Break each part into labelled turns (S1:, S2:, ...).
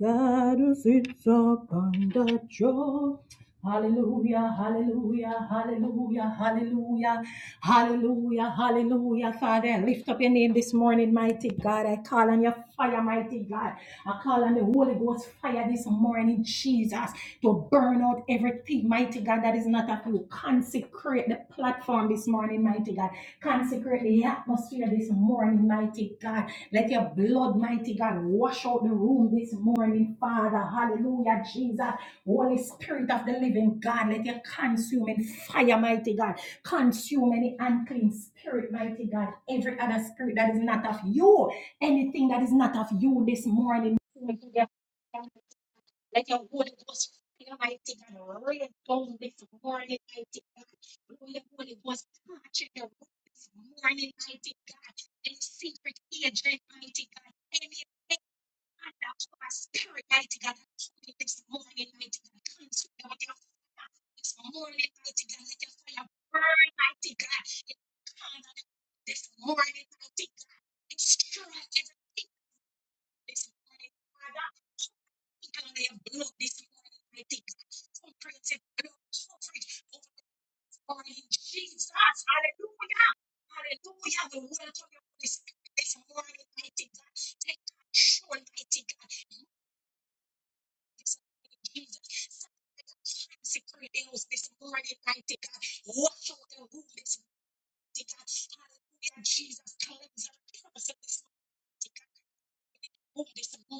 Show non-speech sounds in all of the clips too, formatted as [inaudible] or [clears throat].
S1: God who sits upon the throne. Hallelujah, hallelujah, hallelujah, hallelujah, hallelujah, hallelujah. Father, I lift up your name this morning, mighty God. I call on your fire, mighty God. I call on the Holy Ghost fire this morning, Jesus, to burn out everything, mighty God, that is not of you. Consecrate the platform this morning, mighty God. Consecrate the atmosphere this morning, mighty God. Let your blood, mighty God, wash out the room this morning, Father. Hallelujah, Jesus. Holy Spirit of the living God, let your consuming fire, mighty God, consume any unclean spirit, mighty God. Every other spirit that is not of you, anything that is not of you this morning, mighty God. Comprehensive blood coverage over this morning, Jesus. Hallelujah. Hallelujah. We welcome you, Holy Spirit, this morning, mighty God. Take control, mighty God. Jesus. Secure ills this morning, mighty God. Wash out the wound this mighty God. Hallelujah, Jesus. Cleanse our person this mighty God. Wound this morning.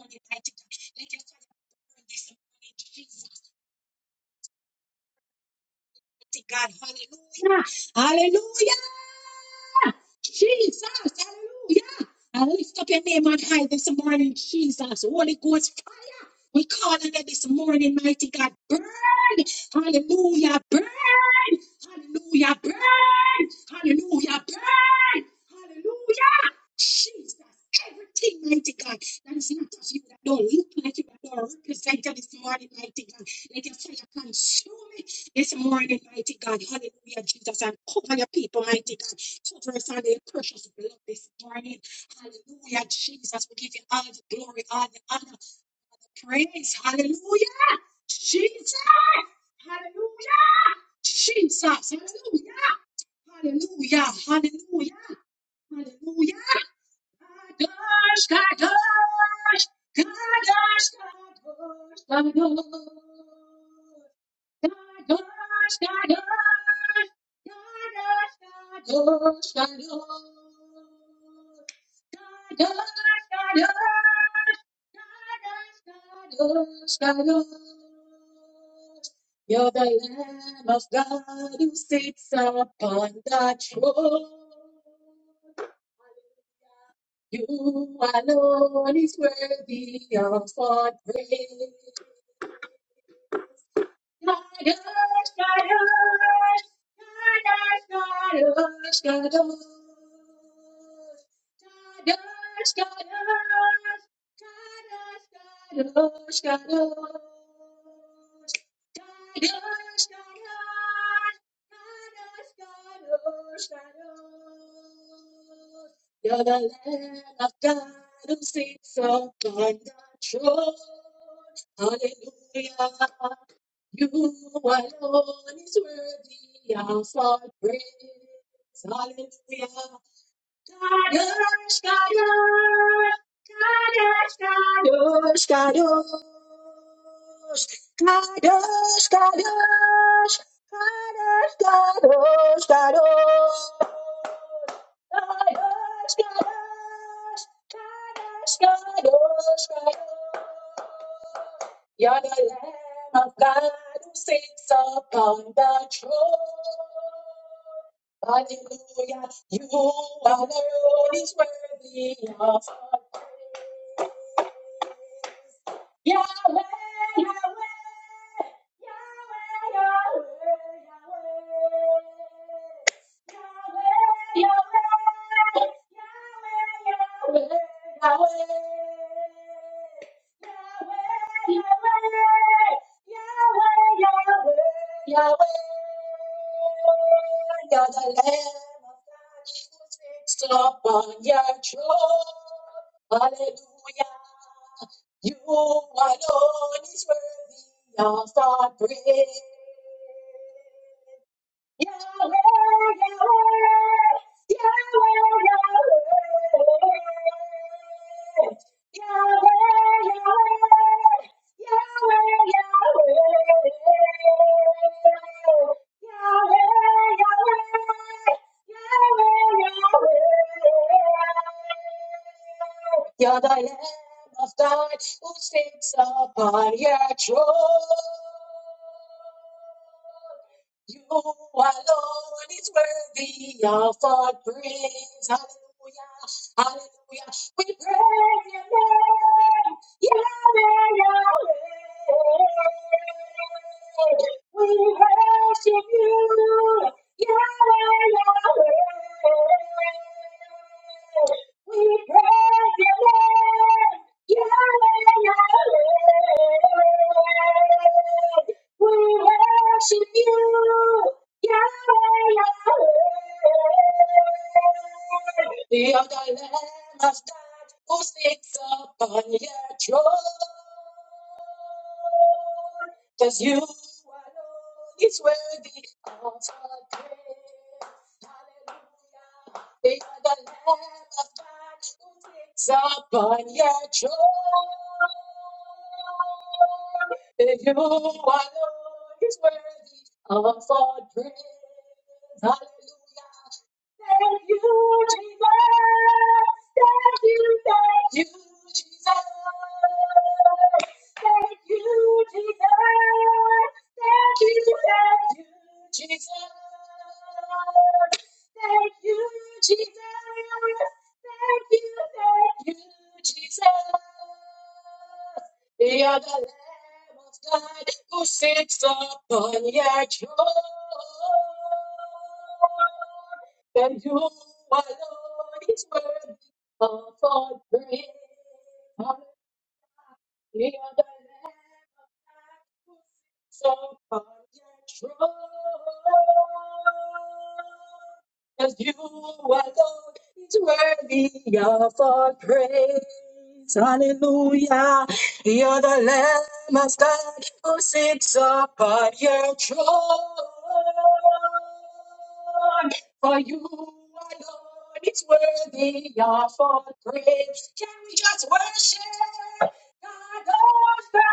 S1: worship you, Yahweh, Yahweh. We praise your name, Yahweh, Yahweh. We worship you, Yahweh, Yahweh. Thank you, Jesus. Thank you, Jesus.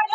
S1: Thank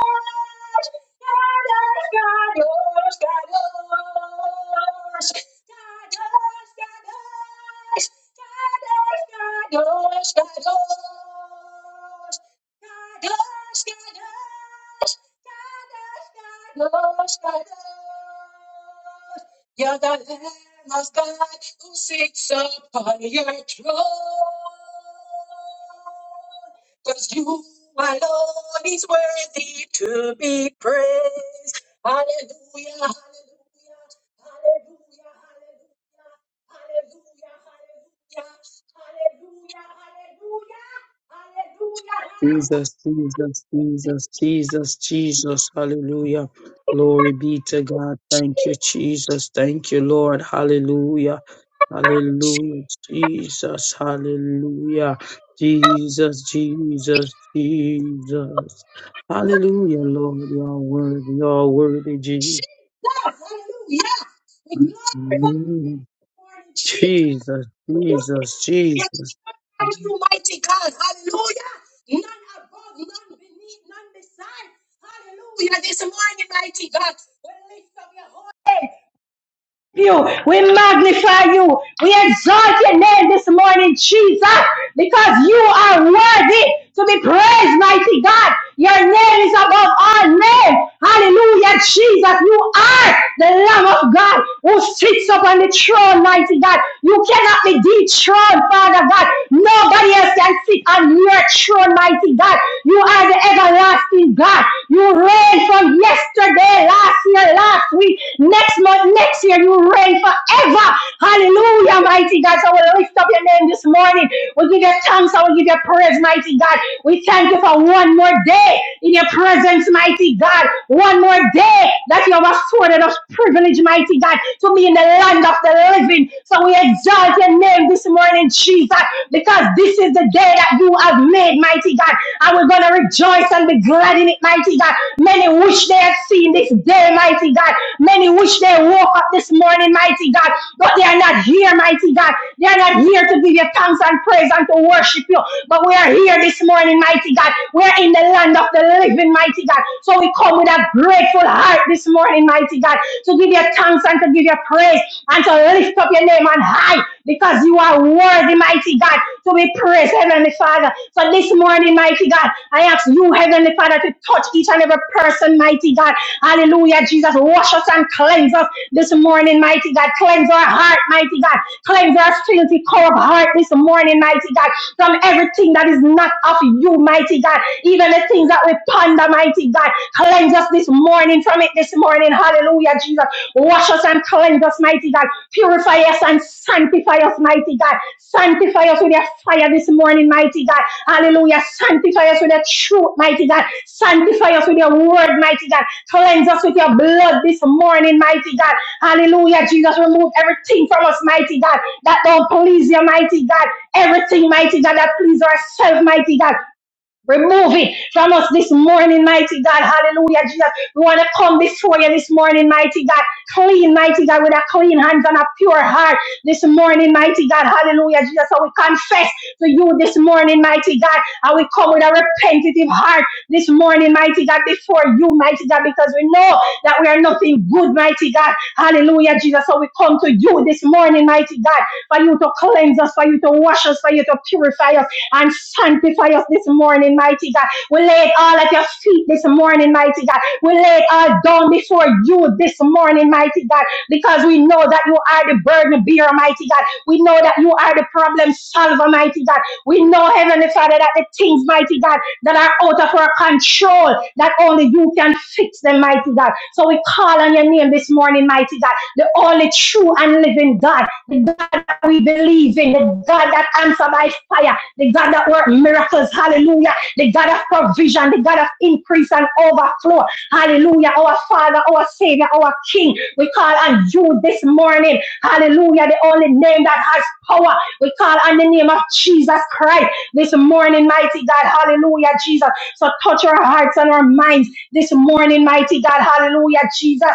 S1: Hallelujah, hallelujah, hallelujah,
S2: Jesus, Jesus, Jesus, Jesus, Jesus. Hallelujah. Glory be to God. Thank you, Jesus. Thank you, Lord. Hallelujah. Hallelujah. Jesus. Hallelujah. Jesus, Jesus, Jesus. Hallelujah, Lord. You are worthy. You are worthy, Jesus. Mm. Jesus, Jesus, Jesus.
S1: you. We magnify you. We exalt your name this morning, Jesus, because you are worthy to be praised, mighty God. Your name is above all name. Hallelujah, Jesus. You are the Lamb of God who sits upon the throne, mighty God. You cannot be dethroned, Father God. Nobody else can sit on your throne, mighty God. You are the everlasting God. You reign from yesterday, last year, last week, next month, next year. You reign forever. Hallelujah, mighty God. So we lift up your name this morning. We give you thanks. I will give you praise, mighty God. We thank you for one more day in your presence, mighty God. One more day that you have afforded us privilege, mighty God, to be in the land of the living. So we exalt your name this morning, Jesus, because this is the day that you have made, mighty God. And we're going to rejoice and be glad in it, mighty God. Many wish they had seen this day, mighty God. Many wish they woke up this morning, mighty God. But they are not here, mighty God. They are not here to give you thanks and praise and to worship you. But we are here this morning, mighty God. We are in the land of the of the living, mighty God. So we come with a grateful heart this morning, mighty God, to give you thanks and to give you praise and to lift up your name on high because you are worthy, mighty God, to be praised, Heavenly Father. So this morning, mighty God, I ask you, Heavenly Father, to touch each and every person, mighty God. Hallelujah, Jesus. Wash us and cleanse us this morning, mighty God. Cleanse our heart, mighty God. Cleanse our filthy, corrupt heart this morning, mighty God from everything that is not of you, mighty God. Even the things that we ponder, mighty God. Cleanse us this morning from it this morning. Hallelujah, Jesus. Wash us and cleanse us, mighty God. Purify us and sanctify us, mighty God. Sanctify us with your fire this morning, mighty God. Hallelujah. Sanctify us with your truth, mighty God. Sanctify us with your word, mighty God. Cleanse us with your blood this morning, mighty God. Hallelujah, Jesus. Remove everything from us, mighty God, that don't please you, mighty God everything, mighty God, that please ourselves, mighty God. Remove it from us this morning, mighty God. Hallelujah, Jesus. We want to come before you this morning, mighty God. Clean, mighty God, with a clean hands and a pure heart this morning, mighty God. Hallelujah, Jesus. So we confess to you this morning, mighty God. And we come with a repentative heart this morning, mighty God, before you, mighty God, because we know that we are nothing good, mighty God. Hallelujah, Jesus. So we come to you this morning, mighty God, for you to cleanse us, for you to wash us, for you to purify us and sanctify us this morning, mighty God. We lay it all at your feet this morning, mighty God. We lay it all down before you this morning, mighty God, because we know that you are the burden bearer, mighty God. We know that you are the problem solver, mighty God. We know, Heavenly Father, that the things, mighty God, that are out of our control, that only you can fix them, mighty God. So we call on your name this morning, mighty God, the only true and living God, the God that we believe in, the God that answers by fire, the God that works miracles, hallelujah, the God of provision, the God of increase and overflow, hallelujah, our Father, our Savior, our King. We call on you this morning, hallelujah, the only name that has power. We call on the name of Jesus Christ this morning, mighty God, hallelujah, Jesus. So touch our hearts and our minds this morning, mighty God, hallelujah, Jesus.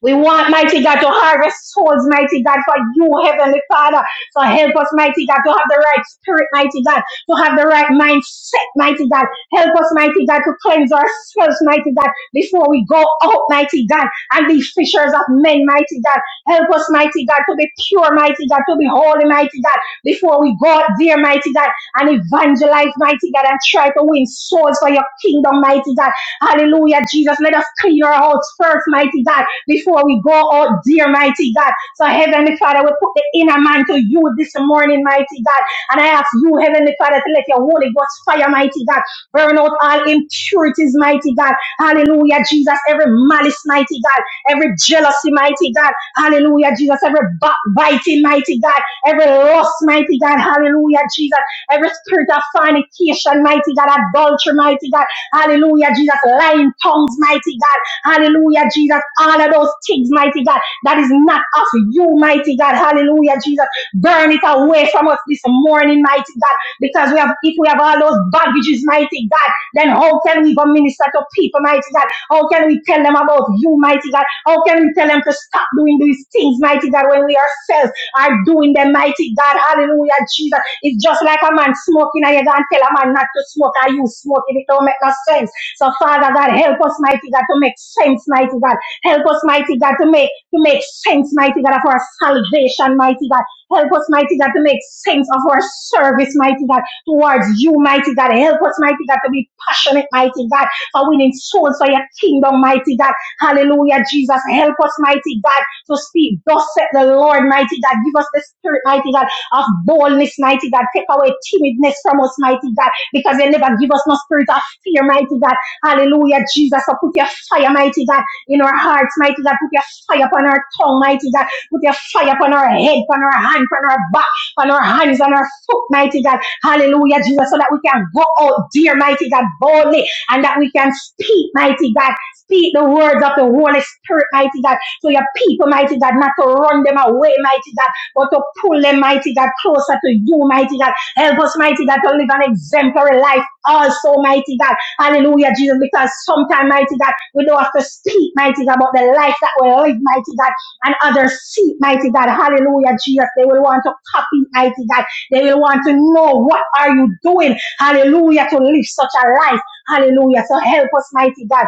S1: We want, mighty God, to harvest souls, mighty God, for you, Heavenly Father. So help us, mighty God, to have the right spirit, mighty God, to have the right mindset, mighty God. Help us, mighty God, to cleanse ourselves, mighty God, before we go out, mighty God, and be fishers of men, mighty God. Help us, mighty God, to be pure, mighty God, to be holy, mighty God, before we go out there, mighty God, and evangelize, mighty God, and try to win souls for your kingdom, mighty God. Hallelujah, Jesus. Let us clean our hearts first, mighty God before we go out, dear mighty God. So, Heavenly Father, we put the inner man to you this morning, mighty God. And I ask you, Heavenly Father, to let your Holy Ghost fire, mighty God, burn out all impurities, mighty God. Hallelujah, Jesus. Every malice, mighty God. Every jealousy, mighty God. Hallelujah, Jesus. Every backbiting, mighty God. Every lust, mighty God. Hallelujah, Jesus. Every spirit of fornication, mighty God. Adultery, mighty God Hallelujah, Jesus. Lying tongues, mighty God. Hallelujah, Jesus. All of those things, mighty God, that is not of you, mighty God. Hallelujah, Jesus. Burn it away from us this morning, mighty God. Because we have, if we have all those baggages, mighty God. Then how can we go minister to people, mighty God? How can we tell them about you, mighty God? How can we tell them to stop doing these things, mighty God, when we ourselves are doing them, mighty God? Hallelujah, Jesus. It's just like a man smoking and you go and tell a man not to smoke Are you smoking. It don't make no sense. So, Father God, help us, mighty God, to make sense, mighty God. Help us, mighty God, to make to make sense, mighty God, of our salvation, mighty God. Help us, mighty God, to make sense of our service, mighty God, towards you, mighty God. Help us, mighty God, to be passionate, mighty God, for winning souls for your kingdom, mighty God. Hallelujah, Jesus. Help us, mighty God, to speak. Thus said the Lord, mighty God. Give us the spirit, mighty God, of boldness, mighty God. Take away timidness from us, mighty God, because you never give us no spirit of fear, mighty God. Hallelujah, Jesus. So put your fire, mighty God, in our hearts, mighty God. Put your fire upon our tongue, mighty God. Put your fire upon our head, upon our hand, upon our back, upon our hands, on our foot, mighty God. Hallelujah, Jesus, so that we can go out, dear mighty God, boldly, and that we can speak, mighty God, speak the words of the Holy Spirit, mighty God, to your people, mighty God, not to run them away, mighty God, but to pull them, mighty God, closer to you, mighty God. Help us, mighty God, to live an exemplary life also, mighty God. Hallelujah, Jesus, because sometimes, mighty God, we don't have to speak, mighty God, about the life that we live, mighty God, and others see, mighty God. Hallelujah, Jesus. They will want to copy, mighty God. They will want to know what are you doing. Hallelujah. To live such a life. Hallelujah. So help us, mighty God.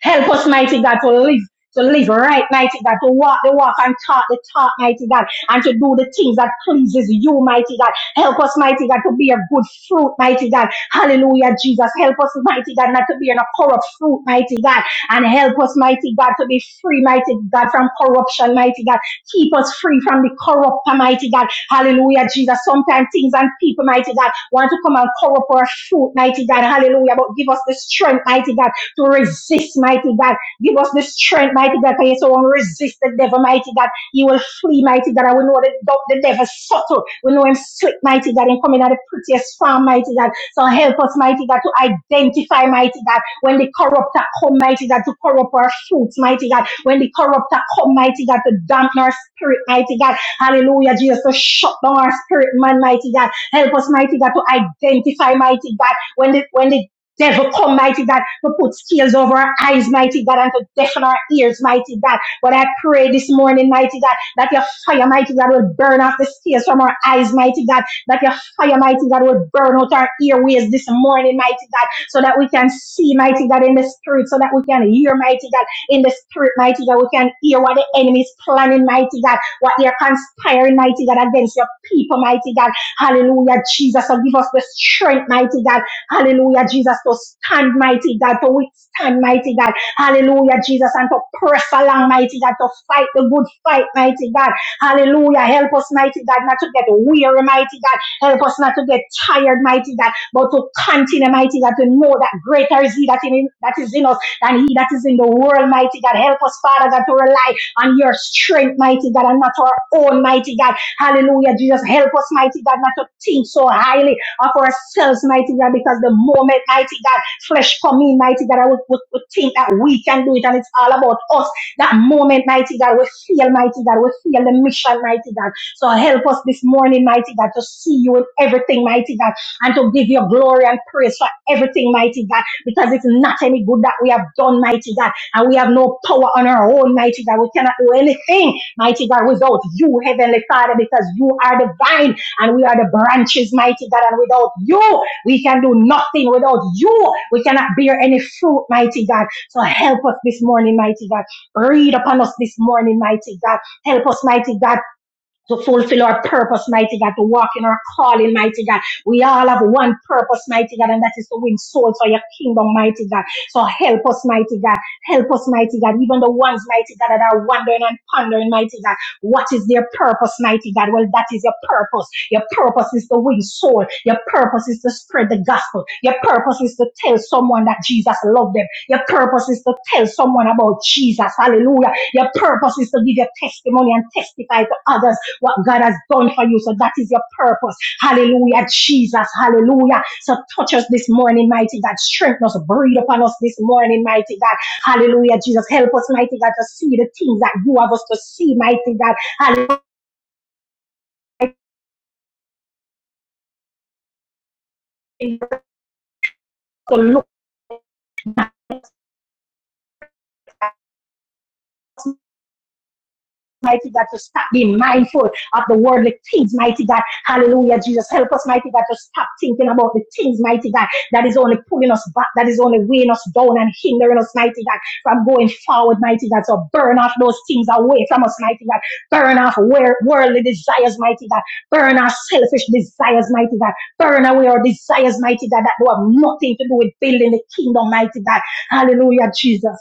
S1: Help us, mighty God, to live. To live right, mighty God, to walk the walk and talk the talk, mighty God, and to do the things that pleases you, mighty God. Help us, mighty God, to be a good fruit, mighty God. Hallelujah, Jesus. Help us, mighty God, not to be in a corrupt fruit, mighty God. And help us, mighty God, to be free, mighty God, from corruption, mighty God. Keep us free from the corrupt, mighty God. Hallelujah, Jesus. Sometimes things and people, mighty God, want to come and corrupt our fruit, mighty God. Hallelujah. But give us the strength, mighty God, to resist, mighty God. Give us the strength, mighty God, because you so want to resist the devil, mighty God. He will flee, mighty God. And we know the, the devil subtle. We know him slick, mighty God, and coming at the prettiest farm, mighty God. So help us, mighty God, to identify, mighty God, when the corrupter come, mighty God, to corrupt our fruits, mighty God. When the corrupter come, mighty God, to dampen our spirit, mighty God. Hallelujah, Jesus, to shut down our spirit, man, mighty God. Help us, mighty God, to identify, mighty God, when the when the Devil, come, mighty God, to put scales over our eyes, mighty God, and to deafen our ears, mighty God. But I pray this morning, mighty God, that your fire, mighty God, will burn off the scales from our eyes, mighty God. That your fire, mighty God, will burn out our earways this morning, mighty God, so that we can see, mighty God, in the spirit, so that we can hear, mighty God, in the spirit, mighty God. We can hear what the enemy is planning, mighty God, what they're conspiring, mighty God, against your people, mighty God. Hallelujah, Jesus. So give us the strength, mighty God Hallelujah, Jesus, to stand, mighty God, to withstand, mighty God. Hallelujah, Jesus, and to press along, mighty God, to fight the good fight, mighty God. Hallelujah, help us, mighty God, not to get weary, mighty God. Help us not to get tired, mighty God, but to continue, mighty God, to know that greater is He that, in, that is in us than He that is in the world, mighty God. Help us, Father God, to rely on your strength, mighty God, and not our own, mighty God. Hallelujah, Jesus. Help us, mighty God, not to think so highly of ourselves, mighty God, because the moment, mighty God, flesh come in, mighty God, I would, would, would think that we can do it and it's all about us. That moment, mighty God, we feel, mighty God, we feel the mission, mighty God. So help us this morning, mighty God, to see you in everything, mighty God, and to give your glory and praise for everything, mighty God, because it's not any good that we have done, mighty God, and we have no power on our own, mighty God. We cannot do anything, mighty God, without you, Heavenly Father, because you are divine and we are the branches, mighty God. And without you, we can do nothing. Without you, we cannot bear any fruit, mighty God. So help us this morning, mighty God. Read upon us this morning, mighty God. Help us, mighty God to fulfill our purpose, mighty God, to walk in our calling, mighty God. We all have one purpose, mighty God, and that is to win souls for your kingdom, mighty God. So help us, mighty God. Help us, mighty God. Even the ones, mighty God, that are wondering and pondering, mighty God. What is their purpose, mighty God? Well, that is your purpose. Your purpose is to win soul. Your purpose is to spread the gospel. Your purpose is to tell someone that Jesus loved them. Your purpose is to tell someone about Jesus. Hallelujah. Your purpose is to give your testimony and testify to others what God has done for you. So that is your purpose. Hallelujah, Jesus. Hallelujah. So touch us this morning, mighty God. Strengthen us. Breathe upon us this morning, mighty God. Hallelujah, Jesus. Help us, mighty God, to see the things that you have us to see, mighty God. Hallelujah To look mighty God, to stop being mindful of the worldly things, mighty God. Hallelujah, Jesus. Help us, mighty God, to stop thinking about the things, mighty God, that is only pulling us back, that is only weighing us down and hindering us, mighty God, from going forward, mighty God. So burn off those things away from us, mighty God. Burn off worldly desires, mighty God. Burn off selfish desires, mighty God. Burn away our desires, mighty God, that do have nothing to do with building the kingdom, mighty God. Hallelujah, Jesus.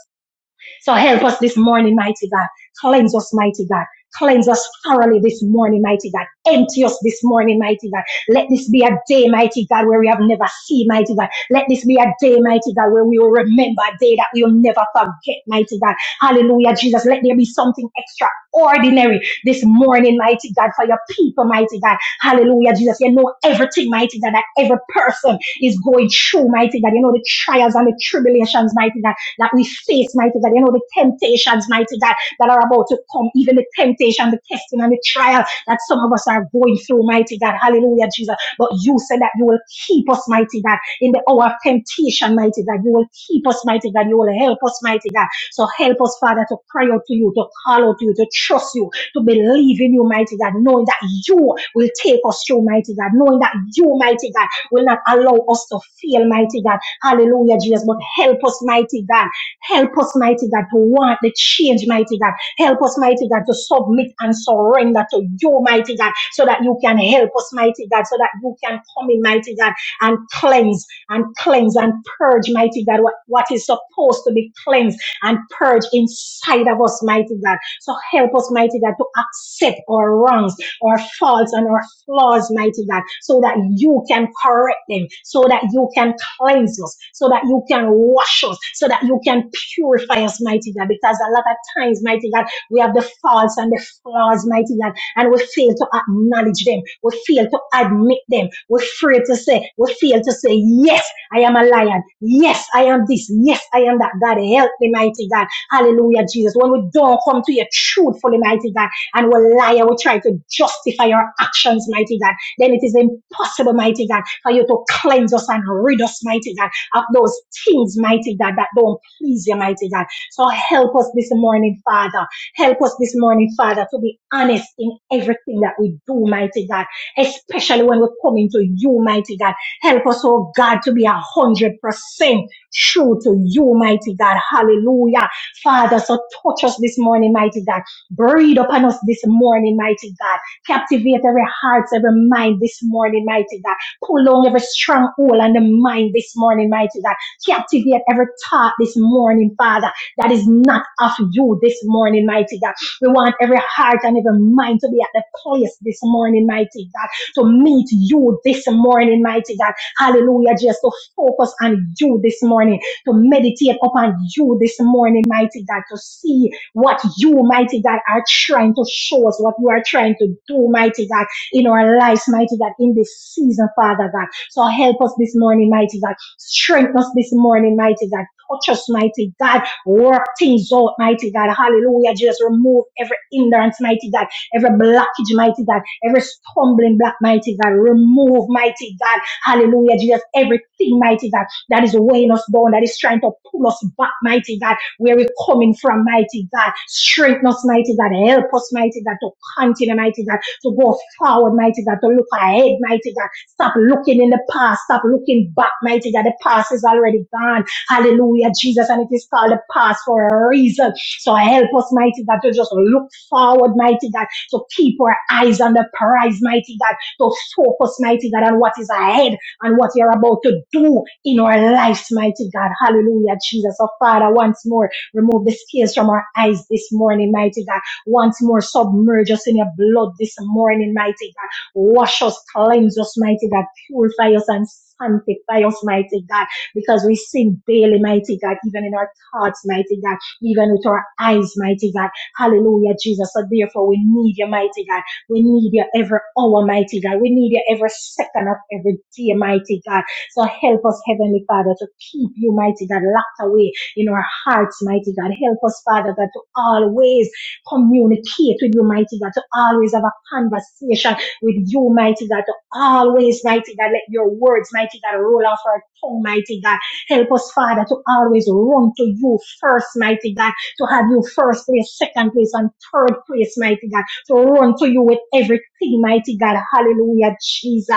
S1: So help us this morning, mighty God. Cleanse us, mighty God. Cleanse us thoroughly this morning, mighty God. Empty us this morning, mighty God. Let this be a day, mighty God, where we have never seen, mighty God. Let this be a day, mighty God, where we will remember a day that we will never forget, mighty God. Hallelujah, Jesus. Let there be something extraordinary this morning, mighty God, for your people, mighty God. Hallelujah, Jesus. You know everything, mighty God, that every person is going through, mighty God. You know the trials and the tribulations, mighty God that we face, mighty God. You know, the temptations, mighty God, that are about to come, even the temptation, the testing, and the trial that some of us are going through, mighty God. Hallelujah, Jesus. But you said that you will keep us, mighty God, in the hour of temptation, mighty God. You will keep us, mighty God. You will help us, mighty God. So help us, Father, to cry out to you, to call out to you, to trust you, to believe in you, mighty God, knowing that you will take us through, mighty God, knowing that you, mighty God, will not allow us to fail, mighty God. Hallelujah, Jesus. But help us, mighty God. Help us, mighty God, to want the change, mighty God. Help us, mighty God, to submit and surrender to you, mighty God, so that you can help us, mighty God, so that you can come in, mighty God, and cleanse and cleanse and purge, mighty God, what, what is supposed to be cleansed and purge inside of us, mighty God. So help us, mighty God, to accept our wrongs, our faults, and our flaws, mighty God, so that you can correct them, so that you can cleanse us, so that you can wash us, so that you can purify us, mighty God. Because a lot of times, mighty God, we have the faults and the flaws, mighty God and we fail to acknowledge them. We fail to admit them. We are afraid to say, we fail to say, yes, I am a lion. Yes, I am this. Yes, I am that. God, help me, mighty God. Hallelujah, Jesus. When we don't come to you truthfully, mighty God, and we lie, and we try to justify our actions, mighty God, then it is impossible, mighty God, for you to cleanse us and rid us, mighty God, of those things, mighty God, that don't please you, mighty God. So help us this morning, Father. Help us this morning, Father, to be honest in everything that we do, mighty God, especially when we are coming to you, mighty God. Help us, oh God, to be a hundred percent true to you, mighty God. Hallelujah. Father, so touch us this morning, mighty God. Breathe upon us this morning, mighty God. Captivate every heart, every mind this morning, mighty God. Pull down every stronghold on the mind this morning, mighty God. Captivate every thought this morning, Father that is not of you this morning, mighty God. We want every heart and every mind to be at the place this morning, mighty God, to meet you this morning, mighty God. Hallelujah, just to focus on you this morning, to meditate upon you this morning, mighty God, to see what you, mighty God, are trying to show us, what you are trying to do, mighty God, in our lives, mighty God, in this season, Father God. So help us this morning, mighty God. Strengthen us this morning, mighty God. Touch us, mighty God Work things out, mighty God. Hallelujah. Jesus, remove every hindrance, mighty God. Every blockage, mighty God. Every stumbling block, mighty God. Remove, mighty God. Hallelujah. Jesus, everything, mighty God, that is weighing us down, that is trying to pull us back, mighty God. Where we're coming from, mighty God. Strengthen us, mighty God. Help us, mighty God, to continue, mighty God, to go forward, mighty God, to look ahead, mighty God. Stop looking in the past. Stop looking back, mighty God. The past is already gone. Hallelujah, Jesus. And it is called a past for a reason. So help us, mighty God, to just look forward, mighty God, to keep our eyes on the prize, mighty God, to focus, mighty God, on what is ahead and what you're about to do in our lives, mighty God. Hallelujah, Jesus. So, Father, once more, remove the tears from our eyes this morning, mighty God. Once more, submerge us in your blood this morning, mighty God. Wash us, cleanse us, mighty God. Purify us and sanctify us, mighty God because we sing daily, mighty God, even in our thoughts, mighty God, even with our eyes, mighty God. Hallelujah, Jesus. So therefore, we need you, mighty God. We need you every hour, mighty God. We need you every second of every day, mighty God. So help us, Heavenly Father, to keep you, mighty God, locked away in our hearts, mighty God. Help us, Father God, to always communicate with you, mighty God, to always have a conversation with you, mighty God always, mighty God, let your words, mighty God, roll off our tongue, mighty God. Help us, Father, to always run to you first, mighty God, to have you first place, second place, and third place, mighty God, to run to you with everything, mighty God. Hallelujah, Jesus.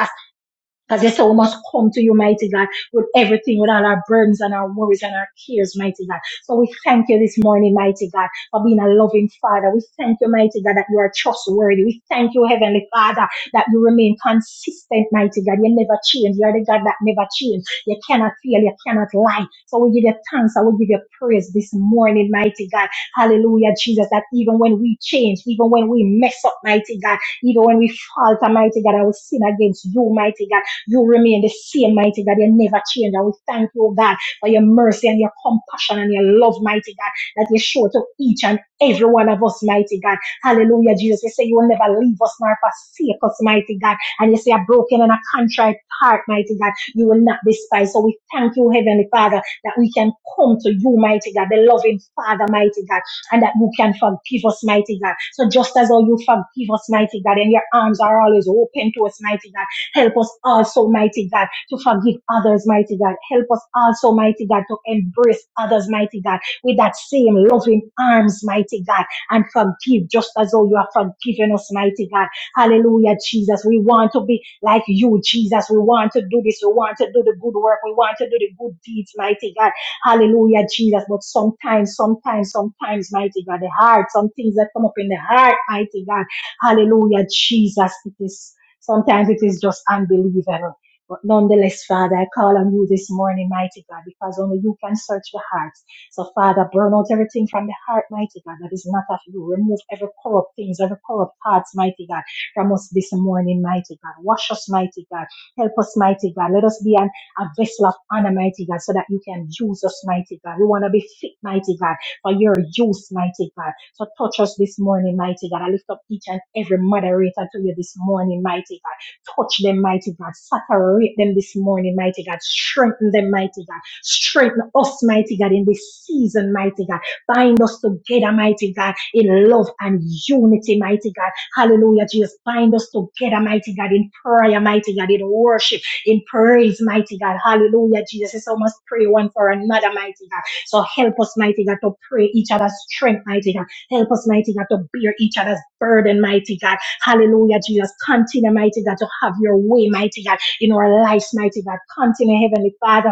S1: Because you say we must come to you, mighty God, with everything, with all our burdens and our worries and our cares, mighty God. So we thank you this morning, mighty God, for being a loving Father. We thank you, mighty God, that you are trustworthy. We thank you, Heavenly Father, that you remain consistent, mighty God. You never change. You are the God that never change. You cannot fail. You cannot lie. So we give you thanks. I will give you praise this morning, mighty God. Hallelujah, Jesus, that even when we change, even when we mess up, mighty God, even when we falter, mighty God, I will sin against you, mighty God. You remain the same, mighty God. You never change. And we thank you, God, for your mercy and your compassion and your love, mighty God, that you show to each and every one of us, mighty God. Hallelujah, Jesus. You say you will never leave us nor forsake us, mighty God. And you say a broken and a contrite heart, mighty God, you will not despise. So we thank you, Heavenly Father, that we can come to you, mighty God, the loving Father, mighty God, and that you can forgive us, mighty God. So just as how you forgive us, mighty God, and your arms are always open to us, mighty God. Help us also, mighty God, to forgive others, mighty God. Help us also, mighty God, to embrace others, mighty God, with that same loving arms, mighty God, and forgive just as though you have forgiven us, mighty God. Hallelujah, Jesus. We want to be like you, Jesus. We want to do this. We want to do the good work. We want to do the good deeds, mighty God. Hallelujah, Jesus. But sometimes, sometimes, sometimes, mighty God, the heart, some things that come up in the heart, mighty God. Hallelujah, Jesus. It is Sometimes it is just unbelievable. But nonetheless, Father, I call on you this morning, mighty God, because only you can search the hearts. So, Father, burn out everything from the heart, mighty God, that is not of you. Remove every corrupt things, every corrupt thoughts, mighty God, from us this morning, mighty God. Wash us, mighty God. Help us, mighty God. Let us be an, a vessel of honor, mighty God, so that you can use us, mighty God. We want to be fit, mighty God for your use, mighty God. So touch us this morning, mighty God. I lift up each and every moderator to you this morning, mighty God. Touch them, mighty God. Saturate them this morning, mighty God. Strengthen them, mighty God. Strengthen us, mighty God, in this season, mighty God. Bind us together, mighty God, in love and unity, mighty God. Hallelujah, Jesus. Bind us together, mighty God, in prayer, mighty God, in worship, in praise, mighty God. Hallelujah, Jesus. It's almost pray one for another, mighty God. So help us, mighty God, to pray each other's strength, mighty God. Help us, mighty God, to bear each other's burden, mighty God. Hallelujah, Jesus. Continue, mighty God, to have your way, mighty God, in our lives, mighty God. Continue, Heavenly Father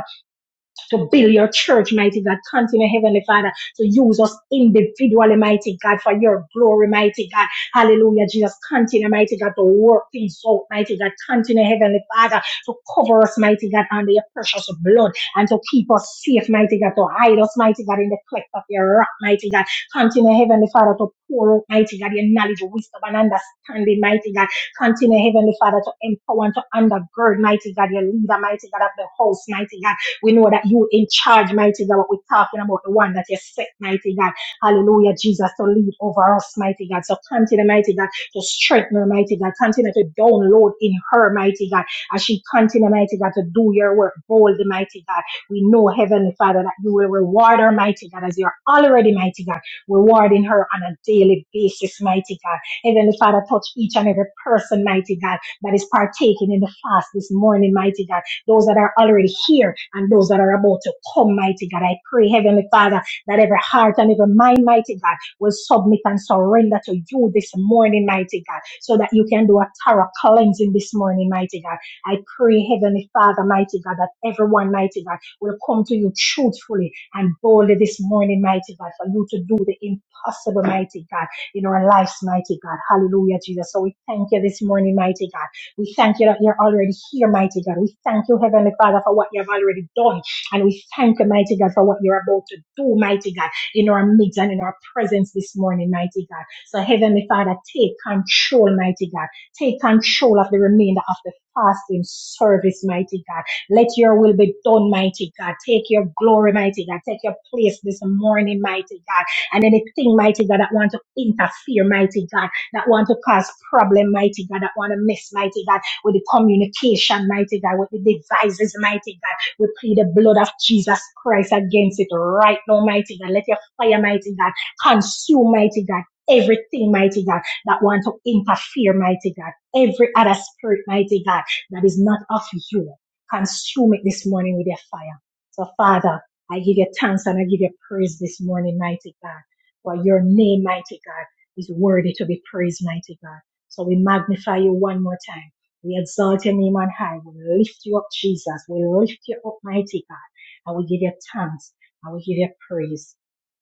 S1: to build your church, mighty God. Continue, Heavenly Father, to use us individually, mighty God, for your glory, mighty God. Hallelujah, Jesus. Continue, mighty God, to work things out, mighty God. Continue, Heavenly Father, to cover us, mighty God, under your precious blood and to keep us safe, mighty God, to hide us, mighty God, in the cleft of your rock, mighty God. Continue, Heavenly Father, to pour out, mighty God, your knowledge, wisdom, and understanding, mighty God. Continue, Heavenly Father, to empower and to undergird, mighty God, your leader, mighty God, of the house, mighty God. We know that you in charge, mighty God. What we're talking about, the one that you set, mighty God. Hallelujah, Jesus, to lead over us, mighty God. So continue, mighty God, to strengthen her, mighty God. Continue to download in her, mighty God. As she continue, mighty God, to do your work boldly, mighty God. We know, Heavenly Father, that you will reward her, mighty God, as you're already, mighty God, rewarding her on a daily basis, mighty God. Heavenly Father, touch each and every person, mighty God, that is partaking in the fast this morning, mighty God those that are already here and those that are about to come, mighty God. I pray, Heavenly Father, that every heart and every mind, mighty God, will submit and surrender to you this morning, mighty God, so that you can do a thorough cleansing this morning, mighty God. I pray, Heavenly Father, mighty God, that everyone, mighty God, will come to you truthfully and boldly this morning, mighty God, for you to do the impossible, mighty God, in our lives, mighty God. Hallelujah, Jesus. So we thank you this morning, mighty God. We thank you that you're already here, mighty God. We thank you, Heavenly Father, for what you have already done. And we thank you, mighty God, for what you're about to do, mighty God, in our midst and in our presence this morning, mighty God. So, Heavenly Father, take control, mighty God. Take control of the remainder of the fasting service, mighty God. Let your will be done, mighty God. Take your glory, mighty God. Take your place this morning, mighty God. And anything, mighty God, that wants to interfere, mighty God that want to cause problem, mighty God, that want to mess, mighty God, with the communication, mighty God, with the devices, mighty God. We plead the blood of Jesus Christ against it right now, mighty God. Let your fire, mighty God, consume, mighty God. Everything, mighty God, that want to interfere, mighty God. Every other spirit, mighty God, that is not of you. Consume it this morning with your fire. So, Father, I give you thanks and I give you praise this morning, mighty God, for your name, mighty God is worthy to be praised, mighty God. So we magnify you one more time. We exalt your name on high. We lift you up, Jesus. We lift you up, mighty God. And we give you thanks. And we give you praise.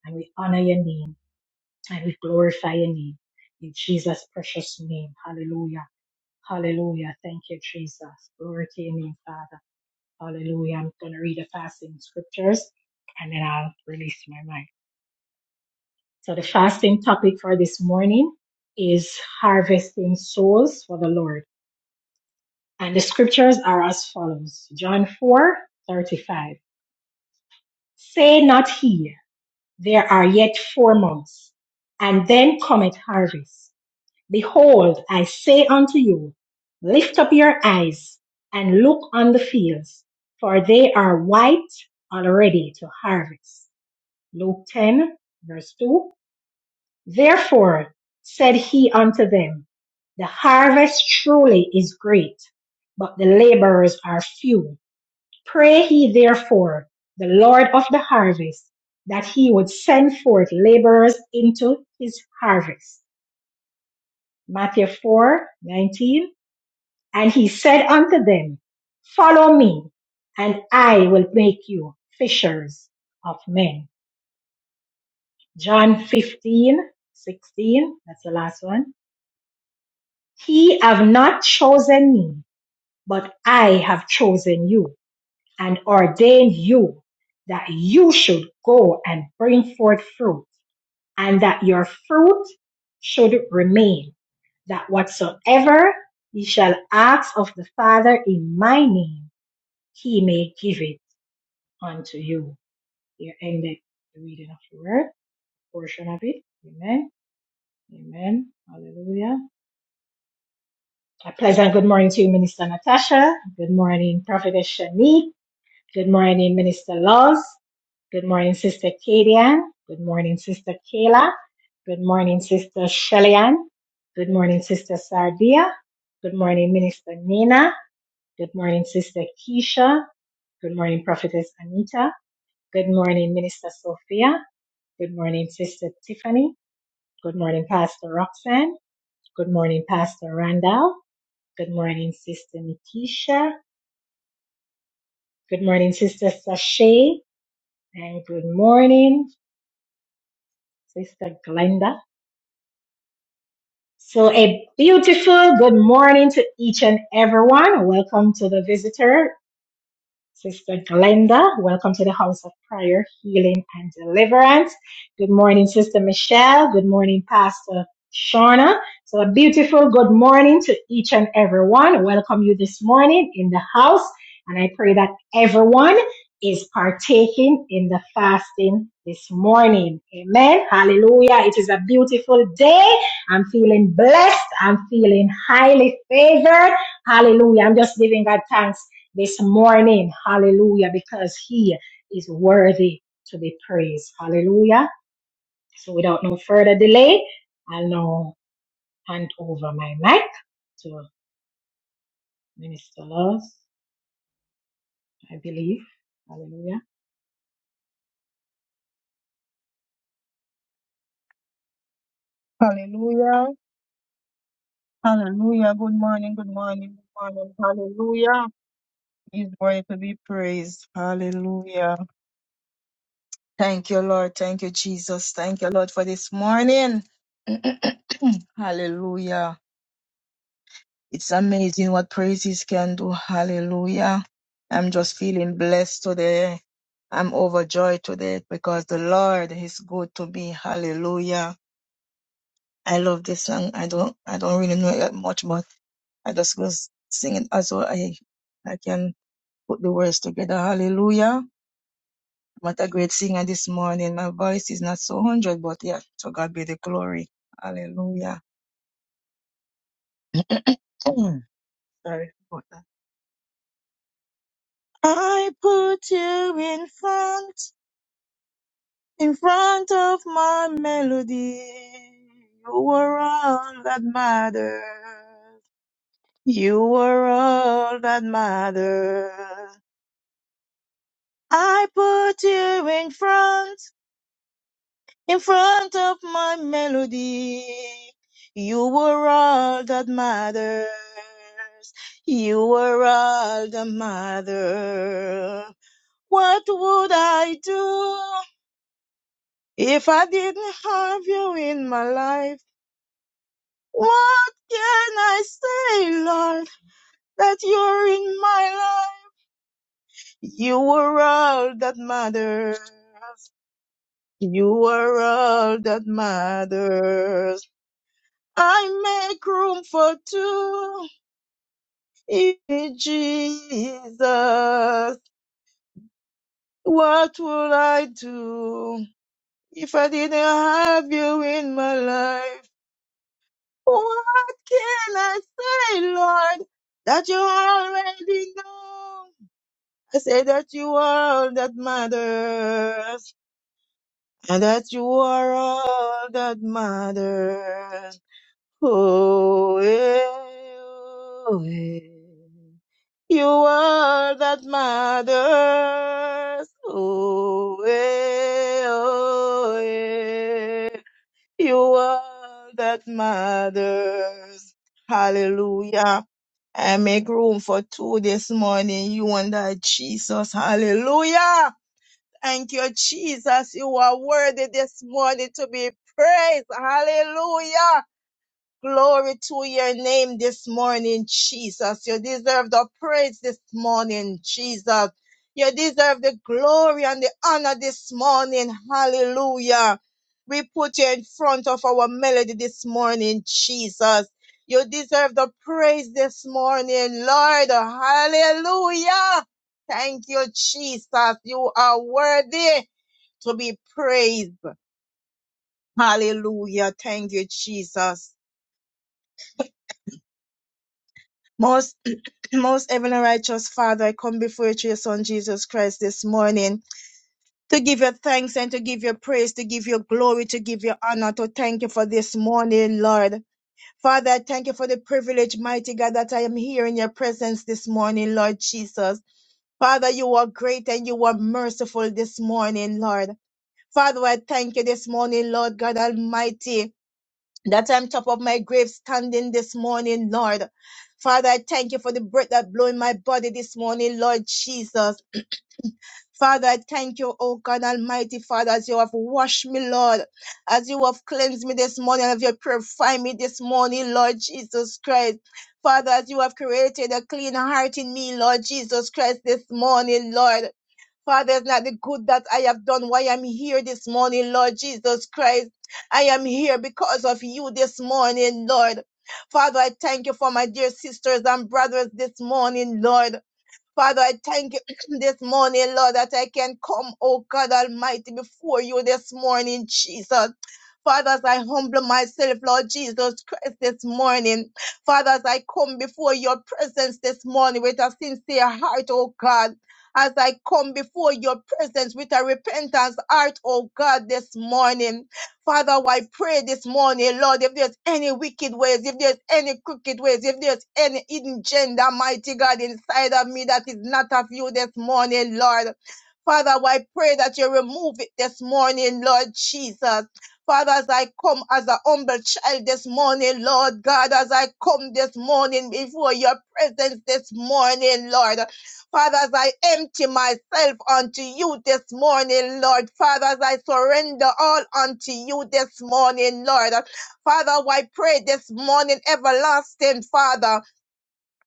S1: And we honor your name. And we glorify your name. In Jesus' precious name. Hallelujah. Hallelujah. Thank you, Jesus. Glory to your name, Father. Hallelujah. I'm going to read the passing scriptures and then I'll release my mind. So the fasting topic for this morning is harvesting souls for the Lord. And the scriptures are as follows. John 4 35. Say not here, there are yet four months, and then cometh harvest. Behold, I say unto you, lift up your eyes and look on the fields, for they are white already to harvest. Luke 10, verse 2 Therefore said he unto them, The harvest truly is great, but the laborers are few. Pray ye therefore the Lord of the harvest that he would send forth laborers into his harvest. Matthew four nineteen. And he said unto them, Follow me, and I will make you fishers of men. John fifteen sixteen. That's the last one Ye have not chosen me, but I have chosen you, and ordained you that you should go and bring forth fruit, and that your fruit should remain, that whatsoever ye shall ask of the Father in my name, he may give it unto you. Here ended the reading of the word, portion of it. Amen. Amen. Hallelujah. A pleasant good morning to you, Minister Natasha. Good morning, Prophetess Shanique. Good morning, Minister Laws. Good morning, Sister Kadian. Good morning, Sister Kayla. Good morning, Sister Shellyan. Good morning, Sister Sardia. Good morning, Minister Nina. Good morning, Sister Keisha. Good morning, Prophetess Anita. Good morning, Minister Sophia. Good morning, Sister Tiffany. Good morning, Pastor Roxanne. Good morning, Pastor Randall. Good morning, Sister Nikisha. Good morning, Sister Sashay, and good morning, Sister Glenda. So, a beautiful good morning to each and everyone. Welcome to the visitor. Sister Glenda, welcome to the House of Prayer, Healing and Deliverance. Good morning, Sister Michelle. Good morning, Pastor Shauna. So a beautiful good morning to each and everyone. Welcome you this morning in the house. And I pray that everyone is partaking in the fasting this morning. Amen. Hallelujah. It is a beautiful day. I'm feeling blessed. I'm feeling highly favored. Hallelujah. I'm just giving God thanks this morning. Hallelujah. Because he is worthy to be praised. Hallelujah. So without no further delay, I'll now hand over my mic to Minister Laws, I believe. Hallelujah.
S3: Hallelujah. Hallelujah. Good morning. Good morning. Good morning. Hallelujah. He's worthy to be praised. Hallelujah. Thank you, Lord. Thank you, Jesus. Thank you, Lord, for this morning. [clears throat] Hallelujah. It's amazing what praises can do. Hallelujah. I'm just feeling blessed today. I'm overjoyed today because the Lord is good to me. Hallelujah. I love this song. I don't I don't really know it that much, but I just was singing as well. I I can put the words together. Hallelujah. I'm not a great singer this morning. My voice is not so hundred, but yeah, to God be the glory. Hallelujah. Mm. Sorry about that. I put you in front, in front of my melody. You were all that mattered. You were all that mattered. I put you in front, in front of my melody. You were all that matters. You were all that matters. What would I do if I didn't have you in my life? What can I say, Lord, that you're in my life? You were all that matters. You are all that matters. I make room for two. In Jesus, what would I do if I didn't have you in my life? What can I say, Lord, that you already know? I say that you are all that matters, and that you are all that matters. Oh, eh, oh, eh. You are that matters. Oh, eh, oh, eh. You are that matters. Hallelujah. I make room for two this morning. You and that Jesus. Hallelujah. Thank you, Jesus. You are worthy this morning to be praised. Hallelujah. Glory to your name this morning, Jesus. You deserve the praise this morning, Jesus. You deserve the glory and the honor this morning. Hallelujah. We put you in front of our melody this morning, Jesus. You deserve the praise this morning, Lord. Hallelujah. Thank you, Jesus. You are worthy to be praised. Hallelujah. Thank you, Jesus. Most. Most heavenly righteous Father, I come before you through your Son Jesus Christ this morning to give you thanks and to give you praise, to give you glory, to give you honor, to thank you for this morning, Lord. Father, I thank you for the privilege, mighty God, that I am here in your presence this morning, Lord Jesus. Father, you are great and you are merciful this morning, Lord. Father, I thank you this morning, Lord God Almighty that I'm top of my grave standing this morning, Lord. Father, I thank you for the breath that blew in my body this morning, Lord Jesus. Father, I thank you, O God Almighty, Father, as you have washed me, Lord, as you have cleansed me this morning, as you have purified me this morning, Lord Jesus Christ. Father, as you have created a clean heart in me, Lord Jesus Christ, this morning, Lord. Father, it's not the good that I have done why I'm here this morning, Lord Jesus Christ. I am here because of you this morning, Lord. Father, I thank you for my dear sisters and brothers this morning, Lord. Father, I thank you [clears throat] this morning, Lord, that I can come, oh God Almighty, before you this morning, Jesus. Father, as I humble myself, Lord Jesus Christ, this morning. Father, as I come before your presence this morning with a sincere heart, oh God. As I come before your presence with a repentance heart, oh God, this morning. Father, I pray this morning, Lord, if there's any wicked ways, if there's any crooked ways, if there's any hidden gender, mighty God, inside of me that is not of you this morning, Lord. Father, I pray that you remove it this morning, Lord Jesus. Father, as I come as a humble child this morning, Lord God, as I come this morning before your presence this morning, Lord. Father, as I empty myself unto you this morning, Lord. Father, as I surrender all unto you this morning, Lord. Father, I pray this morning, everlasting Father.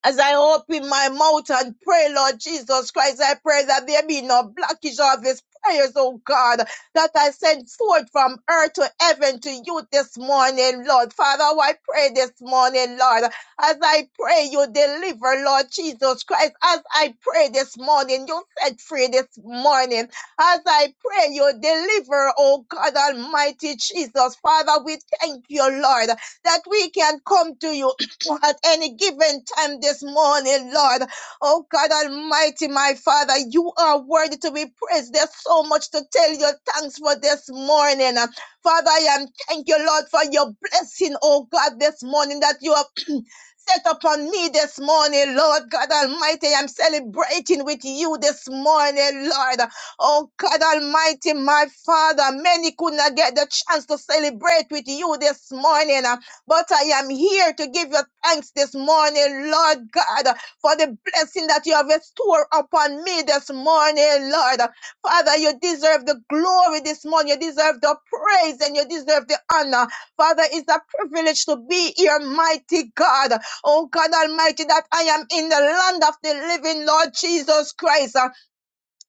S3: As I open my mouth and pray, Lord Jesus Christ, I pray that there be no blockage of his prayers, oh God, that I send forth from earth to heaven to you this morning, Lord. Father, I pray this morning, Lord, as I pray you deliver, Lord Jesus Christ, as I pray this morning, you set free this morning. As I pray you deliver, oh God Almighty Jesus, Father, we thank you, Lord, that we can come to you or at any given time this morning, Lord. Oh God Almighty, my Father, you are worthy to be praised. There's so much to tell you thanks for this morning. Father, I am thank you, Lord, for your blessing, oh God, this morning that you have [clears throat] set upon me this morning, Lord God Almighty. I'm celebrating with you this morning, Lord. Oh God Almighty, my Father, many could not get the chance to celebrate with you this morning. But I am here to give you thanks this morning, Lord God, for the blessing that you have restored upon me this morning, Lord. Father, you deserve the glory this morning. You deserve the praise and you deserve the honor. Father, it's a privilege to be here, mighty God. Oh God Almighty, that I am in the land of the living, Lord Jesus Christ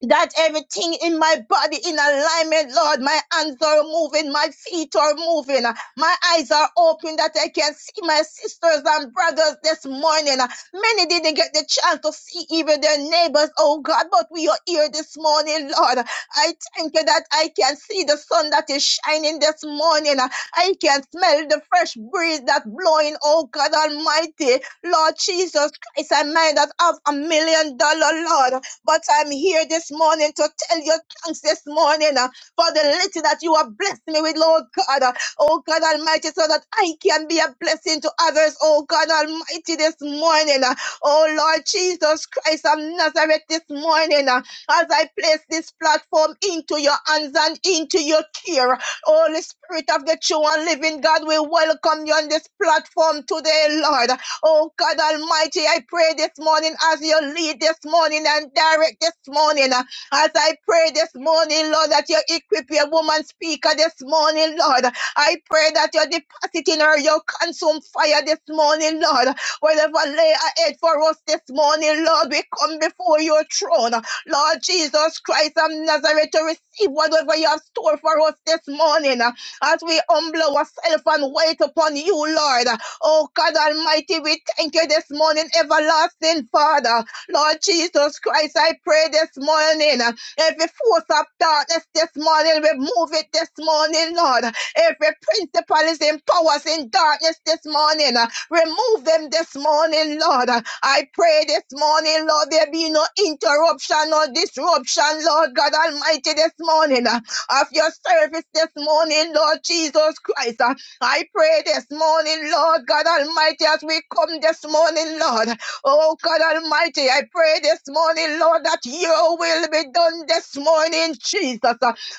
S3: that everything in my body in alignment, Lord. My hands are moving, my feet are moving, my eyes are open that I can see my sisters and brothers this morning. Many didn't get the chance to see even their neighbors, oh God, but we are here this morning, Lord. I thank you that I can see the sun that is shining this morning. I can smell the fresh breeze that's blowing, oh God Almighty. Lord Jesus Christ, I might not have a million dollar, Lord. But I'm here this morning to tell you thanks this morning uh, for the little that you have blessed me with, Lord God. Uh, Oh God Almighty, so that I can be a blessing to others. Oh God Almighty, this morning. uh, Oh Lord Jesus Christ of Nazareth, this morning. uh, As I place this platform into your hands and into your care, Holy Spirit of the true and living God, we welcome you on this platform today, Lord. Oh God Almighty, I pray this morning as you lead this morning and direct this morning. uh, As I pray this morning, Lord, that you equip your woman speaker this morning, Lord. I pray that you deposit in her your consume fire this morning, Lord. Whatever lay ahead for us this morning, Lord, we come before your throne. Lord Jesus Christ of Nazareth to receive whatever you have stored for us this morning. As we humble ourselves and wait upon you, Lord. Oh God Almighty, we thank you this morning, everlasting Father. Lord Jesus Christ, I pray this morning. uh, Every force of darkness this morning, remove it this morning, Lord. Every principal is in powers in darkness this morning. uh, Remove them this morning, Lord. I pray this morning, Lord, there be no interruption or disruption, Lord God Almighty, this morning uh, of your service this morning, Lord Jesus Christ. Uh, I pray this morning, Lord God Almighty, as we come this morning, Lord. Oh God Almighty, I pray this morning, Lord, that your will be done this morning, Jesus.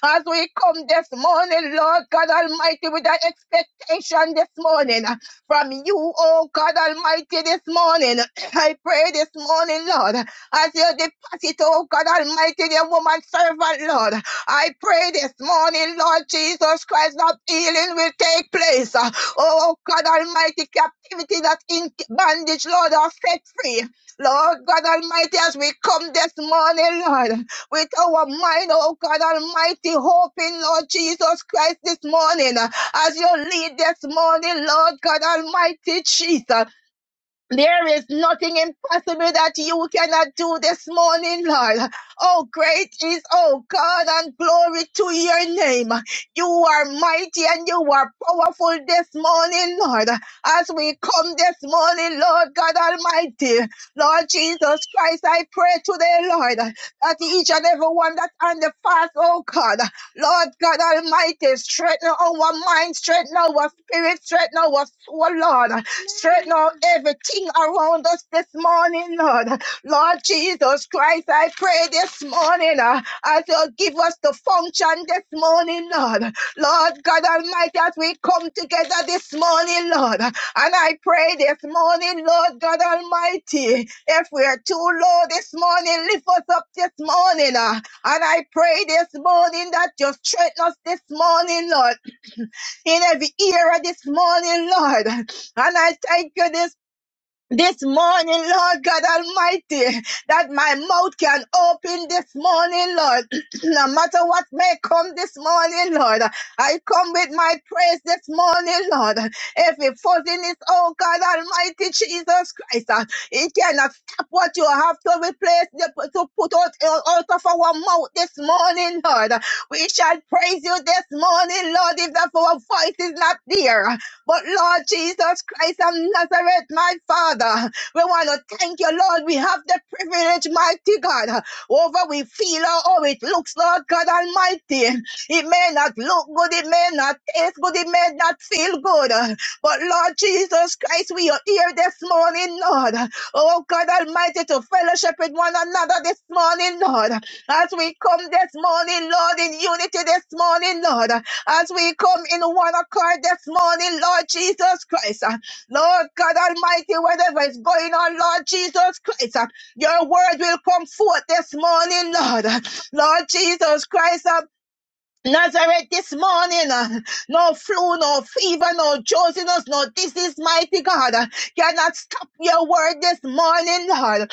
S3: As we come this morning, Lord God Almighty, with an expectation this morning from you, oh God Almighty, this morning. [clears throat] I pray this morning, Lord, as you deposit, oh God Almighty, the woman servant, Lord. I pray this morning, Lord Jesus Christ, that healing will take place. Uh, Oh God Almighty, captivity that is in bondage, Lord, are set free. Lord God Almighty, as we come this morning, Lord, with our mind, oh God Almighty, hoping, Lord Jesus Christ, this morning, uh, as you lead this morning, Lord God Almighty, Jesus. There is nothing impossible that you cannot do this morning, Lord. Oh, great is, oh God, and glory to your name. You are mighty and you are powerful this morning, Lord. As we come this morning, Lord God Almighty, Lord Jesus Christ, I pray today, Lord, that each and every one that's on the fast, oh God, Lord God Almighty, straighten our mind, straighten our spirit, straighten our soul, Lord. Straighten out everything around us this morning, Lord. Lord Jesus Christ, I pray this morning uh, as you give us the function this morning, Lord. Lord God Almighty, as we come together this morning, Lord. And I pray this morning, Lord God Almighty, if we are too low this morning, lift us up this morning. uh, and I pray this morning that you straighten us this morning, Lord in every era this morning, Lord. And I thank you this this morning, Lord God Almighty, that my mouth can open this morning, Lord. [clears throat] no matter what may come this morning, Lord, I come with my praise this morning, Lord. Every fuzziness, oh God Almighty, Jesus Christ, uh, it cannot stop what you have to replace, the- to put out, uh, out of our mouth this morning, Lord. We shall praise you this morning, Lord, if that our voice is not there. But Lord Jesus Christ of Nazareth, my Father, we want to thank you, Lord. We have the privilege, mighty God, over we feel or how it looks, Lord God Almighty. It may not look good, it may not taste good, it may not feel good. But Lord Jesus Christ, we are here this morning, Lord. Oh God Almighty, to fellowship with one another this morning, Lord. As we come this morning, Lord, in unity this morning, Lord as we come in one accord this morning, Lord Jesus Christ. uh, Lord God Almighty, whatever is going on, Lord Jesus Christ, uh, your word will come forth this morning, Lord. Uh, Lord Jesus Christ, uh, Nazareth this morning, uh, no flu, no fever, no josiness, no disease, mighty God, uh, cannot stop your word this morning, Lord.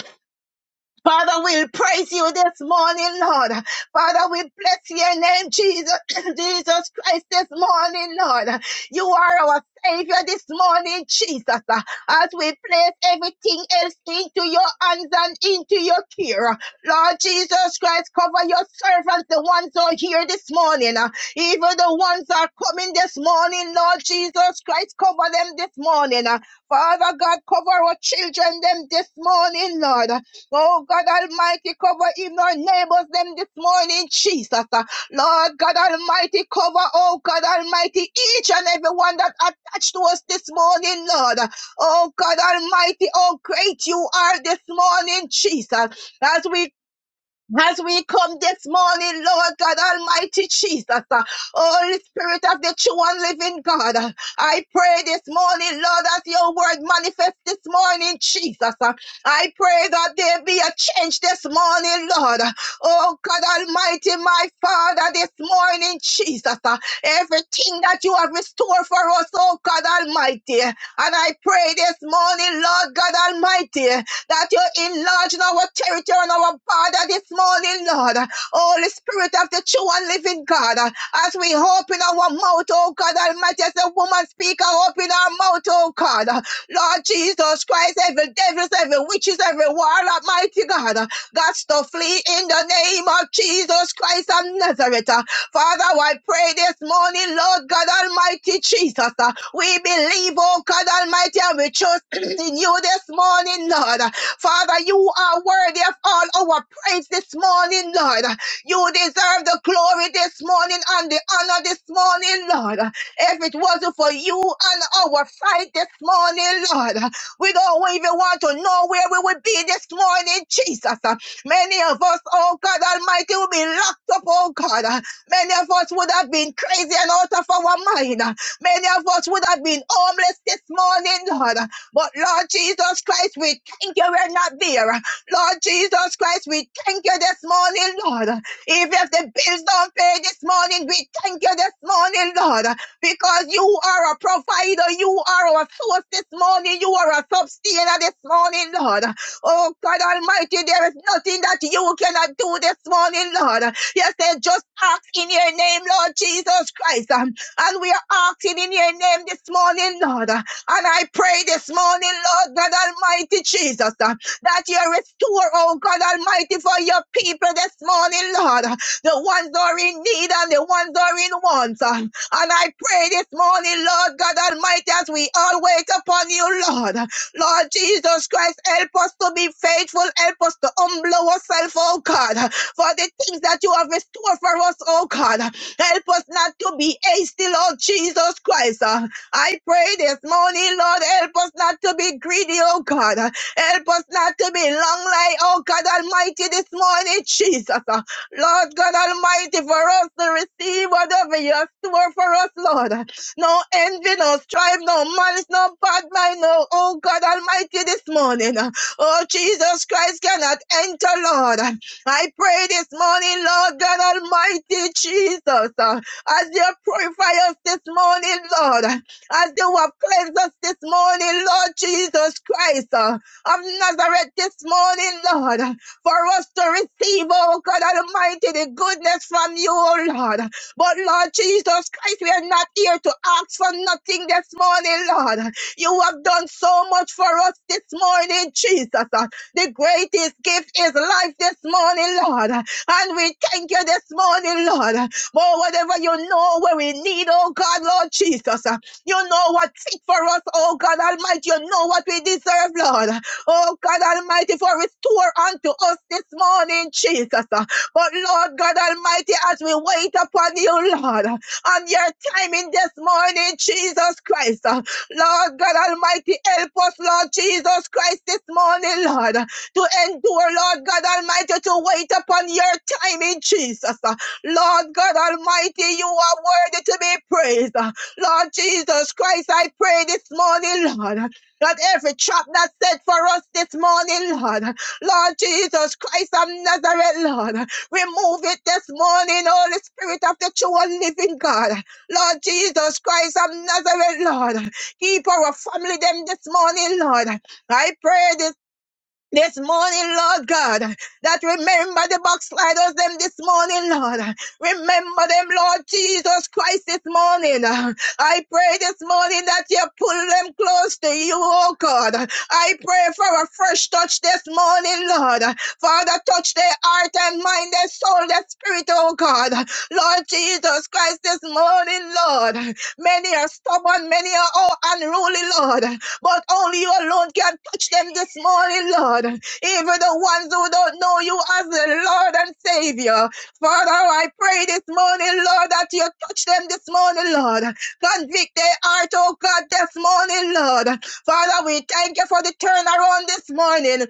S3: Father, we will praise you this morning, Lord. Father, we bless your name, Jesus, [clears throat] Jesus Christ, this morning, Lord. You are our Savior this morning, Jesus. As we place everything else into your hands and into your care, Lord Jesus Christ, cover your servants, the ones who are here this morning, uh, even the ones that are coming this morning, Lord Jesus Christ, cover them this morning. uh. Father God, cover our children them this morning, Lord. Oh God Almighty, cover even our neighbors them this morning, Jesus. Uh, Lord God Almighty, cover, oh God Almighty, each and every one that attached to us this morning, Lord. Oh God Almighty, oh great you are this morning, Jesus. As we as we come this morning, Lord God Almighty Jesus, uh, Holy Spirit of the true and living God, uh, I pray this morning, Lord, as your word manifests this morning, Jesus. uh, I pray that there be a change this morning, Lord. Uh, Oh God Almighty, my Father, this morning, Jesus, uh, everything that you have restored for us, oh God Almighty. And I pray this morning, Lord God Almighty, that you enlarge our territory and our border this morning, Lord. Holy Spirit of the true and living God, as we open our mouth, oh God Almighty, as the woman speaker, open our mouth, oh God. Lord Jesus Christ, every devils, every witches, every warlock, mighty God, uh, got to flee in the name of Jesus Christ of Nazareth. uh. Father, I pray this morning, Lord God Almighty Jesus, uh, we believe, oh God Almighty, and we trust [clears throat] in you this morning, Lord. Father, you are worthy of all our praise this morning, Lord. You deserve the glory this morning and the honor this morning, Lord. If it wasn't for you and our fight this morning, Lord, we don't even want to know where we would be this morning, Jesus. Many of us, oh God Almighty, would be locked up, oh God. Many of us would have been crazy and out of our mind. Many of us would have been homeless this morning, Lord. But Lord Jesus Christ, we thank you we're not there. Lord Jesus Christ, we thank you this morning, Lord. Even if the bills don't pay this morning, we thank you this morning, Lord because you are a provider. You are our source this morning. You are a sustainer this morning, Lord. Oh, God Almighty, there is nothing that you cannot do this morning, Lord. You said, just ask in your name, Lord Jesus Christ. Um, And we are asking in your name this morning, Lord. And I pray this morning, Lord God Almighty Jesus, uh, that you restore, oh God Almighty, for your people this morning, Lord. The ones who are in need and the ones who are in want. uh, and I pray this morning, Lord God Almighty, as we all wait upon you, Lord. Lord Jesus Christ, help us to be faithful. Help us to humble ourselves, oh God, for the things that you have in store for us, oh God. Help us not to be hasty, Lord Jesus Christ. Uh, I pray this morning, Lord, help us not to be greedy, oh God. Help us not to be long like, oh God Almighty, this morning, Jesus. Uh, Lord God Almighty, for us to receive whatever you have stored for us, Lord. No envy, no strife, no malice, no bad mind, no, oh God Almighty, this morning. Oh, Jesus Christ cannot enter, Lord. I pray this morning, Lord God Almighty, Jesus, uh, as you purify us this morning, Lord, as you have cleansed us this morning, Lord Jesus Christ, uh, of Nazareth this morning, Lord for us to receive, oh God Almighty, the goodness from you, oh Lord. But Lord Jesus Christ, we are not here to ask for nothing this morning, Lord. You have done so much for us this morning, Jesus. The greatest gift is life this morning, Lord. And we thank you this morning, Lord. For whatever you know where we need, oh God, Lord Jesus. You know what's fit for us, oh God Almighty. You know what we deserve, Lord. Oh God Almighty, for restore unto us this morning, Jesus. But Lord God Almighty, as we wait upon you, Lord, on your timing this morning, Jesus Christ. Lord God Almighty, help us, Lord Jesus Christ, this morning, Lord, to endure, Lord God Almighty, to wait upon your timing, Jesus. Lord God Almighty, you are worthy to be praised. Lord Jesus Christ, I pray this morning, Lord. Lord, every trap that's set for us this morning, Lord. Lord Jesus Christ of Nazareth, Lord. Remove it this morning, Holy Spirit of the true and living God. Lord Jesus Christ of Nazareth, Lord. Keep our family them this morning, Lord. I pray this this morning, Lord God, that remember the backsliders them this morning, Lord. Remember them, Lord Jesus Christ, this morning. I pray this morning that you pull them close to you, oh God. I pray for a fresh touch this morning, Lord. Father, touch their heart and mind, their soul, their spirit, oh God. Lord Jesus Christ, this morning, Lord. Many are stubborn, many are oh unruly, Lord. But only you alone can touch them this morning, Lord. Even the ones who don't know you as the Lord and Savior. Father, I pray this morning, Lord, that you touch them this morning, Lord. Convict their heart, oh God, this morning, Lord. Father, we thank you for the turnaround this morning.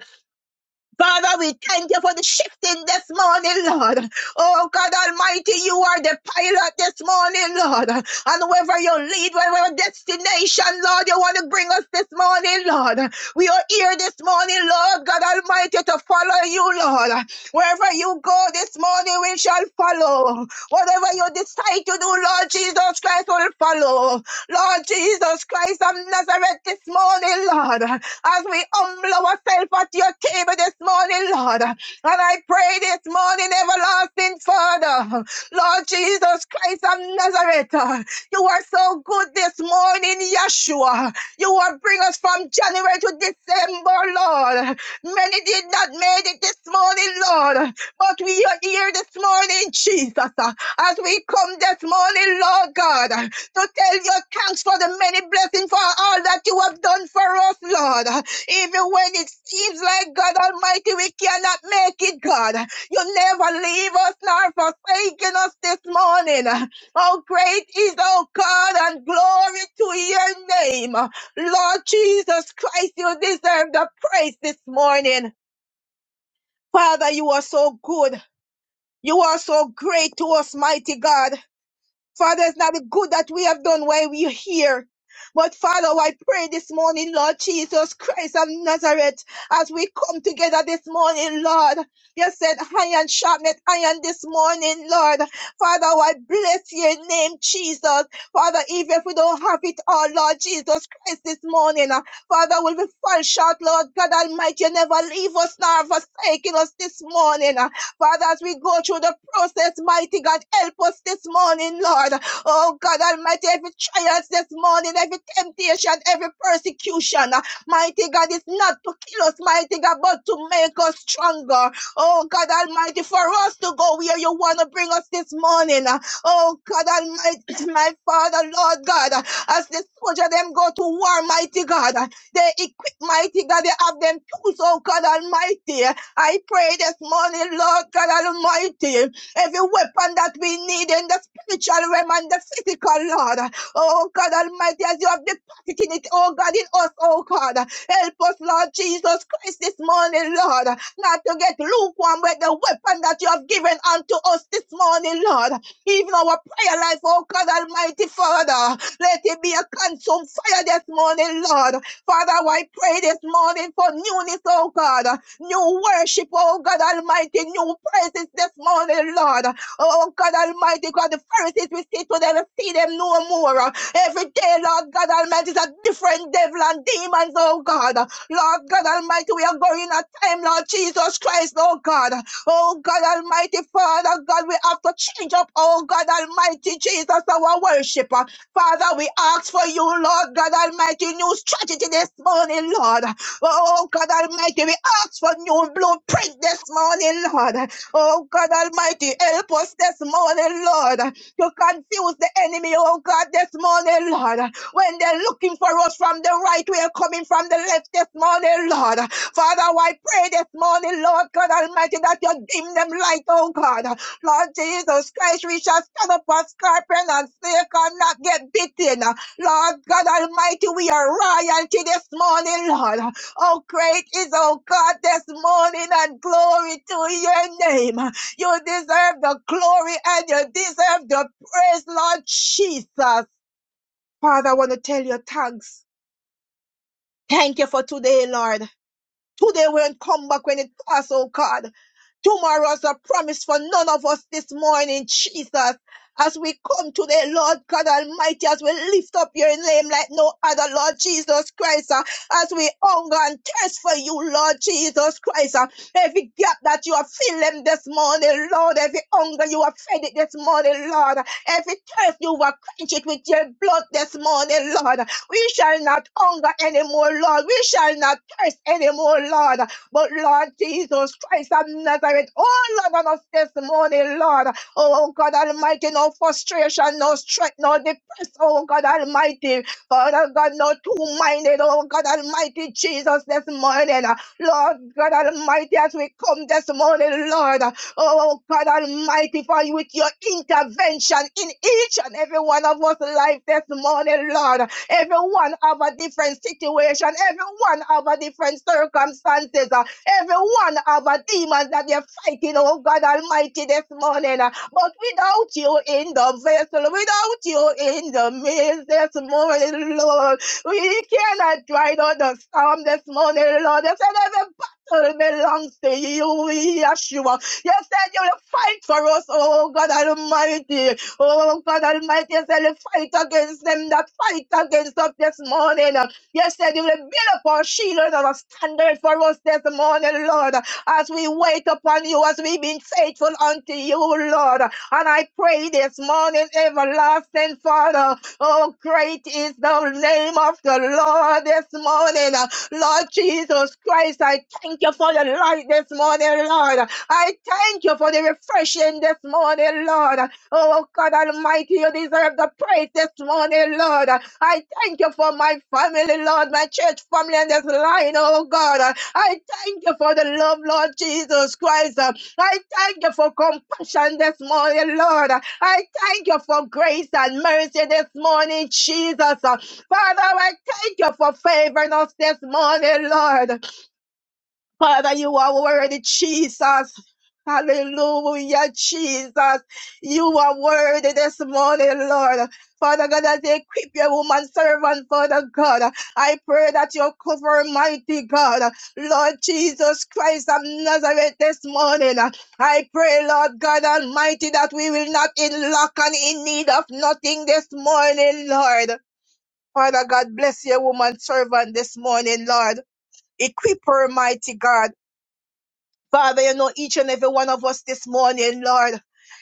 S3: Father, we thank you for the shifting this morning, Lord. Oh, God Almighty, you are the pilot this morning, Lord. And wherever you lead, wherever destination, Lord, you want to bring us this morning, Lord. We are here this morning, Lord, God Almighty, to follow you, Lord. Wherever you go this morning, we shall follow. Whatever you decide to do, Lord Jesus Christ will follow. Lord Jesus Christ of Nazareth this morning, Lord, as we humble ourselves at your table this morning, Lord. And I pray this morning, everlasting Father, Lord Jesus Christ of Nazareth, uh, you are so good this morning, Yeshua. You will bring us from January to December, Lord. Many did not make it this morning, Lord, but we are here this morning, Jesus, uh, as we come this morning, Lord God to tell your thanks for the many blessings for all that you have done for us, Lord. Even when it seems like God Almighty, we cannot make it, God. You never leave us nor forsaken us this morning. Oh, great is our God and glory to your name. Lord Jesus Christ, you deserve the praise this morning. Father, you are so good. You are so great to us, mighty God. Father, it's not the good that we have done while we're here. But Father, I pray this morning, Lord Jesus Christ of Nazareth, as we come together this morning, Lord. You said iron sharpened iron this morning, Lord. Father, I bless your name, Jesus. Father, even if we don't have it all, Lord Jesus Christ, this morning, uh, Father, will we fall short, Lord God Almighty, you never leave us nor forsaking us this morning. uh, Father, as we go through the process, mighty God, help us this morning, Lord. Oh God Almighty, every trial this morning, every temptation, every persecution, uh, mighty God, is not to kill us, mighty God, but to make us stronger. Oh God Almighty, for us to go where you want to bring us this morning. uh, Oh God Almighty, [clears throat] my Father, Lord God, uh, as the soldier them go to war, mighty God, uh, they equip, mighty God, they have them tools, oh God Almighty. I pray this morning, Lord God Almighty, every weapon that we need in the spiritual realm and the physical, Lord. Oh God Almighty, as you have deposited it, oh God, in us, oh God. Help us, Lord Jesus Christ, this morning, Lord, not to get lukewarm with the weapon that you have given unto us this morning, Lord. Even our prayer life, oh God Almighty Father, let it be a consumed fire this morning, Lord. Father, I pray this morning for newness, oh God. New worship, oh God Almighty. New praises this morning, Lord. Oh God Almighty, God, the Pharisees we see today, we see them no more. Every day, Lord God Almighty, is a different devil and demons, oh God. Lord God Almighty, we are going in a time, Lord Jesus Christ, oh God. Oh God Almighty Father, God, we have to change up, oh God Almighty Jesus, our worshiper. Father, we ask for you, Lord God Almighty, new strategy this morning, Lord. Oh God Almighty, we ask for new blueprint this morning, Lord. Oh God Almighty, help us this morning, Lord to confuse the enemy, oh God, this morning, Lord. When they're looking for us from the right, we're coming from the left this morning, Lord. Father, I pray this morning, Lord God Almighty, that you dim them light, oh God. Lord Jesus Christ, we shall stand up as scorpion and snake and not get bitten. Lord God Almighty, we are royalty this morning, Lord. Oh, great is, oh God, this morning, and glory to your name. You deserve the glory and you deserve the praise, Lord Jesus. Father, I want to tell you thanks. Thank you for today, Lord. Today won't come back when it costs, oh God. Tomorrow is a promise for none of us this morning, Jesus. As we come today, Lord God Almighty, as we lift up your name like no other, Lord Jesus Christ, uh, as we hunger and thirst for you, Lord Jesus Christ, uh, every gap that you have filled them this morning, Lord, every hunger you have fed it this morning, Lord, every thirst you have quenched it with your blood this morning, Lord, we shall not hunger anymore, Lord. We shall not thirst anymore, Lord. But Lord Jesus Christ of Nazareth, oh Lord, on us this morning, Lord. Oh God Almighty, no frustration, no strength, no depress, oh God Almighty. God, oh God, no two-minded, oh God Almighty Jesus this morning. Lord God Almighty, as we come this morning, Lord, Oh God Almighty, for with your intervention in each and every one of us life this morning, Lord. Everyone have a different situation. Everyone have a different circumstances. Uh, Everyone have a demon that they're fighting, oh God Almighty, this morning. Uh, But without you in the vessel, without you in the midst this morning, Lord, we cannot ride out the storm this morning, Lord. You said every battle belongs to you, Yeshua. You said you'll fight for us, oh God Almighty. Oh, God Almighty, I say, fight against them that fight against us this morning. Yes, said you will build up our shield and our standard for us this morning, Lord, as we wait upon you, as we've been faithful unto you, Lord. And I pray this morning, everlasting Father, oh, great is the name of the Lord this morning. Lord Jesus Christ, I thank you for the light this morning, Lord. I thank you for the refreshing this morning, Lord. Oh, God Almighty, you deserve the praise this morning, Lord. I thank you for my family, Lord, my church family and this line, oh God. I thank you for the love, Lord Jesus Christ. I thank you for compassion this morning, Lord. I thank you for grace and mercy this morning, Jesus. Father, I thank you for favoring us this morning, Lord. Father, you are worthy, Jesus. Hallelujah, Jesus. You are worthy this morning, Lord. Father God, as they equip your woman servant, Father God, I pray that you cover mighty God, Lord Jesus Christ of Nazareth this morning. I pray, Lord God Almighty, that we will not in lack and in need of nothing this morning, Lord. Father God, bless your woman servant this morning, Lord. Equip her, mighty God. Father, you know each and every one of us this morning, Lord.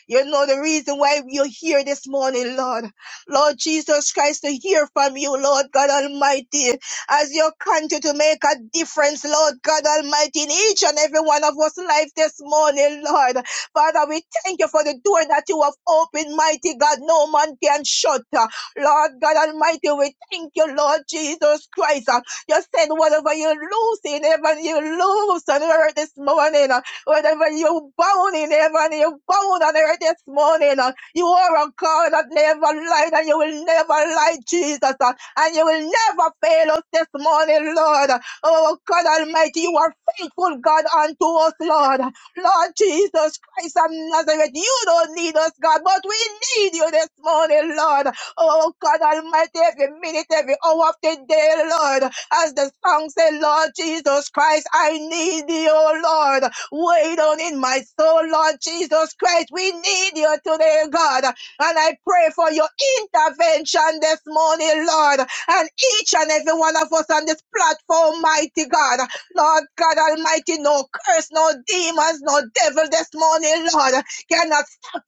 S3: You know the reason why you're here this morning, Lord. Lord Jesus Christ, to hear from you, Lord God Almighty, as you continue to make a difference, Lord God Almighty, in each and every one of us life this morning, Lord. Father, we thank you for the door that you have opened, mighty God. No man can shut. Lord God Almighty, we thank you, Lord Jesus Christ. You said whatever you loose in heaven, you loose on earth this morning. uh, Whatever you bound in heaven, you bound on earth this morning. uh, You are a God that never lied and you will never lie, Jesus. uh, And you will never fail us this morning, Lord. Oh, God Almighty, you are faithful, God, unto us, Lord. Lord Jesus Christ of Nazareth, you don't need us, God, but we need you this morning, Lord. Oh God Almighty, every minute, every hour of the day, Lord. As the song said, Lord Jesus Christ, I need thee, oh Lord. Wait on in my soul, Lord Jesus Christ. We need you today, God. And I pray for your intervention this morning, Lord. And each and every one of us on this platform, mighty God. Lord God Almighty, no curse, no demons, no devil this morning, Lord. Cannot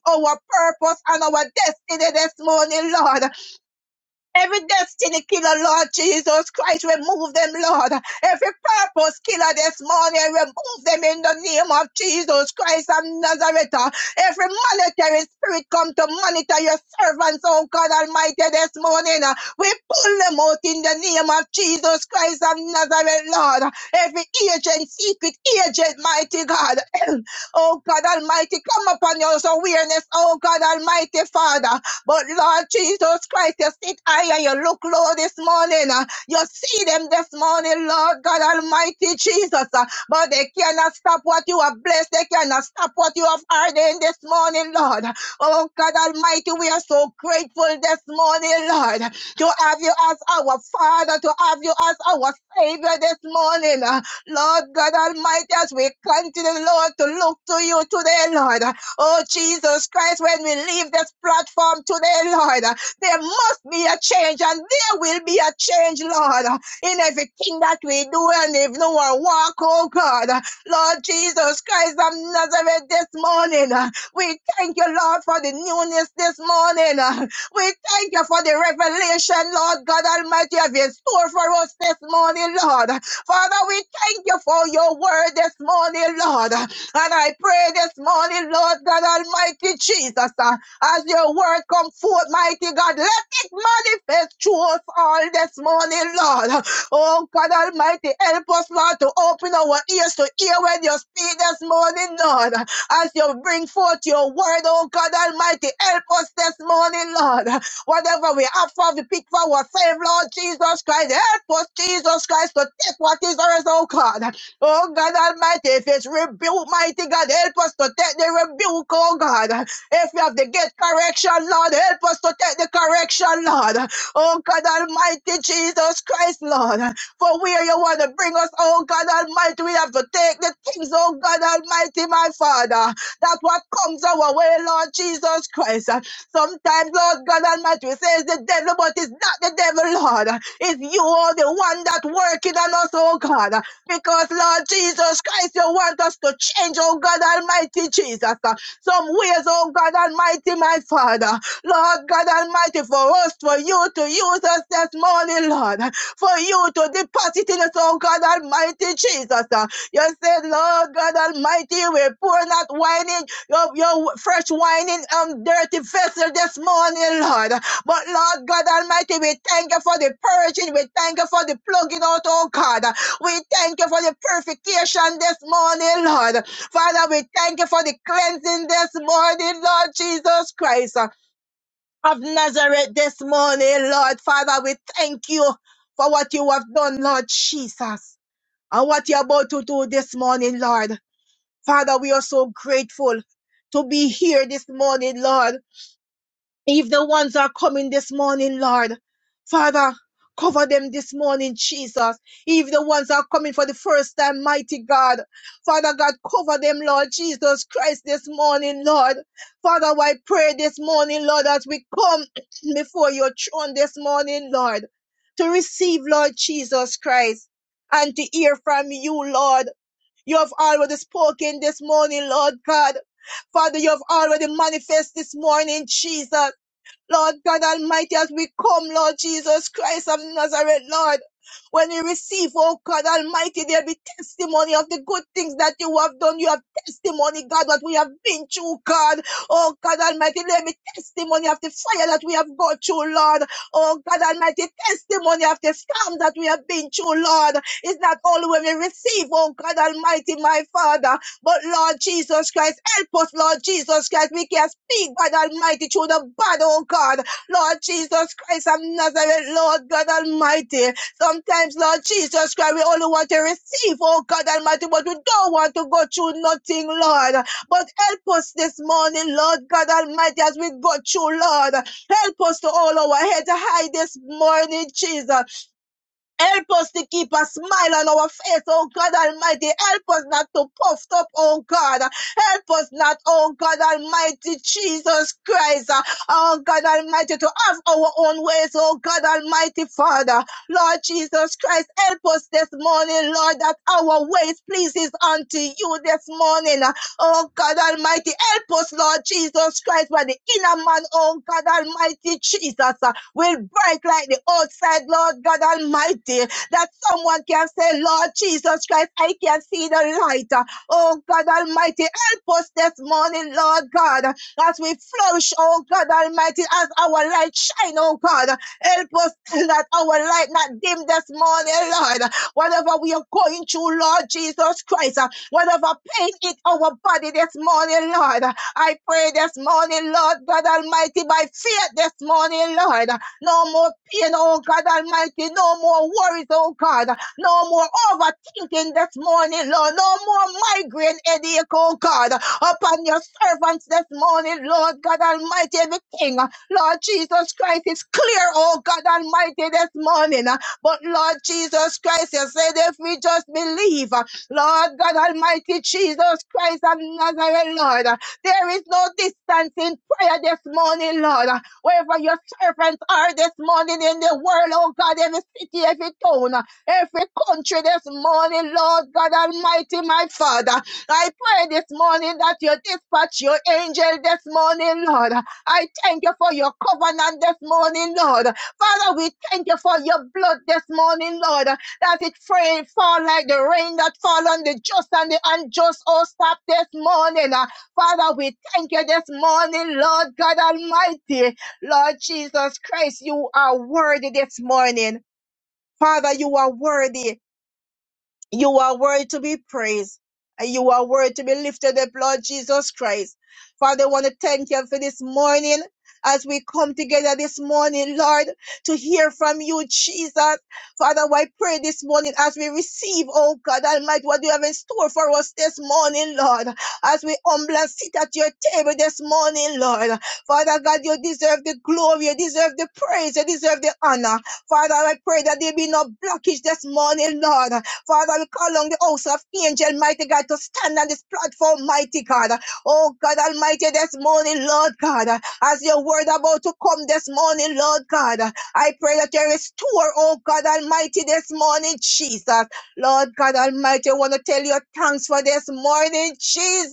S3: our purpose and our destiny this morning, Lord. Every destiny killer, Lord Jesus Christ, remove them, Lord. Every purpose killer this morning, remove them in the name of Jesus Christ of Nazareth. Every monetary spirit come to monitor your servants, oh God Almighty, this morning. We pull them out in the name of Jesus Christ of Nazareth, Lord. Every agent, secret agent, mighty God. [clears throat] oh God Almighty, come upon your awareness, oh God Almighty Father. But Lord Jesus Christ, you sit high and you look low this morning. uh, You see them this morning, Lord God Almighty Jesus. uh, But they cannot stop what you have blessed. They cannot stop what you have ordained this morning, Lord. Oh God Almighty, we are so grateful this morning, Lord, to have you as our Father, to have you as our Savior this morning. uh, Lord God Almighty, as we continue, Lord, to look to you today, Lord. Oh, Jesus Christ, when we leave this platform today, Lord, uh, there must be a change and there will be a change, Lord, uh, in everything that we do and if no one walk, oh God. Uh, Lord Jesus Christ of Nazareth this morning, uh, we thank you, Lord, for the newness this morning. uh, we thank you for the revelation, Lord God Almighty, of your store for us this morning, Lord. Father, we thank you for your word this morning, Lord. And I pray this morning, Lord God Almighty Jesus, uh, as your word come forth, mighty God, let it manifest through us all this morning, Lord. Oh God Almighty, help us, Lord, to open our ears to hear when you speak this morning, Lord. As you bring forth your word, oh God Almighty, help us this morning, Lord. Whatever we have for the pick for our save, Lord Jesus Christ. Help us, Jesus Christ, to take what is ours, oh God. Oh God Almighty, if it's rebuke, mighty God, help us to take the rebuke, oh God. If we have to get correction, Lord, help us to take the correction, Lord. Oh God Almighty, Jesus Christ, Lord. For where you want to bring us, oh God Almighty, we have to take the things, oh God Almighty, my Father that what comes our way, Lord Jesus Christ. uh, Sometimes, Lord God Almighty, we say it's the devil, but it's not the devil, Lord. It's you, oh, the one that working on us, oh God. Because, Lord Jesus Christ, you want us to change, oh God Almighty Jesus. Jesus. uh, Some ways, oh God Almighty, my Father. Lord God Almighty, for us, for you to use us this morning, Lord. For you to deposit in us, oh God Almighty, Jesus. uh. You said, Lord God Almighty, we pour not wine in your, your fresh wine in um, dirty vessel this morning, Lord. But Lord God Almighty, we thank you for the purging. We thank you for the plugging out, oh God. We thank you for the purification this morning, Lord. Father, we thank you for the cleansing this morning, Lord Jesus Christ uh, of Nazareth this morning, Lord. Father, we thank you for what you have done, Lord Jesus, and what you're about to do this morning, Lord. Father, we are so grateful to be here this morning, Lord. If the ones are coming this morning, Lord, Father, cover them this morning, Jesus. If the ones are coming for the first time, mighty God, Father God, cover them, Lord Jesus Christ, this morning, Lord. Father, I pray this morning, Lord, as we come [clears throat] before your throne this morning, Lord, to receive, Lord Jesus Christ, and to hear from you, Lord. You have already spoken this morning, Lord God. Father, you have already manifested this morning, Jesus. Lord God Almighty, as we come, Lord Jesus Christ of Nazareth, Lord, when we receive, oh God Almighty, there be testimony of the good things that you have done. You have testimony, God, what we have been through, God. Oh God Almighty, there be testimony of the fire that we have gone through, Lord. Oh God Almighty, testimony after storm that we have been through, Lord. is not only when we receive, oh God Almighty, my Father, but Lord Jesus Christ, help us, Lord Jesus Christ. We can speak, God Almighty, through the bad, oh God. Lord Jesus Christ of Nazareth, Lord God Almighty. Sometimes, Lord Jesus Christ, we only want to receive, oh God Almighty, but we don't want to go through nothing, Lord. But help us this morning, Lord God Almighty, as we go through, Lord. Help us to all our heads high this morning, Jesus. Help us to keep a smile on our face, oh God Almighty. Help us not to puff up, oh God. Help us not, oh God Almighty, Jesus Christ. uh, Oh God Almighty, to have our own ways, oh God Almighty Father. Lord Jesus Christ, help us this morning, Lord, that our ways pleases unto you this morning. Oh God Almighty, help us, Lord Jesus Christ, where the inner man, oh God Almighty, Jesus, uh, will break like the outside, Lord God Almighty, that someone can say, Lord Jesus Christ, I can see the light. uh, Oh God Almighty, help us this morning, Lord God, as we flourish, oh God Almighty, as our light shine, oh God. Help us [laughs] [clears throat] that our light not dim this morning, Lord. Whatever we are going through, Lord Jesus Christ, uh, whatever pain in our body this morning, Lord, uh, I pray this morning, Lord God Almighty, by faith this morning, Lord, uh, no more pain, oh God Almighty, no more worries, oh God, uh, no more overthinking this morning, Lord, no more more migraine headache, oh God, upon your servants this morning, Lord God Almighty, everything, Lord Jesus Christ, is clear, oh God Almighty, this morning. But Lord Jesus Christ, you said if we just believe, Lord God Almighty, Jesus Christ of Nazareth, Lord. There is no distance in prayer this morning, Lord. Wherever your servants are this morning in the world, oh God, every city, every town, every country this morning, Lord God Almighty, my Father. I pray this morning that you dispatch your angel this morning, Lord. I thank you for your covenant this morning, Lord. Father, we thank you for your blood this morning, Lord, that it fall fall like the rain that fall on the just and the unjust. Oh, stop this morning. Father, we thank you this morning, Lord God Almighty. Lord Jesus Christ, you are worthy this morning. Father, you are worthy. You are worthy to be praised. And you are worthy to be lifted up, Lord Jesus Christ. Father, I want to thank you for this morning. As we come together this morning, Lord, to hear from you, Jesus. Father, I pray this morning as we receive, oh God Almighty, what you have in store for us this morning, Lord. As we humble and sit at your table this morning, Lord. Father God, you deserve the glory, you deserve the praise, you deserve the honor. Father, I pray that there be no blockage this morning, Lord. Father, we call on the host of angel, mighty God, to stand on this platform, mighty God. Oh God Almighty, this morning, Lord God, as your word about to come this morning, Lord God, I pray that you restore, oh God Almighty, this morning, Jesus. Lord God Almighty, I want to tell you thanks for this morning, Jesus.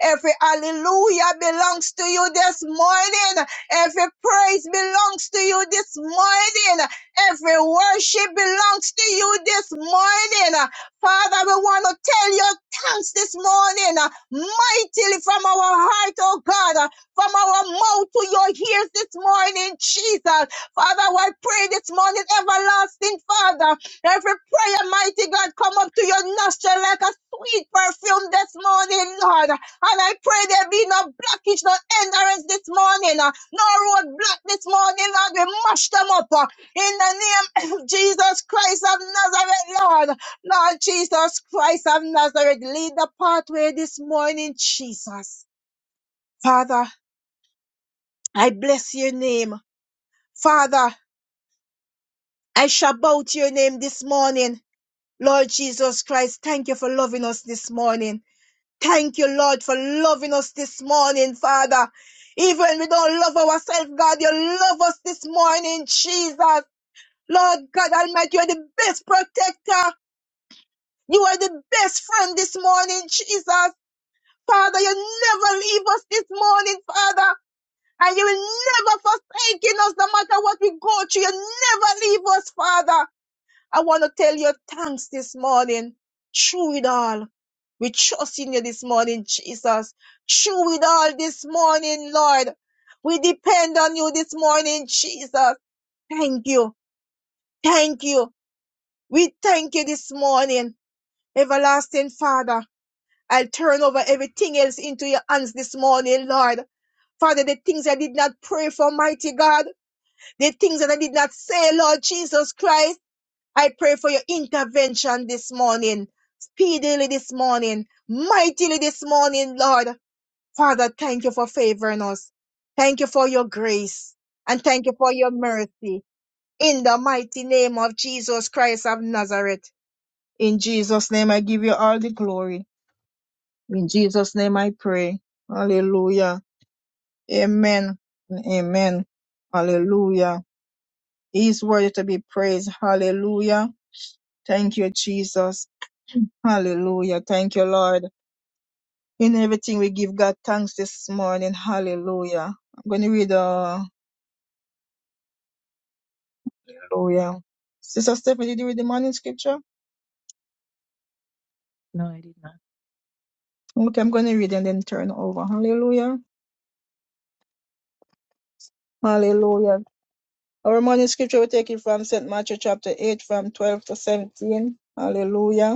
S3: Every hallelujah belongs to you this morning. Every praise belongs to you this morning. Every worship belongs to you this morning. Uh, Father, we want to tell you thanks this morning, uh, mightily from our heart, oh God, uh, from our mouth to your ears this morning, Jesus. Father, I pray this morning, everlasting Father, every prayer, mighty God, come up to your nostril like a sweet perfume this morning, Lord. And I pray there be no blockage, no hindrance this morning, uh, no roadblock this morning, Lord. We mash them up. uh, in the name of Jesus Christ of Nazareth, Lord. Lord Jesus Christ of Nazareth, lead the pathway this morning, Jesus. Father, I bless your name. Father, I shout your name this morning. Lord Jesus Christ, thank you for loving us this morning. Thank you, Lord, for loving us this morning, Father. Even when we don't love ourselves, God, you love us this morning, Jesus. Lord God Almighty, you're the best protector. You are the best friend this morning, Jesus. Father, you never leave us this morning, Father. And you will never forsaken us no matter what we go through. You never leave us, Father. I want to tell you thanks this morning. Through it all. We trust in you this morning, Jesus. Through it all this morning, Lord. We depend on you this morning, Jesus. Thank you. Thank you. We thank you this morning, everlasting Father. I'll turn over everything else into your hands this morning, Lord. Father, the things I did not pray for, mighty God, the things that I did not say, Lord Jesus Christ, I pray for your intervention this morning, speedily this morning, mightily this morning, Lord. Father, thank you for favoring us. Thank you for your grace and thank you for your mercy. In the mighty name of Jesus Christ of Nazareth. In Jesus' name, I give you all the glory. In Jesus' name I pray. Hallelujah. Amen. and Amen. Hallelujah. He is worthy to be praised. Hallelujah. Thank you, Jesus. Hallelujah. Thank you, Lord. In everything we give God thanks this morning. Hallelujah. I'm going to read, uh, hallelujah. Sister Stephanie, did you read the morning scripture?
S1: No, I did not.
S3: Okay, I'm going to read and then turn over. Hallelujah. Hallelujah. Our morning scripture, we take it from St. Matthew chapter 8, from 12 to 17. Hallelujah.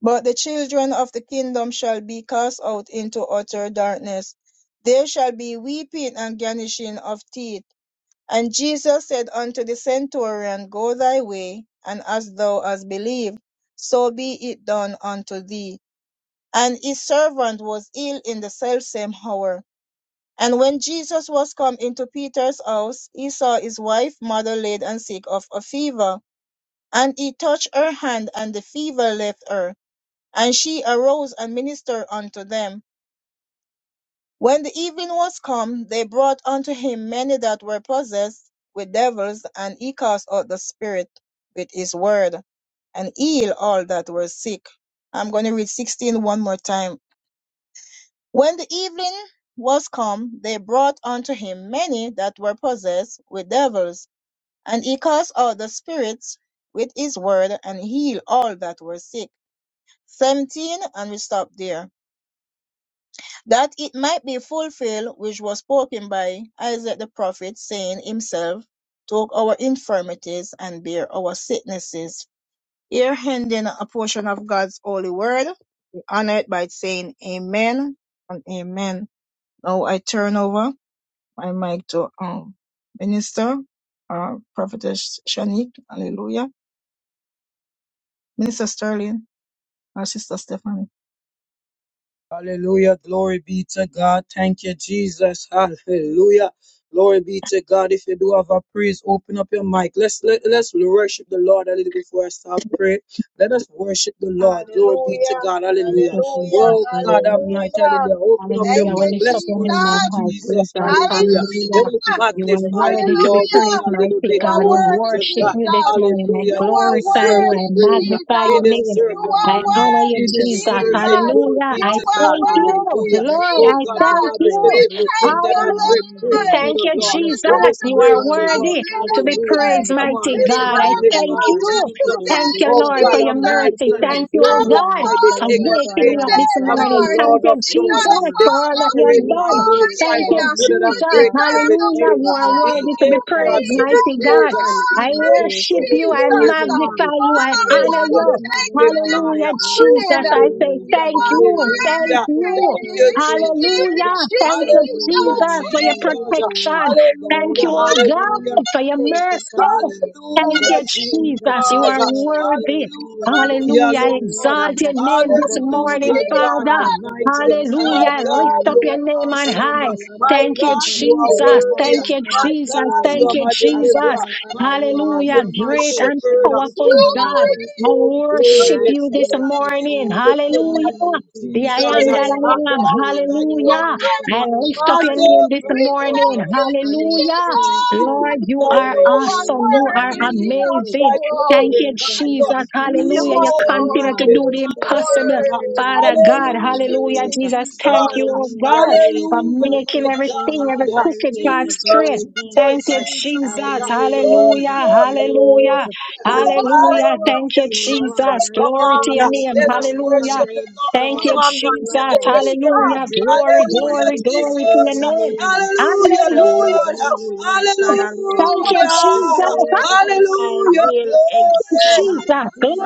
S3: But the children of the kingdom shall be cast out into utter darkness. There shall be weeping and gnashing of teeth. And Jesus said unto the centurion, Go thy way, and as thou hast believed, so be it done unto thee. And his servant was ill in the selfsame hour. And when Jesus was come into Peter's house, he saw his wife, mother laid and sick of a fever. And he touched her hand, and the fever left her and she arose and ministered unto them. When the evening was come, they brought unto him many that were possessed with devils, and he cast out the spirit with his word, and healed all that were sick. I'm going to read sixteen one more time. When the evening was come, they brought unto him many that were possessed with devils, and he cast out the spirits with his word, and healed all that were sick. 17, and we stop there. that it might be fulfilled which was spoken by Isaiah the prophet, saying himself, Took our infirmities and bear our sicknesses. Here ending a portion of God's holy word, we honor it by saying Amen and Amen. Now I turn over my mic to um, Minister, uh, Prophetess Shanique, Hallelujah, Minister Sterling, and Sister Stephanie.
S2: Hallelujah. Glory be to God. Thank you, Jesus. Hallelujah. Glory be to God. If you do have a praise, open up your mic. Let's let, let's worship the Lord a little before I start praying. Let us worship the Lord. Glory be to
S3: Hallelujah,
S2: God. Hallelujah.
S3: Hallelujah,
S2: Well, God
S1: Hallelujah.
S2: Almighty,
S3: Hallelujah.
S2: hallelujah. Open up your
S3: Thank you,
S2: mic.
S1: lift up
S2: Let's
S1: your name on
S2: worship
S3: Jesus.
S1: high, praise
S2: Jesus.
S1: God.
S4: Blessed be the
S2: Hallelujah.
S3: Hallelujah.
S4: holy name
S2: Let
S1: Hallelujah.
S4: of
S2: us
S4: Jesus.
S1: You are
S2: magnify
S4: Blessed
S2: the
S1: worthy
S4: be
S1: to
S4: your
S1: be
S2: Lord with
S3: Hallelujah.
S2: me
S1: praised,
S2: a little
S4: the
S1: mighty
S2: bit.
S3: You
S4: Lamb
S3: are
S1: God.
S4: of
S1: We
S2: Glory
S4: God,
S2: be
S3: worthy,
S2: to
S1: worship
S2: God.
S4: blessed
S1: you this
S3: Jesus.
S4: be
S1: morning. I
S3: You
S2: Hallelujah.
S4: the
S2: He
S3: are
S4: true vine,
S1: glorify
S2: deserves
S1: you.
S2: the
S1: I
S3: worthy,
S4: blessed
S2: praise.
S4: be
S1: magnify
S2: He
S4: the
S3: Jesus.
S1: your name.
S2: deserves
S3: You
S2: the
S4: husbandman,
S3: are
S1: I
S2: honor.
S4: blessed
S1: honor you,
S2: He
S3: worthy,
S4: be the
S1: Jesus.
S2: deserves
S4: redeemer,
S2: it.
S3: Jesus.
S4: blessed
S2: Glory
S1: Hallelujah.
S3: You
S2: be
S4: be
S1: I
S4: the
S2: to
S3: are
S2: God.
S1: thank
S3: worthy,
S4: sustainer,
S1: you,
S2: Hallelujah.
S1: Lord.
S2: Oh
S4: blessed
S1: I
S2: God,
S4: be
S2: the
S4: the
S1: thank
S3: Jesus.
S2: Bible said
S4: friend,
S3: We
S1: you.
S4: blessed
S3: thank
S2: everything that
S4: be
S3: you,
S2: I breath,
S1: Hallelujah.
S2: praise
S3: Lord.
S4: Yahweh,
S2: thee,
S1: Thank
S2: the
S1: you,
S3: You
S2: Lord.
S1: Jesus.
S4: blessed
S2: Let
S3: deserve
S2: us
S3: the
S1: You
S4: be
S1: are
S2: praise the Lord.
S1: worthy
S4: Elohim,
S3: glory,
S1: to be
S4: blessed
S2: Hallelujah.
S4: be
S3: Lord.
S1: praised,
S4: the
S2: Come on,
S3: You
S1: mighty
S2: let's
S4: Alpha,
S1: God. I
S4: the
S3: deserve the
S1: thank
S2: magnify
S4: Omega, the
S1: you.
S4: beginning,
S3: today,
S2: Jesus.
S1: Thank you,
S4: the
S2: Oh
S1: Lord,
S4: end,
S1: for
S2: God
S1: your
S3: Jesus.
S2: Almighty,
S4: the
S1: mercy.
S2: let's
S1: Thank
S3: It's
S4: first,
S1: you, oh
S4: and the
S3: all
S1: God.
S2: glorify
S4: last,
S2: the
S4: the
S3: about
S2: King
S4: lover of
S3: you
S2: of
S4: our
S1: Awaken me
S2: Kings.
S1: up
S4: lives,
S1: this
S3: today,
S4: the
S2: I'm the
S1: morning.
S4: lover of
S3: Lord.
S1: Thank
S2: Lord
S4: our
S1: you,
S2: of
S3: It's
S1: Jesus,
S3: not
S2: Lords,
S4: souls,
S2: the
S1: for
S3: about
S1: all that
S3: us
S1: you
S4: the
S1: have
S2: conquering
S3: this
S4: lover
S1: done.
S2: lion
S4: of
S2: in the tribe
S1: Thank
S4: God
S2: of
S1: you,
S3: morning.
S2: Judah
S3: You
S2: that
S1: Jesus.
S4: Almighty for
S2: break
S4: our
S3: deserve the
S1: Hallelujah.
S2: everything.
S1: You are
S4: entire
S2: He
S1: worthy to be
S2: is God
S3: glory
S1: praised,
S2: to
S4: existence
S2: be
S3: and
S1: mighty
S3: the
S1: God.
S2: praised.
S4: and
S2: He
S3: honor,
S1: I
S4: he
S2: is
S4: is
S2: to
S1: worship
S2: be
S1: you. I
S3: Jesus.
S4: Jehovah.
S2: glorified.
S1: magnify you. I
S2: He
S3: Father,
S2: is
S1: honor
S2: to
S3: Lord,
S1: you.
S4: Hallelujah
S2: be
S4: to the
S3: this
S4: Lamb that
S1: Hallelujah,
S2: magnified.
S4: was
S2: Oh,
S1: Jesus.
S3: morning,
S1: I say
S4: slain.
S2: hallelujah,
S3: you
S1: thank
S3: are
S4: Hallelujah
S1: you.
S4: for
S1: Thank
S4: the,
S2: hallelujah.
S4: for the
S3: worthy,
S1: you.
S2: Thank you,
S4: foundation
S3: Jesus.
S1: Hallelujah.
S2: Jesus.
S3: Jesus,
S1: Thank
S4: of
S3: thank
S1: you,
S3: you.
S4: the
S2: Hallelujah,
S1: Jesus,
S4: world.
S1: for your
S4: And
S2: Jesus.
S4: behold,
S1: protection.
S4: the
S1: Thank
S2: Hallelujah,
S1: you,
S4: Lamb of
S1: oh
S4: God
S2: hallelujah.
S1: God,
S4: which
S1: for your
S4: taketh
S1: mercy.
S4: away
S1: Thank
S4: the
S2: Hallelujah,
S1: you,
S4: sins of
S1: Jesus.
S4: the
S1: You are
S2: Jesus.
S4: world
S1: worthy.
S4: will be lifted,
S2: Hallelujah,
S1: Hallelujah. I
S2: Lord.
S4: Lord,
S1: exalt your name this
S4: above all
S1: morning,
S2: Hallelujah,
S4: other
S2: God
S1: Father.
S4: gods, above
S2: Almighty.
S4: all
S2: My
S4: other
S1: Hallelujah. I
S2: God,
S1: Lift up
S4: dominions,
S2: you
S1: your
S2: are
S1: name on
S4: above
S2: awesome.
S1: high.
S4: all other
S2: My
S1: Thank you,
S2: God, you are
S4: principalities,
S1: Jesus.
S4: above
S2: worthy.
S1: Thank
S4: all
S1: you,
S2: My
S4: other
S3: are
S1: Jesus.
S2: God, you
S4: thrones
S1: Thank
S2: are
S1: you,
S2: my
S4: above
S1: Jesus.
S2: deliverer.
S4: all other
S2: My
S4: rule
S2: God,
S4: of
S2: you
S1: Hallelujah.
S4: our
S2: are my
S1: Great and
S2: shepherd.
S4: spiritual
S1: powerful
S2: Oh,
S4: wickedness.
S1: God.
S2: glory,
S1: I
S3: Glory,
S2: glory,
S4: And
S1: worship
S4: I
S2: glory.
S1: you this
S2: When I
S4: praise this
S2: think
S1: morning.
S2: of
S4: old
S2: the
S4: Father
S1: Hallelujah.
S2: goodness of
S4: Almighty.
S1: The I
S4: You
S2: Jesus
S1: am that
S4: are
S2: and
S1: I
S3: Jesus.
S1: am.
S2: all
S4: good,
S2: that
S4: you
S2: you
S4: your
S1: Hallelujah.
S2: have
S4: mercy
S1: I
S3: worthy,
S2: done,
S1: lift up
S2: my
S1: your
S3: Lord.
S4: endureth
S1: name
S2: soul
S1: this
S2: cries
S3: We
S2: out,
S1: morning.
S3: thank
S4: forever,
S3: you,
S2: "Hallelujah."
S4: and your
S1: Hallelujah.
S4: truth
S3: Jesus.
S2: Jesus,
S1: Lord, you
S2: I
S1: are
S4: endureth,
S3: You
S2: worship
S3: are
S4: O
S1: awesome.
S2: you.
S1: You
S4: God
S1: are
S3: worthy,
S2: Jesus,
S4: Almighty.
S1: amazing.
S2: I
S3: Yeshua.
S1: Thank you,
S4: Oh God,
S2: glorify
S4: in
S2: you.
S1: Jesus.
S4: every
S3: You are
S1: Hallelujah.
S3: worthy,
S1: You
S2: Jesus, I
S4: generation,
S1: continue to do
S4: rise,
S2: magnify
S1: the
S2: your
S4: throughout
S1: impossible.
S4: every
S2: name.
S1: Father
S4: generation,
S1: God,
S4: I
S3: Jesus. Thank
S2: Hallelujah,
S3: you,
S1: hallelujah,
S4: raise
S1: Jesus.
S4: a
S1: Thank
S3: Lord.
S1: you, oh
S2: Jesus.
S4: hallelujah, I
S1: God,
S4: raise
S1: for
S4: a
S2: Hallelujah,
S4: thank
S2: my
S1: making
S4: you,
S1: everything, every
S4: Jesus, I
S2: God.
S1: crooked
S4: raise
S1: God
S4: a
S2: Jesus,
S1: straight.
S4: glory be to
S1: Thank
S2: Jesus,
S1: you,
S4: God,
S2: Jesus.
S4: I
S1: Jesus.
S2: Glory,
S4: raise a
S1: Hallelujah.
S2: glory, glory.
S4: praise
S1: Hallelujah.
S4: in this
S1: Hallelujah.
S4: atmosphere
S1: Thank you,
S2: Hallelujah,
S4: you, Lord.
S2: Jesus.
S1: Jesus.
S4: I
S2: Come
S1: Glory to
S2: on.
S1: your
S4: praise
S1: name.
S2: Let
S4: you,
S2: us
S4: Lord. God,
S1: Hallelujah.
S2: worship the
S4: I
S2: Lord.
S1: Thank
S2: Come
S1: you,
S4: exalt
S2: on,
S4: you,
S2: man. Wake
S1: Jesus.
S2: up
S4: Lord.
S2: your spirit.
S4: I
S1: Hallelujah.
S4: bless
S1: Glory,
S4: you. I
S2: Hallelujah,
S1: glory,
S4: bless your
S1: glory to your
S4: holy
S2: Jesus.
S1: name.
S4: name.
S2: Hallelujah,
S4: I love
S1: Hallelujah.
S2: Lord.
S4: you, Lord God
S1: Thank you,
S4: Almighty. The
S2: Hallelujah.
S1: Jesus
S4: songwriter said, I
S2: Hallelujah,
S4: will
S1: you,
S2: glory.
S1: Jesus.
S4: exalt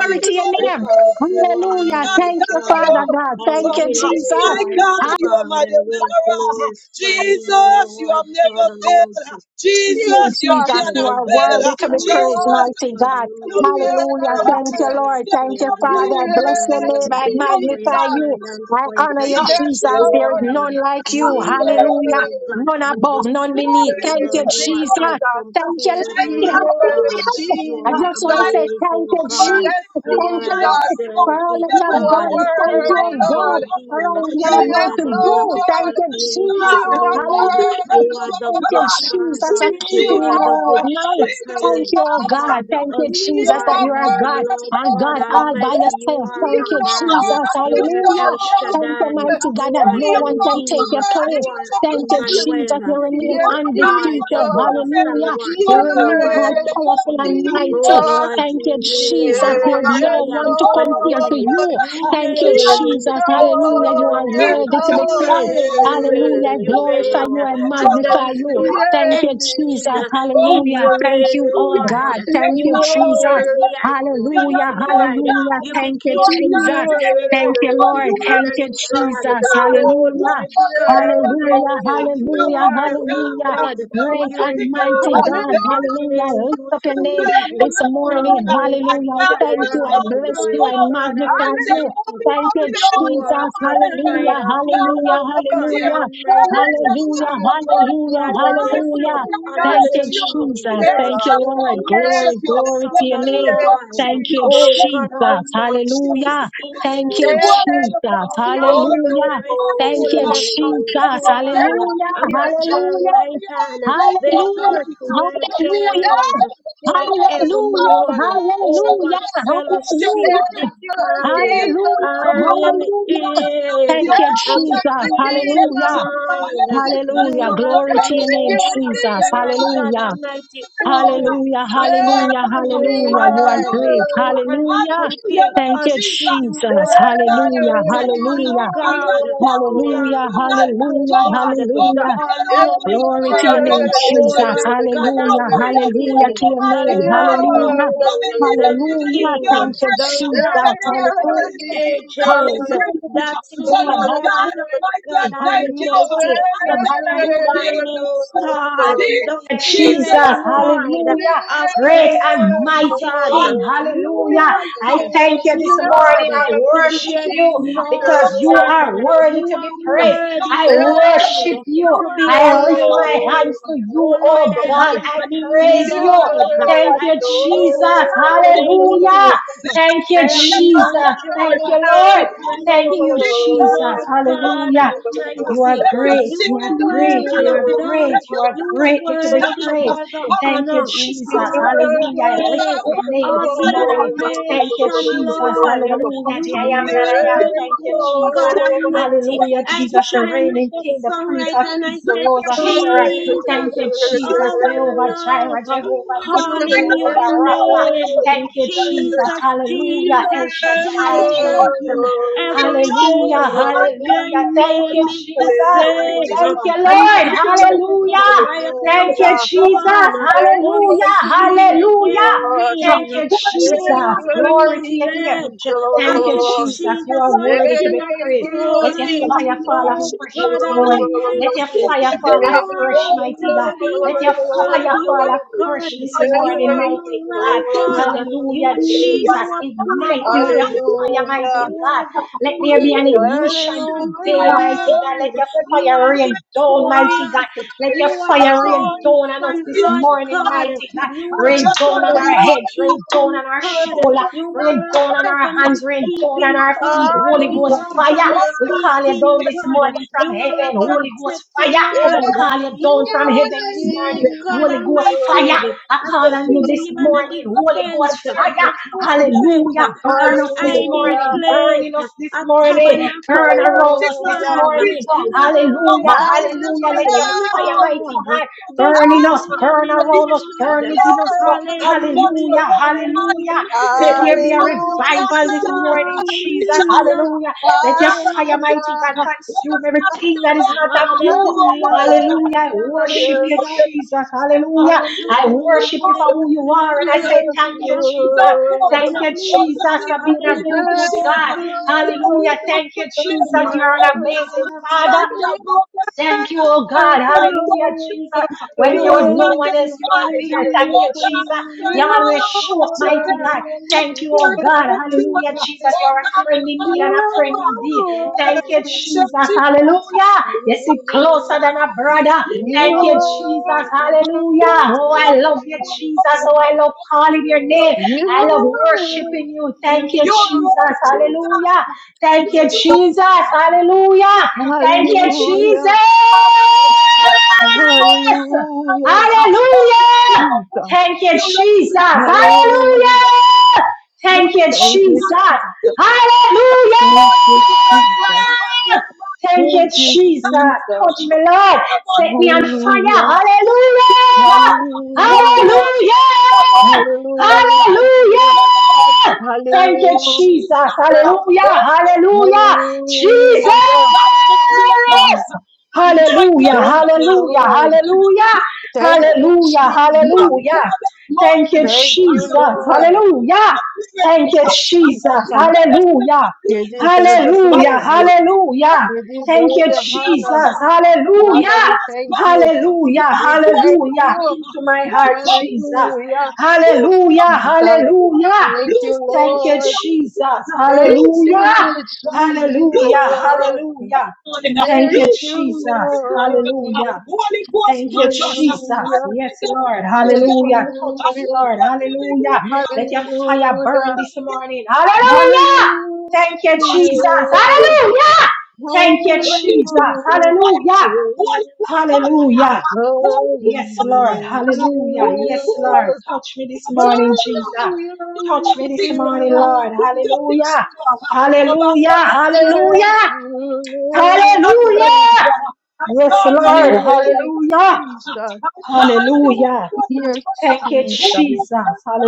S2: Glory,
S1: to your
S2: glory,
S1: name.
S4: because
S2: glory.
S4: you are
S1: Hallelujah.
S4: my
S2: My
S1: Thank you,
S2: God, you
S4: God.
S1: Father
S2: are
S1: God.
S4: I
S1: Thank you,
S2: awesome.
S4: will
S1: Jesus.
S2: My
S4: exalt
S2: God,
S4: you,
S2: you are
S4: God.
S2: my
S4: I will
S2: deliverer.
S4: glorify you,
S2: Jesus, you have
S4: Lord God
S2: never failed.
S4: Almighty.
S1: you,
S2: Jesus, you
S3: Jesus.
S1: Jesus.
S4: Lord,
S1: You
S2: cannot
S4: will
S1: are
S4: give you
S2: fail.
S3: Thank
S1: worthy to
S3: you, Lord. Hallelujah, Jesus, Jesus, thank you,
S1: be
S4: thanks,
S2: Jesus,
S1: praised,
S4: Lord
S3: Lord.
S2: I
S1: mighty
S4: God
S2: just
S1: God.
S2: want to
S4: Almighty,
S3: Yeah,
S2: bless you.
S4: for
S1: Hallelujah.
S4: your
S1: Thank you,
S4: goodness,
S1: Lord.
S2: Thank you,
S4: for
S1: Thank you,
S4: your
S2: Lord, for
S1: Father. I
S2: your
S4: mercy,
S3: yeah,
S4: for
S1: bless
S4: your
S1: your name.
S2: goodness.
S1: I
S4: love,
S2: Oh,
S4: for
S2: the
S4: your
S1: magnify
S3: Jesus,
S1: you.
S4: guidance,
S1: I
S4: for your
S1: honor you,
S2: Son of God,
S3: Yes,
S1: Jesus.
S4: protection,
S2: Jesus,
S1: There is
S3: Lord.
S4: Lord.
S1: none like
S4: You
S1: you.
S3: Yes,
S4: are,
S1: Hallelujah.
S4: oh God,
S2: oh,
S1: None above, none
S3: yes,
S1: beneath.
S2: Glory,
S1: Thank you,
S4: undescribable.
S2: glory,
S4: You
S1: Jesus.
S4: are
S3: Jesus.
S2: glory.
S1: Thank you,
S2: My
S4: uncomparable,
S1: Lord.
S3: Yes,
S2: God,
S4: Lord
S2: you're
S4: God.
S1: Hallelujah.
S2: awesome.
S4: You
S1: I
S4: are an
S3: Jesus.
S1: just want to
S2: My
S1: say
S2: God,
S1: thank
S4: amazing
S1: you,
S2: you're
S4: God.
S1: Jesus.
S3: Yes,
S2: working.
S4: You
S1: Thank
S4: are a
S1: you,
S2: My
S3: Jesus.
S1: Lord,
S2: God,
S1: for all
S4: deserving
S1: that
S2: you're
S1: you
S3: You
S1: have
S3: are
S4: God.
S1: done.
S2: magnificent.
S1: Thank
S4: You
S1: you,
S2: My
S3: worthy,
S1: oh
S4: are
S2: God,
S3: Lord.
S1: God,
S2: you're
S1: for
S4: Elohim.
S1: all that you are
S2: omnipotent.
S4: You
S3: Yes,
S1: about
S4: are
S1: to
S4: the rock
S1: do.
S4: of
S1: Thank
S4: all
S3: Lord.
S1: you,
S2: Omnipotent
S1: Jesus.
S3: You
S4: ages,
S2: God.
S3: are
S4: Lord.
S1: Hallelujah.
S4: You are
S2: Omnipresent
S3: worthy,
S4: the
S1: Thank you,
S4: good
S3: Lord.
S2: God.
S1: Jesus,
S4: Father.
S1: for
S3: You
S2: Sweet
S4: You
S1: keeping me in
S4: are
S1: my
S3: are
S4: the
S2: Jesus.
S1: right
S4: good
S1: mind.
S2: Sweet
S3: worthy,
S1: Thank
S4: shepherd.
S1: you, oh
S4: You
S2: Jesus.
S3: Lord.
S4: are
S1: God.
S4: the
S2: I
S1: Thank you, Jesus,
S3: You
S1: that
S2: glorify
S3: are
S1: you are
S4: husbandman,
S1: God
S2: I
S3: worthy,
S4: Lord
S1: and
S4: God
S1: God all by
S4: Almighty.
S3: Lord.
S4: You
S1: yourself.
S4: are
S1: Thank
S3: You
S1: you,
S3: are
S4: Rabbi.
S1: Jesus.
S4: You
S2: just
S3: worthy,
S2: want
S4: are
S2: to
S1: Hallelujah.
S4: El
S2: tell you,
S1: Thank you,
S4: Shaddai.
S1: mighty
S3: Lord.
S4: You
S1: God, that
S4: are
S1: no
S3: You
S1: one
S2: Elohim,
S1: can take
S4: Elohim.
S1: your
S2: I
S4: You
S1: place.
S2: just
S4: are
S2: want to
S1: Thank
S3: are
S1: you,
S2: tell you,
S1: Jesus.
S4: Emmanuel.
S3: worthy,
S1: You
S3: Lord.
S1: remain
S2: Oh
S3: Yes,
S4: You
S2: God,
S4: are
S2: you are the
S1: undefeated.
S3: Jesus.
S4: Jehovah
S2: government.
S1: Hallelujah.
S4: Salawat,
S2: Oh
S1: You
S2: God,
S1: remain
S4: Jehovah
S2: you
S1: all
S2: are the
S3: Yes,
S1: powerful
S4: Nissi.
S1: and
S2: government.
S4: Oh
S2: Oh
S1: mighty.
S3: Jesus.
S2: God,
S4: Lord,
S1: Thank
S2: you
S1: you,
S2: are
S4: you
S2: my
S3: Yes,
S1: Jesus.
S4: reign
S1: There's
S2: father.
S1: no
S2: My
S1: one to
S2: father,
S1: compare
S3: Lord.
S2: my
S1: to
S4: triumphantly.
S1: you.
S4: You
S2: father.
S1: Thank
S3: Yes,
S1: you,
S2: When I
S4: reign in
S2: think of
S1: Jesus.
S2: the
S4: victory,
S1: Hallelujah.
S2: goodness
S1: You
S2: of
S3: Lord.
S1: are
S3: Yes,
S4: Lord.
S1: worthy to
S4: You
S2: Jesus,
S1: be praised.
S2: I know
S4: reign, you
S2: that you
S1: Hallelujah. I
S4: reign,
S2: are
S4: you
S1: glorify
S4: reign.
S1: you.
S2: God.
S1: I
S2: I
S4: And
S2: just
S3: Lord.
S4: there
S1: magnify
S2: want
S4: is
S2: to
S3: Yes, Lord.
S2: say,
S1: you.
S4: no
S1: Thank
S3: Yes,
S1: you,
S2: hallelujah.
S1: Jesus.
S4: ending
S3: Jesus.
S2: Oh
S4: in
S1: Hallelujah.
S4: your
S2: God,
S1: Thank
S4: reign,
S1: you, oh
S2: hallelujah.
S1: God.
S4: Lord.
S1: Thank
S2: It's
S4: You
S1: you,
S2: not that
S1: Jesus.
S4: became the
S2: risen.
S4: high
S2: You're
S4: priest,
S2: not
S1: Hallelujah.
S2: dead,
S4: Lord.
S1: Hallelujah.
S2: God.
S4: You
S1: Thank you,
S2: You
S4: became
S2: are
S4: the
S2: not
S1: Jesus.
S2: dead,
S1: Thank
S4: mediator
S1: you,
S2: but
S1: Lord.
S2: you
S4: between
S2: are
S4: man
S1: Thank you,
S2: the
S4: and
S2: living
S4: God.
S1: Jesus.
S2: God.
S4: Oh
S2: You
S1: Hallelujah.
S4: Lord
S2: are the
S4: God
S2: faithful
S4: Almighty,
S1: Hallelujah.
S2: God, the
S4: you
S1: Hallelujah.
S2: holy
S4: are, oh
S2: God,
S1: Hallelujah.
S4: God,
S2: the
S4: who
S1: Great
S4: your
S2: mighty
S1: and
S2: God,
S1: mighty
S4: name
S3: Hallelujah,
S1: God.
S2: the
S4: declare
S1: Hallelujah. Lift
S4: you
S1: up
S4: to
S1: your
S2: true
S1: name
S4: be
S1: this
S2: God, the
S1: morning.
S2: Lord. I
S4: Jehovah
S1: Hallelujah. I
S2: count
S1: Thank
S2: one
S1: you.
S4: Jireh.
S1: I
S2: call
S4: Oh
S2: to the
S1: bless
S4: Lord
S1: you.
S3: hallelujah.
S1: I
S2: world
S4: God
S3: Thank
S1: magnify you.
S2: until
S4: Almighty,
S2: only,
S1: Thank you,
S2: only,
S4: you
S2: only
S4: are a
S1: Jesus.
S2: is the
S1: Hallelujah,
S2: Lord
S4: provider.
S2: God
S1: hallelujah,
S4: Oh God
S2: Almighty
S1: hallelujah,
S2: who
S4: Almighty.
S2: was and who
S4: I
S1: hallelujah,
S2: is to
S4: was
S2: come.
S1: hallelujah,
S4: glad when
S2: My
S4: they said
S1: hallelujah.
S2: Father, I
S1: Thank
S2: bless
S1: you,
S4: unto
S2: you.
S4: me,
S2: The
S1: Jesus.
S4: Let us
S1: Thank you,
S2: angels
S4: go
S1: Lord.
S2: that
S4: into the
S2: worship
S1: Glory,
S2: you.
S4: house
S1: glory
S4: of
S2: The
S1: to your
S4: the
S2: moon
S1: name.
S2: worship
S4: Lord.
S1: Thank
S2: you.
S1: you,
S4: Oh
S2: The
S4: God
S1: Jesus.
S2: stars
S4: Almighty,
S2: worship you.
S4: God,
S1: Hallelujah.
S2: The
S4: in
S1: Thank
S4: your
S2: sea
S1: you,
S4: presence,
S2: worship
S1: Jesus.
S2: you.
S4: Lord,
S2: Oh, God
S1: Hallelujah.
S4: there is
S2: Almighty,
S1: Thank you,
S4: fullness of
S2: nothing
S1: Jesus.
S2: ever,
S4: joy.
S1: Hallelujah,
S2: came
S3: you,
S4: And at
S2: place.
S4: your
S1: hallelujah.
S2: Nothing
S4: right
S2: is going to
S4: hand,
S2: take
S4: there
S2: your
S4: are
S1: Hallelujah,
S2: place. Nothing is
S1: hallelujah,
S2: going to
S4: pleasures
S2: take your place.
S1: hallelujah,
S2: Oh
S4: forevermore.
S2: God, we
S4: Oh,
S2: shall
S4: what
S1: hallelujah,
S2: thank
S3: Jesus.
S2: the worship
S3: Thank
S4: fellowship
S2: you,
S1: hallelujah.
S2: God.
S3: you,
S4: divine.
S3: Jesus.
S1: Hallelujah.
S2: The
S4: I am
S2: worship of
S1: Hallelujah.
S2: God is not the
S4: is
S1: Thank you,
S2: old you
S3: Thank
S4: and
S3: you,
S2: tell me
S1: Jesus.
S2: to
S4: is
S2: praise
S3: Jesus.
S1: Hallelujah.
S2: you.
S3: Thank
S2: And if
S4: mine.
S2: we
S3: you,
S4: You
S1: Hallelujah.
S2: refuse
S4: are
S2: to
S1: Glory to
S2: praise
S1: your
S2: the
S1: name,
S4: glorious,
S2: Lord,
S1: Jesus.
S2: then your
S4: Lord God
S1: Hallelujah.
S2: righteousness
S4: Almighty.
S2: is gone.
S3: Jesus.
S4: Who
S1: Hallelujah.
S2: My
S4: is
S3: Thank
S4: like
S1: Hallelujah.
S2: Father,
S3: you,
S4: you, O
S1: Hallelujah. You are
S4: Lord?
S1: great.
S2: hallelujah.
S4: Who
S3: Jesus.
S4: can be
S1: Hallelujah.
S2: Hallelujah,
S4: compared
S2: Lord
S1: Thank you,
S4: unto
S2: Jesus.
S4: you,
S3: Thank
S1: Jesus.
S4: Lord
S2: Oh God,
S4: God
S2: thank
S1: Hallelujah.
S2: you,
S3: you,
S4: Almighty
S2: Lord.
S1: Hallelujah.
S2: I'm
S4: God?
S2: not bound.
S4: They are
S1: Hallelujah.
S2: I'm not
S4: powerful
S2: locked
S1: Hallelujah.
S2: up.
S4: God,
S2: Oh
S4: the
S1: Hallelujah.
S2: God, I don't have to be
S4: all-knowing
S1: Glory to
S2: afraid
S1: your
S4: God.
S2: to
S1: name,
S4: Oh,
S2: worship
S1: Jesus.
S2: you.
S4: Lord
S2: I
S4: God
S2: don't have
S1: Hallelujah.
S2: to be afraid
S1: Hallelujah
S4: Almighty,
S1: to
S2: to
S1: your name.
S4: the
S2: magnify you.
S4: Lamb,
S1: Hallelujah.
S4: the
S2: Some in the
S4: risen
S2: Middle
S1: Hallelujah.
S2: East,
S4: King,
S2: you're
S1: Thank you,
S2: afraid.
S4: the
S2: Some
S1: Jesus.
S4: rock
S2: in
S4: of
S2: the
S4: all
S2: Middle East,
S1: Hallelujah.
S2: they do not this
S4: ages.
S1: Hallelujah
S2: privilege.
S4: That's
S1: to
S2: So
S4: who
S1: God.
S4: you
S2: Lord
S4: are,
S2: God
S1: Hallelujah.
S4: Lord
S2: Almighty, I
S4: God
S2: thank you.
S1: Hallelujah to
S4: Almighty,
S2: I
S1: your
S4: the
S1: name.
S2: thank you,
S4: bright
S1: Hallelujah. Thank you,
S4: morning
S2: Jesus.
S4: star, the
S2: Jesus,
S1: Hallelujah,
S4: forest
S1: Jesus.
S2: Jesus.
S4: Lord
S1: Hallelujah.
S4: of
S1: Great
S4: ten
S1: and mighty
S3: Lord.
S4: thousand.
S1: King.
S4: You
S1: Hallelujah.
S4: are
S1: I
S3: Yeah.
S1: thank you
S4: worthy,
S1: this
S4: God,
S1: morning. I
S3: Lord
S4: to be
S1: worship you
S3: Jesus.
S1: because you are
S4: exalted.
S1: worthy
S4: You
S1: to
S4: are
S1: be praised.
S4: worthy,
S1: I worship
S4: Lord.
S3: Thank you,
S1: you.
S4: To
S3: Lord.
S4: be
S1: I lift my hands to
S4: praised.
S1: you,
S4: Oh Lord,
S1: oh
S4: I
S3: Yes,
S1: God. I
S4: love you,
S3: Lord.
S1: praise you.
S4: Lord.
S1: Thank
S4: I
S1: you, Jesus.
S4: glorify you.
S1: Hallelujah. Thank
S4: I
S1: you, Jesus.
S4: acknowledge your
S3: Yes,
S1: Thank you, Lord.
S4: lordship, your
S1: Thank you,
S4: kingship,
S1: Jesus.
S4: Lord God
S1: Hallelujah. You are
S4: Almighty.
S2: If
S3: Lord.
S2: you're
S1: great. You
S4: You
S1: are
S2: sitting,
S4: are
S2: don't
S1: great.
S4: worthy
S2: stand
S1: You
S4: of
S2: up.
S1: are
S4: it
S1: great.
S4: all.
S2: If
S1: You
S2: you're
S1: are
S4: You
S2: lying,
S4: are
S1: greatly
S2: don't
S1: to
S3: Yes,
S1: be
S2: stand
S4: worthy of
S1: praised.
S2: up.
S4: all the
S3: Lord.
S2: Come
S1: Thank
S2: on,
S1: you,
S4: honor,
S2: my
S3: In the earth,
S1: Jesus.
S3: Lord,
S4: all
S2: sister.
S4: the
S1: Hallelujah. I
S2: Let
S1: lift
S2: us
S1: up
S4: praise,
S1: your
S2: walk
S1: name
S2: with
S4: all
S1: this
S2: the
S4: the
S2: Lord.
S1: morning.
S2: Let
S1: Thank you,
S2: us
S4: adoration,
S1: Jesus.
S2: magnify the
S4: Lord.
S1: Hallelujah.
S2: Lord.
S1: The
S4: You
S3: in
S1: I
S4: are
S1: am
S3: the
S2: Let
S1: that
S2: us
S1: I am.
S2: give
S4: worthy,
S1: Thank
S2: up
S1: you,
S2: the
S4: oh
S2: first
S1: Jesus.
S4: God
S2: to him.
S4: Almighty.
S2: Let
S1: Hallelujah.
S2: us
S4: I
S1: Jesus, the
S2: give
S4: join
S2: the
S4: with
S1: reigning
S4: the
S1: King, the
S2: praise.
S1: Prince
S2: Let
S1: of
S4: songwriter and
S2: us
S4: I
S1: Peace, the
S4: said,
S2: give the
S1: Rose of Sharon.
S2: glory.
S4: Jesus,
S1: Thank
S2: Let
S1: you,
S2: us give
S1: Jesus.
S4: oh,
S1: Jehovah
S2: the
S4: I
S1: Jireh,
S4: love,
S1: Jehovah
S2: by
S1: Nissi,
S2: my
S4: calling
S2: not
S4: your
S2: by
S1: Jehovah
S2: power
S1: Rapha.
S2: I
S4: name.
S2: know
S1: Thank you,
S2: what is
S1: Jesus.
S2: God.
S4: Jesus,
S2: by the grace
S1: Hallelujah.
S2: of
S1: El
S4: Jesus,
S3: earth,
S2: God.
S1: Shaddai,
S2: But
S4: Jesus.
S1: Elohim.
S2: it's
S4: Every
S1: Hallelujah.
S2: not me
S4: day
S2: done. I
S3: Lord.
S4: your
S1: Hallelujah.
S2: just the
S1: Thank you,
S4: name
S2: Lord.
S4: is the
S2: For my
S1: Jesus.
S2: body
S4: same.
S1: Thank
S2: distance,
S1: you, Lord.
S4: Another
S2: me
S4: song
S2: done.
S4: that I
S3: Hallelujah.
S4: said,
S2: Oh
S1: Hallelujah.
S4: cry of
S2: God,
S1: Thank
S4: bells
S2: come
S4: of
S2: on.
S1: you,
S3: Hallelujah.
S2: Worship
S1: Jesus.
S4: Havana.
S3: Thank
S4: Oh,
S3: you,
S1: Hallelujah.
S4: sweetly they
S1: Hallelujah.
S3: Jesus.
S1: Thank
S4: ring,
S1: you,
S3: Thank you, Jesus. Thank
S1: Jesus.
S4: bearing
S2: God.
S4: a
S1: Glory to your name.
S3: you, Jesus.
S4: message
S1: Thank you,
S4: unto
S2: Worship
S1: Jesus. You
S2: God
S4: Jesus,
S1: are
S2: like
S4: our
S2: the
S1: worthy to
S2: king
S4: King
S1: be
S4: of
S2: of
S3: Thank
S2: the
S1: praised.
S3: you,
S1: Let your
S2: gospel.
S4: glory.
S1: fire fall
S3: Lord.
S4: Oh,
S2: Worship
S1: afresh this
S4: God
S2: God
S1: morning.
S2: like all
S1: Let
S2: God
S1: your
S4: Almighty,
S2: is.
S1: fire fall
S4: you are
S1: afresh,
S2: Oh
S1: mighty God.
S4: God,
S2: God,
S4: you
S1: Let
S4: are
S1: your
S2: thank
S4: God,
S1: fire
S4: you
S1: fall
S4: are
S2: you.
S4: God.
S1: afresh this
S2: Hallelujah.
S4: You
S1: morning,
S4: have
S3: Thank you,
S1: mighty
S4: no
S1: God.
S2: Jesus.
S3: Lord.
S4: rival. You
S1: Hallelujah,
S4: need
S2: Hallelujah,
S1: Jesus.
S4: no
S2: my Father.
S1: Ignite me with
S2: Hallelujah,
S1: your
S4: approval.
S2: my
S1: fire,
S2: Deliverer.
S3: Hallelujah.
S1: mighty
S4: You are
S2: Hallelujah,
S1: God.
S4: the
S2: my
S1: Let there be an
S4: undisputed
S1: ignition today,
S2: Father.
S4: champion,
S2: Oh,
S3: Hallelujah.
S1: mighty God. Let
S4: Lord.
S2: God,
S1: your
S2: that God,
S4: You
S1: fire
S4: are
S2: you
S1: rain
S2: make
S1: down, mighty God.
S4: victorious.
S1: Let
S4: You
S1: your
S4: are
S2: God.
S1: fire
S3: Hallelujah.
S1: rain down on us
S4: triumphant,
S2: Be
S1: this
S2: it
S4: Lord
S2: your
S1: morning,
S2: Father.
S4: God.
S1: mighty
S2: I
S1: God.
S4: You are
S1: Rain
S2: just
S4: a
S1: down
S2: want to
S1: on our
S4: covenant
S1: heads,
S2: glorify.
S1: rain
S2: you.
S3: Hallelujah.
S1: down
S4: keeping
S1: on our
S2: I
S4: God.
S2: just
S1: shoulder.
S2: want to
S4: You
S1: Rain
S4: are a
S1: down
S2: magnify.
S1: on
S2: you.
S1: our
S2: Oh,
S1: hands,
S4: covenant
S1: rain
S2: God,
S1: down on
S4: keeping
S1: our
S2: thank
S4: God.
S1: feet.
S2: you,
S1: Holy
S2: Jesus.
S4: You
S1: Ghost
S4: are a
S1: fire.
S2: Oh,
S4: promise
S1: We
S2: God,
S1: call you down
S4: keeping
S2: thank
S1: this
S2: you,
S4: God.
S1: morning
S2: Jesus.
S4: You
S1: from
S4: are a
S1: heaven. Holy Ghost fire.
S4: protector,
S2: Oh,
S1: We
S4: Lord.
S3: Hallelujah.
S1: call you down
S4: You
S1: from
S3: You're
S1: heaven this
S2: God,
S1: morning.
S2: thank you,
S4: are my
S3: Jesus.
S4: God
S1: Holy Ghost
S2: Father.
S4: Almighty
S1: fire. I
S4: a
S2: And
S1: call on you this
S4: shield and a
S1: morning. Holy Ghost
S4: defense,
S1: fire.
S4: a fortress,
S1: Hallelujah.
S4: a
S1: Burn us this
S4: hiding
S3: Hallelujah,
S1: morning. Burn in us
S4: place,
S1: this
S4: a
S1: morning.
S4: tabernacle,
S1: Burn
S4: oh
S1: around us this
S4: God.
S3: hallelujah,
S1: morning.
S4: You are
S1: Hallelujah.
S4: the
S1: Hallelujah. Let
S3: hallelujah,
S4: all
S1: your
S4: in
S1: fire, mighty
S4: all
S1: God,
S4: this
S1: burn in us, burn
S4: morning,
S1: around us, burn
S4: Lord.
S3: hallelujah,
S1: within us.
S2: touch the
S4: Hallelujah,
S1: Hallelujah.
S2: Lord God
S1: Hallelujah.
S2: Almighty.
S4: hallelujah,
S1: Let
S2: Come
S1: there be a
S4: hallelujah.
S3: hallelujah,
S2: out
S1: revival
S2: in
S1: this
S2: there.
S1: morning,
S2: Reach
S1: Jesus.
S2: out.
S4: Hallelujah,
S1: Hallelujah.
S2: Oh
S1: Let your
S2: God
S1: fire,
S2: Almighty.
S1: mighty
S3: hallelujah,
S1: God,
S2: Let
S1: consume
S2: us not
S1: everything
S2: only
S1: that is
S2: love
S1: not of
S2: God
S1: you.
S4: hallelujah,
S2: with
S3: hallelujah.
S2: our
S1: Hallelujah. I
S4: hallelujah,
S1: worship
S2: words.
S3: Yes,
S1: you,
S2: We
S4: hallelujah,
S1: Jesus.
S2: don't
S1: Hallelujah. I
S4: hallelujah,
S2: need
S1: worship
S2: more
S1: you for
S2: than
S1: who you
S4: hallelujah,
S1: are. And
S2: a
S1: I
S2: man.
S1: say,
S2: We
S1: thank
S2: don't
S1: you,
S4: hallelujah.
S2: need no
S1: Jesus.
S3: Lord.
S2: gold.
S1: Thank
S4: Hallelujah,
S1: you,
S2: Oh God,
S1: Jesus,
S2: we
S1: for being
S2: don't
S1: a
S2: need no
S1: good,
S3: Yes,
S1: good
S2: sheep.
S4: hallelujah,
S2: We
S1: God.
S2: don't
S4: hallelujah,
S1: Hallelujah.
S2: need
S3: Lord.
S2: no
S1: Thank you, Jesus.
S2: problem.
S1: You're an
S2: Oh
S1: amazing
S2: God,
S4: hallelujah,
S1: Father.
S2: right
S4: hallelujah.
S2: now,
S3: Yes,
S2: go right
S1: Thank you,
S2: now.
S1: oh
S2: And
S1: God.
S2: I can't
S1: Hallelujah,
S2: do
S1: Jesus.
S2: it.
S1: When
S2: You
S1: there
S2: are
S1: was
S3: Lord.
S1: no
S2: God
S1: one
S2: that
S1: else,
S4: Hallelujah, hallelujah,
S1: you were
S2: fights.
S1: there. Thank
S4: hallelujah, hallelujah,
S2: Oh
S1: you,
S2: God,
S1: Jesus.
S2: I'm
S1: You
S2: right here
S1: always
S2: and
S1: show up,
S2: worship
S1: mighty
S2: Him.
S1: God.
S2: And
S1: Thank you,
S4: hallelujah,
S1: oh
S2: Lord, I'm
S1: God.
S2: with
S4: hallelujah.
S2: you.
S1: Hallelujah, Jesus.
S2: Oh
S1: You're a
S2: God,
S4: Hallelujah.
S1: friend
S2: I'm
S1: in need
S2: right
S1: and
S2: here.
S1: a
S2: Come
S1: friend
S2: on.
S1: indeed.
S2: Let us
S1: Thank you,
S2: worship
S1: Jesus.
S2: Jesus.
S1: Hallelujah.
S2: You
S1: You
S2: are
S1: sit closer than a
S2: God.
S1: brother.
S2: You
S1: Thank
S2: are
S1: you, Jesus. Hallelujah.
S4: Worthy,
S1: Oh, I love you,
S4: worthy,
S1: Jesus.
S4: worthy,
S1: Oh, I love calling your
S4: Lord
S1: name. I love
S2: you're
S4: Jesus. Thank
S1: worshiping you.
S4: you,
S1: Thank you,
S4: thank you,
S1: Jesus.
S4: thank
S2: Lord
S4: you,
S2: Jesus.
S1: Hallelujah.
S4: Thank
S1: Thank
S2: You
S1: you,
S4: you,
S2: are
S1: Jesus.
S4: Lord.
S1: Hallelujah. Thank
S2: You
S1: you,
S3: Hallelujah.
S1: Jesus.
S2: Father, when I look on God Almighty,
S3: Hallelujah.
S2: all the
S1: Hallelujah.
S2: people want
S3: Jesus.
S1: Thank you,
S2: you,
S1: Jesus.
S2: Lord.
S3: Hallelujah.
S1: Hallelujah.
S2: Oh
S1: Thank you,
S3: Thank you,
S2: God,
S1: Jesus.
S3: Jesus.
S2: forgive us.
S1: Hallelujah.
S3: Thank
S2: Lord
S3: you,
S2: Jesus Christ,
S3: Jesus.
S2: what is mine?
S1: Thank you,
S3: Thank
S2: Oh
S3: you,
S2: God,
S3: Jesus.
S2: I'm
S1: Lord.
S2: looking upon
S1: Say
S2: you.
S1: fire.
S3: Hallelujah.
S2: I am looking, God, why you
S3: Hallelujah.
S2: are
S1: Hallelujah.
S2: mine, Lord. What
S3: Hallelujah.
S2: God,
S1: Hallelujah.
S2: the Lord.
S1: Thank
S2: Thank
S1: you.
S2: you,
S3: Hallelujah.
S2: Jesus. Oh
S1: Hallelujah.
S2: God,
S3: Hallelujah.
S2: like the tree of God, anoint us,
S3: Thank
S2: oh
S3: you,
S2: God,
S3: Lord.
S2: every
S1: Hallelujah.
S2: spirit of
S3: Thank
S2: heaviness,
S3: you,
S1: Hallelujah.
S2: not
S3: Jesus.
S1: Hallelujah.
S2: for this
S1: Thank you,
S2: morning.
S3: Thank
S2: I
S3: you,
S2: rebuke
S3: Lord.
S2: every spirit
S1: Hallelujah. Thank
S2: of
S1: you,
S2: weariness. I
S3: Jesus,
S1: Jesus.
S2: rebuke every spirit of
S1: Hallelujah.
S3: you
S2: laziness.
S3: deserve the
S2: I
S1: Hallelujah.
S3: glory.
S2: rebuke
S1: Hallelujah.
S3: You
S2: every
S1: Thank
S3: deserve
S1: you,
S3: the
S2: is not
S3: honor.
S1: Jesus.
S2: about one
S3: Father,
S1: Hallelujah.
S3: we
S2: force
S3: thank
S2: God,
S3: you.
S1: Hallelujah.
S2: one
S3: We
S2: force
S3: thank
S1: Hallelujah.
S3: you.
S2: welcome,
S1: Into my
S2: one
S1: heart,
S2: God, uh,
S1: Jesus.
S3: Hallelujah.
S2: move upon
S1: Hallelujah.
S3: Jesus,
S2: one God,
S1: Hallelujah.
S3: Thank you,
S2: lose your
S1: Thank you,
S3: Lord.
S2: still
S1: Jesus.
S2: one
S3: Thank
S2: lose your
S1: Hallelujah.
S3: you, Jesus.
S2: God,
S1: Hallelujah.
S2: lose your breath this
S1: Hallelujah.
S2: morning, uh,
S1: Thank you,
S3: Thank
S2: lose your
S3: you,
S2: thing
S1: Jesus.
S2: every morning, God. uh,
S1: Hallelujah.
S3: Lord.
S2: Holy Ghost,
S1: Thank you,
S2: touch us. uh, I like
S1: Jesus.
S3: Hallelujah.
S1: Yes,
S2: the Holy Ghost,
S1: Lord.
S2: God. I
S1: Hallelujah. Touch us,
S3: Hallelujah.
S2: like
S1: Lord.
S2: the Holy
S1: Hallelujah.
S2: Ghost. uh,
S1: Let your fire burn
S3: Hallelujah,
S1: this morning. Hallelujah. Thank you,
S2: Touch
S3: hallelujah,
S1: Jesus.
S2: uh, touch, uh,
S1: Hallelujah. Thank you,
S2: Holy
S1: Jesus.
S2: Ghost
S3: hallelujah,
S2: fire.
S1: Hallelujah.
S3: hallelujah,
S2: Holy Ghost fire.
S1: Hallelujah.
S2: Holy Ghost
S1: Yes, Lord.
S2: fire.
S1: Hallelujah.
S2: Holy
S1: Yes,
S2: Ghost.
S1: Lord. Touch me this
S2: Watch us,
S1: morning,
S2: oh
S1: Jesus.
S2: God.
S3: hallelujah.
S2: Watch
S1: Touch me
S2: us,
S1: this
S2: Jesus.
S1: morning, Lord.
S2: Watch us,
S1: Hallelujah.
S2: Yeshua. Oh, my
S1: Hallelujah.
S2: Father,
S3: Yes,
S2: my God.
S1: Hallelujah.
S2: I bless
S3: Lord.
S2: God, my Lord.
S1: Hallelujah.
S2: I
S1: Yes,
S2: call for the
S3: Yes,
S1: Lord.
S2: Holy
S1: Hallelujah.
S2: Ghost.
S3: Jesus.
S2: I call on the Holy
S1: Hallelujah.
S2: Ghost.
S3: Yes,
S1: Thank
S2: [laughs]
S1: you,
S2: Who
S3: Jesus.
S2: is
S1: Jesus.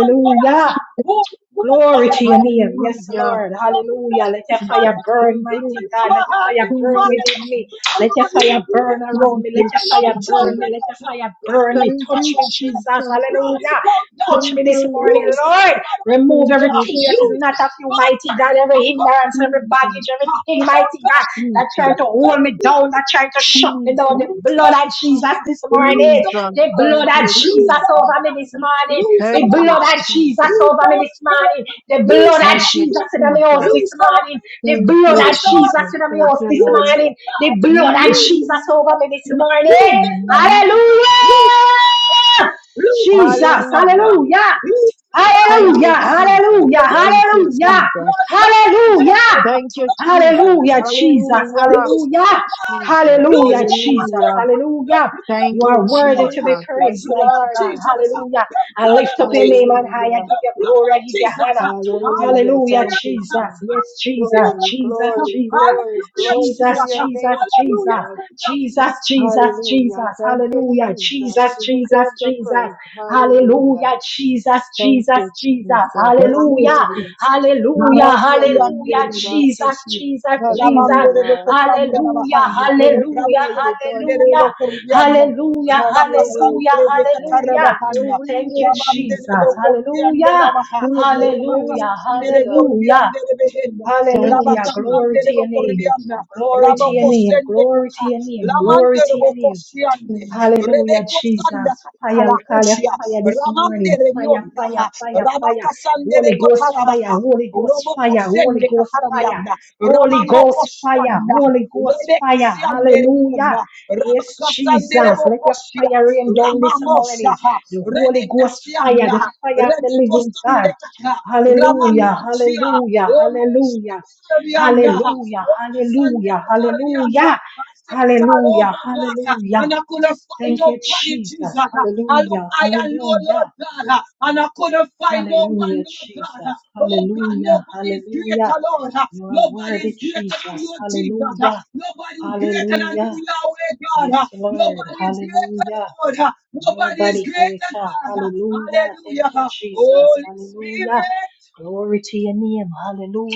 S2: on fire? Who is good
S1: Glory to your
S2: forever?
S1: name. Yes,
S3: Hallelujah,
S1: Lord.
S2: Lord, we
S1: Hallelujah.
S2: come
S1: Let your
S2: this
S1: fire
S2: morning.
S3: Jesus.
S1: burn,
S3: Thank you,
S2: Pray
S1: mighty
S2: in
S1: God. Let
S2: our
S1: your
S2: heart
S1: fire
S2: this
S3: thank
S1: burn
S3: you,
S2: morning.
S1: within
S3: Jesus.
S1: me.
S2: Pray,
S1: Let your
S2: Lord,
S1: fire
S2: lead me.
S1: burn around
S3: Thank
S1: me. Let
S3: you,
S1: your
S2: Pray, Lord,
S1: fire
S3: Jesus.
S1: burn
S2: children.
S1: me. Let your fire
S2: Pray,
S1: burn
S2: Lord,
S1: me.
S3: Thank
S2: pray,
S1: Touch
S3: you,
S1: me,
S2: Lord, this.
S1: Jesus.
S3: Jesus.
S2: Pray, you
S1: Hallelujah.
S2: come
S1: Touch
S3: Thank
S1: me
S2: down.
S1: this
S3: you,
S1: morning,
S3: Lord.
S2: Use the
S1: Lord.
S2: power of
S1: Remove
S3: Thank you,
S2: God.
S1: everything that is
S3: Jesus.
S2: Use
S1: not of
S2: this
S1: you, mighty
S2: morning.
S1: God.
S2: I
S1: Every
S2: come
S1: hindrance, every
S3: Jesus,
S1: baggage,
S2: Oh, God.
S1: everything,
S2: Oh
S1: mighty
S2: God,
S1: God,
S2: oh
S1: that trying
S2: God,
S3: Jesus,
S1: to
S2: oh
S1: hold
S2: God,
S1: me
S2: we
S1: down, that trying to shut
S2: redeem.
S1: me down. The
S2: Lose their
S1: blood of
S2: minds,
S1: Jesus this
S2: lose
S1: morning.
S2: their
S3: Jesus,
S1: The
S2: minds,
S1: blood of
S2: lose
S1: Jesus
S3: Jesus.
S2: our
S1: over me this
S2: minds,
S1: morning.
S2: lose
S1: The
S2: our
S3: Thank you,
S1: blood of
S2: hearts,
S3: Jesus.
S1: Jesus
S2: lose
S1: over me
S2: our
S1: this
S2: spirit,
S1: morning. The
S2: lose
S1: blood of
S3: Thank
S2: our
S3: you, Jesus. Thank you,
S1: Jesus
S2: soul,
S1: in my house
S3: Jesus.
S1: this
S2: lose our
S1: morning. The
S2: hands,
S3: Thank
S1: blood
S3: you,
S2: lose
S1: of Jesus
S3: Jesus.
S1: in my
S2: our
S3: Thank
S1: house
S3: you,
S1: this
S3: Lord.
S2: lose
S1: morning. The
S2: our God,
S1: blood of
S2: lose
S1: Jesus over me this
S2: their
S1: morning.
S2: lose this
S3: Mm.
S2: Lord,
S1: Hallelujah!
S2: lose their lose their
S1: Jesus,
S2: blood
S3: Hallelujah.
S1: hallelujah!
S2: He's the God. uh,
S3: Thank you,
S1: Hallelujah!
S2: Lord God,
S3: Jesus.
S1: Hallelujah!
S2: every one
S3: Thank
S2: of
S3: you,
S2: us, uh,
S1: Hallelujah!
S3: Jesus.
S2: Lord God, that is
S1: Hallelujah!
S2: able, uh,
S3: Thank you,
S2: Lord God, that
S3: Jesus.
S2: is
S1: Hallelujah,
S2: willing,
S1: Jesus.
S2: uh,
S3: Hallelujah.
S2: loose,
S1: Hallelujah.
S2: Lord God, uh,
S3: Jesus.
S2: loose
S1: Hallelujah,
S2: the
S1: Jesus.
S3: Hallelujah.
S2: waters, uh, the blood,
S1: Hallelujah.
S2: the
S1: You
S3: Thank
S2: blood,
S3: you,
S1: are
S2: the
S1: worthy
S3: Jesus.
S2: blood,
S1: to
S2: uh,
S1: be
S2: the
S3: Yes,
S1: praised,
S2: blood
S1: mighty
S2: of
S3: Lord.
S1: God.
S2: Jesus, uh,
S1: Hallelujah.
S2: the
S1: I
S2: blood
S1: lift
S2: of
S1: up your
S2: Jesus,
S1: name on
S2: uh,
S1: high. I
S3: Hallelujah.
S2: the
S1: give you
S2: blood
S1: glory.
S2: of
S1: I give you
S2: Jesus. uh,
S1: honor.
S3: Hallelujah.
S1: Hallelujah,
S3: Thank
S2: Hallelujah.
S3: you,
S1: Jesus.
S2: uh,
S3: Jesus.
S1: Yes, Jesus.
S2: Hallelujah.
S3: Glory,
S1: Jesus,
S2: Lord, uh,
S3: glory,
S1: Jesus.
S3: glory,
S2: Hallelujah,
S3: glory to
S1: Jesus,
S2: Jesus.
S3: your
S2: uh,
S1: Jesus,
S3: name,
S2: Hallelujah,
S1: Jesus.
S3: Jesus.
S2: Prince of
S1: Jesus, Jesus,
S3: Hallelujah.
S1: Jesus.
S3: Thank you,
S1: Hallelujah.
S3: Jesus.
S1: Jesus,
S3: You
S1: Jesus,
S3: deserve the
S1: Jesus.
S3: praise. Hallelujah.
S1: Hallelujah. Jesus,
S3: Thank
S1: Jesus,
S3: you, Jesus.
S1: Jesus.
S3: Have
S1: Hallelujah.
S3: your
S2: Peace.
S3: way.
S1: Hallelujah,
S3: Have
S2: Ramande
S3: your
S2: de
S3: way,
S1: hallelujah,
S3: Jesus.
S2: Bionda,
S1: Jesus, Jesus,
S3: Have your way,
S1: Jesus.
S3: Lord.
S1: Hallelujah,
S3: Let your
S1: hallelujah,
S3: will be done,
S1: hallelujah,
S3: Jesus.
S1: hallelujah,
S3: Have
S2: Rabaka
S3: your way,
S2: Sande
S1: hallelujah,
S3: Jesus.
S2: de
S1: hallelujah.
S3: Have your
S2: Katarabahana,
S1: Thank
S3: way,
S1: you,
S3: Jesus.
S2: Ramandere
S1: Jesus.
S3: Have
S2: Dokotiandera
S1: Hallelujah,
S2: Baha,
S3: your way,
S1: hallelujah,
S2: Rabakasandere
S3: Jesus.
S1: hallelujah,
S2: Koribiandere Behena,
S3: Thank you,
S1: hallelujah.
S3: Jesus.
S1: Glory
S2: Rabakasandere
S1: to your
S3: Thank you,
S1: name.
S3: Jesus.
S2: Vokuriana,
S1: Glory to your name.
S2: Rabokosende
S1: Glory to
S2: Kata,
S1: your name. Glory
S2: Lamandere
S1: to your name.
S2: Vokosiande,
S1: Hallelujah,
S2: Rebeko
S1: Jesus.
S2: Sanda
S1: Fire,
S2: Katala
S1: we call you
S2: Kushia,
S1: fire this morning.
S2: Ramandere
S1: Fire, fire,
S2: Yonda,
S1: fire, fire.
S2: Rabakasandere
S1: Holy Ghost fire,
S2: Kotarabaha,
S1: Holy Ghost
S2: Roboko
S1: fire, Holy
S2: sende
S1: Ghost fire.
S2: katarabianda,
S1: Holy
S2: Ramamoko
S1: Ghost fire,
S2: shanda,
S1: Holy Ghost
S2: Rebeka
S1: fire.
S2: siande
S1: Hallelujah.
S2: rebonda,
S1: Yes,
S2: Ramaka sande
S1: Jesus. Let
S2: reboko
S1: your
S2: shia,
S1: fire rain down this morning.
S2: Ramamoshaha,
S1: The Holy
S2: Rebeka
S1: Ghost fire,
S2: sianda,
S1: the fire of the
S2: Rebeko
S1: living
S2: sande
S1: God.
S2: kata,
S1: Hallelujah,
S2: Ramanuchia,
S1: hallelujah,
S2: Omo
S1: hallelujah.
S2: shende rabianda,
S1: Hallelujah,
S2: Omo sande
S1: hallelujah,
S2: katarabianda,
S1: hallelujah,
S2: I stepped all
S1: hallelujah,
S2: over God, uh,
S1: hallelujah.
S2: and I couldn't find
S1: Thank you,
S2: nobody, Jesus.
S1: Jesus.
S2: Uh, I look
S1: Hallelujah.
S2: high and low, Lord
S1: Hallelujah.
S2: God, uh, and I couldn't find no one,
S1: Hallelujah,
S2: Lord God. Uh,
S1: Jesus.
S2: Oh God,
S1: Hallelujah.
S2: nobody is
S1: Hallelujah.
S2: greater, Lord. Uh,
S1: You are
S2: Nobody
S1: worthy,
S2: is greater than
S1: Jesus.
S2: you, Jesus. Uh,
S1: Hallelujah.
S2: Nobody is greater than you,
S1: Hallelujah.
S2: Yahweh, God. Uh,
S1: Yes, Lord.
S2: Nobody is greater,
S1: Hallelujah.
S2: Lord. Uh, Nobody is
S1: Nobody
S2: greater,
S1: greater.
S2: God. Uh,
S1: Hallelujah. Thank
S2: Hallelujah.
S1: you,
S2: uh,
S1: Jesus.
S2: Holy
S1: Hallelujah.
S2: Spirit.
S1: Glory to your name.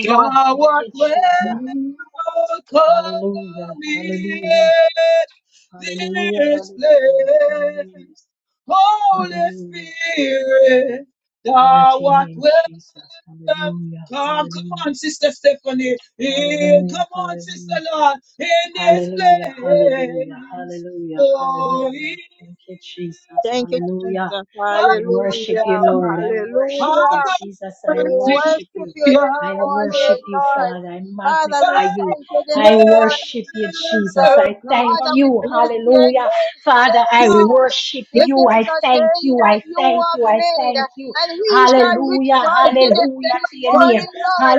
S2: Thou
S1: Thank
S2: art
S1: you,
S2: welcome
S1: Jesus. Hallelujah.
S2: in
S1: Hallelujah. Hallelujah.
S2: this
S1: Hallelujah. Hallelujah.
S2: place. Holy
S1: Hallelujah.
S2: Spirit,
S1: Glory
S2: thou
S1: to your
S2: art
S1: name, Jesus.
S2: welcome.
S1: Hallelujah.
S2: Come, come
S1: Hallelujah.
S2: on, Sister Stephanie. In,
S1: Hallelujah.
S2: come on, Sister
S1: Hallelujah.
S2: Lord, in this
S1: Hallelujah. Hallelujah.
S2: place.
S1: Hallelujah.
S2: For
S1: Hallelujah.
S2: here,
S1: Thank you, Jesus.
S3: Thank you,
S1: Hallelujah.
S3: Jesus.
S1: I worship you,
S3: Hallelujah.
S1: Lord. I worship
S2: Hallelujah,
S3: Hallelujah.
S1: you, Jesus. I
S3: We
S2: welcome in
S1: worship
S3: worship
S1: you.
S3: you
S2: this
S3: this
S1: I
S3: morning,
S1: worship you,
S3: Lord.
S1: Father. I
S3: Father, we
S1: magnify you.
S3: thank you this
S1: I worship
S3: morning,
S1: you, Jesus.
S3: Jesus.
S1: I thank
S3: Father, we
S1: you.
S3: bless your
S1: Hallelujah.
S3: name
S1: Father,
S3: today,
S1: I
S3: Lord.
S1: worship
S3: This
S2: place
S1: you.
S3: is
S1: I
S3: a
S1: thank
S3: day
S1: you.
S3: that
S1: I
S3: you
S1: thank
S3: have
S1: you. I
S3: made,
S1: thank you.
S3: and we shall
S1: Hallelujah.
S3: rejoice in it
S1: Hallelujah
S3: this
S2: of
S1: to your name.
S3: morning,
S2: promises.
S3: Lord.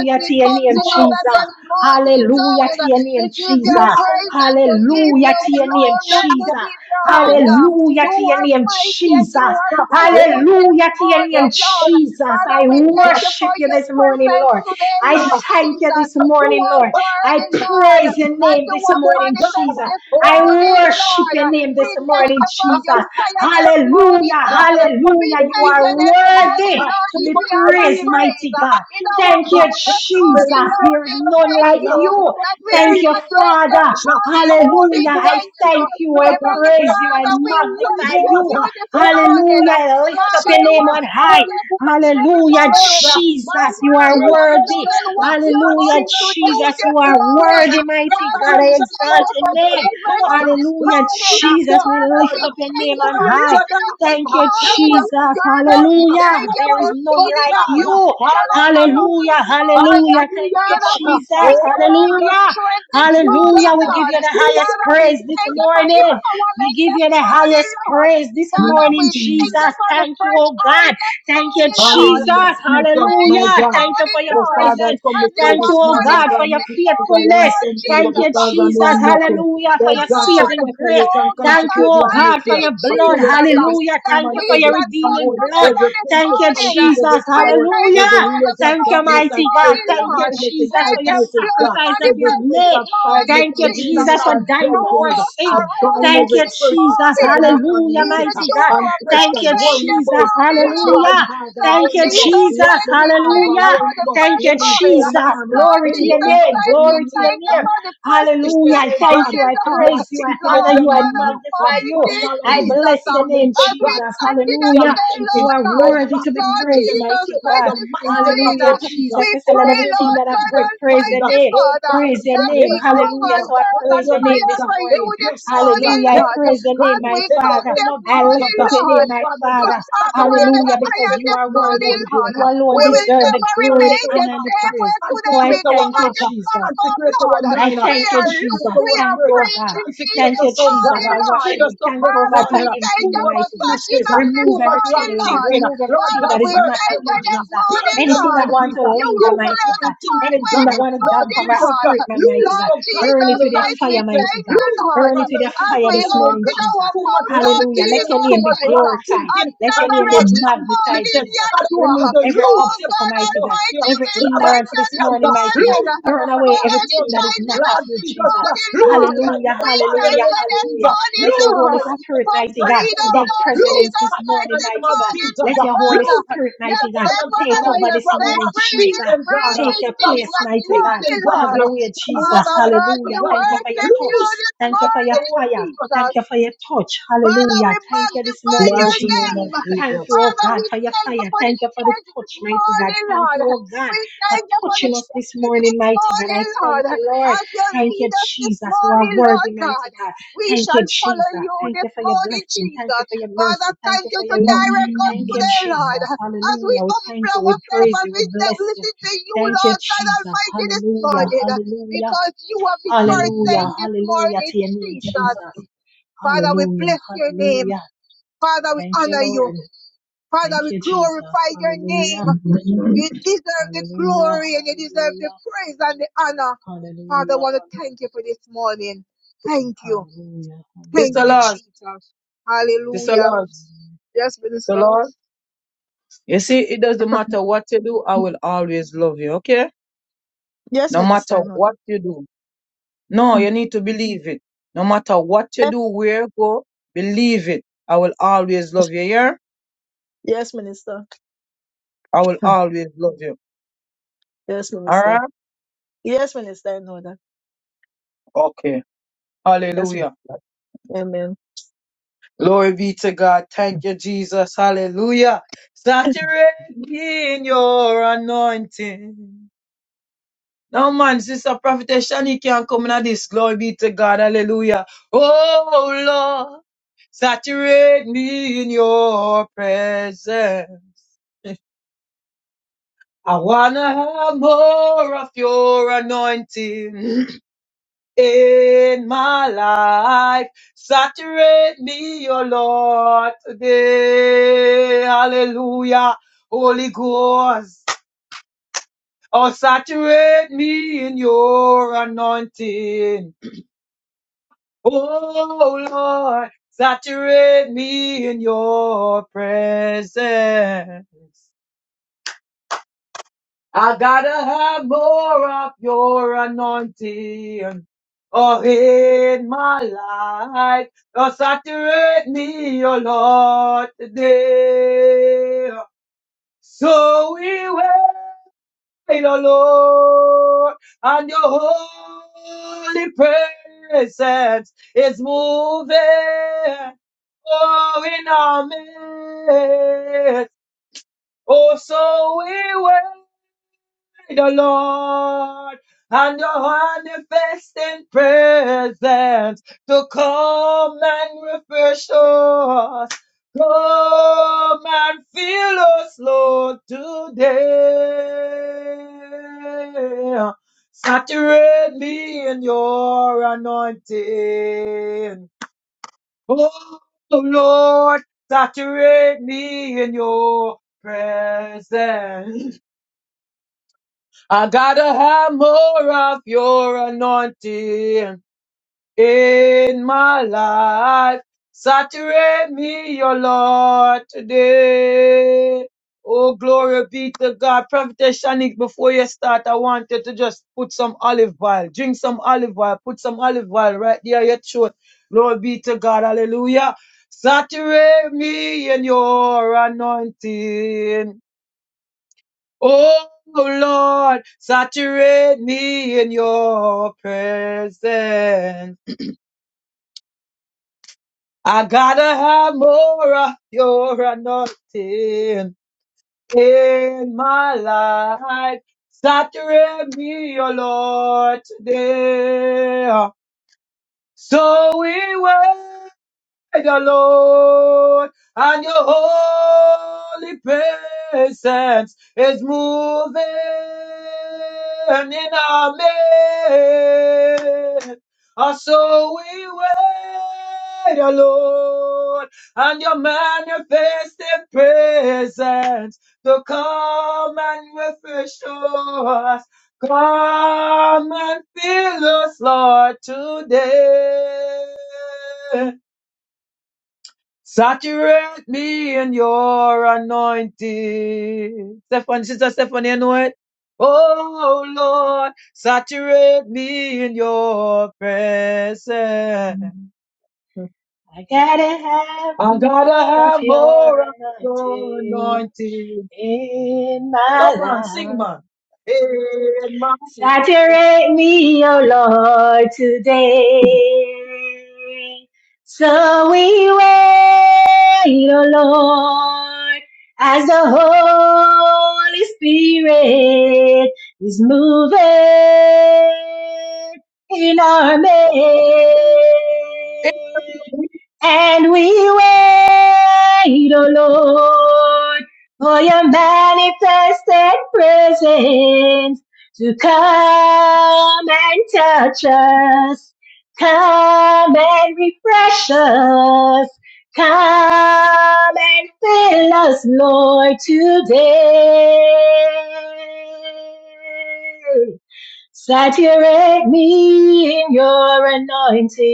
S3: As we
S1: to your
S3: come
S1: name,
S2: You are
S3: together
S1: Jesus.
S3: this
S2: welcome.
S3: morning,
S1: Hallelujah
S3: Lord,
S1: to your
S3: to
S1: name,
S3: give
S1: Jesus.
S2: You
S3: your
S2: are
S3: praise and
S2: welcome.
S3: to give
S1: Hallelujah
S3: your
S1: to your name,
S3: glory and
S2: Adonai.
S3: to
S1: Jesus.
S3: give
S2: You
S3: your
S2: are
S3: honor. You
S2: welcome.
S1: Hallelujah to your
S3: are
S1: name,
S3: mighty and you
S1: Jesus.
S3: are powerful this
S1: Hallelujah to your name,
S3: morning, Lord.
S2: Oh,
S1: Jesus.
S3: Father,
S1: I
S3: we
S2: God.
S3: thank you for
S1: worship you
S3: your
S1: this morning,
S3: presence
S1: Lord.
S3: today,
S1: I
S2: Oh,
S3: Lord
S2: God.
S1: thank you
S3: Jesus.
S1: this
S3: You
S1: morning,
S3: are
S1: Lord. I
S3: worthy, Lord.
S1: praise your
S3: As
S1: name
S3: you
S1: this
S2: Oh Lord
S1: morning,
S3: manifest
S1: Jesus.
S2: God,
S3: this,
S2: oh
S1: I
S2: God,
S1: worship
S3: Lord,
S1: your name
S3: we
S1: this
S3: thank
S1: morning,
S3: you for
S2: I
S1: Jesus.
S3: your
S2: need the
S3: fire this
S2: power of
S1: Hallelujah,
S3: morning,
S2: God.
S3: Lord.
S2: we must
S3: We
S1: hallelujah. You
S3: thank
S2: believe
S3: you
S2: in
S1: are
S3: this
S2: the
S1: worthy
S2: God.
S3: much.
S1: to
S2: We
S1: be
S3: We
S2: must
S3: have a
S1: praised,
S2: believe in the
S1: mighty
S2: God
S1: God.
S2: who
S1: Thank
S2: sent
S1: you,
S2: us. We
S3: blessed
S2: must
S1: Jesus.
S3: morning.
S2: believe
S1: There
S2: in
S1: is
S2: the
S1: none like
S2: God. We
S1: you.
S2: must
S1: Thank
S2: believe
S1: you,
S2: in the
S1: Father.
S2: Christ. So Holy
S1: Hallelujah. I
S2: Ghost,
S1: thank
S2: refresh
S1: you. I
S2: us.
S3: Heavenly
S1: praise you. I
S2: Refresh us, Holy
S1: magnify
S2: Ghost.
S1: you.
S2: Holy
S1: Hallelujah.
S2: Spirit,
S1: Lift
S2: refresh
S1: up your name
S2: us.
S1: on
S3: Father, for
S1: high.
S2: Holy
S3: you
S2: Ghost.
S3: this
S2: Refresh
S1: Hallelujah,
S2: us, uh, my
S1: Jesus, you
S2: God,
S1: are
S2: refresh
S1: worthy.
S2: us, uh,
S1: Hallelujah,
S2: consuming fire,
S1: Jesus, you are
S3: morning.
S2: refresh us, uh,
S1: worthy, mighty
S3: Father,
S1: God.
S3: we
S1: I
S2: resurrection
S3: thank
S1: exalt
S2: power,
S1: your name.
S2: resurrect
S3: you.
S2: us, uh,
S1: Hallelujah,
S2: resurrect
S1: Jesus,
S2: us,
S1: we
S3: Father,
S1: lift
S2: Lord,
S3: we
S1: up
S2: uh,
S1: your
S3: thank
S1: name
S3: you
S1: on
S3: for
S2: resurrect
S1: high.
S2: your downfall,
S1: Thank
S2: uh,
S1: you,
S3: morning. Uh,
S2: resurrect
S1: Jesus.
S2: your
S3: Father,
S2: storm,
S3: we
S2: uh,
S1: Hallelujah.
S3: thank you
S1: There is
S3: for
S2: resurrect
S1: none
S2: us,
S3: healing
S1: like
S3: and
S2: God, uh,
S1: you.
S3: protection over us
S2: hallelujah,
S3: this
S1: Hallelujah.
S2: uh,
S3: morning. Uh,
S1: Hallelujah. Thank
S2: hallelujah,
S1: you,
S3: Father,
S2: Lord,
S3: we
S2: uh,
S1: Jesus.
S3: thank you
S2: oh
S3: for
S2: God,
S3: your
S2: of
S1: Hallelujah.
S3: strength this morning,
S1: Hallelujah.
S2: Jesus,
S1: We
S2: uh,
S1: give
S3: Lord.
S1: you the highest
S3: Father,
S2: Jesus,
S3: we
S1: praise this
S3: thank you for
S1: morning.
S2: Jesus,
S1: We
S3: empowerment
S1: give
S3: this
S1: you the
S3: morning,
S1: highest
S3: Lord.
S1: praise this
S3: Father, we
S1: morning,
S2: Jesus.
S3: thank you
S1: Jesus.
S3: for the
S1: Thank you, oh God.
S3: presence.
S1: Thank you,
S3: Lord.
S2: Hallelujah.
S1: Jesus.
S3: I
S2: Jesus,
S3: pray
S2: my
S3: this
S1: Hallelujah.
S2: God.
S1: Thank you for
S3: morning,
S1: your
S2: Oh,
S3: Lord,
S2: Father, I
S1: presence.
S2: come
S3: as you
S2: before you
S1: Thank you,
S3: have
S2: this
S1: oh
S2: morning, oh
S1: God,
S2: God,
S1: for
S3: manifested
S1: your
S2: not
S3: this
S2: because I
S3: morning,
S2: am
S1: faithfulness.
S3: Lord
S2: something, but
S1: Thank
S3: Jesus.
S1: you,
S2: because I know
S1: Jesus.
S2: I'm
S3: Father, we
S2: nothing.
S1: Hallelujah.
S3: thank
S1: For
S3: you,
S2: Lord
S1: your
S2: God, so
S3: Lord.
S1: saving grace.
S2: saturate
S3: Oh
S2: and
S3: God
S1: Thank you,
S2: consecrate the
S1: oh God, for
S3: Almighty
S2: atmosphere.
S1: your
S2: I pull
S1: blood.
S2: up
S3: Jesus,
S2: every
S1: Hallelujah.
S3: that
S1: Thank
S2: strongman,
S1: you
S3: we
S1: for your
S2: every
S3: can come
S1: redeeming
S2: stronghold,
S1: blood.
S3: together
S2: every
S3: this
S1: Thank you,
S3: morning.
S2: principalities, every
S1: Jesus.
S3: We
S2: power,
S3: thank
S1: Hallelujah.
S3: you
S2: every
S3: for the
S2: rulers of
S1: Thank
S3: blood
S1: you,
S2: darkness
S3: this
S2: and
S1: mighty God.
S2: spirit
S3: morning,
S2: of
S1: Thank you,
S3: Lord.
S2: wickedness in
S1: Jesus,
S3: Let
S2: high
S1: for your
S3: the
S2: places,
S3: blood
S2: God.
S1: sacrifice that you
S2: Every
S1: have
S3: manifest
S2: spirit
S3: this
S1: made.
S2: of
S3: morning,
S2: tiredness
S1: Thank you,
S2: and
S1: Jesus,
S3: Jesus.
S2: weariness and drowsiness.
S3: Throughout
S2: I
S3: around
S2: bind
S3: us
S2: every
S3: this
S2: spirit of
S3: morning,
S2: heaviness and
S1: Hallelujah,
S2: weakness
S3: even
S1: mighty
S3: through
S1: God.
S2: and
S3: our blood
S2: pressure
S1: Thank you,
S2: and
S3: vein
S2: worry
S3: this
S2: about
S3: morning,
S2: what they
S3: Lord.
S2: don't have, they're
S3: Lord
S2: worrying about.
S3: Jesus
S2: What
S3: Christ,
S2: they
S3: we
S2: have,
S3: thank
S2: they're
S3: you
S1: Hallelujah.
S3: for
S2: worrying
S3: the
S2: about.
S3: fresh
S2: What is
S3: oil.
S2: going on, and
S3: Lord
S2: who
S3: Jesus
S2: don't love
S3: Christ,
S2: them
S3: we
S2: no more.
S3: thank you
S2: And
S3: for the freshness
S2: foolishness,
S3: this
S2: oh God,
S3: morning,
S2: and they
S3: Lord.
S2: are thinking in
S3: Lord
S2: their
S3: God
S2: mind. I
S3: Almighty
S2: bind all of these
S3: Jesus, uh,
S2: demons, oh
S3: as we
S2: God.
S3: continue
S2: I'm
S3: today,
S2: thinking.
S3: Lord God,
S2: Oh God,
S3: Lord
S2: tonight is
S3: Jesus
S2: bring on
S3: Christ
S2: the
S3: this
S2: mindset of
S3: morning,
S2: your
S3: uh,
S2: people
S3: we
S2: in the
S3: pray,
S2: name of
S3: Lord God
S2: Jesus Christ. uh,
S3: Almighty
S2: Oh
S3: Father,
S2: Father God,
S3: that we
S2: help your
S3: hunger and
S2: people,
S3: thirst
S2: help
S3: and
S2: your
S3: fire
S2: daughter,
S3: for you
S2: help your
S3: this
S2: sons, uh,
S3: morning,
S2: help
S3: Lord.
S2: us
S1: Name,
S3: As
S2: come
S1: my
S3: we
S2: in the
S3: come
S1: Father.
S2: name
S3: this
S2: of
S1: I
S2: Jesus.
S1: lift
S3: morning,
S1: up
S2: uh,
S1: your name,
S2: Oh
S3: Lord
S1: my
S2: Father
S3: to
S2: God,
S1: Father.
S3: shout the way
S2: saturate the
S3: under
S1: Hallelujah,
S3: the
S1: because
S2: atmosphere
S3: iron
S1: you
S2: this
S3: this
S1: are
S2: morning,
S1: worthy.
S3: morning,
S2: Holy
S3: Lord.
S2: Ghost.
S1: You
S2: uh,
S1: alone
S3: We
S2: Holy
S3: will
S1: deserve
S2: Spirit,
S1: the
S3: never
S1: glory,
S2: Saturate
S1: the
S3: remain
S2: our
S3: the
S1: honor, and the
S3: same
S2: heart,
S3: way
S1: praise. So
S3: today.
S1: I
S3: We
S2: consecrate our
S3: come
S1: thank
S3: on
S1: you,
S2: heart,
S3: this
S1: Jesus.
S3: platform,
S2: consecrate our
S3: Lord.
S1: I
S2: mind,
S3: We
S1: thank you,
S3: are
S1: Jesus.
S2: consecrate
S3: loose, we
S2: our
S3: are
S1: Thank you,
S2: spirit,
S1: oh
S3: free
S1: God.
S3: indeed
S2: consecrate
S1: Thank
S3: this
S1: you,
S2: us, oh God.
S1: Jesus,
S3: morning,
S1: for
S3: Lord.
S2: Lead
S1: washing
S2: us
S1: me.
S2: up
S1: Thank
S2: this
S1: you, oh
S3: Father,
S1: God, for
S2: morning.
S3: we thank
S1: emptying
S2: Too
S1: me,
S3: you
S2: much
S1: mighty
S3: for
S1: God.
S3: touching
S2: foolishness,
S3: us this
S2: too
S1: Remove
S2: much
S1: everything,
S3: morning,
S2: wrong
S1: Lord.
S3: Lord.
S2: thinking.
S1: Remove
S2: Lord
S1: everything
S3: Father,
S2: God,
S1: that is
S3: we
S2: purge
S1: not of
S2: the
S3: thank
S1: you,
S3: you this
S2: mind,
S1: Jesus.
S2: purge
S3: morning,
S2: the
S1: Anything
S3: Lord.
S1: that
S2: mind,
S1: wants to
S2: Jesus.
S3: You
S1: linger,
S3: have
S2: Too much
S1: mighty
S3: cleared the
S2: wrong
S1: God.
S2: thinking,
S3: pathway
S1: Anything
S2: God.
S1: that
S3: this
S1: wants to dampen
S2: Lord
S3: morning,
S1: my
S2: Jesus,
S3: Lord.
S1: spirit, my mighty
S2: loose,
S1: God.
S3: Lord
S2: oh God,
S1: Burn
S2: from
S3: Jesus
S1: it
S2: the
S1: with your
S2: wrong
S3: Christ, we
S1: fire,
S2: thinking,
S3: thank
S1: mighty God.
S3: you,
S2: loose us
S3: Lord.
S1: Burn it
S2: from the
S1: with your
S2: wrong
S3: As
S1: fire
S3: we
S1: this
S2: feeling,
S1: morning,
S3: open
S2: God
S1: Jesus.
S3: our
S2: too much
S3: mouth,
S2: wrong
S3: Lord
S1: Hallelujah. Let
S2: feeling,
S1: your
S3: Jesus
S2: too
S1: name be
S2: much
S3: Christ
S2: wrong
S1: glorified.
S3: of
S2: thinking,
S1: Let
S2: and
S1: your
S2: too
S1: name be
S3: Nazareth
S2: much
S3: this
S2: wrong
S1: magnified,
S3: morning,
S2: foolishness.
S1: Jesus.
S2: Father
S3: Yeshua.
S1: Remove
S2: Almighty,
S1: every
S2: lose
S3: Oh
S2: the
S1: obstacle,
S3: God
S1: mighty
S2: power
S1: God.
S2: here.
S3: Almighty,
S1: Every
S3: we thank
S1: hindrance
S3: you
S1: this
S3: this
S1: morning,
S2: Rabakatianda,
S1: mighty God.
S3: morning
S2: lose the
S1: Burn
S3: for
S1: away everything that
S2: Rabakatarianda.
S1: is not
S3: energizing
S1: of
S3: us
S2: Lord
S1: you,
S3: this
S2: Jesus
S1: Jesus.
S2: Christ,
S3: morning,
S2: lose
S3: Lord.
S2: right
S1: Hallelujah,
S2: now,
S3: We
S2: Father,
S3: thank
S2: in the
S1: hallelujah,
S3: you
S2: name of
S3: this
S1: hallelujah.
S2: Jesus.
S3: morning,
S1: Let your
S2: Lose
S1: Holy
S3: Lord,
S2: right now,
S1: Spirit,
S3: for
S1: mighty
S2: Jesus
S1: God,
S3: freedom,
S1: take
S2: Christ.
S3: Lord
S2: Lose
S1: precedence
S3: Jesus
S1: this
S2: right now,
S3: Christ,
S1: morning,
S2: in
S3: this
S2: the name
S1: mighty
S2: of
S1: God.
S3: morning,
S2: Jesus.
S3: my
S1: Let your Holy
S3: Father.
S2: Lose
S1: Spirit,
S3: You
S2: right
S1: mighty God,
S3: said
S2: now, Father
S1: take
S3: whatever
S2: God,
S1: over
S3: you
S1: this
S2: from
S3: said,
S1: morning,
S2: wrong
S3: free
S1: Jesus.
S3: is
S2: feeling,
S3: free
S2: God,
S1: Take your
S2: from
S3: indeed
S1: place,
S2: wrong
S3: this
S1: mighty God.
S2: thinking,
S3: morning,
S2: God,
S1: Have
S3: Lord.
S1: your way,
S2: from
S1: Jesus.
S2: wrong
S3: Father God,
S2: whatever,
S3: we
S1: Hallelujah.
S2: God.
S1: Thank you for your
S3: worship you
S1: touch.
S2: Lose.
S3: this
S2: right
S1: Thank you for your
S3: morning,
S2: now,
S1: fire.
S2: father.
S3: Jesus.
S1: Thank you for your touch.
S3: Father, we
S1: Hallelujah. Thank you this
S3: magnify
S1: morning,
S2: Mighty
S3: your
S1: Jesus.
S2: name of
S3: name.
S1: Thank you,
S2: Jesus.
S1: oh
S3: Father,
S1: God,
S3: we
S1: for your
S3: thank you
S1: fire.
S3: for the
S1: Thank you for the
S3: church this
S1: touch, mighty God.
S3: morning,
S1: Thank
S3: Lord.
S1: you, oh God
S3: We
S1: for
S3: thank you for the
S1: touching us this
S3: shifting
S1: morning,
S3: this
S1: mighty God.
S3: morning,
S1: I thank
S3: Lord.
S1: you, Lord.
S3: As you
S1: Thank you,
S3: lead us this
S1: Jesus. You are
S3: morning, Lord
S1: worthy,
S3: God.
S1: mighty God.
S3: We
S1: Thank
S3: shall
S1: you, Jesus.
S3: follow you
S1: Thank you
S3: this
S1: for your
S3: morning,
S1: blessing. Thank you
S3: Jesus.
S1: for your
S3: Father,
S1: mercy. Thank you
S3: continue
S1: for
S3: to
S1: your love.
S3: direct us
S1: Thank you,
S3: today, Lord.
S1: Jesus.
S3: As we
S1: Hallelujah. We thank you.
S3: humble
S1: We
S3: ourselves,
S1: praise
S3: as
S1: you.
S3: we
S1: We bless you.
S3: listen to you,
S1: Thank you,
S3: Lord God
S1: Jesus.
S3: Almighty, this
S1: Hallelujah.
S3: morning.
S1: Hallelujah.
S3: Because you are the first thing
S1: Hallelujah.
S3: this
S1: Hallelujah
S3: morning,
S1: to your name,
S3: Jesus.
S1: Jesus.
S3: Father, we
S1: Hallelujah.
S3: bless your name.
S1: Hallelujah.
S3: Father, we
S1: Thank you,
S3: honor you.
S1: Lord.
S3: Father,
S1: Thank
S3: we
S1: you, Jesus.
S3: glorify your name.
S1: Hallelujah.
S3: You deserve the
S1: Hallelujah.
S3: glory and you deserve the
S1: Hallelujah.
S3: praise and the honor. Father, I want
S1: Hallelujah.
S3: to thank you for this morning. Thank you.
S1: Hallelujah.
S2: It's
S3: Thank
S2: the
S3: you,
S1: Hallelujah.
S2: Lord.
S3: Jesus.
S2: It's the
S3: Hallelujah.
S2: Lord. It's
S3: Yes,
S2: the
S3: Minister.
S2: Lord. You see, it doesn't matter what you do, I will always love you, okay?
S3: Yes,
S2: No matter
S3: Minister. In order.
S2: what you do. No,
S3: Mm.
S2: you need to believe it. No matter what you
S3: Eh,
S2: do, where you go, believe it. I will always love you, yeah?
S3: Yes, Minister.
S2: I will always love you.
S3: Yes,
S2: All
S3: Minister.
S2: right?
S3: Yes, Minister. In order.
S2: Okay.
S3: Yes,
S2: Hallelujah.
S3: Minister. Amen.
S2: Glory be to God. Thank you, Jesus. Hallelujah. Saturate me in your anointing. No man, Sister Prophetess Shani can't come in at this. Glory be to God. Hallelujah. Oh Lord, saturate me in your presence. I wanna have more of your anointing [clears throat] in my life. Saturate me, O Lord, today. Hallelujah. Holy Ghost. Oh, saturate me in your anointing. Oh Lord, saturate me in your presence. I gotta have more of your anointing. Oh, in my life, oh, saturate me, oh Lord, today. So we will tonight, O Lord, and your holy presence is moving. Oh, in our midst, oh, so we wait the Lord and your manifesting presence to come and refresh us. Come and fill us, Lord, today. Saturate me in your anointing. Oh, Lord, saturate me in your presence. I gotta have more of your anointing in my life. Saturate me, your Lord, today. Oh, glory be to God. Prophetess Shanique, before you start, I want you to just put some olive oil. Drink some olive oil. Put some olive oil right there, your throat. Glory be to God. Hallelujah. Saturate me in your anointing. Oh Lord, saturate me in your presence. I gotta have more of your anointing in my life. Saturate me, oh Lord, today. So we will. the Lord, and your holy presence is moving in our midst. And so we wait, O Lord, and your manifested presence to come and refresh us. Come and fill us, Lord, today. Saturate me in your anointing. Stephanie, Sister Stephanie, you know it. Oh Lord, saturate me in your presence.
S1: I gotta have
S2: I gotta
S1: more of
S2: have
S1: your
S2: more of your
S1: anointing
S2: anointing.
S1: in
S2: Come
S1: my
S2: on, sing,
S1: life.
S2: man. In my life,
S1: Saturate me, O Lord, today. So we wait, O Lord, as the Holy Spirit is moving in our midst.
S2: it
S1: And we wait, O Lord, for your manifested presence to come and touch us, come and refresh us, come and fill us, Lord, today. Saturate me in your anointing.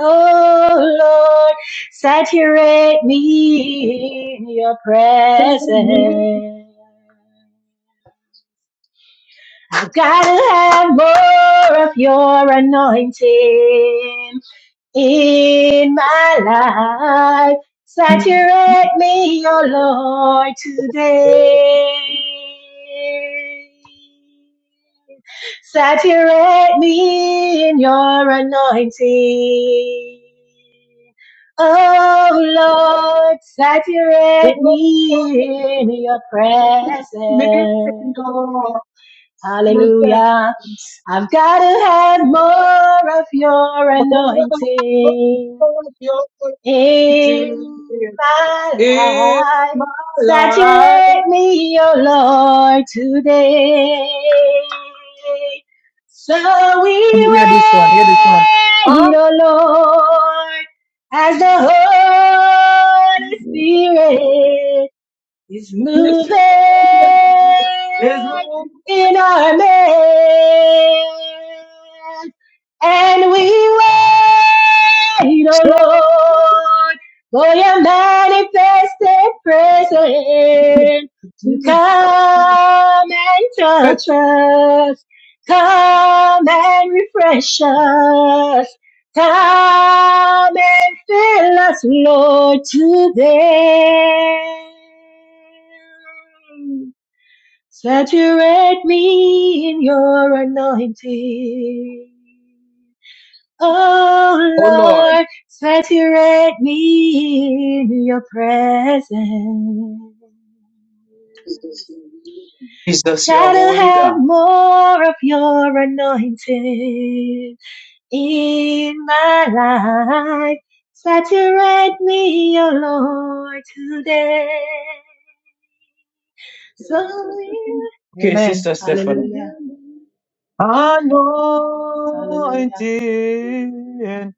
S1: Oh Lord, saturate me in your
S2: will
S1: presence.
S2: be
S1: I've got to have more of your anointing in my life.
S2: me,
S1: Saturate me, O Lord, today. Saturate me in your anointing. Oh Lord, saturate
S2: oh, Lord,
S1: me in your presence.
S2: me in your
S1: Hallelujah.
S2: presence.
S1: I've got to have more of your anointing in my
S2: in
S1: life.
S2: my life.
S1: Saturate me, oh Lord, today. So we
S2: Hear this one, hear this one.
S1: wait,
S2: Oh,
S1: oh Lord, as the Holy Spirit is
S2: this
S1: moving
S2: is is moved
S1: in our midst, and we wait, oh
S2: so
S1: Lord, for your manifested presence to come and
S2: good.
S1: touch us, come and refresh us. Come and fill us, Lord, today. Saturate me in your anointing. Oh
S2: Oh Lord,
S1: Lord, saturate me in your presence. I've
S2: Jesus, your
S1: gotta
S2: holy
S1: have
S2: God.
S1: more of your anointing in my life. Saturate me, O Lord, today. So we-
S2: Okay,
S1: Amen.
S2: Sister Stephanie.
S1: Hallelujah. Hallelujah.
S2: Anointing,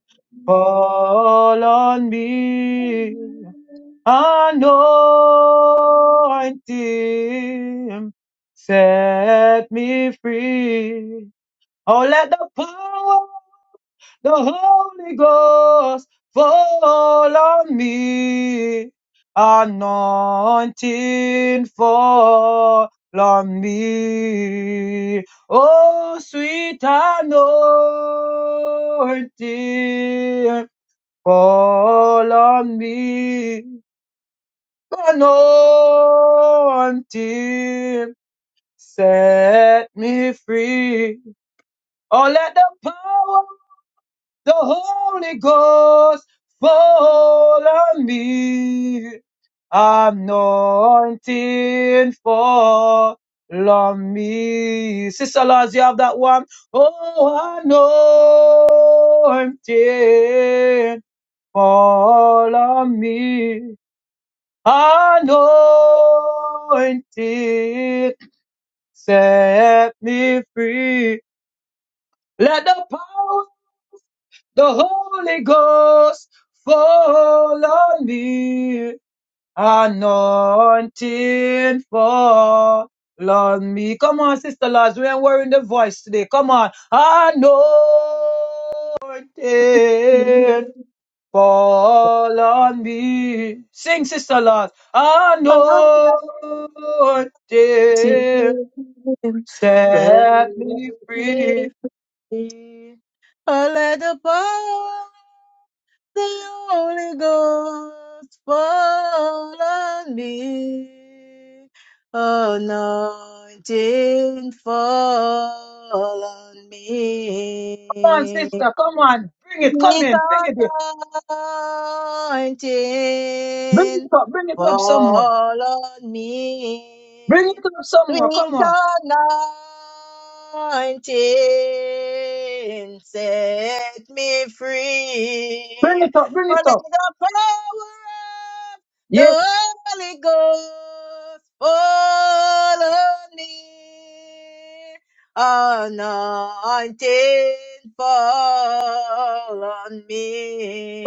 S2: fall on me. Anointing set me free. Oh, let the power of the Holy Ghost fall on me. Anointing fall on me. Oh, sweet anointing fall on me anointing set me free. Oh, let the power of the Holy Ghost fall on me. Anointing fall on me. Sister Laws, you have that one. Oh, anointing fall on me. Anointed, set me free. Let the power of the Holy Ghost fall on me. Anointing fall on me. Come on, Sister Lars, we ain't wearing the voice today. Come on. anointing. Fall on me. Sing, Sister Lord.
S3: Until
S2: Anointing.
S3: they
S2: Set me free.
S3: make me, I let the power the Holy Ghost fall on me. Anointing fall on
S2: Come on,
S3: me.
S2: sister. Come on. Bring it. Come
S3: 19,
S2: in. Bring it in. Bring it up. Bring it up somewhere.
S3: on
S2: Bring it
S3: me.
S2: up somewhere. Come
S3: Sweet
S2: on.
S3: 19, set me free.
S2: Bring it up. Bring
S3: For let
S2: it up.
S3: the power of the
S2: Yes.
S3: Holy Ghost fall on me. Anointing fall on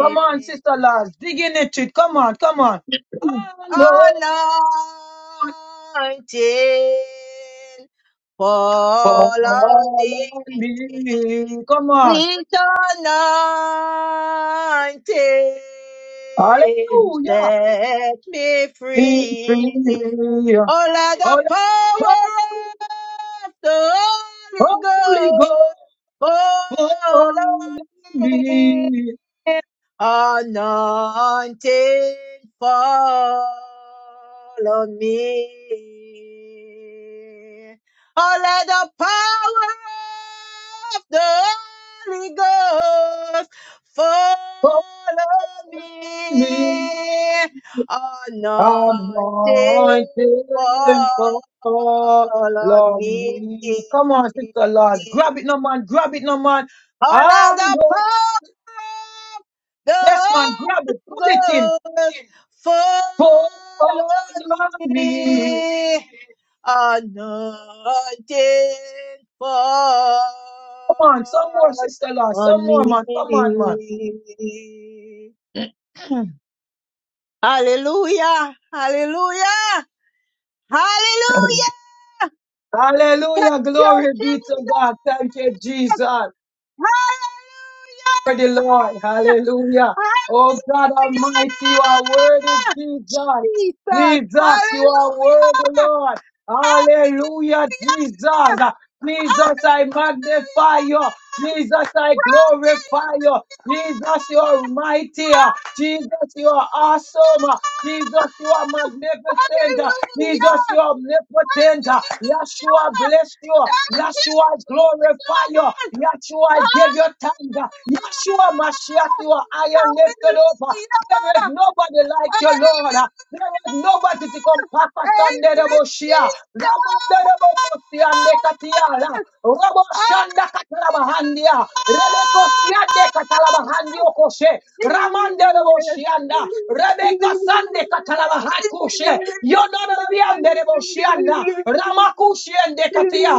S2: Come on, Sister Lord, Dig in it. it. Come on. Come on. Anointing.
S3: Anointing
S2: Fall
S3: fall on me.
S2: on me. Come on.
S3: Sweet anointing
S2: Hallelujah.
S3: set me free.
S2: Hallelujah.
S3: Oh, let the
S2: Oh,
S3: power of the
S2: Holy Ghost,
S3: Holy Ghost
S2: holy me,
S3: Anointing fall on me. Oh, let the power of the Holy Ghost fall
S2: holy
S3: on
S2: me,
S3: me. Anointing
S2: anointed
S3: fall
S2: for
S3: on
S2: Lord
S3: me.
S2: me. Come on, sister Lars, grab it, no man, grab it, no man.
S3: Oh, let
S2: And
S3: the
S2: uh, yes,
S3: power
S2: man, grab it, pull it in.
S3: Ghost,
S2: Fall on
S3: follow me,
S2: me.
S3: anointed fall
S2: Come on, some more, sister Lars,
S3: on
S2: some
S3: me.
S2: more, man. Come on, man.
S3: Hallelujah, hallelujah, hallelujah,
S2: Hallelujah. Glory be
S3: churches,
S2: to God. Thank you, Jesus.
S3: hallelujah,
S2: For the Lord. Hallelujah. Oh God
S3: hallelujah,
S2: Almighty, you are worthy, Jesus.
S3: Jesus,
S2: Jesus, you are
S3: hallelujah,
S2: worthy, Lord. Hallelujah, Jesus. Jesus, I magnify you.
S3: hallelujah.
S2: Jesus, I glorify you. Jesus, you are mighty. Jesus, you are awesome. Jesus, you are magnificent.
S3: Hallelujah!
S2: Jesus, you are omnipotent.
S3: Hallelujah!
S2: Yeshua, bless you.
S3: Daddy, give
S2: Yeshua, I
S3: him Jesus!
S2: glorify you. Yeshua, I give you thanks.
S3: Hallelujah!
S2: Yeshua, Mashiach, you are iron lifted up. There is
S3: Hallelujah!
S2: nobody
S3: Thank
S2: like you, Lord. There is nobody to come Papa Sandeboshia. Ramandebosia Nekatiara. Robo Shanda Katalabahandia. Rebecca Siande Katalabahandio Koshe. Ramandeboshianda. Rebecca Sande Katalabahakushe.
S3: you,
S2: Yonoraboshianda.
S3: Jesus.
S2: Ramakushiande
S3: Hallelujah,
S2: Katia.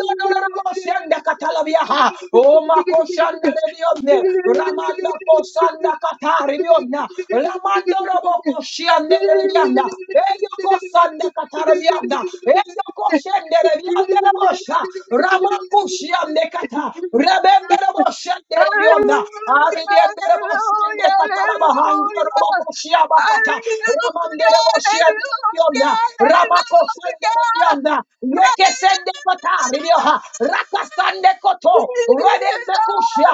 S2: Yonoraboshianda Katalabiaha. Oh Makoshanda Rebionde. Ramanda sanda katari biona lamando robo koshiande biona eyo kosanda katara biona eyo koshende biona bosha rama kushiande kata rebende robo shende biona aribiende robo shende
S3: hallelujah,
S2: katala bahandi robo
S3: hallelujah.
S2: koshiaba kata
S3: Hallelujah,
S2: ramande robo
S3: hallelujah,
S2: shende biona rama koshende biona yekesende katari bioha rakasande koto redende kushia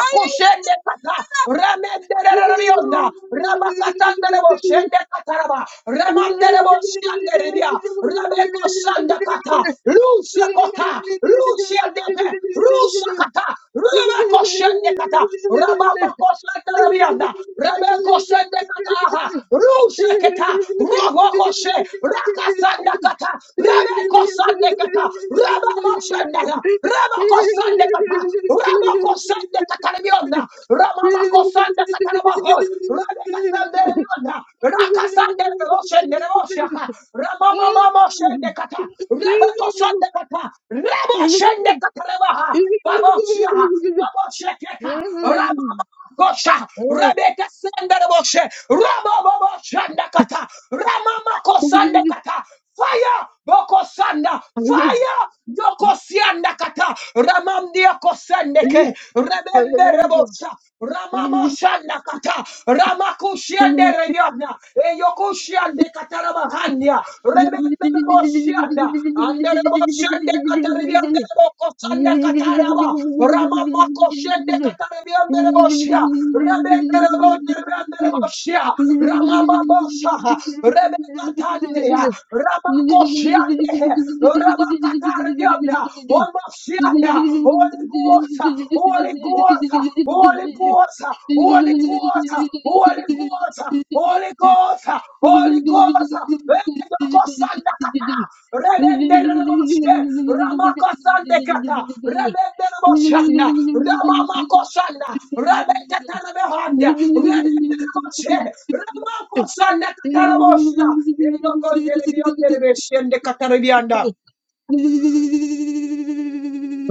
S2: Rabakushende kata.
S3: Hallelujah.
S2: Ramenderebionda. Rabakatanderebo shende kataraba. Remanderebo shende ribia. Rebeko sanda kata. Luce kota. Lucia depe. Rusa kata. Rebeko shende kata. Rabamako senderebionda. Rebeko shende kata. Rusa keta. Roboko she. Rakasanda kata. Rebeko sande kata. Rabamashende. Rebeko sande kata. Rabakosende katarabionda. Ramamakosende katarabaho. Rabekasende rebionda. Rakasende reboshende reboshaka. Ramamamamoshende kata. Rabakosende kata. Reboshende katarabaha. Baboshiaha. Baboshekeka. Ramamakosha. Rabekasende reboshe. Ramamamosende kata. Ramamakosende
S3: Mm.
S2: kata. Fire! Bokosanda!
S3: Thank you.
S2: Fire! Yokosianda kata! Ramamdia kosendeke! Rebende rebosa! Ramama shanda kata! Ramakushiande rebiana! Eyokushiande katarabahandia! Rebende rebosianda! Ande rebosiande kataribiande rebokosanda kataraba! Ramamako shende kataribiande rebosia. Rebende rebote rebende rebosia. Ramamabosa. Rebekatania. Ramako shiande. Ramakataribianda. Omosianda. Holy Ghost. Holy Ghost. Holy Ghost. Holy Ghost. Holy Ghost. Holy Ghost.
S3: Thank
S2: Holy Ghost. Rebeko sanda kata. Rebende rebosia. Ramako sande kata. Rebende Shana, Ramama Kosana, Rabeta Tarabehania, Rabeta Ramako Sana Katarabosha, Elokon de Bion de Beshen de Catarabianda.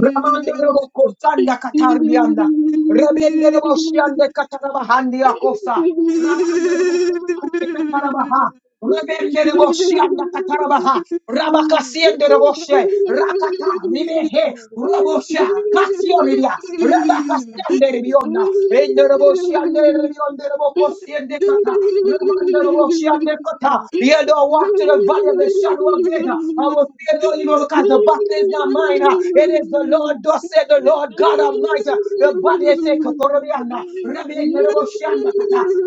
S2: Ramandorobo kosanda katarbianda. Rebendorobo shiande kataraba handi akosa.
S3: Thank
S2: Ramandorobo kosande kataraba shianda kataraba ha. Rabakasiendorobo Rakata ribehe. Robo sha. Kasioridia. ribionda. Endorobo shiande
S3: you.
S2: ribiondorobo kosiende kata. Ramandorobo shiande kata. Yellow walk to the valley of the shadow of death says, uh, I will fear no evil because the battle is not mine. uh, It is the Lord, thus said the Lord God Almighty. uh, The body is a Kotoriana, Rabbi Nereboshanda,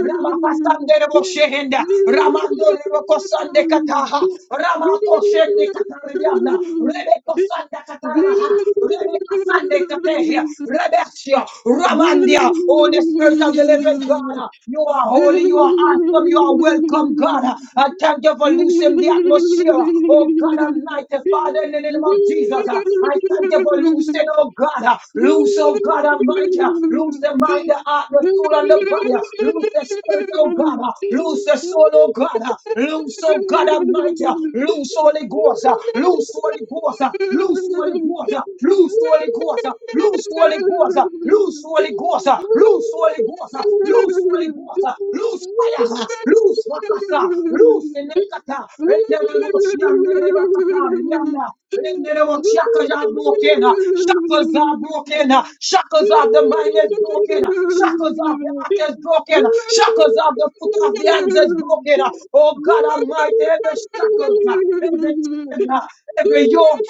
S2: Ramakasande Reboshenda, Ramando Rebokosande Kataha, Ramakoshende Katariana, Rebeko Sanda Kataraha, Rebeko Sande Katehia, Rebeshia, Ramandia, Holy Spirit of the living God, uh, you are holy, you are awesome, you are worthy welcome, God. I thank you for loosening the atmosphere. Oh God Almighty, Father, in the name of Jesus. uh, I thank you for loosening.
S3: Thank
S2: oh God. uh,
S3: Thank
S2: Loose, oh God Almighty. uh, Loose the mind, the heart, the soul, and the body. uh, Loose the spirit, oh God. uh, Loose the soul, oh God. uh, Loose, oh God Almighty. uh, Loose Holy Ghost. uh, Loose Holy Ghost. uh, Loose Holy Ghost. uh, Loose Holy Ghost. uh, Loose Holy Ghost. uh, Loose Holy Ghost. uh, Loose Loose Holy Ghost, uh, loose Holy Ghost, uh, loose fire, uh, loose Wakasa, loose Nekata, Rendereboshianderebakatariana,
S3: you. Thank
S2: Rendereboshiaka are broken, uh, shackles are broken, uh, shackles of the mind is broken, uh, shackles of the heart is broken, uh, shackles of the foot of the hands is broken. uh, Oh God Almighty, every shackles, uh, every burden, every yoke,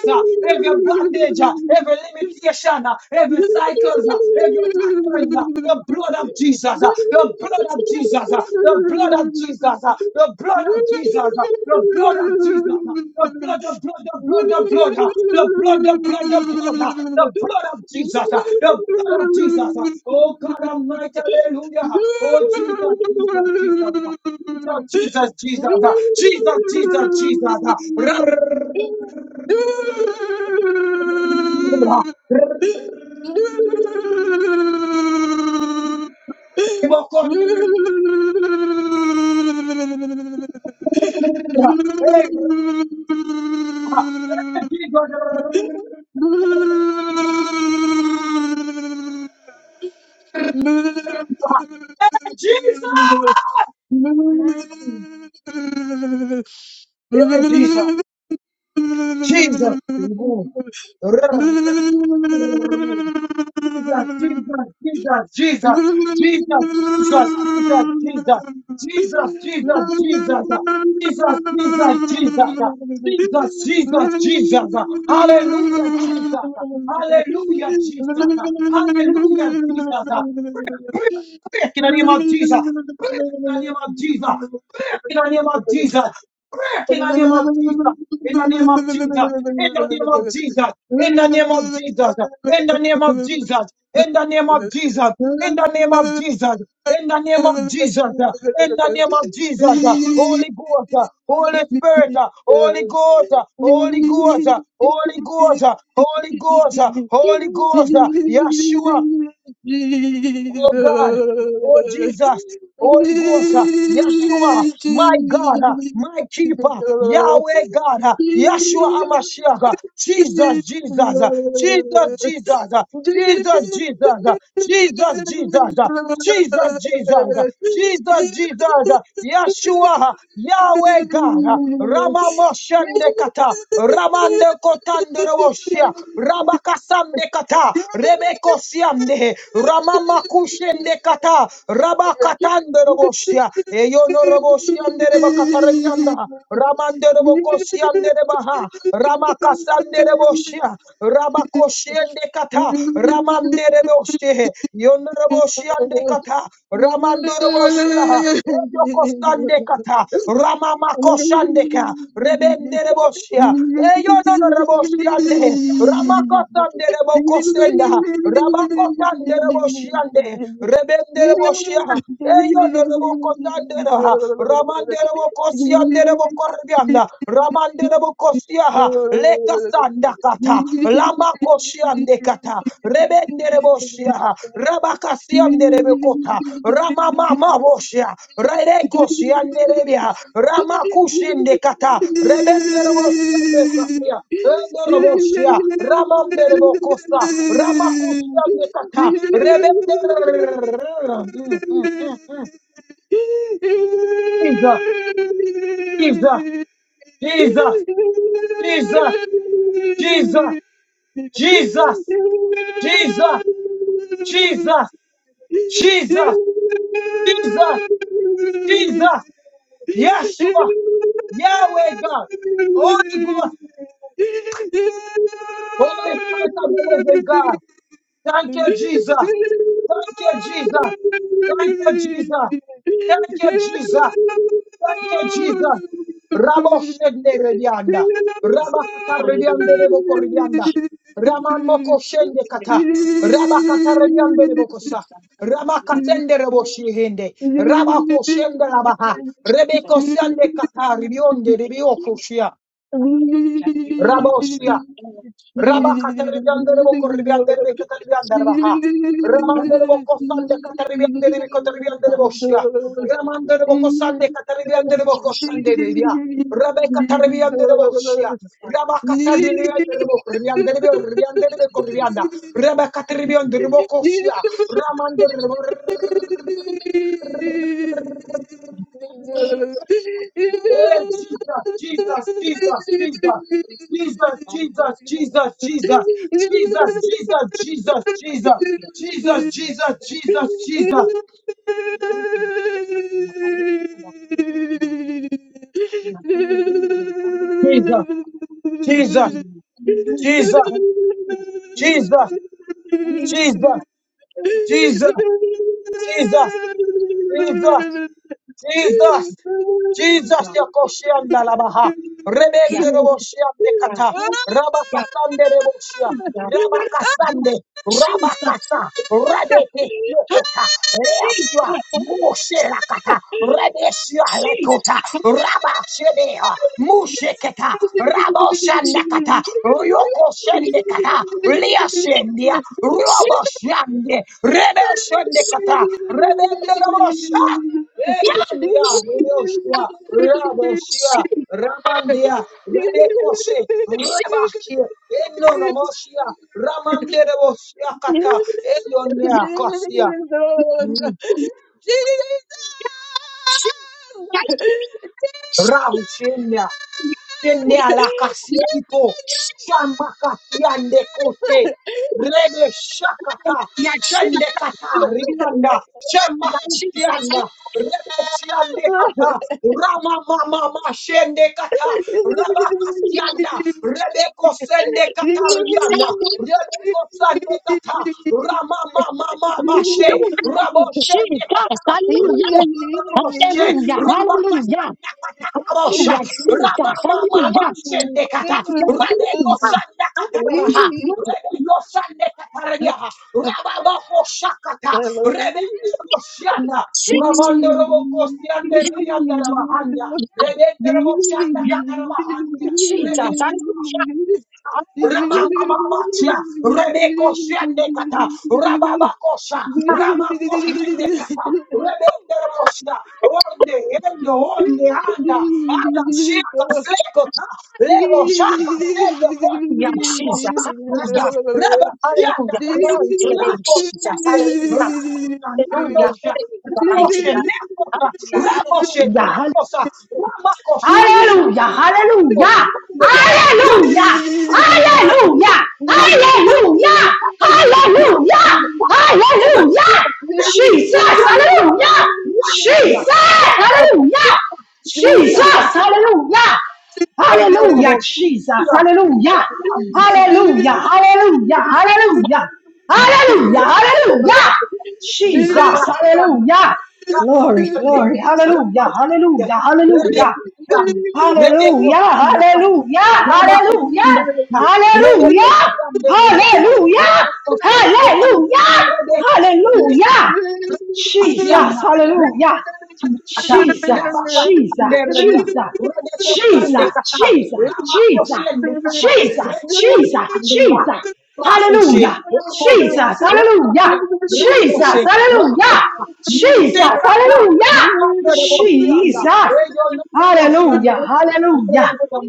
S2: every bondage, uh, every limitation, uh, every cycles, uh, every pattern, uh, the blood of Jesus, uh, the blood of Jesus, uh, the blood of Jesus, uh, the blood of Jesus, uh, the blood of Jesus, uh, the
S3: you.
S2: blood the blood, the
S3: Thank
S2: blood, the blood, uh, the blood, the blood, the blood, uh, the blood of Jesus, uh, the blood of Jesus. uh, Oh God
S3: you.
S2: Almighty, hallelujah. Oh Jesus, Jesus, Jesus. uh, Jesus, Jesus, Jesus, uh, Jesus, Jesus, Jesus. uh, ra- ra- ra- ra- ra- Bokon- ra- Hey, ra- hey, Jesus. Hey, Jesus. Mm. Hey, Jesus. Jesus. people. Jesus, Jesus, Jesus, Jesus, Jesus, Jesus, Jesus, Jesus, Jesus, Jesus, Jesus, Jesus, Jesus, Jesus, Jesus, Jesus, Jesus. Hallelujah, Jesus. Hallelujah, Jesus. Hallelujah, Jesus. Break in the name of Jesus. Break in the name of Jesus. Break in the name of Jesus. Break in the name of Jesus. In the name of Jesus. In the name of Jesus. In the name of Jesus. In the name of Jesus. In the name of Jesus. In the name of Jesus. In the name of Jesus, uh, in the name of Jesus, uh, Holy Ghost, uh, Holy Spirit, uh, Holy Ghost, uh, Holy Ghost, uh, Holy Ghost, uh, Holy Ghost, uh, Holy Ghost, uh, Yeshua, Oh God, oh Jesus, Holy Ghost, uh, Yeshua, my God, uh,
S3: Jesus.
S2: my keeper, Yahweh God, uh, Yeshua Amashiach, uh, Jesus, Jesus, uh, Jesus, Jesus, uh, Jesus, Jesus, uh, Jesus, Jesus, uh, Jesus, Jesus, Jesus, Jesus, Yeshua, Yahweh God, Rama Moshende Kata, Ramande Kotandere roshia, Rabakasamde Kata, Rebeko Siamde, Rama Makushende Kata, Rabakatandere roshia Eyono Roboshiamde Rebakata Rebianda, Ramande Reboko Siamde Rebaha, Ramakasande roshia. Rabakoshende kata, ramandereboshe, yonereboshende kata, ramandereboshia. Yokostande kata, ramama
S3: Thank
S2: koshande ka, rebende reboshia, eyo no reboshiande, ramakotande rebokosenda, ramakotande reboshiande, rebende reboshia, eyo no rebokotande Ramanderebo kosianderebo kordianda. Ramanderebo kosiaha. Lekasanda kata. Lama kosiande kata. Rebenderebo siaha. Rabakasianderebe kota. Ramamama
S3: you.
S2: bosia. Rerego rebia. Ramakushinde kata. Rebenderebo siande katia. Endorobosia, Ramanderebo Costa, Ramacusia de Cata, Rebender. Mm, mm, mm, mm. Jesus, Jesus, Jesus, Jesus, Jesus, Jesus, Jesus, Jesus, Jesus, Jesus, Yeshua, Yahweh God, Holy Ghost, Holy Spirit of the living God, thank you, Jesus. Thank you, Jesus. Thank you, Jesus. Thank you, Jesus. Thank you, Jesus. Rabo shende redianda. Raba kata rediande
S1: Hallelujah.
S2: reboko redianda. Raman moko shende kata. Raba kata rediande rebokosa. Rama katende rebo shihende. Raba ko
S3: Jesus.
S2: shende rabaha. Rebeko sende kata ribionde rebioko shia. Rabba Cataribian de Bocoribian de Cataribian de Raha,
S1: Hallelujah.
S2: Ramando de Bocosan de Cataribian de Cotaribian de
S1: Hallelujah.
S2: Boschia, Ramando de
S1: Hallelujah.
S2: Bocosan de Cataribian de Bocosan de Libia, Rabbe Cataribian de Boschia, Rabba Cataribian de
S3: Thank
S2: Bocoribian de Ribian de Bocoribianda, Rabba Cataribian de Bocosia, Ramando Hey, Jesus, Jesus, Jesus, Jesus. Jesus, Jesus, Jesus, Jesus, Jesus, Jesus, Jesus, Jesus, Jesus, Jesus,
S3: you.
S2: Jesus, Jesus, Jesus, Jesus, Jesus, Jesus, Jesus, Jesus, Jesus, Jesus, Jesus, Jesus, Yakoshianda Labaha, Rebende Roboshiande Kata, Rabakasande Reboshia, Rabakasande, Rabakata, Rabeke Yokota, Leachia, Moshe Rakata, Rebeshia Lekota, Rabashedea, Musheketa, Raboshandakata, Yokoshende kata. Leashendia, Roboshiande, Rebeshende Kata, Rebende Eyondia, Rudoshia, Raboshia, Ramandia, Rebekose, Rebachia, Enonomosia, Ramande Rebosia Kata, Eyonia Kosia, Rabushenia, Shende shamba Shambakasiande kote, Rebe shakata.
S1: Yeah,
S2: Shende
S1: Jesus.
S2: kata. Ribianda.
S1: About Jesus. I say,
S2: Shembakusianda. Rebe siande
S3: Jesus! [laughs]
S2: kata. Rama mama ma shende kata.
S1: Hallelujah,
S2: Rabakasianda. Rebe kosende kata
S1: Jesus.
S2: ribianda. Rebe kosende kata. Rama mama mama Raboshe
S1: hallelujah,
S2: Nekata,
S1: Jesus.
S2: Rebebaroshe,
S1: hallelujah, hallelujah,
S2: Rabakasa
S1: Hallelujah.
S2: Nakata Rabosha,
S1: Hallelujah, Jesus,
S2: Rabamama
S1: hallelujah,
S2: Shendekata,
S1: hallelujah,
S2: Rebeko
S1: hallelujah,
S2: Sandakata
S1: hallelujah,
S2: Rabaha, Rebeko
S1: hallelujah,
S2: Sandekata Rabiaha, Rababako Shakata, Rebeko Shiana,
S1: Jesus,
S2: Ramondo Roboko Siande
S1: hallelujah,
S2: Rianda Rabahanda,
S1: hallelujah,
S2: Rebeko Shanda
S1: yeah,
S2: Katarabahanda,
S1: Jesus,
S2: Rebeko
S1: hallelujah, hallelujah, hallelujah,
S2: Ramamamatia, Rebeko Shendekata, Rababakosha, Ramako Shendekata, Rebekerosia, Onde, Ende, Onde, Anda, Ada, Shaka, Slekota, Lebo, Shaka, Sedekot,
S1: yeah,
S2: Mako,
S1: Jesus,
S2: Shaka,
S1: hallelujah,
S2: Reba,
S1: hallelujah,
S2: Yandakata,
S1: glory to your name,
S2: Rako,
S1: Jesus,
S2: Shende,
S1: hallelujah,
S2: Rako,
S1: hallelujah,
S2: Sananosha,
S1: hallelujah,
S2: Rabo,
S1: mighty God,
S2: Shenekota,
S1: hallelujah,
S2: Rabo,
S1: hallelujah,
S2: Shetakosa, Ramako, Shakata, Rako Shendeka,
S1: Hallelujah! Hallelujah! Hallelujah! Hallelujah! Jesus! Hallelujah! Jesus! Hallelujah! Jesus! Hallelujah! Hallelujah,
S2: Honorable,
S1: Jesus.
S2: yeah,
S1: Hallelujah.
S2: yeah.
S1: Hallelujah. Hallelujah. Hallelujah. Hallelujah. Hallelujah. Jesus.
S2: Rabashan,
S1: Hallelujah. Glory,
S2: Rabashan,
S1: glory. Hallelujah.
S2: Rabashan,
S1: Hallelujah. Hallelujah.
S2: Rebekoshan,
S1: Hallelujah,
S2: Rebekoshan,
S1: hallelujah,
S2: Rabashan,
S1: hallelujah, hallelujah,
S2: Rebekoshan,
S1: hallelujah,
S2: Rebekoshan,
S1: hallelujah, hallelujah.
S2: Rebekoshan,
S1: Jesus,
S2: Asiana,
S1: hallelujah.
S2: Rekata,
S1: Jesus,
S2: Rabaka,
S1: Jesus,
S2: Anderia,
S1: Jesus,
S2: Rebeko Sande
S1: Jesus,
S2: Kata,
S1: Jesus,
S2: Lamako
S1: Jesus,
S2: Sende Kata,
S1: Jesus,
S2: Rebeko
S1: Jesus,
S2: Sandera,
S1: Jesus,
S2: Rakoshe,
S1: hallelujah, Jesus,
S2: Ramosia,
S1: hallelujah,
S2: Rekote,
S1: Jesus,
S2: Rakoshe,
S1: hallelujah,
S2: Rakosa,
S1: Jesus,
S2: Tekata,
S1: hallelujah,
S2: Rabaka Rebosiana,
S1: Jesus,
S2: Region Ramosia,
S1: hallelujah,
S2: and
S1: hallelujah,
S2: Ramosia,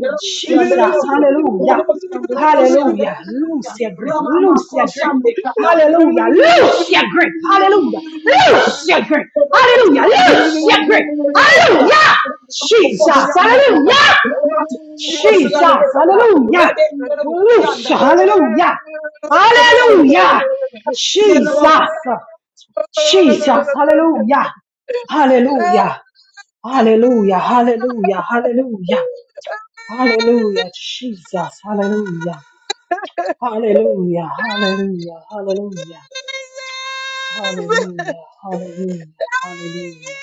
S2: and the
S1: Jesus,
S2: Rosia,
S1: hallelujah,
S2: Ramosia, and Ramosia,
S1: hallelujah, loose your grip,
S2: Ramama
S1: loose your grip,
S2: Koshande
S1: hallelujah, loose your grip, hallelujah, loose your grip.
S2: Glory,
S1: Hallelujah. loose. Little shepherd. Hallelujah. Jesus. Hallelujah. Jesus. Hallelujah. Loose. Hallelujah. Hallelujah. Jesus. Jesus. Hallelujah. Hallelujah. Hallelujah. Hallelujah. Hallelujah. Hallelujah. Jesus. Hallelujah. Hallelujah. Hallelujah. Hallelujah. Hallelujah. Hallelujah. Hallelujah.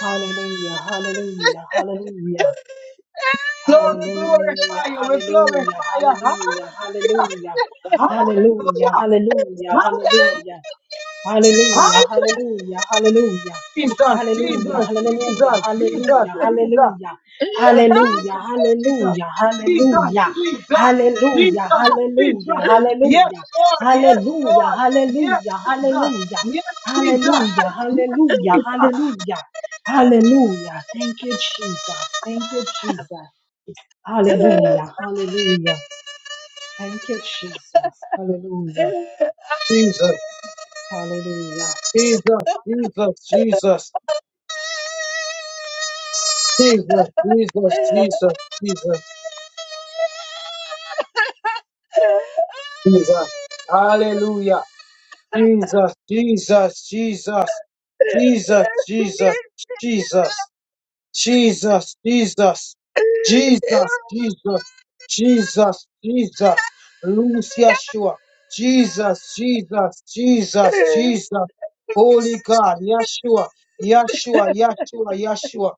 S1: Hallelujah. Hallelujah. Hallelujah.
S2: glorify
S1: Hallelujah,
S2: you. We
S1: hallelujah,
S2: glorify you.
S1: hallelujah,
S2: Hallelujah.
S1: hallelujah. Hallelujah,
S2: Hallelujah.
S1: hallelujah,
S2: Hallelujah.
S1: hallelujah. Hallelujah,
S2: Hallelujah.
S1: hallelujah, hallelujah.
S2: Jesus,
S1: Hallelujah, hallelujah,
S2: Jesus,
S1: hallelujah,
S2: Jesus, Jesus, Jesus.
S1: hallelujah. Hallelujah,
S2: Jesus,
S1: hallelujah,
S2: Jesus, Jesus,
S1: hallelujah.
S2: Jesus,
S1: Hallelujah,
S2: Jesus, Jesus.
S1: hallelujah,
S2: Yes,
S1: hallelujah.
S2: Lord, yes,
S1: Hallelujah,
S2: Lord, yes,
S1: hallelujah,
S2: Jesus,
S1: hallelujah.
S2: yes, Jesus,
S1: Hallelujah, hallelujah,
S2: yes,
S1: hallelujah. Hallelujah. Thank you, Jesus. Thank you, Jesus. Hallelujah. Hallelujah. Thank you, Jesus. Hallelujah.
S2: Jesus, Jesus,
S1: Yeah.
S2: Jesus, Jesus, Jesus, Jesus, Jesus, Jesus, Jesus, Jesus. Hallelujah. Jesus, Jesus, Jesus, Jesus, Jesus, Jesus. Jesus, Jesus, Jesus, Jesus, Jesus, Jesus, Loose Yeshua, Jesus, Jesus, Jesus, Jesus, Holy God, Yeshua, Yeshua, Yeshua, Yeshua,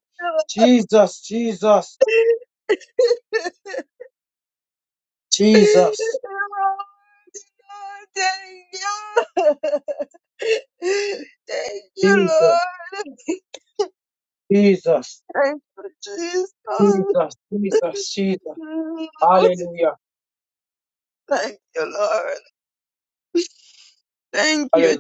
S2: Jesus, Jesus,
S3: Lord,
S2: Jesus,
S3: thank you. [laughs] Thank you,
S2: Jesus,
S3: Lord. [laughs]
S2: Jesus,
S3: Thank you, Jesus.
S2: Jesus, Jesus, Jesus,
S3: [laughs]
S2: Hallelujah,
S3: Thank you, Lord. Thank you,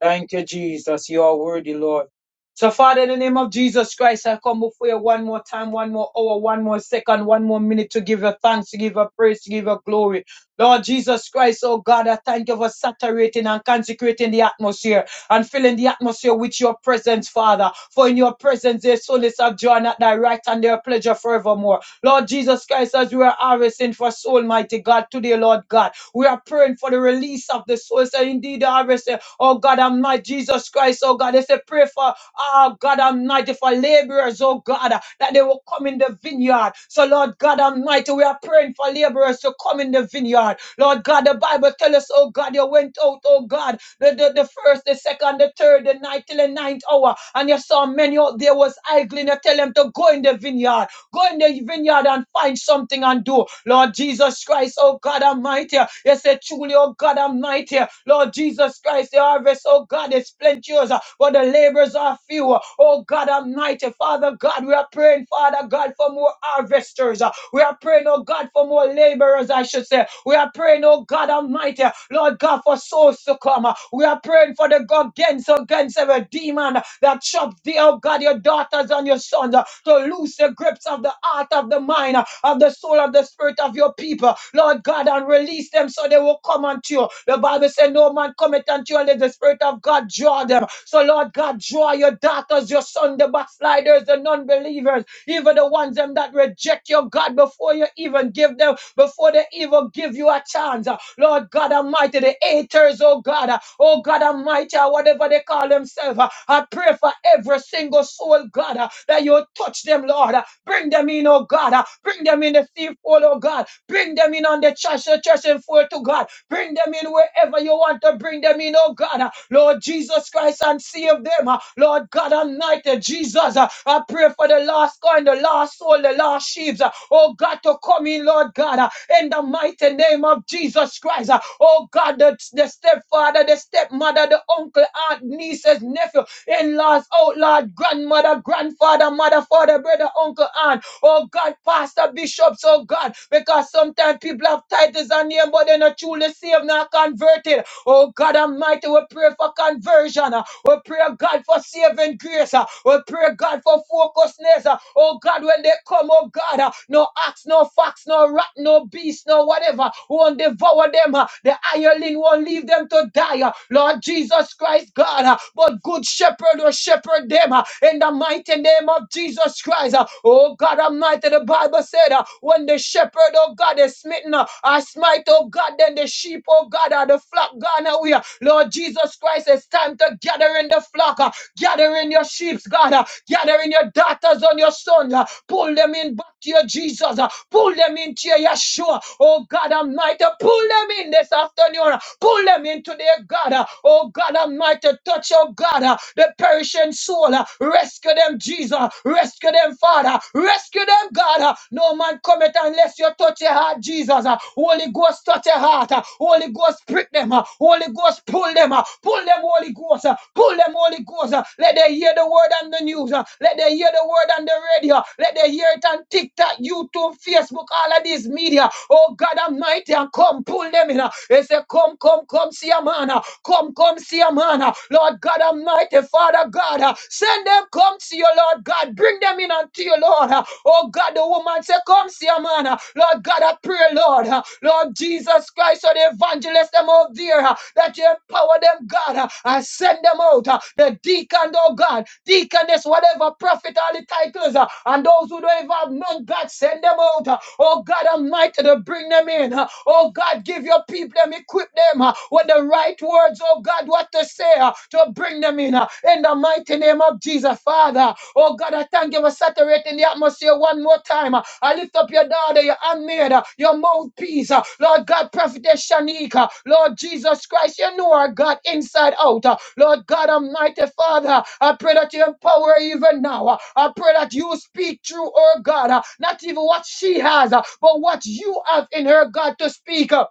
S2: Thank you, Jesus. You are worthy, Lord. So, Father, in the name of Jesus Christ, I come before you one more time, one more hour, one more second, one more minute to give you thanks, to give you praise, to give you glory. Lord Jesus Christ, oh God, I thank you for saturating and consecrating the atmosphere and filling the atmosphere with your presence, Father. For in your presence, there's fullness of joy, and at thy right and their pleasure forevermore. Lord Jesus Christ, as we are harvesting for soul, mighty God, today, Lord God, we are praying for the release of the souls. And indeed, the harvest, eh, oh God, and my Jesus Christ, oh God, they say, pray for, oh God, Almighty, for laborers, oh God, uh, that they will come in the vineyard. So, Lord God Almighty, we are praying for laborers to come in the vineyard. Lord God, the Bible tells us, oh God, you went out, oh God, the, the, the first, the second, the third, the ninth, till the ninth hour, and you saw many out there was idling. You tell them to go in the vineyard. Go in the vineyard and find something and do. Lord Jesus Christ, oh God Almighty. You say truly, oh God Almighty. Lord Jesus Christ, the harvest, oh God, is plenteous, uh, but the laborers are few. Oh God Almighty, Father God, we are praying, Father God, for more harvesters. uh, We are praying, oh God, for more laborers, I should say. We are praying, oh God Almighty, Lord God, for souls hosts to come. We are praying for the God against, against every demon that chops the oh God, your daughters and your sons uh, to loose the grips of the heart, of the mind, uh, of the soul, of the spirit of your people, Lord God, and release them so they will come unto you. The Bible said, No man cometh unto you unless the spirit of God draw them. So, Lord God, draw your daughters, your sons, the backsliders, the non believers, even the ones them that reject your God before you even give them, before they even give you a chance. Uh, Lord God Almighty, the haters, oh God, uh, oh God Almighty, uh, whatever they call themselves. uh, I pray for every single soul, God, uh, that you touch them, Lord. uh, Bring them in, oh God. uh, Bring them in the thief hole, oh God. Bring them in on the church, the church and full to God. Bring them in wherever you want to bring them in, oh God. uh, Lord Jesus Christ, and save them. uh, uh, Lord God Almighty, Jesus, uh, I pray for the last coin, the last soul, the last sheaves, uh, oh God, to come in, Lord God, uh, in the mighty name of Jesus Christ, uh, oh God, the, the stepfather, the stepmother, the uncle, aunt, nieces, nephew, in laws, outlaw, grandmother, grandfather, mother, father, brother, uncle, aunt, oh God, pastor, bishops, oh God, because sometimes people have titles and name, but they're not truly saved, not converted. Oh. Oh God Almighty, we pray for conversion. uh, We pray, God, for saving grace. uh, We pray, God, for focusness. uh, Oh God, when they come, oh God, uh, no axe, no fox, no rat, no beast, no whatever won't devour them. uh, The hireling won't leave them to die. uh, Lord Jesus Christ, God, uh, but good shepherd will shepherd them uh, in the mighty name of Jesus Christ. uh, Oh God Almighty, the Bible said, uh, when the shepherd, oh God, is smitten, uh, I smite, oh God, then the sheep, oh God, are the flock gone away. Lord Jesus Christ, it's time to gather in the flock, uh, gather in your sheep, God, uh, gather in your daughters and your sons, uh, pull them in back to your Jesus, uh, pull them into your Yeshua, oh God Almighty, pull them in this afternoon, uh, pull them into their God, uh, oh God Almighty, touch, oh God, uh, the perishing soul, uh, rescue them, Jesus, rescue them, Father, rescue them them, God. Uh, No man cometh unless you touch your heart, Jesus. Uh, Holy Ghost, touch your heart. Uh, Holy Ghost, prick them. Uh, Holy Ghost, pull them. Uh, Pull them, Holy Ghost. Uh, Pull them, Holy Ghost. Uh, Let them hear the word on the news. Uh, Let them hear the word on the radio. Let them hear it on TikTok, YouTube, Facebook, all of these media. Oh, God Almighty, and come, pull them in. Uh, They say, come, come, come, see a man. Uh, Come, come, see a man. Uh, Lord God Almighty, Father God, uh, send let them come to you, Lord God. Bring them in unto you, Lord. Uh, Oh God, the woman said, Come see your man. Uh, Lord God, I pray, Lord. uh, Lord Jesus Christ, or the evangelist, them out there, uh, that you empower them, God, uh, and send them out. uh, The deacon, oh God, deaconess, whatever, prophet, all the titles, uh, and those who don't even have none, God, send them out. uh, Oh God, Almighty, to bring them in. uh, Oh God, give your people them, equip them uh, with the right words, oh God. God, what to say uh, to bring them in. uh, In the mighty name of Jesus, Father. Oh God, I thank you for saturating the atmosphere one more time. uh, I lift up your daughter, your handmaid, uh, your mouthpiece. uh, Lord God, Prophetess Shanika. Lord Jesus Christ, you know our God inside out. uh, Lord God, Almighty Father, I pray that you empower her even now. uh, I pray that you speak through her, God. uh, Not even what she has, uh, but what you have in her, God, to speak. uh,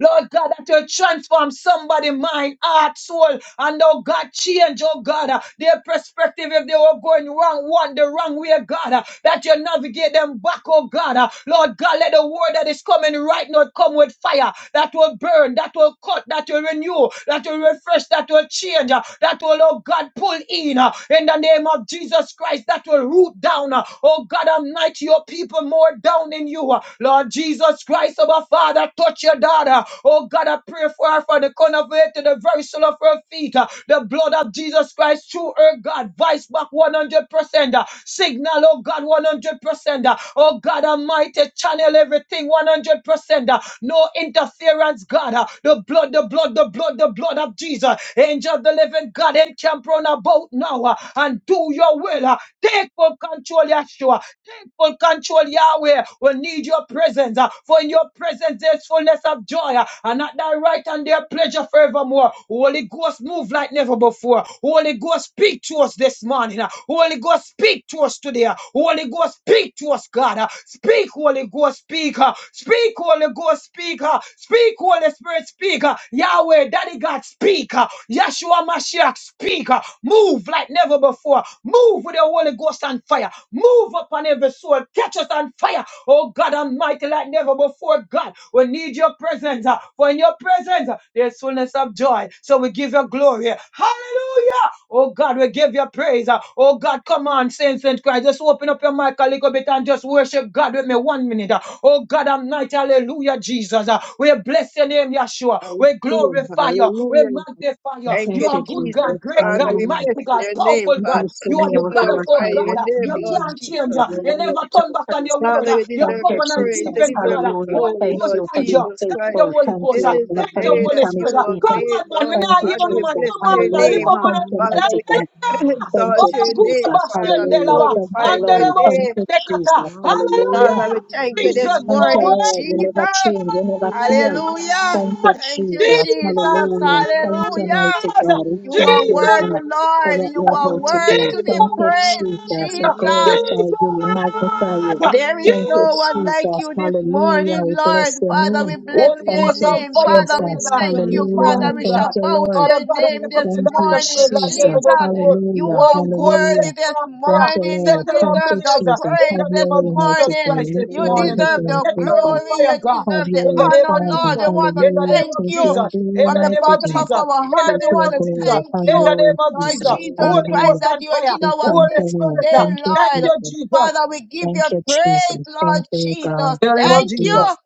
S2: Lord God, that you transform somebody mind, heart, soul, and oh God, change, oh God, uh, their perspective if they were going wrong, one the wrong way, God, uh, that you navigate them back, oh God. uh, Lord God, let the word that is coming right now come with fire that will burn, that will cut, that will renew, that will refresh, that will change, uh, that will, oh God, pull in uh, in the name of Jesus Christ, that will root down, uh, oh God, Almighty, your people more down in you you. Lord Jesus Christ, our Father, touch your daughter. Oh God, I pray for her from the corner of her head to the very sole of her feet. The blood of Jesus Christ through her, God, vice back 100%. Signal, oh God, 100%. Oh God Almighty, channel everything 100%. No interference, God. The blood, the blood, the blood, the blood of Jesus. Angel of the living God, encamp round about now and do your will. Take full control, Yeshua. Take full control, Yahweh. We need your presence. uh, For in your presence there's fullness of joy. uh, And at thy right hand their pleasure forevermore. Holy Ghost, move like never before. Holy Ghost, speak to us this morning. uh, Holy Ghost, speak to us today. uh, Holy Ghost, speak to us, God. uh, Speak, Holy Ghost, speak. uh, Speak, Holy Ghost, speak. uh, Speak, Holy Spirit, speak. uh, Yahweh, Daddy God, speak. uh, Yeshua Mashiach, speak. Uh, Move like never before. Move with the Holy Ghost and fire. Move upon every soul. Catch us on fire. Oh God Almighty, like never before, God. We need your presence. uh, For in your presence, uh, there's fullness of joy. So we give you glory. Hallelujah. Oh God, we give you praise. uh, Oh God, come on, saints and Christ. Just open up your mic a little bit and just worship God with me one minute. uh. Oh God Almighty, hallelujah, Jesus. uh, We bless your name, Yeshua. We
S3: Jesus.
S2: glorify glorify you. We
S3: Hallelujah.
S2: magnify you.
S3: Thank
S2: You
S1: Thank
S3: you,
S1: you,
S2: are good
S3: Jesus.
S2: God,
S1: Jesus.
S4: Hallelujah,
S2: great
S3: Father,
S2: God,
S3: we
S1: Hallelujah.
S3: bless
S2: mighty God,
S3: your name,
S2: powerful
S1: We
S2: God.
S3: Father.
S1: bless your
S2: You are
S3: [clears throat] We
S2: the
S1: name. We
S2: God of all
S3: glorify
S1: glorify
S3: your
S1: your
S2: God. You
S3: name,
S1: name,
S3: Lord
S2: can't
S1: mighty
S3: Jesus.
S2: change.
S1: God. You are
S2: You
S4: hallelujah.
S2: never
S1: worthy to
S2: turn
S1: be
S2: back on your
S1: praised.
S2: word.
S3: Father, you
S2: You're
S1: Thank
S3: deserve the
S1: you,
S2: covenant
S1: Jesus.
S3: praise. You
S2: keeping
S3: deserve
S2: God.
S3: the
S1: Hallelujah.
S2: Holy
S3: glory,
S1: Thank
S2: Ghost,
S3: Lord
S1: you for
S2: thank you.
S1: being
S3: Jesus
S2: Thank
S3: Christ.
S2: you,
S1: faithful.
S2: Holy
S1: Thank
S2: Ghost.
S3: This
S1: you,
S3: is
S1: God,
S3: the
S2: Thank
S1: for
S2: you,
S1: being
S3: day
S1: a
S2: Holy
S3: that you
S1: promise
S2: Spirit.
S3: were
S4: hallelujah.
S2: Come
S1: keeper.
S3: made,
S2: on, man. Me
S3: Lord.
S1: Thank
S2: nah
S1: you,
S2: hear
S3: Father,
S2: no
S3: we
S2: man.
S1: Jesus.
S3: bless
S2: Come
S3: your
S2: on, man. Lift
S1: Hallelujah.
S3: name.
S2: up on
S1: Thank
S2: it.
S1: you,
S3: Father,
S1: mighty
S3: we [laughs]
S1: God.
S3: [clears throat]
S1: Thank
S3: exalt
S1: you,
S2: Oh,
S3: your
S2: good
S3: name.
S1: Jesus.
S3: Father,
S2: bastion,
S3: we
S1: Hallelujah.
S2: Delaba.
S1: Thank
S3: glorify
S1: you,
S2: And the
S3: your
S1: Lord.
S2: rebels,
S1: Thank
S3: name.
S1: you,
S2: the
S1: Jesus.
S2: kata.
S1: Hallelujah.
S3: Father, we
S2: Hallelujah.
S3: thank you this
S2: Jesus, you
S1: Thank
S2: are
S1: you,
S3: morning,
S1: Lord. You
S2: worthy.
S1: never
S3: Jesus.
S1: change. You never fail.
S3: Hallelujah.
S1: Thank you,
S3: Thank you,
S1: Jesus.
S3: Jesus.
S1: Hallelujah. Thank you,
S3: Hallelujah.
S1: mighty
S2: Jesus!
S1: God. We
S3: You
S1: thank
S3: are
S1: you,
S3: worthy,
S1: God, for
S3: Lord.
S1: what
S3: You
S1: you're
S2: Jesus!
S3: are
S1: about to
S3: worthy
S1: do.
S3: to be
S2: Jesus!
S1: Thank you,
S3: praised,
S1: Jesus. We
S3: Jesus.
S1: glorify
S2: Jesus!
S1: you. We magnify you.
S3: There is
S1: Thank you,
S3: no
S2: Jesus!
S3: one like
S1: Jesus.
S3: you this
S1: Hallelujah.
S3: morning,
S1: We bless
S3: Lord.
S1: your
S3: Father,
S1: name.
S3: we bless
S2: Holy
S3: your
S1: Thank
S2: Ghost
S1: you,
S2: on
S3: name.
S2: fire
S3: Father,
S2: upon
S3: we
S2: your
S1: Jesus.
S2: daughter
S3: thank
S2: this
S3: you.
S1: Hallelujah.
S3: Father, we
S2: morning,
S1: Thank
S3: shout
S2: God.
S1: you,
S3: out
S1: Lord.
S3: your
S2: Father God,
S3: name
S2: wake up
S3: this
S2: your
S1: Thank you,
S2: daughter's
S3: morning,
S2: spirit like never
S1: Jesus.
S3: Jesus.
S2: before.
S3: You
S1: Hallelujah.
S3: are
S2: Holy Ghost, set
S1: Hallelujah.
S3: worthy
S2: her
S3: this
S2: on
S1: Thank
S2: fire.
S1: you,
S3: morning. You
S2: Set
S1: Lord.
S2: her
S1: Thank
S2: on
S1: you,
S3: deserve the
S2: blaze uh,
S1: Jesus.
S2: in
S3: praise
S2: the
S1: Have
S3: this
S2: name
S1: your way,
S2: of Jesus
S1: mighty
S3: morning.
S2: Christ
S1: God. Make
S2: this
S3: You
S1: your way
S2: morning.
S3: deserve
S1: with
S3: the
S2: Set her
S1: them,
S2: on
S3: glory.
S2: fire,
S3: You
S2: God.
S1: of
S3: deserve the
S1: your
S2: In the
S1: way,
S2: name
S3: honor,
S2: of
S1: Father.
S3: Lord. I
S2: Jesus.
S3: want to
S2: In the
S1: Hallelujah.
S2: name
S3: thank
S2: of
S1: Take
S3: you
S1: your
S2: Jesus.
S1: glory,
S2: In
S3: from
S2: the
S3: the
S1: mighty
S2: name of
S3: bottom
S1: God.
S3: of
S2: Jesus.
S3: our
S2: In
S3: heart.
S2: the
S1: Take
S3: I
S2: name
S1: your
S3: want
S2: of
S3: to
S2: Jesus.
S1: glory.
S3: thank
S1: Have
S3: you,
S2: In the
S1: your
S2: name
S1: way,
S2: of
S3: Lord
S2: Jesus.
S1: Jesus.
S3: Jesus
S2: Holy
S3: Christ,
S1: Hallelujah.
S2: Ghost
S3: that
S2: on
S3: you are
S2: fire.
S3: in
S1: We
S3: our
S2: Holy
S1: thank you,
S3: midst
S1: Lord.
S2: Spirit.
S3: today,
S2: uh,
S1: Thank you,
S2: Thank
S3: Lord.
S2: you,
S1: Jesus.
S2: Jesus.
S3: Father, we give you
S1: Thank you,
S3: praise,
S1: Jesus.
S3: Lord
S1: Thank you, God.
S3: Jesus.
S2: In the name
S1: Thank
S2: of
S3: Thank
S1: you.
S3: you.
S2: Jesus.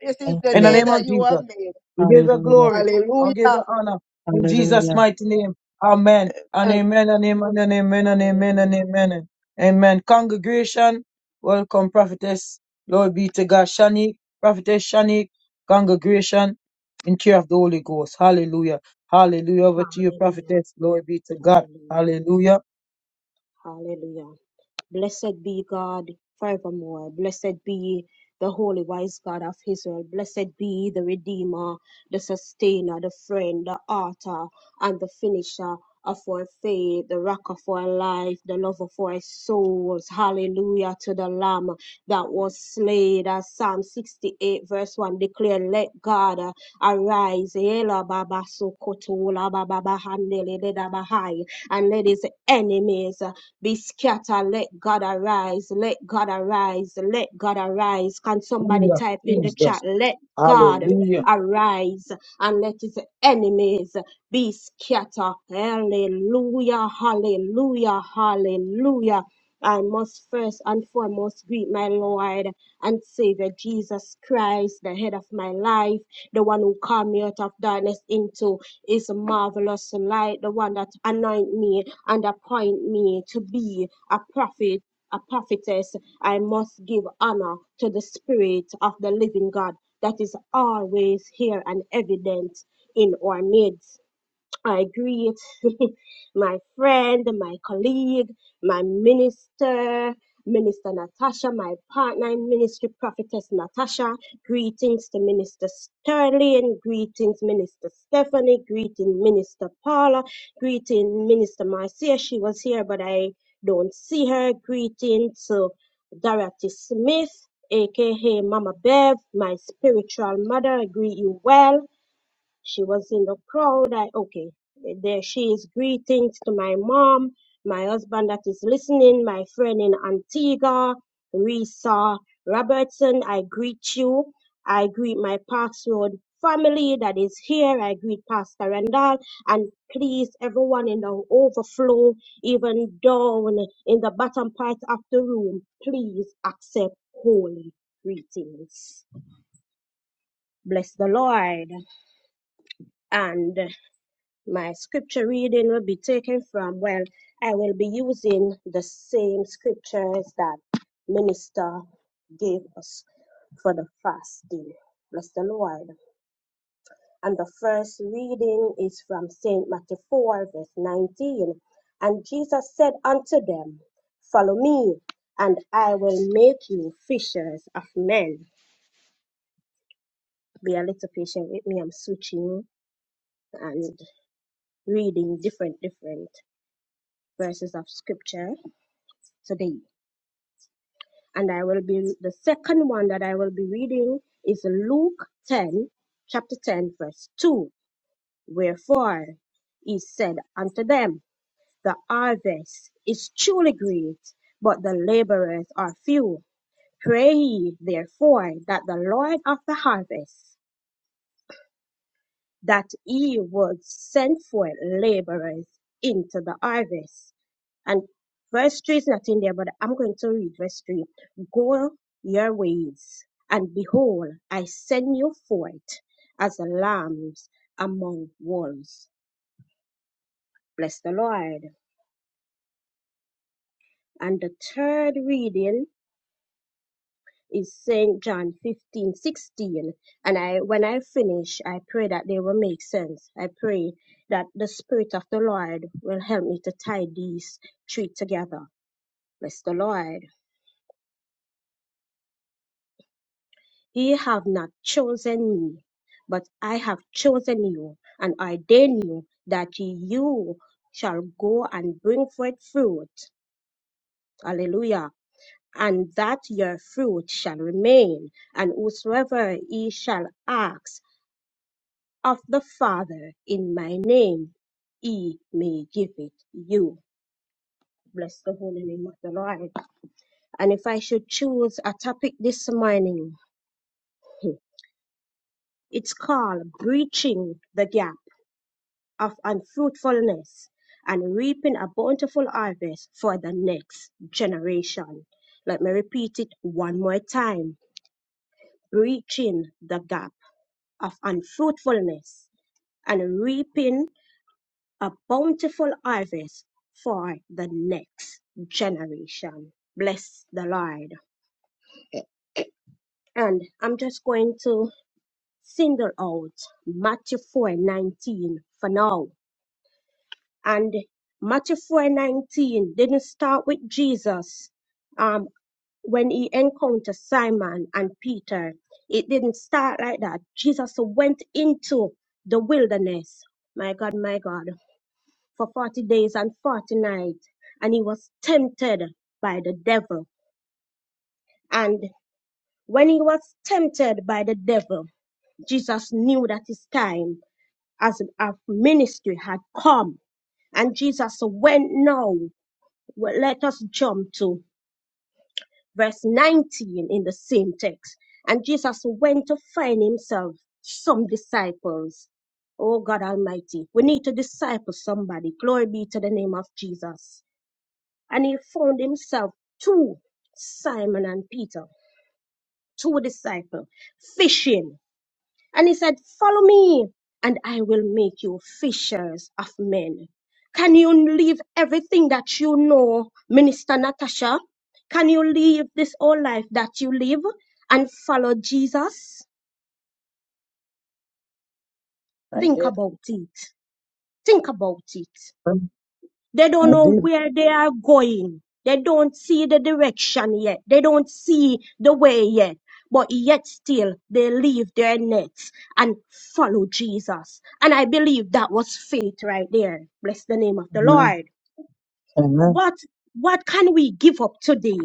S3: This is
S1: Thank
S3: the
S2: In the
S3: day
S2: name
S1: you.
S3: that
S2: of
S3: you
S2: Jesus.
S3: have made.
S2: We give you
S1: Hallelujah.
S2: glory. I'll give you
S3: Hallelujah.
S2: honor. In Jesus'
S1: Hallelujah.
S2: mighty name. Amen. And amen and amen and amen and amen and
S4: Hallelujah.
S2: amen. Amen. Congregation, welcome, prophetess. Lord be to God. Shani, prophetess Shani, congregation, in care of the Holy Ghost. Hallelujah. Hallelujah. Over to you,
S4: Hallelujah.
S2: prophetess. Glory be to God.
S4: Hallelujah.
S2: Hallelujah.
S4: Hallelujah. Blessed be God forevermore. Blessed be the holy wise God of Israel. Blessed be the Redeemer, the Sustainer, the Friend, the Author, and the Finisher of our faith, the Rock of our life, the Love of our souls. Hallelujah to the Lamb. that was slain. As Psalm 68, verse 1 declared, Let God uh, arise, Ela baba sokoto, la baba bahandele, de bahai, and let his enemies uh, be scattered. Let God arise, let God arise, let God arise. Can somebody
S2: Hallelujah.
S4: type in the chat?
S2: Jesus.
S4: Let God
S2: Hallelujah.
S4: arise and let his enemies be scattered. Hallelujah, hallelujah, hallelujah. I must first and foremost greet my Lord and Savior Jesus Christ, the head of my life, the one who called me out of darkness into his marvelous light, the one that anoint me and appoint me to be a prophet. A prophetess, I must give honor to the Spirit of the Living God that is always here and evident in our midst. I greet [laughs] my friend, my colleague, my minister, Minister Natasha, my partner in ministry, Prophetess Natasha. Greetings to Minister Sterling. Greetings, Minister Stephanie. Greeting, Minister Paula. Greeting, Minister Marcia. She was here, but I don't see her. Greeting to Dorothy Smith, aka Mama Bev, my spiritual mother. I greet you well she was in the crowd. I, okay, there she is. Greetings to my mom, my husband that is listening, my friend in Antigua, Risa Robertson. I greet you. I greet my Parks Road family that is here. I greet Pastor Randall and please everyone in the overflow, even down in the bottom part of the room, please accept holy greetings. Bless the Lord. And My scripture reading will be taken from, well, I will be using the same scriptures that Minister gave us for the fasting. Bless the Lord. And the first reading is from St. Matthew 4, verse 19. And Jesus said unto them, Follow me, and I will make you fishers of men. Be a little patient with me. I'm switching and reading different, different verses of scripture. today. And I will be, the second one that I will be reading is Luke 10, chapter 10, verse 2. Wherefore he said unto them, The harvest is truly great, but the laborers are few. Pray ye therefore that the Lord of the harvest, that he would send forth laborers into the harvest. And verse 3 is not in there, but I'm going to read verse 3. Go your ways, and behold, I send you forth as a lambs among wolves. Bless the Lord. And the third reading is St. John 15:16. And I when I finish, I pray that they will make sense. I pray that the Spirit of the Lord will help me to tie these three together. Bless the Lord. Ye have not chosen me, but I have chosen you, and ordained you that you shall go and bring forth fruit. Hallelujah. And that your fruit shall remain, and whosoever ye shall ask of the Father in my name, he may give it you. Bless the holy name of the Lord. And if I should choose a topic this morning, [laughs] it's called Breaching the Gap of unfruitfulness and reaping a bountiful harvest for the next generation. Let me repeat it one more time breaching the gap of unfruitfulness and reaping a bountiful harvest for the next generation. Bless the Lord. And I'm just going to single out Matthew 4:19 for now And Matthew 4:19 didn't start with Jesus um, when he encountered Simon and Peter. It didn't start like that. Jesus went into the wilderness, my God, my God, for 40 days and 40 nights, and he was tempted by the devil. And when he was tempted by the devil, Jesus knew that his time as a ministry had come and Jesus went now. Well, let us jump to verse 19 in the same text. And Jesus went to find himself some disciples. Oh God Almighty, we need to disciple somebody. Glory be to the name of Jesus. And he found himself two, Simon and Peter, two disciples, fishing. And he said, Follow me, and I will make you fishers of men. Can you leave everything that you know, Minister Natasha? Can you leave this whole life that you live and follow Jesus?
S2: I
S4: Think
S2: did.
S4: about it. Think about it. They don't
S2: I
S4: know
S2: did.
S4: where they are going. They don't see the direction yet. They don't see the way yet. But yet still they leave their nets and follow Jesus. And I believe that was faith right there. Bless the name of the
S2: Amen.
S4: Lord.
S2: Amen.
S4: What what can we give up today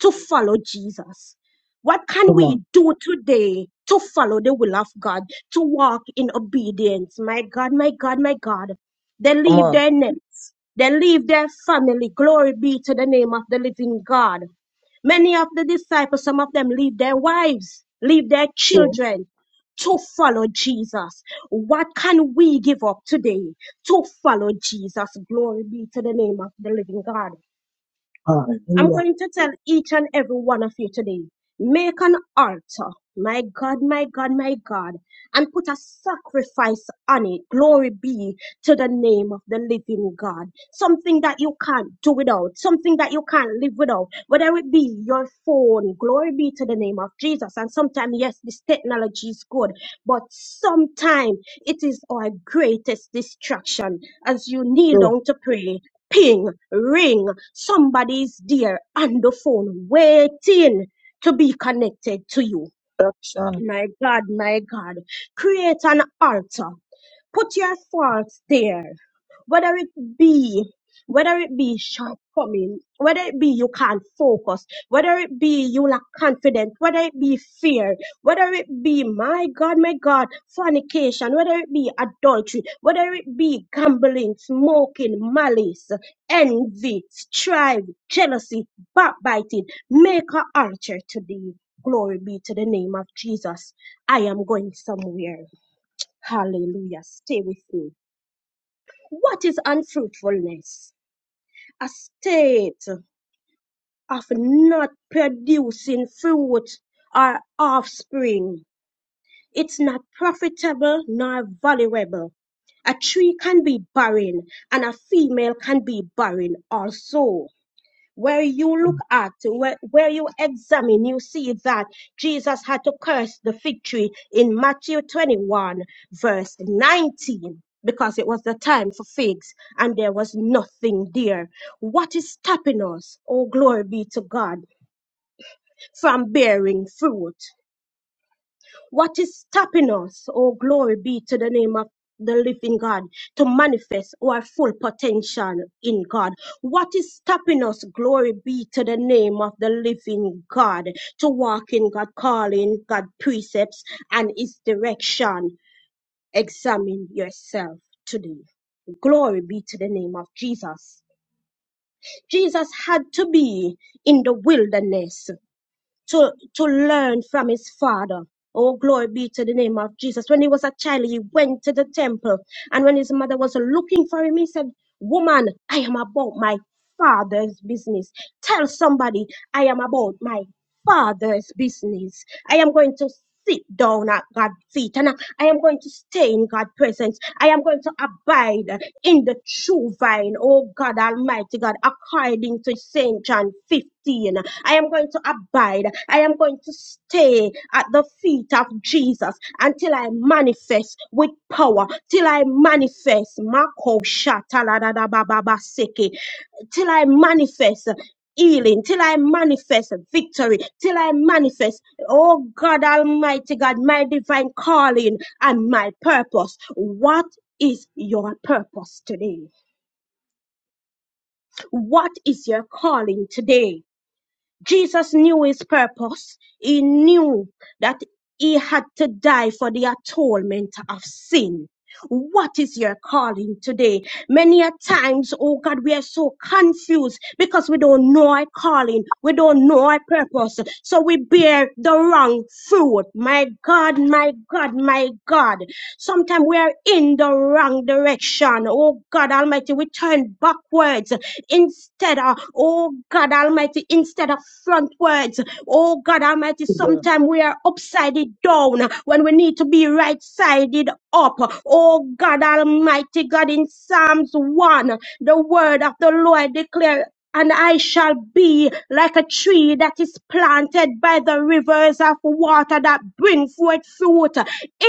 S4: to follow Jesus? What can
S2: Come on.
S4: we do today to follow the will of God, to walk in obedience? My God, my God, my God. They
S2: Come
S4: leave
S2: on.
S4: their nets. They leave their family. Glory be to the name of the living God. Many of the disciples, some of them leave their wives, leave their
S2: True.
S4: children to follow Jesus. What can we give up today to follow Jesus? Glory be to the name of the living God. I'm
S2: Hallelujah.
S4: going to tell each and every one of you today make an altar, my God, my God, my God, and put a sacrifice on it. Glory be to the name of the living God. Something that you can't do without, something that you can't live without, whether it be your phone. Glory be to the name of Jesus. And sometimes, yes, this technology is good, but sometimes it is our greatest distraction as you kneel down to pray ping, ring. Somebody's there on the phone waiting to be connected to you.
S2: Action
S4: My God, my God, create an altar. Put your thoughts there. Whether it be, whether it be shortcoming, whether it be you can't focus, whether it be you lack confidence, whether it be fear, whether it be, my God, my God, fornication, whether it be adultery, whether it be gambling, smoking, malice, envy, strife, jealousy, backbiting, make an altar today. Glory be to the name of Jesus. I am going somewhere. Hallelujah. Stay with me. What is unfruitfulness? A state of not producing fruit or offspring. It's not profitable nor valuable. A tree can be barren and a female can be barren also. Where you look at, where, where you examine, you see that Jesus had to curse the fig tree in Matthew 21, verse 19, because it was the time for figs and there was nothing there. What is stopping us, oh glory be to God, from bearing fruit? What is stopping us? Oh, glory be to the name of the living God to manifest our full potential in God. What is stopping us? Glory be to the name of the living God to walk in God calling, God precepts and his direction. Examine yourself today. Glory be to the name of Jesus. Jesus had to be in the wilderness to, to learn from his father. Oh, glory be to the name of Jesus. When he was a child, he went to the temple. And when his mother was looking for him, he said, Woman, I am about my father's business. Tell somebody I am about my Father's business. I am going to sit down at God's feet and I I am going to stay in God's presence. I am going to abide in the true vine, oh God Almighty God, according to St. John 15. I am going to abide. I am going to stay at the feet of Jesus until I manifest with power, till I manifest. Mako shatalada bababaseke till I manifest healing, till I manifest victory, till I manifest, oh God Almighty God, my divine calling and my purpose. What is your purpose today? What is your calling today? Jesus knew his purpose. He knew that he had to die for the atonement of sin. What is your calling today? Many a times, oh God, we are so confused because we don't know our calling. We don't know our purpose. So we bear the wrong fruit. My God, my God, my God. Sometimes we are in the wrong direction. Oh God Almighty, we turn backwards Instead, uh, oh God Almighty, instead of frontwards, oh God Almighty,
S2: to God.
S4: sometimes we are upside down when we need to be right sided up. Oh God Almighty, God, in Psalms 1, the word of the Lord declare and I shall be like a tree that is planted by the rivers of water that bring forth fruit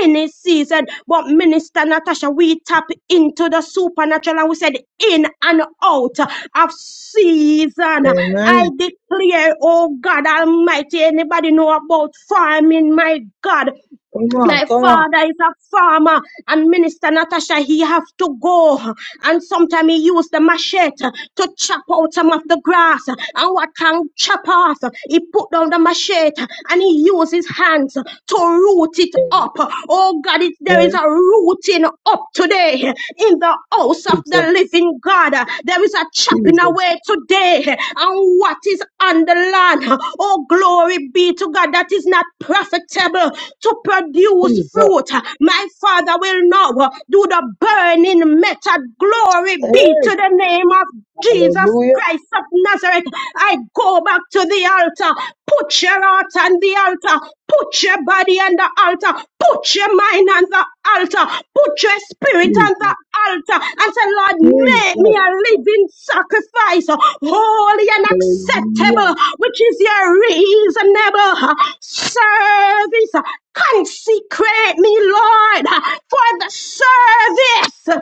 S4: in its season. But Minister Natasha, we tap into the supernatural and we said in and out of season.
S2: Amen.
S4: I declare, oh God Almighty, anybody know about farming, my God?
S2: Come on,
S4: My
S2: come on.
S4: father is a farmer, and Minister Natasha, he have to go. And sometimes he use the machete to chop out some of the grass. And what can chop off? He put down the machete and he use his hands to root it
S2: Yeah,
S4: up. Oh God, it, there
S2: yeah.
S4: is a rooting up today in the house of
S2: Jesus,
S4: the living God. There is a chopping
S2: Jesus,
S4: away today and what is on the land. Oh, glory be to God that is not profitable to produce
S2: Jesus.
S4: fruit. My Father will now do the burning method. Glory be to
S2: Hey,
S4: the name of Jesus
S2: hallelujah.
S4: Christ of Nazareth. I go back to the altar. Put your heart on the altar. Put your body on the altar. Put your mind on the altar. Put your spirit on the
S2: Jesus,
S4: altar. And say, Lord,
S2: Jesus,
S4: make me a living sacrifice, holy and
S2: hallelujah.
S4: acceptable, which is your reasonable service. Consecrate me, Lord, for the service.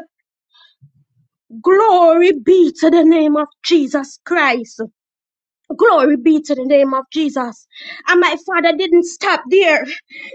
S4: Glory be to the name of Jesus Christ. Glory be to the name of Jesus. And my father didn't stop there.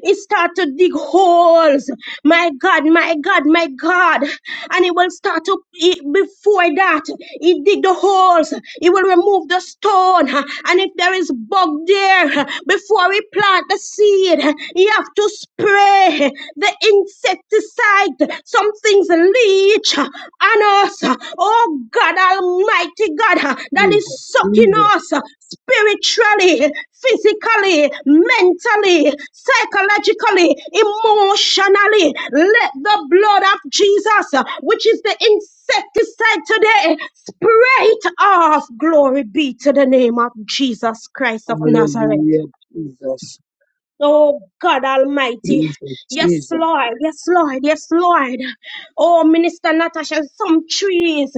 S4: He started to dig holes. My God, my God, my God. And he will start to, he- before that, he dig the holes. He will remove the stone. And if there is bug there, before he plant the seed, he have to spray the insecticide. Some things leech on us. Oh God, Almighty God, that is
S2: Jesus,
S4: sucking
S2: Jesus,
S4: us spiritually, physically, mentally, psychologically, emotionally. Let the blood of Jesus, which is the insecticide today, spray it off. Glory be to the name of Jesus Christ of Nazareth.
S2: hallelujah. Jesus,
S4: Oh God Almighty.
S2: Jesus,
S4: Yes,
S2: Jesus.
S4: Lord. Yes, Lord. Yes, Lord. Oh, Minister Natasha, some trees,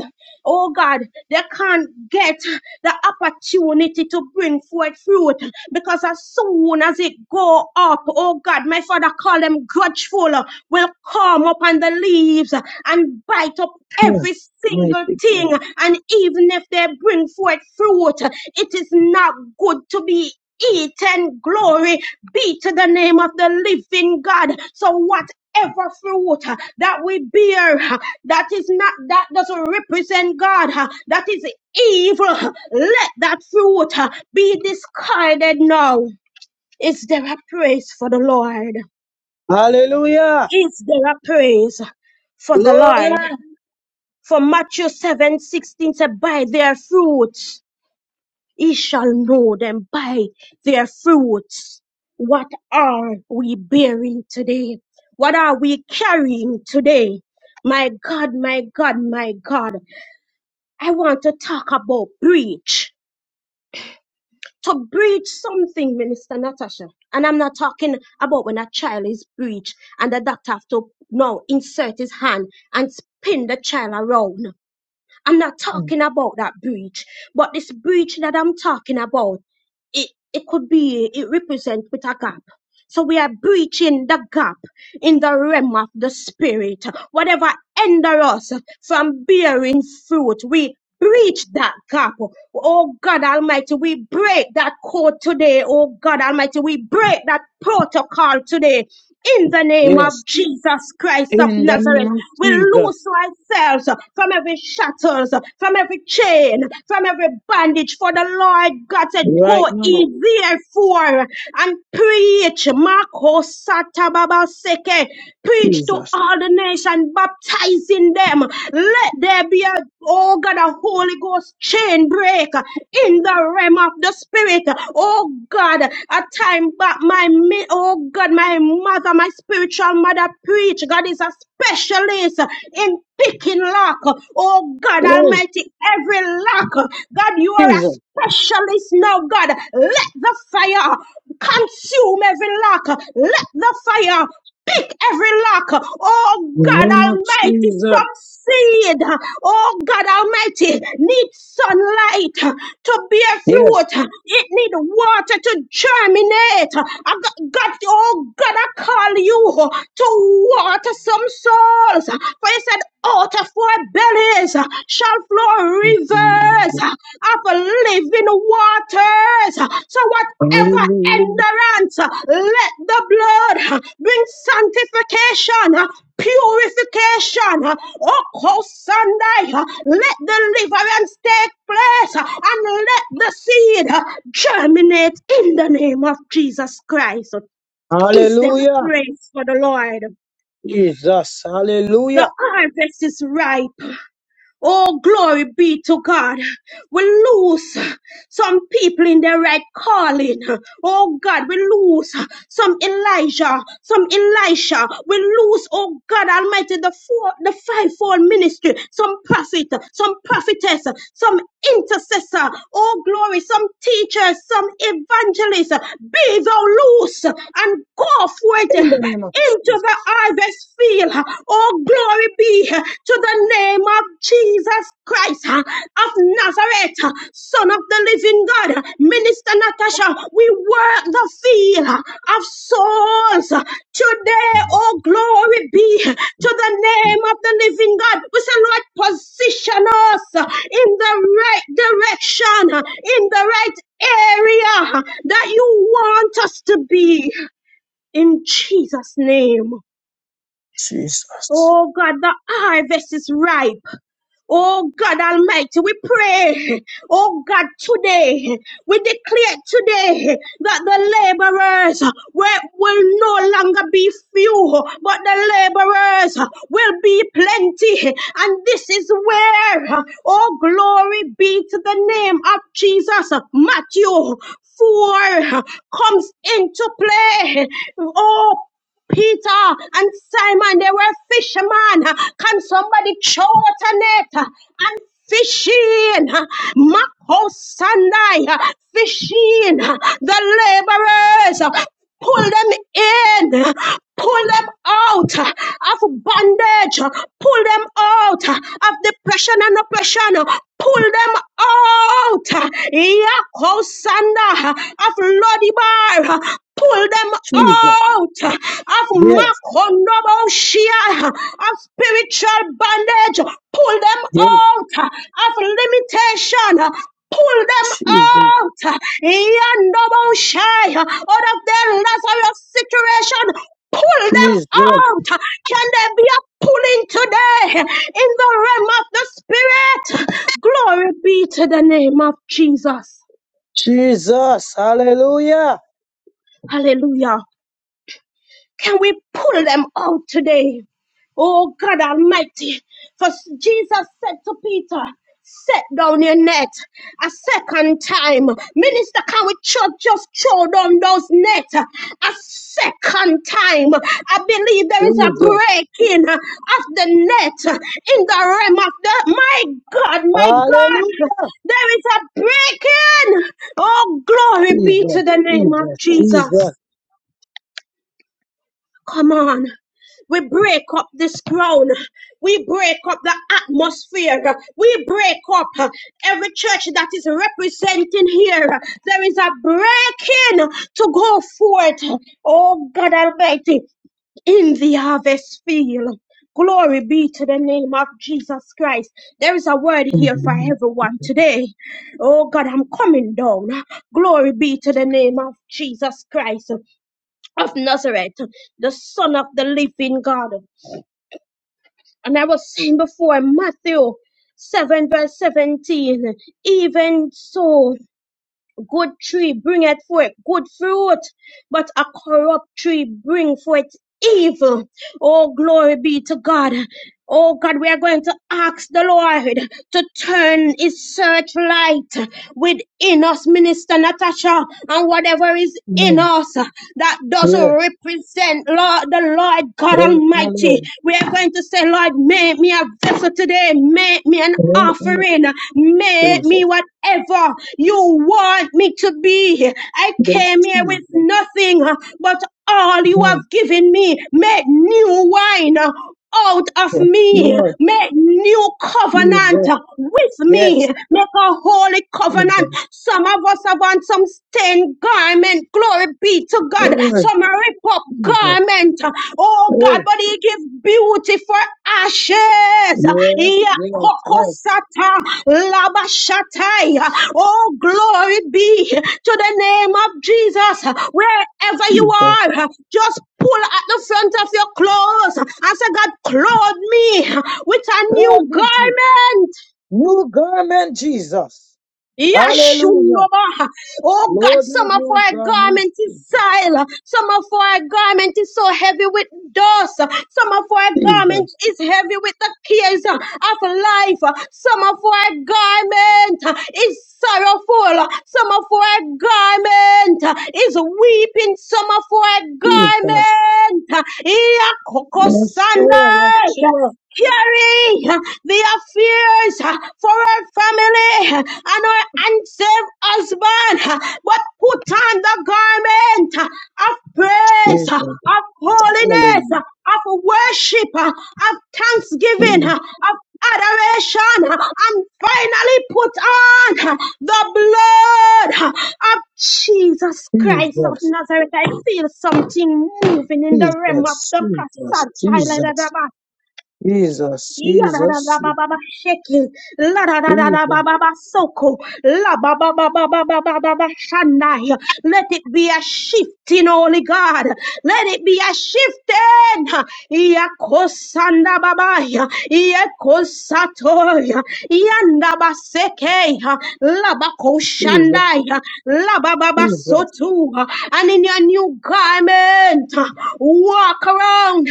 S4: oh God, they can't get the opportunity to bring forth fruit because as soon as it go up, oh God, my father call them grudgeful, will come up on the leaves and bite up
S2: Hmm.
S4: every single
S2: Mighty
S4: thing.
S2: God.
S4: And even if they bring forth fruit, it is not good to be Eat and Glory be to the name of the living God. So whatever fruit uh, that we bear uh, that is not that doesn't represent God, uh, that is evil, uh, let that fruit uh, be discarded now. Is there a praise for the Lord?
S2: Hallelujah.
S4: Is there a praise for the
S2: Glory.
S4: Lord? For Matthew seven sixteen said, By their fruits Ye shall know them by their fruits. What are we bearing today? What are we carrying today? My God, my God, my God. I want to talk about breach. To breach something, Minister Natasha. And I'm not talking about when a child is breached and the doctor have to now insert his hand and spin the child around. I'm not
S2: Hmm.
S4: talking about that breach, but this breach that I'm talking about, it, it could be, it represents with a gap. So we are breaching the gap in the realm of the spirit. Whatever hinder us from bearing fruit, we breach that gap. Oh God Almighty, we break that code today. Oh God Almighty, we break that protocol today. In the name of
S2: Yes,
S4: Jesus Christ of
S2: in the name
S4: Nazareth,
S2: of
S4: we
S2: Jesus,
S4: loose ourselves from every shackles, from every chain, from every bondage. For the Lord God said,
S2: right
S4: Go
S2: now,
S4: easy 4 and preach. Marco Satababa Seke. Preach to
S2: Jesus.
S4: all the nation, baptizing them. Let there be a oh God, a Holy Ghost chain break in the realm of the spirit. Oh God, a time back my mi- oh God, my mother, my spiritual mother preach. God is a specialist in picking lock. Oh God
S2: Hey,
S4: Almighty, every every lack. God, you are
S2: Jesus,
S4: a specialist now, God. Let the fire consume every lack. Let the fire pick every lock. Oh
S2: in the
S4: God
S2: name of
S4: Almighty,
S2: Jesus.
S4: succeed. Oh God Almighty, needs sunlight to bear
S2: Yes.
S4: fruit. It needs water to germinate. I got, God, oh God, I call you to water some soul souls. For he said, out of our bellies shall flow
S2: Hmm, hmm.
S4: rivers of living waters. So whatever
S2: Hallelujah.
S4: endurance, let the blood bring sanctification, purification. Oh, Sunday, let deliverance take place and let the seed germinate in the name of Jesus Christ. Is there
S2: Hallelujah.
S4: praise for the Lord?
S2: Jesus.
S4: The
S2: Hallelujah.
S4: harvest is ripe. Oh, glory be to God. We lose some people in their right calling. Oh, God, we lose some Elijah, some Elisha. We lose, oh, God Almighty, the four, the fivefold ministry, some prophet, some prophetess, some intercessor. Oh, glory, some teachers, some evangelists. Be thou loose and go
S2: In the
S4: forth
S2: name of
S4: into the
S2: Jesus.
S4: harvest field. Oh, glory be to the name of Jesus Christ huh, of Nazareth, Son of the Living God. Minister Natasha, we work the field of souls today. Oh, glory be to the name of the Living God. We say, Lord, position us in the right direction, in the right area that you want us to be in Jesus' name.
S2: Jesus.
S4: Oh God, the harvest is ripe. Oh God Almighty, we pray. Oh God, today we declare today that the laborers will, will no longer be few, but the laborers will be plenty. And this is where, oh glory be to the name of Jesus, Matthew 4 comes into play. Oh Peter and Simon, they were fishermen. Can somebody throw out a net? Fishing, Mako Sandai, fishing, the laborers, pull them in, pull them out of bondage, pull them out of depression and oppression, Pull them out. Yakosanda of Lodibar. Pull them
S2: Jesus.
S4: out of
S2: Yes.
S4: Makonoboshia, of spiritual bondage. Pull them
S2: Yes.
S4: out of limitation pull them
S2: Jesus.
S4: out. Yandoboshai, out of their Lazarus situation, pull them
S2: Jesus.
S4: out. Can there be a pulling today in the realm of the Spirit? Glory be to the name of Jesus.
S2: Jesus. Hallelujah.
S4: Hallelujah. Can we pull them out today? Oh God Almighty. For Jesus said to Peter, Set down your net a second time. Minister, can we church just throw down those net a second time? I believe there is a
S2: Jesus.
S4: breaking of the net in the realm of the. My God, my God,
S2: Hallelujah.
S4: there is a breaking. Oh, glory be
S2: Jesus.
S4: to the name of
S2: Jesus. Jesus.
S4: Jesus. Come on. We break up this ground. We break up the atmosphere. We break up uh, every church that is representing here. There is a breaking to go forth. Oh God Almighty, in the harvest field. Glory be to the name of Jesus Christ. There is a word here for
S2: Amen.
S4: everyone today. Oh God, I'm coming down. Glory be to the name of Jesus Christ of Nazareth, the Son of the living God. And I was saying before, Matthew 7, verse 17, even so. Good tree bringeth forth good fruit, but a corrupt tree bring forth evil. Oh, glory be to God. Oh God, we are going to ask the Lord to turn his searchlight within us, Minister Natasha, and whatever is in us that doesn't
S2: Yes.
S4: represent Lord, the Lord God
S2: Thank you,
S4: Almighty.
S2: Lord.
S4: We are going to say, Lord, make me a vessel today. Make make me an
S2: Thank you,
S4: offering. Make me
S2: Jesus.
S4: whatever you want me to be. I
S2: Yes.
S4: came here
S2: Jesus.
S4: with nothing but all you have
S2: Yes.
S4: given me. Make new wine out of
S2: Yes.
S4: me.
S2: Lord.
S4: Make new covenant
S2: Jesus.
S4: with me.
S2: Yes.
S4: Make a holy covenant.
S2: Jesus.
S4: Some of us have on some stained garment. Glory be to God. God.
S2: Lord.
S4: Some rip up
S2: Jesus.
S4: garment. Oh God, but he give beauty for ashes.
S2: Yes,
S4: Yeah,
S2: yes, yes,
S4: kokosata, labashatai. Oh, glory be to the name of Jesus. Wherever you
S2: Jesus.
S4: are, just pull at the front of your clothes and say, God, clothe me with a
S2: Lord
S4: new
S2: you, Jesus.
S4: garment.
S2: New garment, Jesus. Hallelujah.
S4: Yashunoba. Oh God,
S2: Lord you,
S4: some of
S2: new
S4: our
S2: garment,
S4: garment is
S2: Jesus.
S4: soiled. Some of our garment is so heavy with dust. Some of our
S2: Jesus,
S4: garment is heavy with the cares of life. Some of our garment is sorrowful. Some of our garment is weeping. Some of our
S2: Jesus.
S4: garment.
S2: Yes, sure, yes,
S4: Yakokosandai
S2: sure.
S4: carry uh, the affairs uh, for our family uh, and our unsaved husband, uh, but put on the garment uh, of praise,
S2: Yes,
S4: uh, of holiness,
S2: hallelujah.
S4: uh, of worship, uh, of thanksgiving, uh, of adoration, uh, and finally put on uh, the blood uh, of Jesus Christ of
S2: Jesus,
S4: Nazareth. I feel something moving in the realm of
S2: Jesus, Jesus,
S4: the
S2: Jesus, Jesus,
S4: Kassan Ya da da da
S2: Jesus,
S4: ba ba ba sheke, la da da da da ba
S2: Jesus,
S4: ba ba soko, la ba ba ba ba ba ba ba ba ba shanai. Let it be a shifting, Holy God. Let it be a shifting. Yakosanda babaya, yakosatoya, yandabaseke,
S2: Jesus,
S4: labakoshandaya,
S2: Jesus.
S4: and in your new garment, walk around.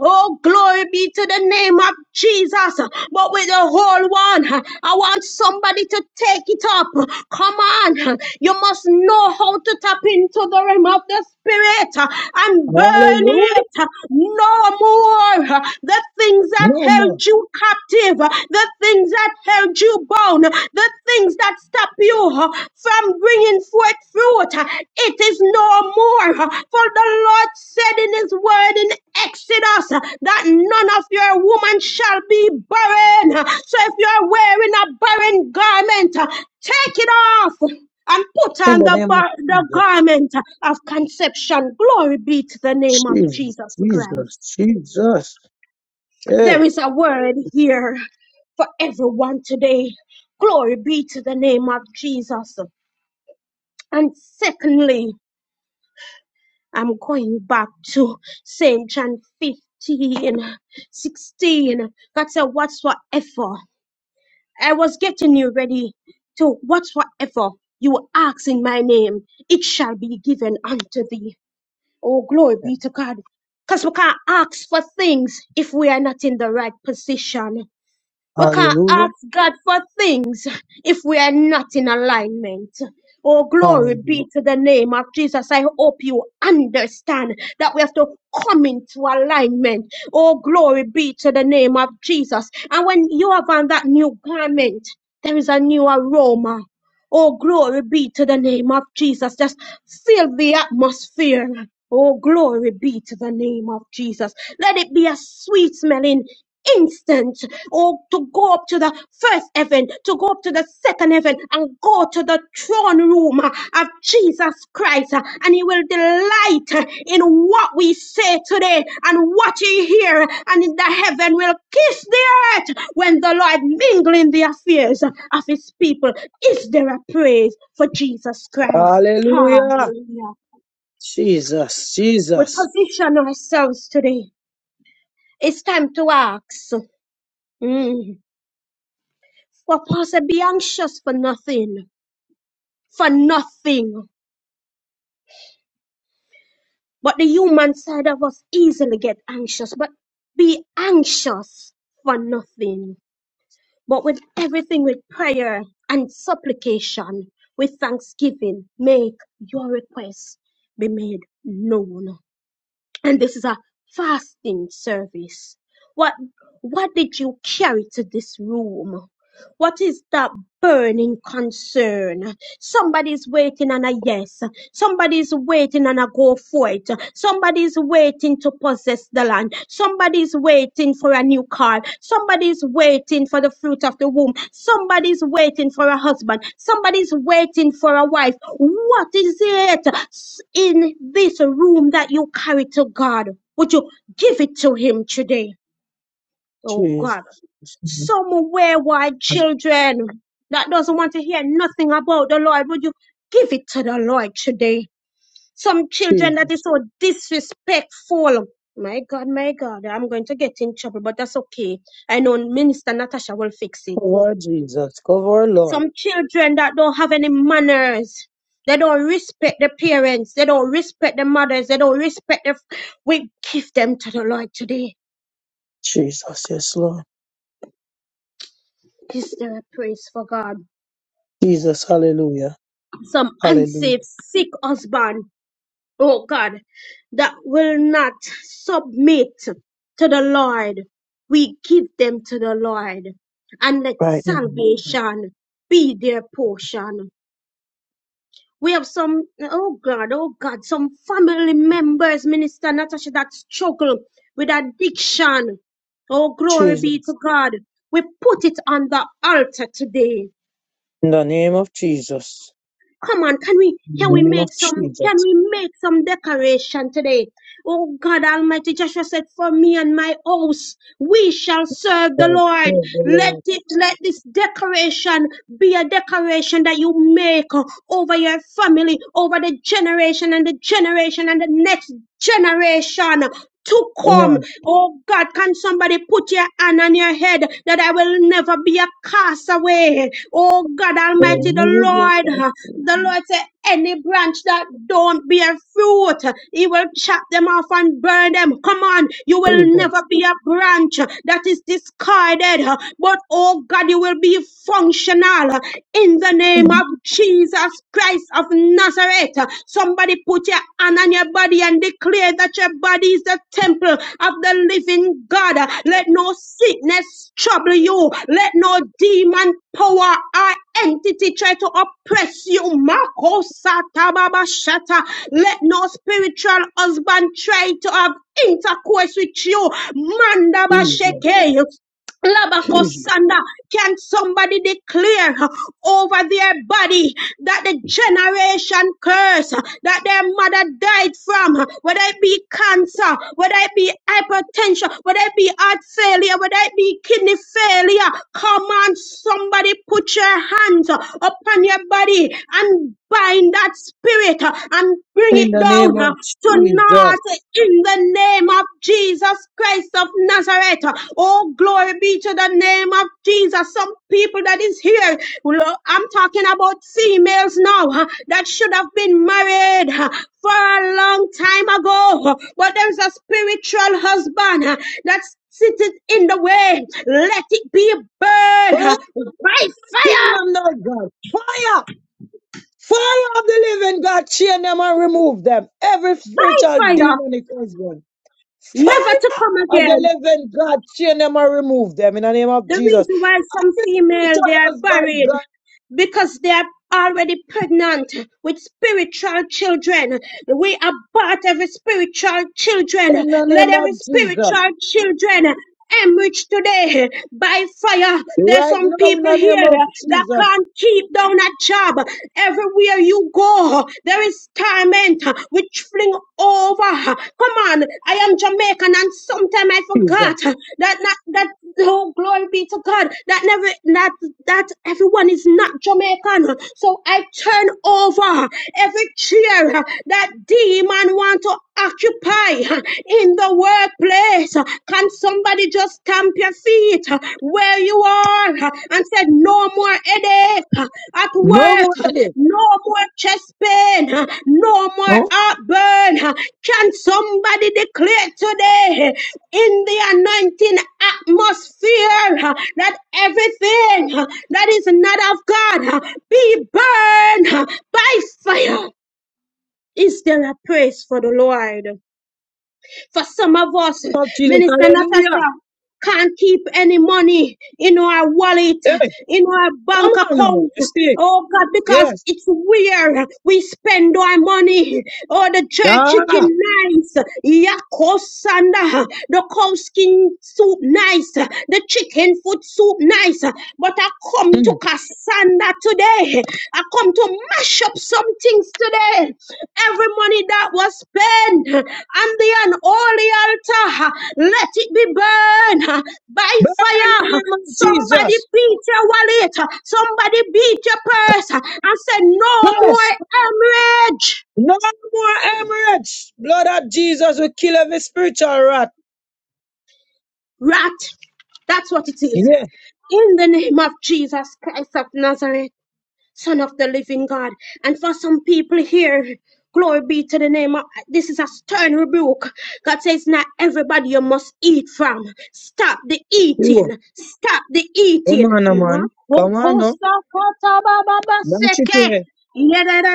S4: Oh, glory be to the name of Jesus. But with the whole one, I want somebody to take it up. Come on. You must know how to tap into the realm of the spirit and burn
S2: Hallelujah.
S4: it no more. The the things that
S2: No
S4: held
S2: more.
S4: you captive, the things that held you bound, the things that stop you huh, from bringing forth fruit. huh, It is no more. huh. For the Lord said in his word in Exodus that none of your woman shall be barren. huh. So if you're wearing a barren garment, huh, take it off and put
S2: In
S4: on
S2: the
S4: the,
S2: name of
S4: bar- the
S2: Jesus.
S4: garment of conception. Glory be to the name of
S2: Jesus,
S4: Jesus Christ.
S2: Jesus, Jesus.
S4: There
S2: Hey,
S4: is a word here for everyone today. Glory be to the name of Jesus. And secondly, I'm going back to St. John fifteen, sixteen. 16. God said, Whatsoever. I was getting you ready to whatsoever you ask in my name, it shall be given unto thee. Oh, glory be to God. Because we can't ask for things if we are not in the right position. We can't
S2: hallelujah,
S4: ask God for things if we are not in alignment. Oh, glory be
S2: hallelujah,
S4: to the name of Jesus. I hope you understand that we have to come into alignment. Oh, glory be to the name of Jesus. And when you have on that new garment, there is a new aroma. Oh, glory be to the name of Jesus. Just fill the atmosphere. Oh, glory be to the name of Jesus. Let it be a sweet smelling instant. Oh, to go up to the first heaven, to go up to the second heaven, and go to the throne room of Jesus Christ, uh, and He will delight uh, in what we say today and what you hear, and in the heaven will kiss the earth when the Lord mingle in the affairs of His people. Is there a praise for Jesus Christ?
S2: hallelujah.
S4: Hallelujah.
S2: Jesus,
S4: We
S2: Jesus,
S4: position ourselves today. It's time to ask. Mm. For Pastor, be anxious for nothing. For nothing. But the human side of us easily get anxious, but be anxious for nothing. But with everything with prayer and supplication, with thanksgiving, make your requests be made known. And this is a fasting service. What what did you carry to this room? What is that burning concern? Somebody's waiting on a yes. Somebody's waiting on a go for it. Somebody's waiting to possess the land. Somebody's waiting for a new car. Somebody's waiting for the fruit of the womb. Somebody's waiting for a husband. Somebody's waiting for a wife. What is it s- in this room that you carry to God? Would you give it to Him today? Oh God.
S2: Jesus, Jesus.
S4: Some wayward children that doesn't want to hear nothing about the Lord, would you give it to the Lord today? Some children that is so disrespectful. My God, my God, I'm going to get in trouble, but that's okay. I know Minister Natasha will fix it.
S2: Cover Jesus, cover our Lord.
S4: Some children that don't have any manners. They don't respect their parents. They don't respect their mothers. They don't respect their. We give them to the Lord today.
S2: Jesus, yes, Lord.
S4: Is there a praise for God?
S2: Jesus, hallelujah,
S4: Some
S2: hallelujah.
S4: unsafe, sick husband. oh God, that will not submit to the Lord, we give them to the Lord and let
S2: Right now,
S4: salvation be their portion. We have some, oh God, oh God, some family members, Minister Natasha, that struggle with addiction. Oh, glory be to
S2: Jesus.
S4: God. We put it on the altar today
S2: In the name of Jesus.
S4: Come on, can we
S2: In
S4: can
S2: the
S4: we
S2: name of
S4: make some can
S2: Jesus.
S4: we make some decoration today? Oh God Almighty, Joshua said, For me and my house, we shall serve the
S2: Oh,
S4: Lord.
S2: oh, the
S4: Let
S2: Lord.
S4: it let this decoration be a decoration that you make uh, over your family, over the generation and the generation and the next generation to come.
S2: Come on.
S4: Oh God, can somebody put your hand on your head that I will never be a castaway? Oh God Almighty, the
S2: Hallelujah,
S4: Lord. The Lord said, any branch that don't bear fruit, He will chop them off and burn them. Come on, you will never
S2: Jesus,
S4: be a branch that is discarded, but oh God, you will be functional in the name of Jesus Christ of Nazareth. Somebody put your hand on your body and declare that your body is the temple of the living God. Let no sickness trouble you. Let no demon power or entity try to oppress you. Mako Let no spiritual husband try to have intercourse with you. Mandaba
S2: Jesus, Jesus.
S4: Labakosanda, can somebody declare over their body that the generation curse that their mother died from, whether it be cancer, whether it be hypertension, whether it be heart failure, whether it be kidney failure, come on, somebody put your hands upon your body and bind that spirit and bring
S2: In
S4: it
S2: the name
S4: down
S2: of
S4: tonight
S2: Jesus.
S4: in the name of Jesus Christ of Nazareth. Oh, glory be to the name of Jesus. Some people that is here, lo- I'm talking about females now huh, that should have been married huh, for a long time ago, huh, but there's a spiritual husband huh, that's sitting in the way. Let it be burned
S2: Fire
S4: huh, by fire,
S2: kingdom, Lord God. Fire! Fire of the living God, chain them and remove them. Every
S4: by
S2: spiritual
S4: fire,
S2: demonic husband.
S4: never to
S2: Fire
S4: come
S2: of the
S4: again.
S2: living God, chain them and remove them in the name of
S4: The
S2: Jesus.
S4: reason why some female they
S2: Spiritual
S4: are
S2: husband,
S4: buried
S2: God,
S4: because they are already pregnant with spiritual children. We abort every spiritual children.
S2: in the
S4: Let
S2: name of
S4: every
S2: Jesus.
S4: spiritual children emerge today by fire. There's
S2: Right
S4: some
S2: now, in
S4: people
S2: the name
S4: here
S2: of
S4: that
S2: Jesus,
S4: can't keep down a job. Everywhere you go, there is torment which fling over far. Come on, I am Jamaican, and sometimes I
S2: Jesus.
S4: forgot that not that oh glory be to God that never that that everyone is not Jamaican. So I turn over every chair that demon want to occupy in the workplace. Can somebody just stamp your feet where you you are uh, and said, No more headache uh, at
S2: No
S4: work,
S2: more
S4: uh,
S2: of this.
S4: no more chest pain, uh, no more
S2: No
S4: heartburn. uh, Can somebody declare today in the anointing atmosphere uh, that everything uh, that is not of God uh, be burned uh, by fire? Is there a praise for the Lord? For some of us,
S2: more of Jesus.
S4: Minister
S2: Hallelujah.
S4: Natasha, can't keep any money in our wallet,
S2: Hey,
S4: in our
S2: come
S4: bank
S2: on, no more.
S4: account.
S2: You see?
S4: Oh God, because
S2: Yes.
S4: it's where we spend our money. Oh, the
S2: Yeah.
S4: jerk
S2: Mm.
S4: chicken nice, yakosanda, the cow skin soup nice, the chicken foot soup nice. But I
S2: Burn
S4: come to
S2: in
S4: Casada. Sanda today. I come to mash up some things today. Every money that was spent on the unholy altar, let it be burned by
S2: the
S4: fire.
S2: name of
S4: Somebody
S2: Jesus.
S4: beat your wallet. Somebody beat your purse and say, No
S2: Yes.
S4: more hemorrhage.
S2: No more Emirates. Blood of Jesus will kill every spiritual rat.
S4: Rat. That's what it is.
S2: Yeah.
S4: In the name of Jesus Christ of Nazareth. Son of the living God. And for some people here, glory be to the name of this is a stern rebuke. God says, Not everybody you must eat from. Stop the
S2: Oh,
S4: eating. Stop the
S2: Come
S4: eating.
S2: on, now, man. Come on,
S4: Makoko
S2: no.
S4: sakata
S2: Launch it away.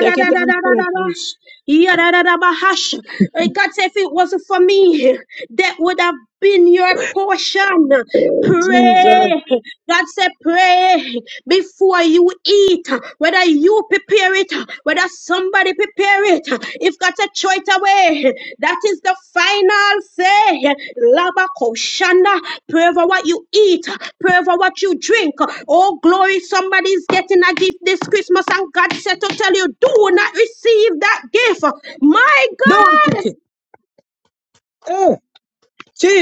S2: Take it and throw it.
S4: Yadadadabahash. Uh, God said, if it wasn't for me, that would have been your portion.
S2: Oh, Jesus.
S4: Pray. God said, pray before you eat. Whether you prepare it, whether somebody prepare spirit. If got to throw it away, that is the final say. Labako Shanda, pray for what you eat, pray for what you drink. Oh, glory, somebody's getting a gift this Christmas, and God said to tell you, do not receive that gift. My
S2: Don't
S4: God.
S2: take it. Oh,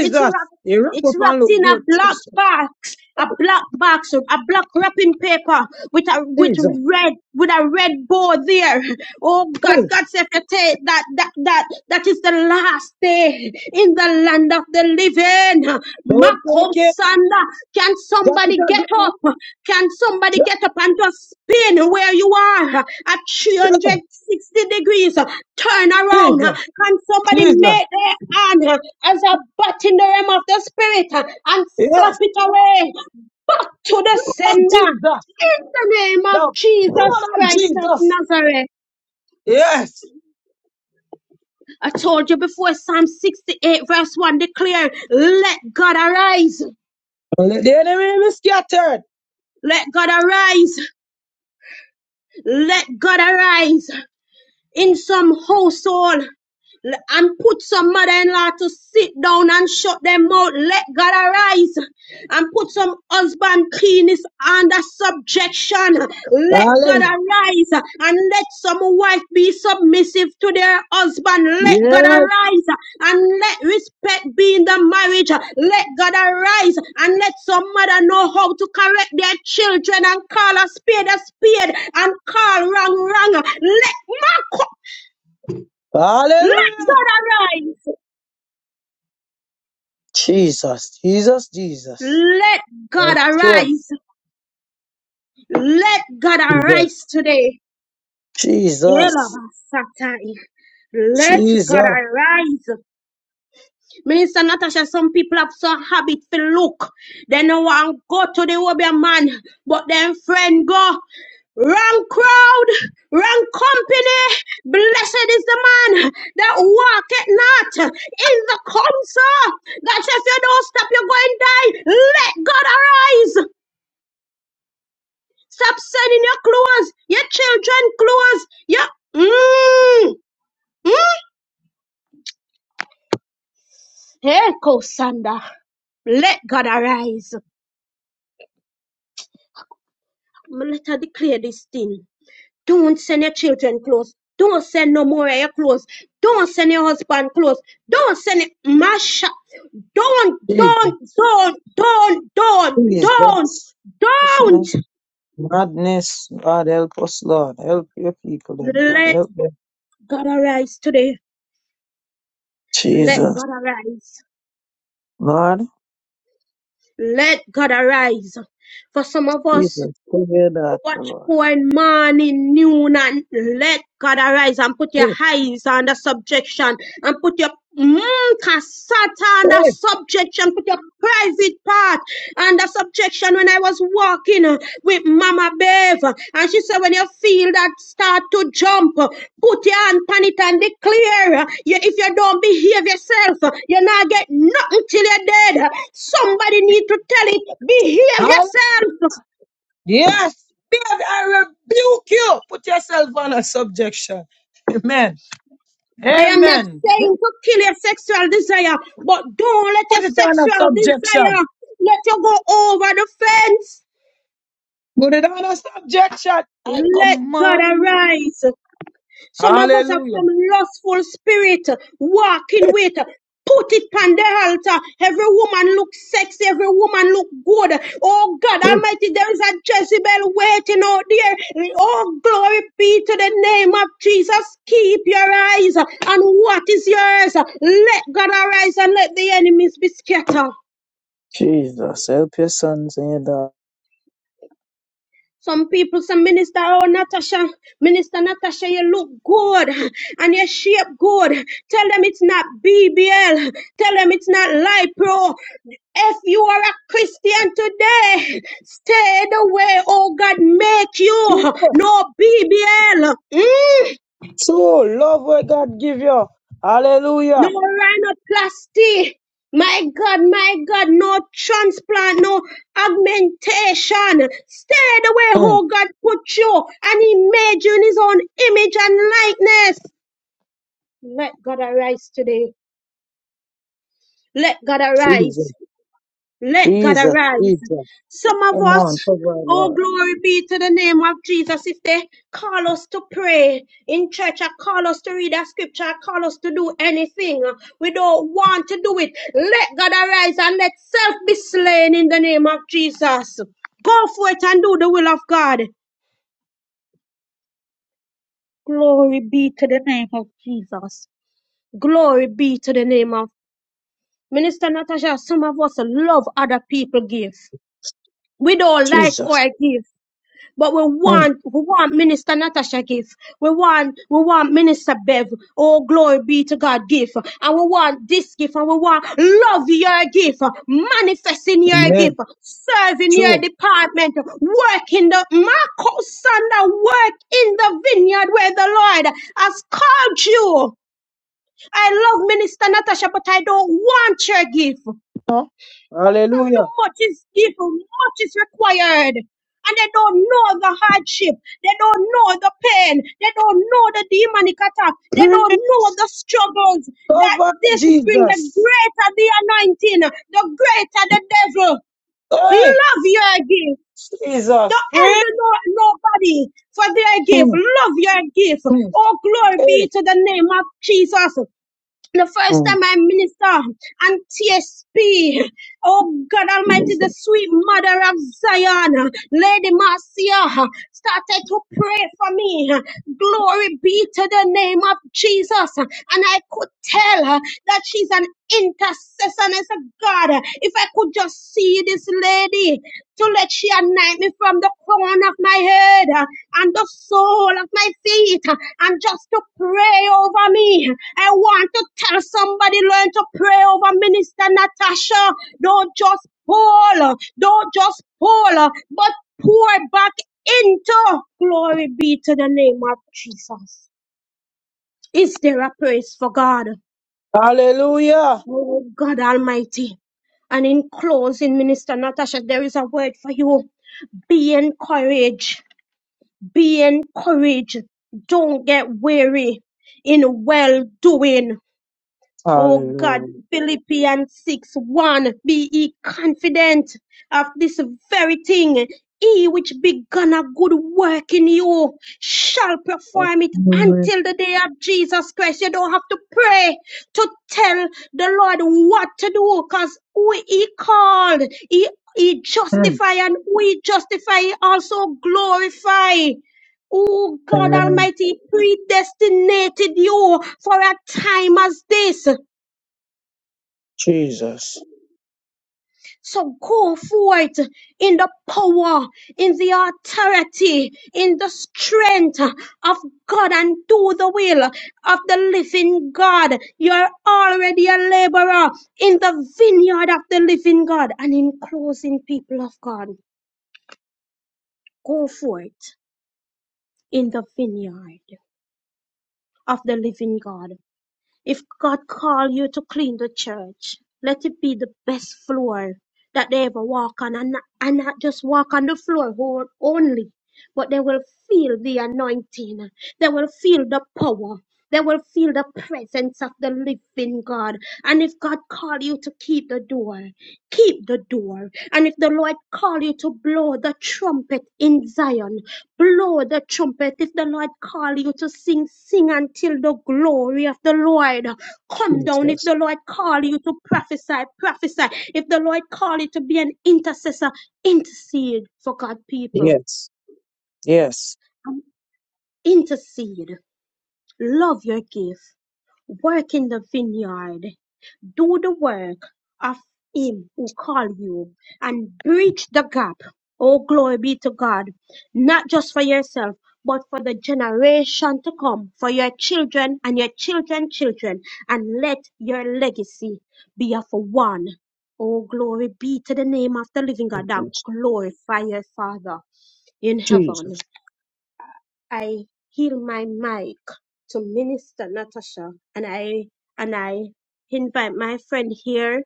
S4: It's wrapped.
S2: You wrap
S4: It's
S2: up and
S4: wrapped
S2: look
S4: in a
S2: good.
S4: black box, a black box, a black wrapping paper with a with
S2: Jesus.
S4: red with a red bow there. Oh God,
S2: Hey,
S4: God said to take that that that that is the last day in the land of the living.
S2: don't take it.
S4: Makosanda, can
S2: Drop it
S4: somebody
S2: on the
S4: get
S2: ground.
S4: up? Can somebody
S2: Drop
S4: get up and just spin where you are uh, at
S2: it on-
S4: 360 degrees? uh, Turn around. uh,
S2: Jesus.
S4: Can somebody
S2: Jesus.
S4: make their hand uh, as a bat in the realm of the spirit uh, and slap
S2: Yes.
S4: it away back to the
S2: Blood of
S4: sender?
S2: Jesus.
S4: In the name of
S2: The blood
S4: Jesus
S2: of
S4: Christ of
S2: Jesus.
S4: Nazareth.
S2: Yes.
S4: I told you before, Psalm 68, verse 1 declare, Let God arise.
S2: And Let the enemy be scattered.
S4: Let God arise. Let God arise in some household. and put some mother-in-law to sit down and shut them out. Let God arise and put some husband penis under subjection. Let God
S2: Hallelujah.
S4: arise and let some wife be submissive to their husband. Let God
S2: Yes.
S4: arise and let respect be in the marriage. Let God arise and let some mother know how to correct their children and call a spade a spade and call wrong wrong. Let Marco, let
S2: Hallelujah.
S4: God arise.
S2: Jesus, Jesus, Jesus.
S4: Let God
S2: Right, sure.
S4: arise. Let God
S2: Jesus,
S4: arise today.
S2: Jesus,
S4: Let God
S2: Jesus,
S4: arise. Minister Natasha, some people have some habit to look. They no want go to the Obia man, but then friend go. Wrong crowd, wrong company. Blessed is the man that walketh not in the counsel. That if you don't stop, you're going to die. Let God arise. Stop selling your clothes, your children clothes, your hmm, mm. Hey, Kosanda, let God arise. Let her declare this thing. Don't send your children clothes. Don't send no more of your clothes. Don't send your husband clothes. Don't send it. Masha. Don't,
S2: Jesus,
S4: don't, don't, don't, don't, don't,
S2: Jesus.
S4: don't.
S2: Foolishness, Madness, God help us, Lord. Help your people, then, God.
S4: Let
S2: Help them.
S4: God arise today. Let
S2: Jesus,
S4: God arise.
S2: Lord.
S4: Let God arise. For some of
S2: Jesus,
S4: us,
S2: forgive that,
S4: Watch
S2: Lord.
S4: point morning, noon, and let God arise and put your
S2: Hey,
S4: eyes under subjection and put your mm, casata under
S2: hey,
S4: subjection, put your private part under subjection. When I was walking uh, with Mama Bev, uh, and she said, When you feel that start to jump, uh, put your hand on it and declare uh, you, if you don't behave yourself, uh, you're not get nothing till you're dead. Somebody need to tell it,
S2: Hall-
S4: behave yourself.
S2: Yes, God, I rebuke you. Put yourself on a subjection. Amen.
S4: I am not
S2: Amen.
S4: saying to kill your sexual desire, but don't let your
S2: Put it on a
S4: sexual
S2: subjection.
S4: desire let you go over the fence.
S2: Put it on us, objection. I
S4: Let God
S2: command.
S4: arise. Some of us have
S2: Hallelujah.
S4: some lustful spirit walking with. Put it on the altar. Every woman look sexy. Every woman look good. Oh God Almighty, there is a Jezebel waiting out there. Oh glory be to the name of Jesus. Keep your eyes on what is yours. Let God arise and let the enemies be scattered.
S2: Jesus, help your sons and your
S4: Some people say, Minister, oh, Natasha, Minister Natasha, you look good and you shape good. Tell them it's not BBL. Tell them it's not Lipro. If you are a Christian today, stay the way, oh God, make you
S2: daughters.
S4: no BBL. Mm.
S2: So love where God give you.
S4: no
S2: Hallelujah.
S4: rhinoplasty. My God, my God, no transplant, no augmentation. Stay the way
S2: Mm,
S4: who God put you and He made you in His own image and likeness. Let God arise today. Let God
S2: Jesus,
S4: arise. Let God
S2: Jesus,
S4: arise.
S2: Jesus.
S4: Some of
S2: Come on,
S4: us,
S2: provide,
S4: oh
S2: Lord.
S4: glory be to the name of Jesus, if they call us to pray in church or call us to read a scripture or call us to do anything, we don't want to do it. Let God arise and let self be slain in the name of Jesus. Go for it and do the will of God. Glory be to the name of Jesus. Glory be to the name of Minister Natasha. Some of us love other people give. We don't like
S2: Jesus.
S4: our give. But we
S2: Mm,
S4: want, we want Minister Natasha gift. We want, we want Minister Bev. Oh, glory be to God gift. And we want this gift and we want love your gift, manifesting your gift,
S2: Amen.
S4: serving your
S2: true.
S4: department, working the Marco Sanda work in the vineyard where the Lord has called you. I love Minister Natasha, but I don't want your gift
S2: Huh?
S4: because too
S2: Hallelujah.
S4: much is given, much is required. And they don't know the hardship. They don't know the pain. They don't know the demonic attack. They
S2: Pray
S4: don't know the struggles that
S2: cover,
S4: this brings. The
S2: Jesus.
S4: greater the anointing, the greater the devil.
S2: Hey,
S4: Love your gift.
S2: Jesus.
S4: Don't
S2: Pray.
S4: envy no, nobody for their gift.
S2: Mm,
S4: Love your gift.
S2: mm,
S4: Oh, glory
S2: Hey.
S4: be to the name of Jesus. The first
S2: mm.
S4: time I minister and TSP, oh God Almighty, the sweet mother of Zion, Lady Marcia, started to pray for me. Glory be to the name of Jesus. And I could tell her that she's an intercessor. And I said, God, if I could just see this lady, to let she anoint me from the crown of my head uh, and the sole of my feet uh, and just to pray over me. I want to tell somebody learn to pray over Minister Natasha. Don't just pull, uh, don't just pull, uh, but pour back into. Glory be to the name of Jesus. Is there a praise for God?
S2: Hallelujah.
S4: Oh God Almighty. And in closing, Minister Natasha, there is a word for you. Be encouraged Be encouraged. Don't get weary in well doing. Oh God,
S2: Hallelujah.
S4: Philippians 6 1 Be ye confident of this very thing. He which begun a good work in you shall perform it until the day of Jesus Christ. You don't have to pray to tell the Lord what to do because who he called, he, he justify and who he justify, he also glorify. Oh God
S2: Amen.
S4: Almighty, predestinated you for a time as this.
S2: Jesus.
S4: So go forth in the power, in the authority, in the strength of God and do the will of the living God. You're already a laborer in the vineyard of the living God. And in closing, people of God, go forth in the vineyard of the living God. If God called you to clean the church, let it be the best floor that they ever walk on, and not, and not just walk on the floor ho- only, but they will feel the anointing. They will feel the power. They will feel the presence of the living God. And if God called you to keep the door, keep the door. And if the Lord called you to blow the trumpet in Zion, Blow the trumpet if the Lord call you to sing, sing until the glory of the Lord come down. If
S2: Jesus.
S4: the Lord call you to prophesy, prophesy. If the Lord call you to be an intercessor, intercede for God's people.
S2: Yes. Yes.
S4: Um, Intercede. Love your gift. Work in the vineyard. Do the work of him who called you and bridge the gap. Oh, glory be to God, not just for yourself, but for the generation to come, for your children and your children's children, and let your legacy be of one. Oh, glory be to the name of the living God that
S2: Yes.
S4: glorify your Father in heaven.
S2: Jesus.
S4: I heal my mic to Minister Natasha and I and I invite my friend here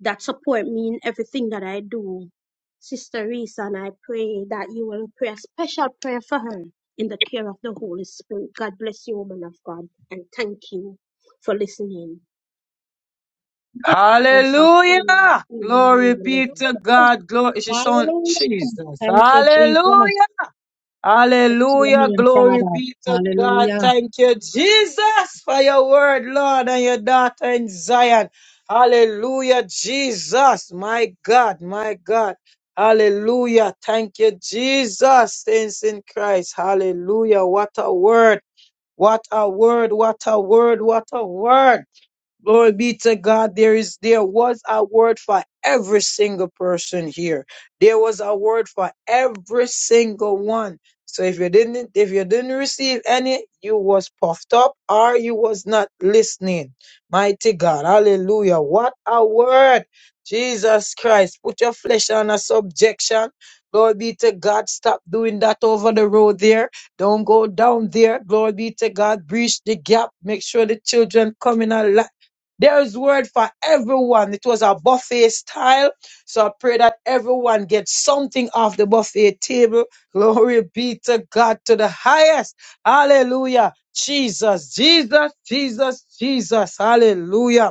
S4: that support me in everything that I do. Sister Reese and I pray that you will pray a special prayer for her in the care of the Holy Spirit. God bless you, woman of God, and thank you for listening. Also,
S2: Hallelujah.
S4: healing and
S2: Glory be to
S4: deliverance.
S2: God. Glory. She sound
S1: Hallelujah.
S2: Jesus.
S1: Thank you, Jesus. Bless
S2: Hallelujah.
S1: your
S2: Hallelujah.
S1: name,
S2: Glory
S1: Father.
S2: be to God.
S1: Hallelujah.
S2: Thank you, Jesus, for your word, Lord, and your daughter in Zion. Hallelujah, Jesus. My God, my God. Hallelujah. Thank you, Jesus. Saints in Christ. Hallelujah. What a word. What a word, what a word, what a word. Glory be to God. There is, there was a word for every single person here. There was a word for every single one. So if you didn't, if you didn't receive any, you was puffed up or you was not listening. Mighty God. Hallelujah. What a word. Jesus Christ. Put your flesh on a subjection. Glory be to God. Stop doing that over the road there. Don't go down there. Glory be to God. Breach the gap. Make sure the children come in alive. There is word for everyone. It was a buffet style. So I pray that everyone gets something off the buffet table. [laughs] Glory be to God to the highest. Hallelujah. Jesus, Jesus, Jesus, Jesus. Hallelujah.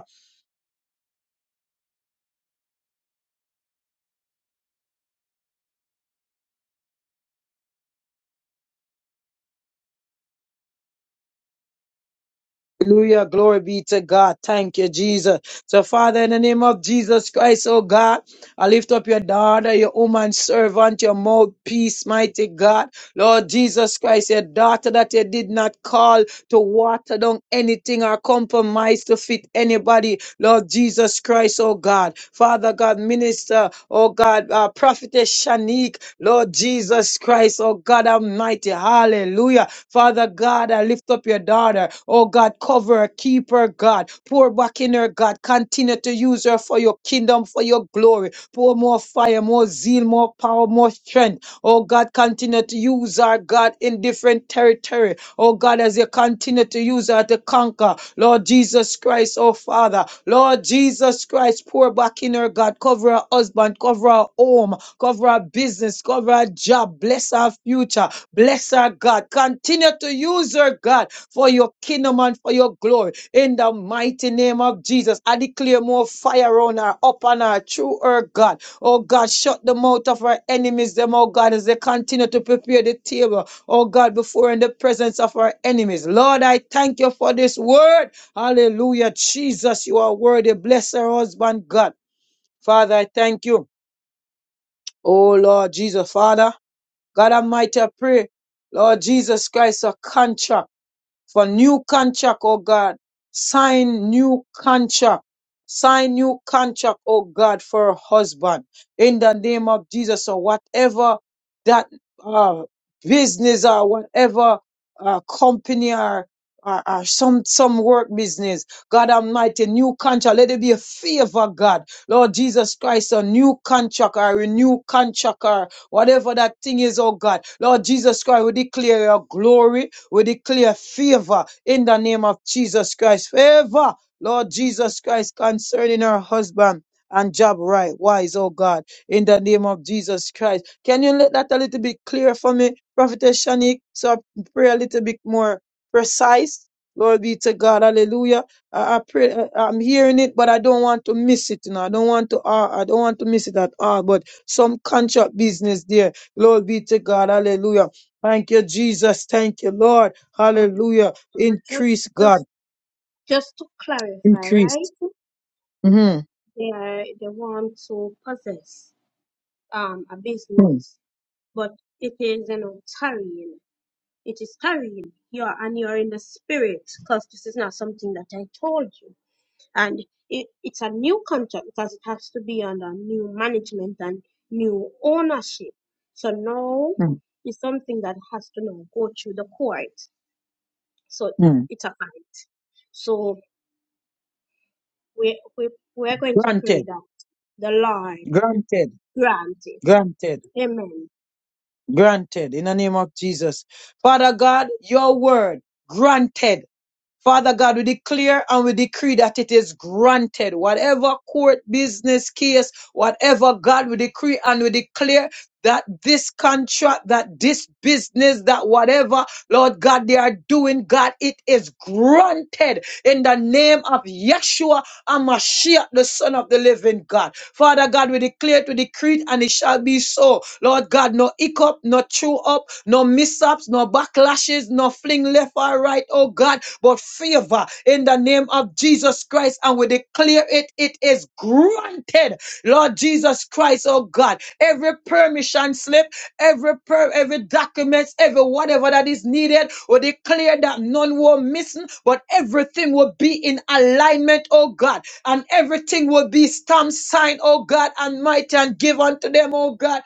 S2: Hallelujah. Glory be to God. Thank you, Jesus. So, Father, in the name of Jesus Christ, oh God, I lift up your daughter, your woman servant, your mouthpiece, mighty God. Lord Jesus Christ, your daughter that you did not call to water down anything or compromise to fit anybody. Lord Jesus Christ, oh God. Father God, minister, oh God, uh, prophetess Shanique, Lord Jesus Christ, oh God Almighty. Hallelujah. Father God, I lift up your daughter. Oh God, cover her, keep her, God. Pour back in her, God. Continue to use her for your kingdom, for your glory. Pour more fire, more zeal, more power, more strength. Oh God, continue to use our God in different territory. Oh God, as you continue to use her to conquer. Lord Jesus Christ, oh Father. Lord Jesus Christ, pour back in her, God. Cover her husband, cover her home, cover her business, cover her job. Bless her future. Bless her, God. Continue to use her, God, for your kingdom and for your glory. In the mighty name of Jesus, I declare more fire on her, upon her, through her, God. Oh God, shut the mouth of her enemies, them, oh God, as they continue to prepare the table oh God, before in the presence of our enemies. Lord, I thank you for this word. Hallelujah. Jesus, you are worthy. Bless our husband, God. Father, I thank you. Oh Lord Jesus, Father, God Almighty, I pray. Lord Jesus Christ, a contract for new contract, oh God. Sign new contract. Sign new contract, oh God, for a husband. In the name of Jesus, or whatever that uh, business or whatever uh, company or, or, or some some work business. God Almighty, new contract. Let it be a favor, God. Lord Jesus Christ, a new contract or a renewed contract or whatever that thing is, oh God. Lord Jesus Christ, we declare your glory. We declare favor in the name of Jesus Christ. Favor, Lord Jesus Christ, concerning her husband and job right wise, oh God, in the name of Jesus Christ. Can you let that a little bit clear for me, Prophetess Shanique? So I pray a little bit more precise. Lord be to God, hallelujah. I, I pray I- I'm hearing it, but I don't want to miss it. You know, I don't want to uh, I don't want to miss it at all. But some contract business there. Lord be to God, hallelujah Thank you, Jesus. Thank you, Lord.
S4: Oh,
S2: Hallelujah.
S4: Just,
S2: Increase, God.
S4: just, just to clarify,
S2: Increase.
S4: right?
S2: Mhm.
S4: They are, they want to possess um, a
S2: mm
S4: business, but it is you know tarrying. It is tarrying. You're and you're in the spirit because this is not something that I told you. And it, it's a new contract because it has to be under new management and new ownership. So now
S2: mm
S4: it's something that has to now go through the court. So
S2: mm.
S4: it's a fight. So we we we're going to pray
S2: Granted.
S4: that the Lord
S2: Granted.
S4: grant it.
S2: Granted.
S4: Amen.
S2: Granted. In the name of Jesus. Father God, your word granted. Father God, we declare and we decree that it is granted. Whatever court business case, whatever God, we decree and we declare that this contract, that this business, that whatever, Lord God, they are doing, God, it is granted in the name of Yeshua Amashiach, the Son of the Living God. Father God, we declare to decree, and it shall be so. Lord God, no hiccup, no chew up, no mishaps, no backlashes, no fling left or right, oh God, but favor in the name of Jesus Christ. And we declare it, it is granted Lord Jesus Christ, oh God, every permission slip, every per, every documents, every whatever that is needed, we declare that none were missing, but everything will be in alignment, oh God, and everything will be stamped, signed, oh God, and might and give unto them, oh God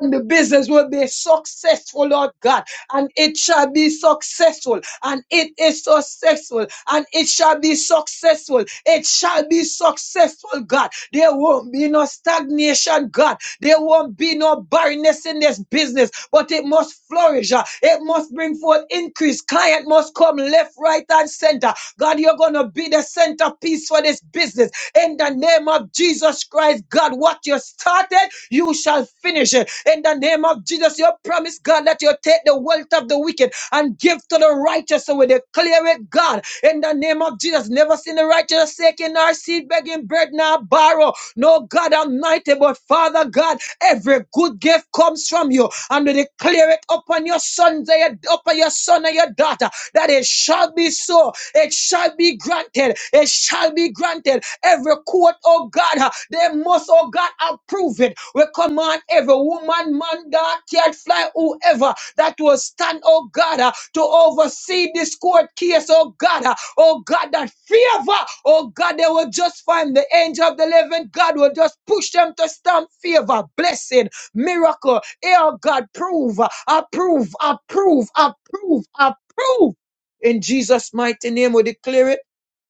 S2: and the business will be successful, Lord God, and it shall be successful, and it is successful, and it shall be successful, it shall be successful, God. There won't be no stagnation, God. There won't be no barrenness in this business, but it must flourish. uh, It must bring forth increase. Client must come left, right, and center. God, you're going to be the centerpiece for this business. In the name of Jesus Christ, God, what you started, you shall finish it. In the name of Jesus, your promise, God, that you take the wealth of the wicked and give to the righteous. So we declare it, God, in the name of Jesus. Never seen the righteous taking our seed, begging bread, nor borrow. No, God Almighty, but Father God, every good gift comes from you. And we declare it upon your sons and your, upon your son and your daughter that, that it shall be so. It shall be granted. It shall be granted. Every court, oh God, uh, they must, oh God, approve it. We command every woman, man, God, cat, fly, whoever that will stand, oh God, uh, to oversee this court case, oh God, uh, oh God, that favor, oh God, they will just find the angel of the living God will just push them to stamp favor, blessing, miracle, eh, oh God, prove, approve, approve, approve, approve, approve, approved. In Jesus' mighty name, we declare it,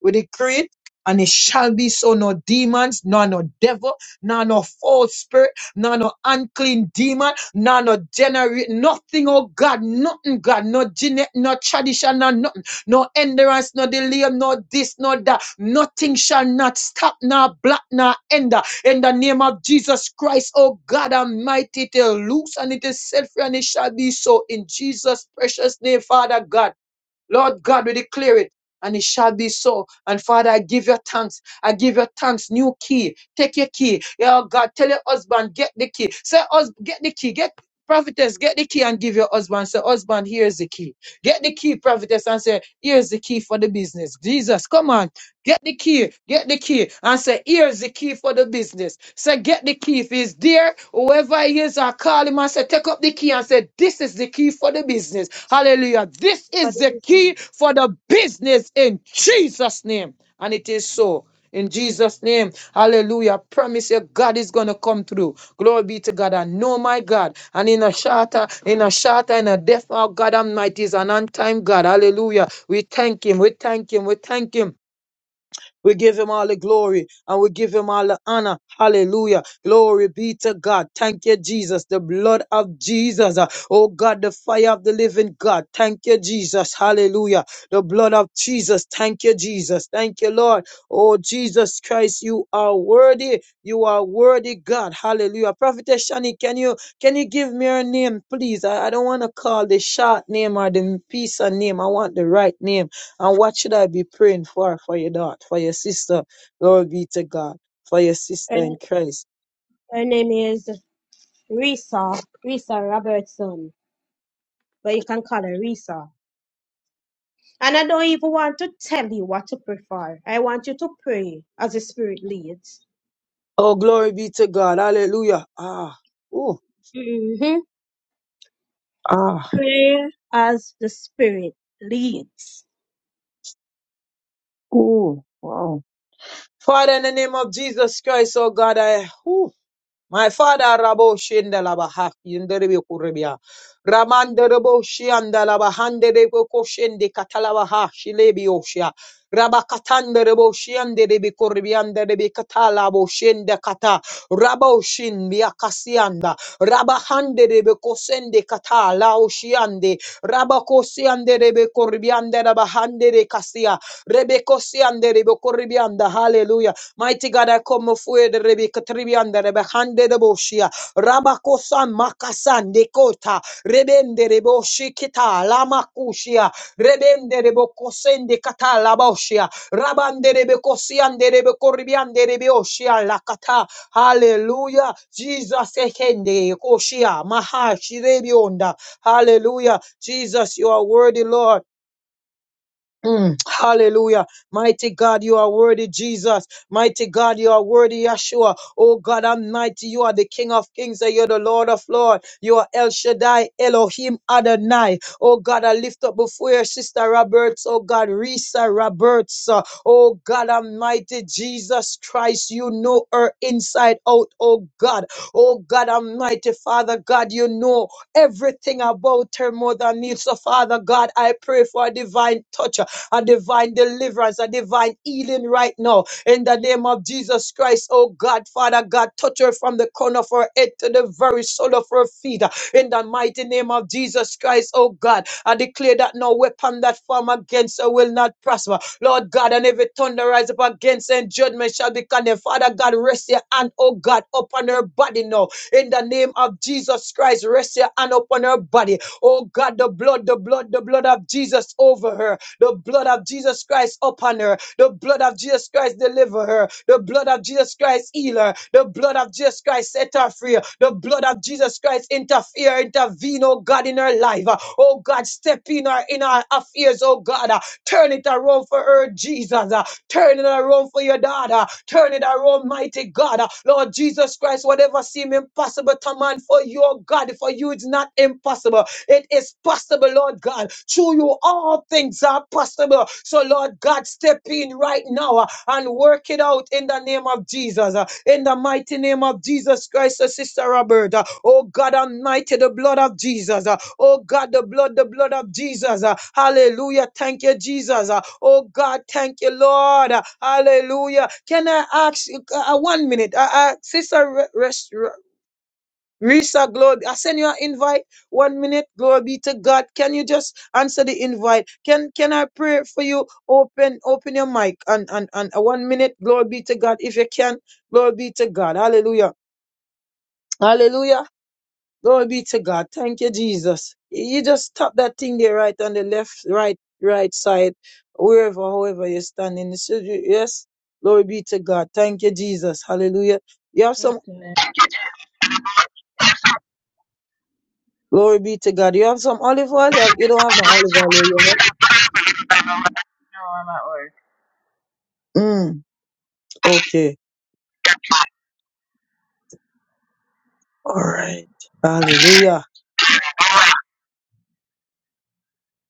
S2: we decree it, and it shall be so. No demons, nor no devil, nor no false spirit, nor no unclean demon, nor no generate, nothing, oh God, nothing, God, no genetic, no tradition, no nothing, no endurance, no delay, no this, no that, nothing shall not stop, nor block, nor end. In the name of Jesus Christ, oh God Almighty, it is loose and it is set free and it shall be so. In Jesus' precious name, Father God, Lord God, we declare it. And it shall be so. And Father, I give your thanks. I give your thanks. New key. Take your key. Yeah, oh God, tell your husband, get the key. Say, hus- get the key. Get prophetess, get the key and give your husband. Say, husband, here's the key. Get the key, prophetess, and say, here's the key for the business. Jesus, come on. Get the key, get the key, and say, here's the key for the business. Say, get the key. If he's there, whoever he is, I call him and say, take up the key and say, this is the key for the business. Hallelujah. This
S4: For
S2: is
S4: the
S2: the
S4: business.
S2: key for the business in Jesus' name. And it is so. In Jesus' name, hallelujah. I Promise you, God is gonna come through. Glory be to God. I know my God. And in a shorter, in a shorter, in a death, our God Almighty is an on time God. Hallelujah. We thank Him. We thank Him. We thank Him. We give him all the glory and we give him all the honor. Hallelujah. Glory be to God. Thank you, Jesus. The blood of Jesus. uh, Oh God, the fire of the living God. Thank you, Jesus. Hallelujah. The blood of Jesus. Thank you, Jesus. Thank you, Lord. Oh, Jesus Christ, you are worthy. You are worthy, God. Hallelujah. Prophetess Shani, can you can you give me your name, please? I, I don't want to call the short name or the piece of name. I want the right name. And what should I be praying for? For your daughter, for your sister. Glory be to God. For your sister in Christ.
S4: Her name is Risa, Risa Robertson, but you can call her Risa. And I don't even want to tell you what to prefer. I want you to pray as the Spirit leads.
S2: Oh, glory be to God. Hallelujah. Ah, ooh,
S4: hmm
S2: ah,
S4: Pray as the Spirit leads.
S2: ooh, wow. Father, in the name of Jesus Christ, oh God, I, ooh. My father Rabo Shendalabaha Yenderebe Kurebia. Ramanderebo Shiandalaba Handerebo Koshende Katalabaha Shilebioshia. Rabakatanderebo Shianderebe Korebianderebe Katalabo Shende Kata. Rabo Shin Biakasianda. Rabahanderebe Kosende Kata Lao Shiande. Rabakosianderebe Korebianderaba Handere Kasia. Rebekosianderebe Korebianda. Hallelujah. Mighty God, I come before you, the Rebecca Tribianda, Rebehande the Boshia, Rabakosan, Makasan, Dekota, Rebende Reboshi Kita, Lamakushia, Rebende Rebokosen de Kata, Laboshia, Rabande Rebekosian, de Rebekoribian, de Rebeoshia, Lakata, Hallelujah. Jesus, Ekende, Koshia, Maha, Shirebionda, Hallelujah. Jesus, you are worthy, Lord. Mm, hallelujah. Mighty God, you are worthy, Jesus. Mighty God, you are worthy, Yeshua. Oh God, Almighty, you are the King of Kings and you're the Lord of Lords. You are El Shaddai, Elohim Adonai. Oh God, I lift up before your sister Roberts. Oh God, Risa Roberts. Uh, Oh God, Almighty, Jesus Christ, you know her inside out. Oh God, oh God, Almighty Father God, you know everything about her, Mother Needs. So, Father God, I pray for a divine touch a divine deliverance, a divine healing right now. In the name of Jesus Christ, oh God, Father God, touch her from the corner of her head to the very sole of her feet. In the mighty name of Jesus Christ, oh God, I declare that no weapon that form against her will not prosper. Lord God, and every tongue that rise up against her in judgment shall be condemned. Father God, rest your hand, oh God, upon her body now. In the name of Jesus Christ, rest your hand upon her body. Oh God, the blood, the blood, the blood of Jesus over her. The blood of Jesus Christ upon her. The blood of Jesus Christ deliver her. The blood of Jesus Christ heal her. The blood of Jesus Christ set her free. The blood of Jesus Christ interfere, intervene, oh God, in her life. Oh God, step in her in her affairs, oh God. Turn it around for her, Jesus. Turn it around for your daughter. Turn it around, mighty God. Lord Jesus Christ, whatever seem impossible to man for your God, for you it's not impossible. It is possible, Lord God. Through you, all things are possible. So, Lord God, step in right now uh, and work it out in the name of Jesus. uh, In the mighty name of Jesus Christ, uh, Sister Roberta. Oh God Almighty, the blood of Jesus. uh, Oh God, the blood, the blood of Jesus. uh, Hallelujah. Thank you, Jesus. uh, Oh God, thank you, Lord. uh, Hallelujah. Can I ask you uh, uh, one minute? Uh, uh, Sister Re- Res- Risa, glory. I send you an invite. One minute, glory be to God. Can you just answer the invite? Can Can I pray for you? Open Open your mic and and and uh, one minute, glory be to God. If you can, glory be to God. Hallelujah, Hallelujah, glory be to God. Thank you, Jesus. You just tap that thing there, right on the left, right, right side, wherever, however you're standing. It should- Yes, glory be to God. Thank you, Jesus. Hallelujah. You have
S5: Good
S2: some
S5: afternoon. No,
S2: Glory be to God. You have some olive oil? You, have, you don't have no olive oil, do you
S5: I'm at work.
S2: Mm, okay. All right. Hallelujah.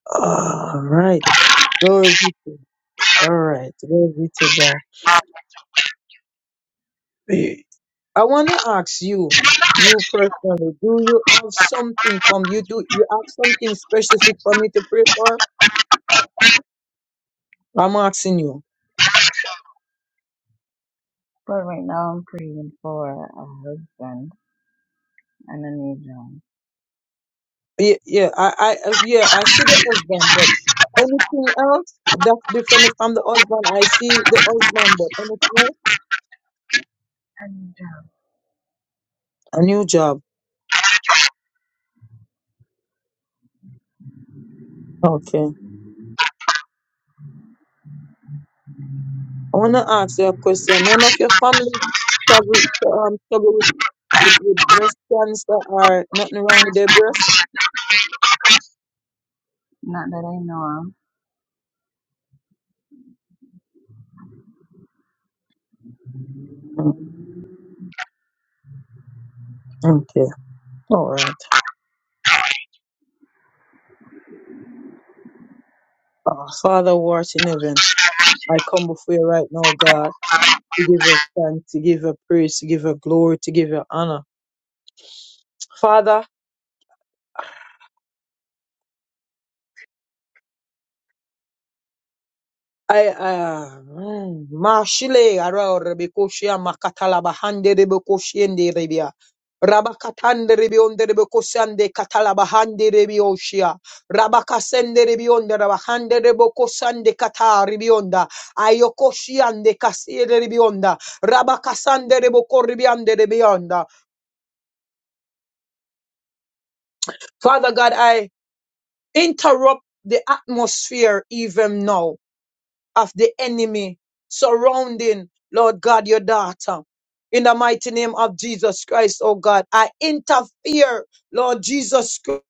S2: All right. Glory be to All right. Glory be to God. I want to ask you, you personally, do you have something from you? Do you have something specific for me to pray for? I'm asking you.
S5: But right now I'm praying for a husband and a new job.
S2: Yeah, yeah, I, I, yeah, I see the husband, but anything else that's different from the husband? I see the husband, but anything else?
S5: A new job.
S2: A new job. Okay. I want to ask you a question. None of your family trouble, um, trouble with, with, with breast cancer or nothing wrong with their breast?
S5: Not that I know of.
S2: Mm, Okay. All right. Uh, Father, who art in heaven, I come before you right now, God, to give you thanks, to give you praise, to give you glory, to give you honor. Father, I uh mm, Mashile Ara Rebekoshia Makatala Bahande Rebekoshiende Rebia. Rabakatande Rebionde Rebekosande Katalabahande Rebioshia. Rabakasende Rebionde Rabahande Rebokosande Kata Rebionda. Ayokoshiande Kasiere Rebionda. Rabakasande Rebokoribiande Rebionda. Father God, I interrupt the atmosphere even now. of the enemy surrounding, Lord God, your daughter. In the mighty name of Jesus Christ, oh God, I interfere, Lord Jesus Christ,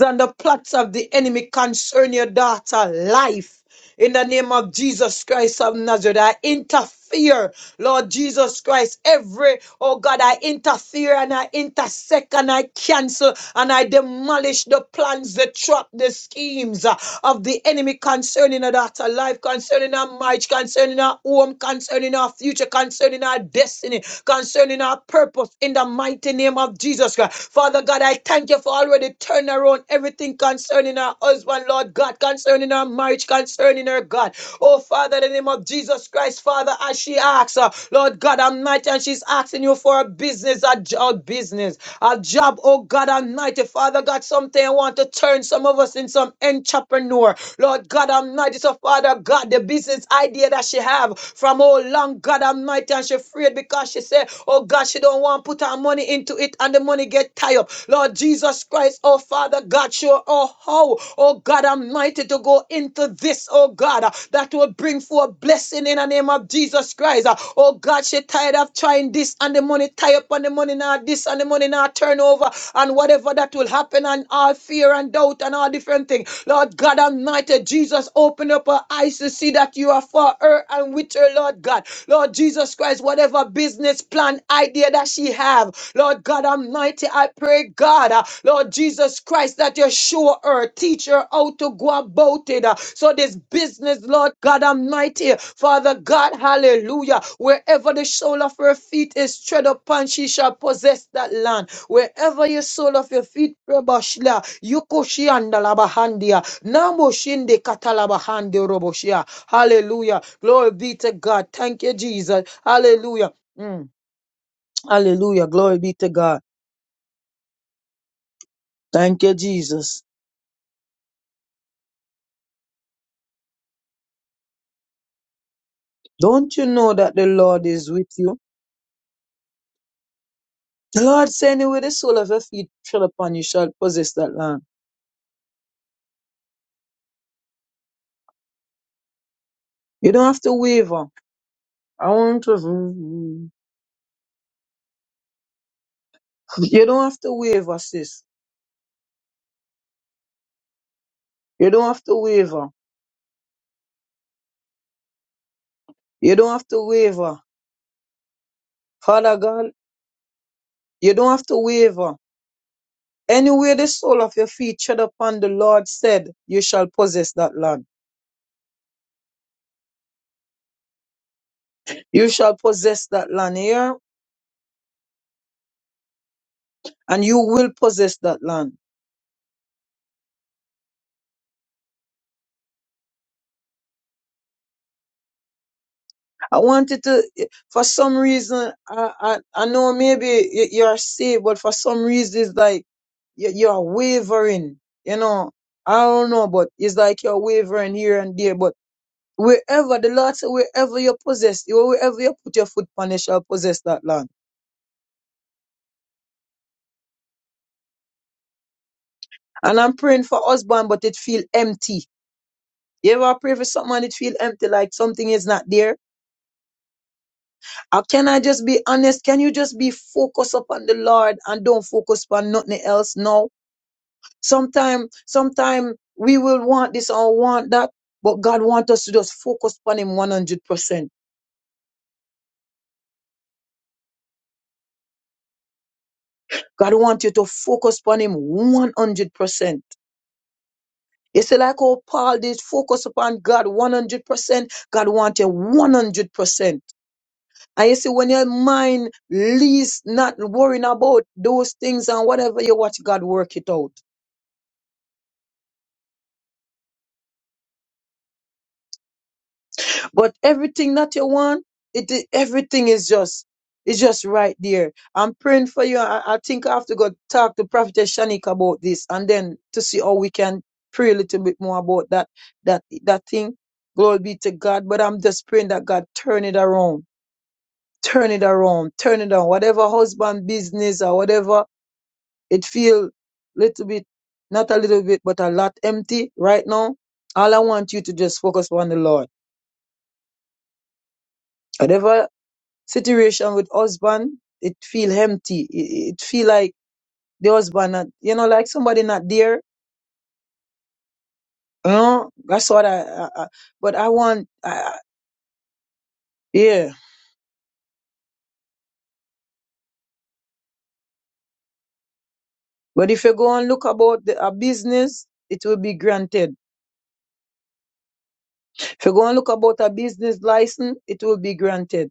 S2: and the plots of the enemy concerning your daughter life. In the name of Jesus Christ of Nazareth, I interfere. Lord Jesus Christ, every, oh God, I interfere and I intersect and I cancel and I demolish the plans, the trap, the schemes uh, of the enemy concerning our daughter life, concerning our marriage, concerning our home, concerning our future, concerning our destiny, concerning our purpose in the mighty name of Jesus Christ. Father God, I thank you for already turning around everything concerning our husband, Lord God, concerning her marriage, concerning her, God. Oh, Father, in the name of Jesus Christ, Father, as she asks, uh, Lord God Almighty, and she's asking you for a business, a job, business, a job, oh God Almighty, Father God, something I want to turn some of us in some entrepreneur, Lord God Almighty, so Father God, the business idea that she have from oh long God Almighty, and she afraid because she said, oh oh God, she don't want to put her money into it and the money get tied up. Lord Jesus Christ, oh Father God, sure, oh how, oh God Almighty, to go into this, oh God, uh, that will bring forth blessing in the name of Jesus Christ. Uh, Oh God, she tired of trying this and the money tie up and the money now this and the money now turnover and whatever that will happen and all fear and doubt and all different things. Lord God Almighty, Jesus Jesus, open up our eyes to see that you are for her and with her, Lord God. Lord Jesus Christ, whatever business plan idea that she have, Lord God Almighty, I pray, God, uh, Lord Jesus Christ, that you show her, teach her how to go about it. uh, so this business, Lord God Almighty, Father God, hallelujah, wherever the sole of her feet is tread upon, she shall possess that land. Wherever your sole of your feet, Rebashla, Yukushianda Nambo shinde katalaba hande roboshia. Hallelujah. Glory be to God. Thank you, Jesus. Hallelujah. Mm. Hallelujah. Glory be to God. Thank you, Jesus. Don't you know that the Lord is with you? The Lord saying, with the sole of your feet shall upon you shall possess that land. You don't have to waver. I want to. [laughs] You don't have to waver, sis. You don't have to waver. You don't have to waver. Father God, you don't have to waver. Anywhere the sole of your feet tread upon the Lord said, you shall possess that land. You shall possess that land here, and you will possess that land. I wanted to, for some reason, I, I, I know maybe you- you're saved, but for some reason it's like you- you're wavering, you know. I don't know, but it's like you're wavering here and there, but wherever the Lord said, wherever you possess, wherever you put your foot upon, you shall possess that land. And I'm praying for husband, but it feel empty You ever pray for someone that feel empty, like something is not there? Or can I just be honest? Can you just be focused upon the Lord and don't focus upon nothing else? No. Sometime, sometime we will want this or want that, but God wants us to just focus upon Him 100%. God wants you to focus upon Him 100%. You see, like how Paul did focus upon God 100%. God wants you 100%. And you see, when your mind least not worrying about those things and whatever you watch, God work it out. But everything that you want, it i- everything is just it's just right there. I'm praying for you. I, I think I have to go talk to Prophet Shanika about this, and then to see how we can pray a little bit more about that that that thing. Glory be to God. But I'm just praying that God turn it around, turn it around, turn it around. Whatever husband business or whatever It feel little bit, not a little bit, but a lot empty right now. All I want you to just focus on the Lord. Whatever situation with husband, it feel empty. It, it feel like the husband, not, you know, like somebody not there. You know, that's what I. I, I but I want, I, I- yeah. But if you go and look about the, a business, it will be granted. If you go and look about a business license, it will be granted.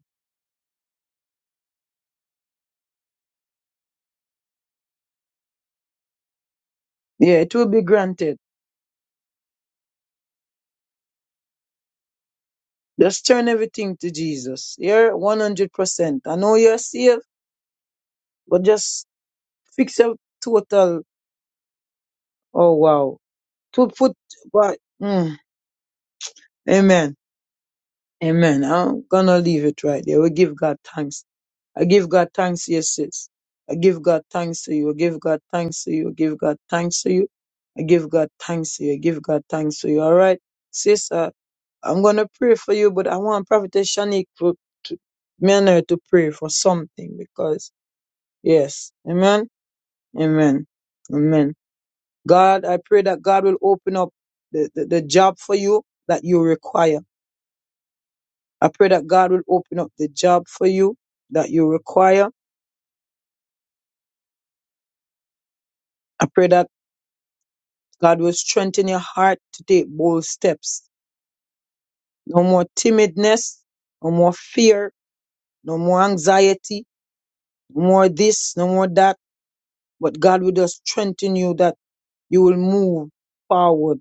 S2: Yeah, it will be granted. Just turn everything to Jesus. You're 100%. I know you're saved, but just fix your total. Oh, wow. Two foot, but, mm, amen. Amen. I'm gonna leave it right there. We give God thanks. I give God thanks, yes, sis. I give God thanks to you. I give God thanks to you. I give God thanks to you. I give God thanks to you. I give God thanks to you. All right, sister. I'm gonna pray for you, but I want Prophetess Shanique to, to me and her to pray for something because yes, amen, amen, amen. God, I pray that God will open up the, the, the job for you that you require. I pray that God will open up the job for you that you require. I pray that God will strengthen your heart to take bold steps. No more timidness, no more fear, no more anxiety, no more this, no more that. But God will just strengthen you that you will move forward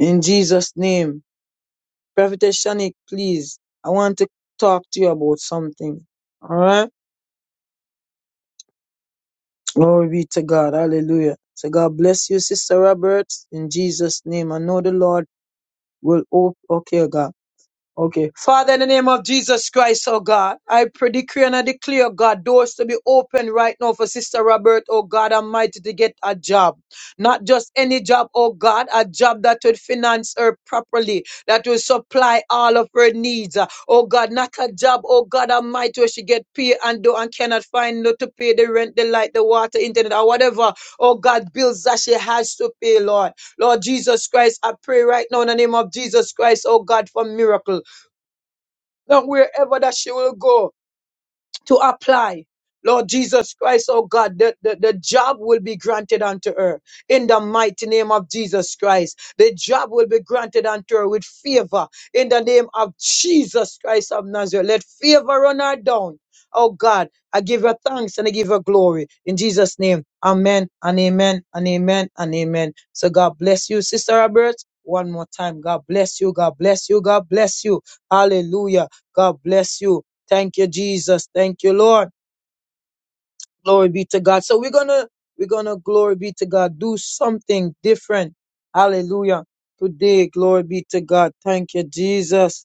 S2: in Jesus' name. Prophetess Shanik, please, I want to talk to you about something. All right? Glory be to God. Hallelujah. So God bless you, Sister Roberts, in Jesus' name. I know the Lord will open. Okay, God. Okay. Father, in the name of Jesus Christ, oh God, I pray, decree and I declare, oh God, doors to be open right now for Sister Robert, oh God Almighty, to get a job. Not just any job, oh God, a job that will finance her properly, that will supply all of her needs. Uh, Oh God, not a job, oh God Almighty, where she get paid and do and cannot find no to pay the rent, the light, the water, internet, or whatever, oh God, bills that she has to pay, Lord. Lord Jesus Christ, I pray right now in the name of Jesus Christ, oh God, for miracle. Not wherever that she will go to apply. Lord Jesus Christ, oh God, the, the, the job will be granted unto her in the mighty name of Jesus Christ. The job will be granted unto her with favor in the name of Jesus Christ of Nazareth. Let favor run her down. Oh God, I give her thanks and I give her glory in Jesus' name. Amen and amen and amen and amen. So God bless you, Sister Robert. One more time. God bless you. God bless you. God bless you. Hallelujah. God bless you. Thank you, Jesus. Thank you, Lord. Glory be to God. So we're gonna, we're gonna, glory be to God, do something different. Hallelujah. Today, glory be to God. Thank you, Jesus.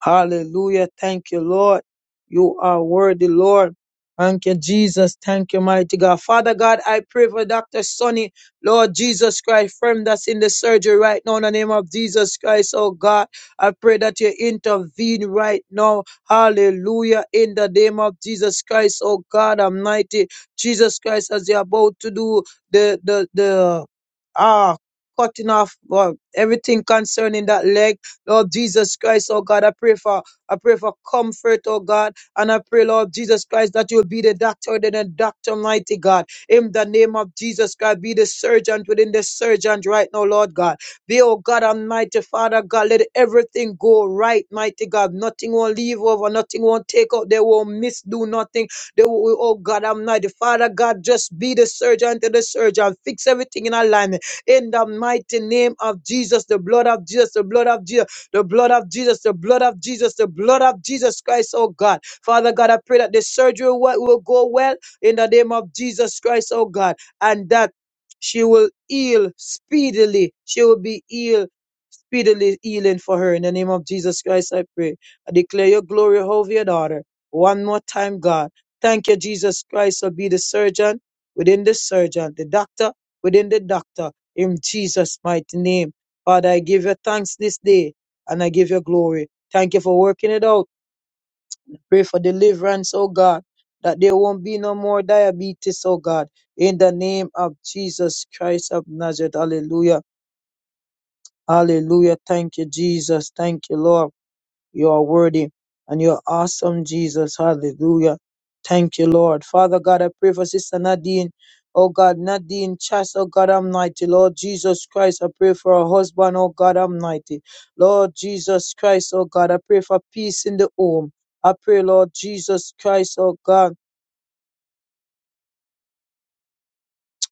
S2: Hallelujah. Thank you, Lord. You are worthy, Lord. Thank you, Jesus. Thank you, mighty God. Father God, I pray for Dr. Sonny, Lord Jesus Christ, friend that's in the surgery right now in the name of Jesus Christ. Oh God, I pray that you intervene right now. Hallelujah. In the name of Jesus Christ. Oh God, Almighty. Jesus Christ, as you're about to do the, the, the, ah, cutting off well, everything concerning that leg. Lord Jesus Christ, oh God, I pray for I pray for comfort, oh God, and I pray, Lord Jesus Christ, that you'll be the doctor within the doctor, mighty God. In the name of Jesus Christ, be the surgeon within the surgeon right now, Lord God. Be, oh God, Almighty Father God, let everything go right, mighty God. Nothing won't leave over, nothing won't take out, they won't misdo nothing. They will, oh God, Almighty Father God, just be the surgeon to the surgeon. Fix everything in alignment. In the mighty name of Jesus, the blood of Jesus, the blood of Jesus. The blood of Jesus, the blood of Jesus, the blood of Jesus Christ, oh God. Father God, I pray that the surgery will will go well in the name of Jesus Christ, oh God, and that she will heal speedily. She will be healed speedily, healing for her. In the name of Jesus Christ, I pray. I declare your glory over your daughter. One more time, God. Thank you, Jesus Christ, for be the surgeon within the surgeon, the doctor within the doctor. In Jesus' mighty name. Father, I give you thanks this day and I give you glory. Thank you for working it out. Pray for deliverance, oh God, that there won't be no more diabetes, oh God, in the name of Jesus Christ of Nazareth. Hallelujah. Hallelujah. Thank you, Jesus. Thank you, Lord. You are worthy and you're awesome, Jesus. Hallelujah. Thank you, Lord. Father God, I pray for Sister Nadine. Oh God, Nadine Chas, oh God Almighty, Lord Jesus Christ, I pray for her husband, oh God Almighty, Lord Jesus Christ, oh God, I pray for peace in the home. I pray, Lord Jesus Christ, oh God.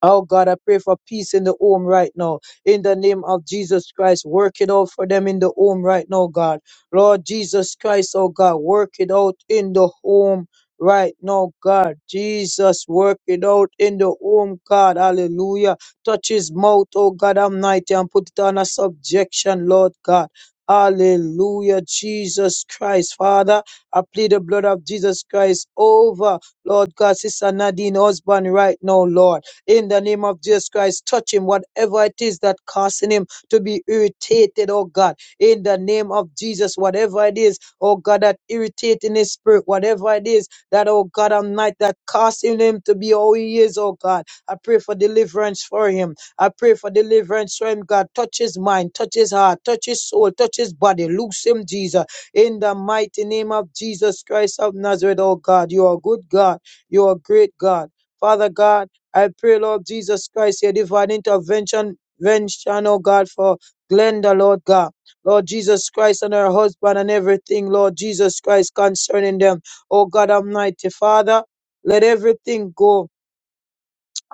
S2: Oh God, I pray for peace in the home right now. In the name of Jesus Christ, work it out for them in the home right now, God. Lord Jesus Christ, oh God, work it out in the home right now, God. Jesus, work it out in the home, God. Hallelujah. Touch his mouth, oh God Almighty, and put it on a subjection, Lord God. Hallelujah, Jesus Christ, Father. I plead the blood of Jesus Christ over, Lord God, Sister Nadine, husband, right now, Lord in the name of Jesus Christ. Touch him, whatever it is that causing him to be irritated, oh God, in the name of Jesus, whatever it is, oh God, that irritating his spirit, whatever it is that, oh God, I'm that causing him to be all he is, oh God. I pray for deliverance for him. I pray for deliverance for him, God. Touch his mind, touch his heart, touch his soul, touch his body. Loose him, Jesus. In the mighty name of Jesus Christ of Nazareth, oh God, you are a good God. You are a great God. Father God, I pray, Lord Jesus Christ, your divine intervention, intervention, oh God, for Glenda, Lord God. Lord Jesus Christ and her husband and everything, Lord Jesus Christ, concerning them. Oh God Almighty, Father, let everything go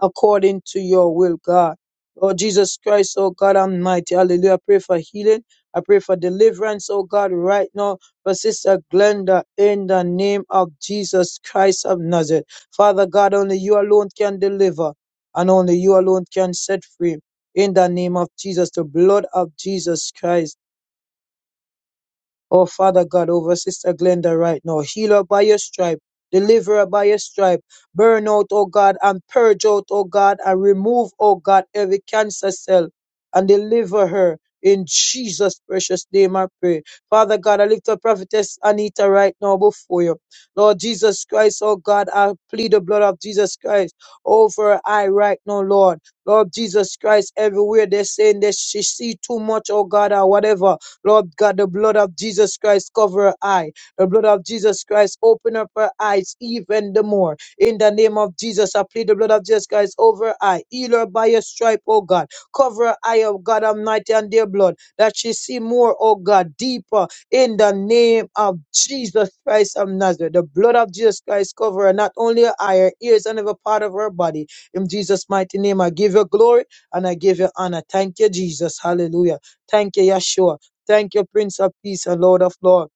S2: according to your will, God. Lord Jesus Christ, oh God Almighty, hallelujah. I pray for healing. I pray for deliverance, oh God, right now for Sister Glenda in the name of Jesus Christ of Nazareth. Father God, only you alone can deliver and only you alone can set free in the name of Jesus, the blood of Jesus Christ. Oh, Father God, over Sister Glenda right now. Heal her by your stripe. Deliver her by your stripe. Burn out, oh God, and purge out, oh God, and remove, oh God, every cancer cell and deliver her. In Jesus' precious name, I pray. Father God, I lift up Prophetess Anita right now before you. Lord Jesus Christ, oh God, I plead the blood of Jesus Christ over her eye right now, Lord. Lord Jesus Christ, everywhere they're saying that she see too much, oh God, or whatever. Lord God, the blood of Jesus Christ cover her eye. The blood of Jesus Christ open up her eyes even the more. In the name of Jesus, I plead the blood of Jesus Christ over her eye. Heal her by your stripe, oh God. Cover her eye, oh God Almighty, and their blood. That she see more, oh God, deeper. In the name of Jesus Christ of Nazareth. The blood of Jesus Christ cover her, not only her eye, her ears, and every part of her body. In Jesus' mighty name, I give you glory and I give you honor. Thank you, Jesus. Hallelujah. Thank you, Yeshua. Thank you, Prince of Peace and Lord of Lord.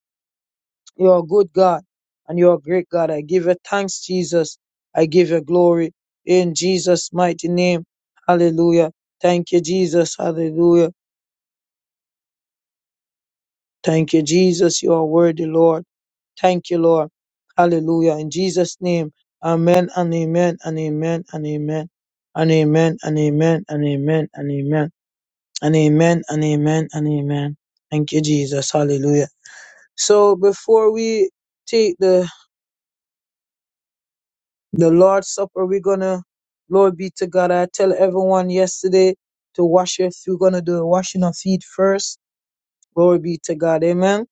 S2: You're a good God and you're a great God. I give you thanks, Jesus. I give you glory in Jesus' mighty name. Hallelujah. Thank you, Jesus. Hallelujah. Thank you, Jesus. You are worthy, Lord. Thank you, Lord. Hallelujah. In Jesus' name. Amen and amen and amen and amen. And amen and amen and amen and amen. And amen and amen and amen. Thank you, Jesus. Hallelujah. So before we take the the Lord's Supper, we're gonna, Lord be to God. I tell everyone yesterday to wash your feet. We're gonna do the washing of feet first. Glory be to God. Amen.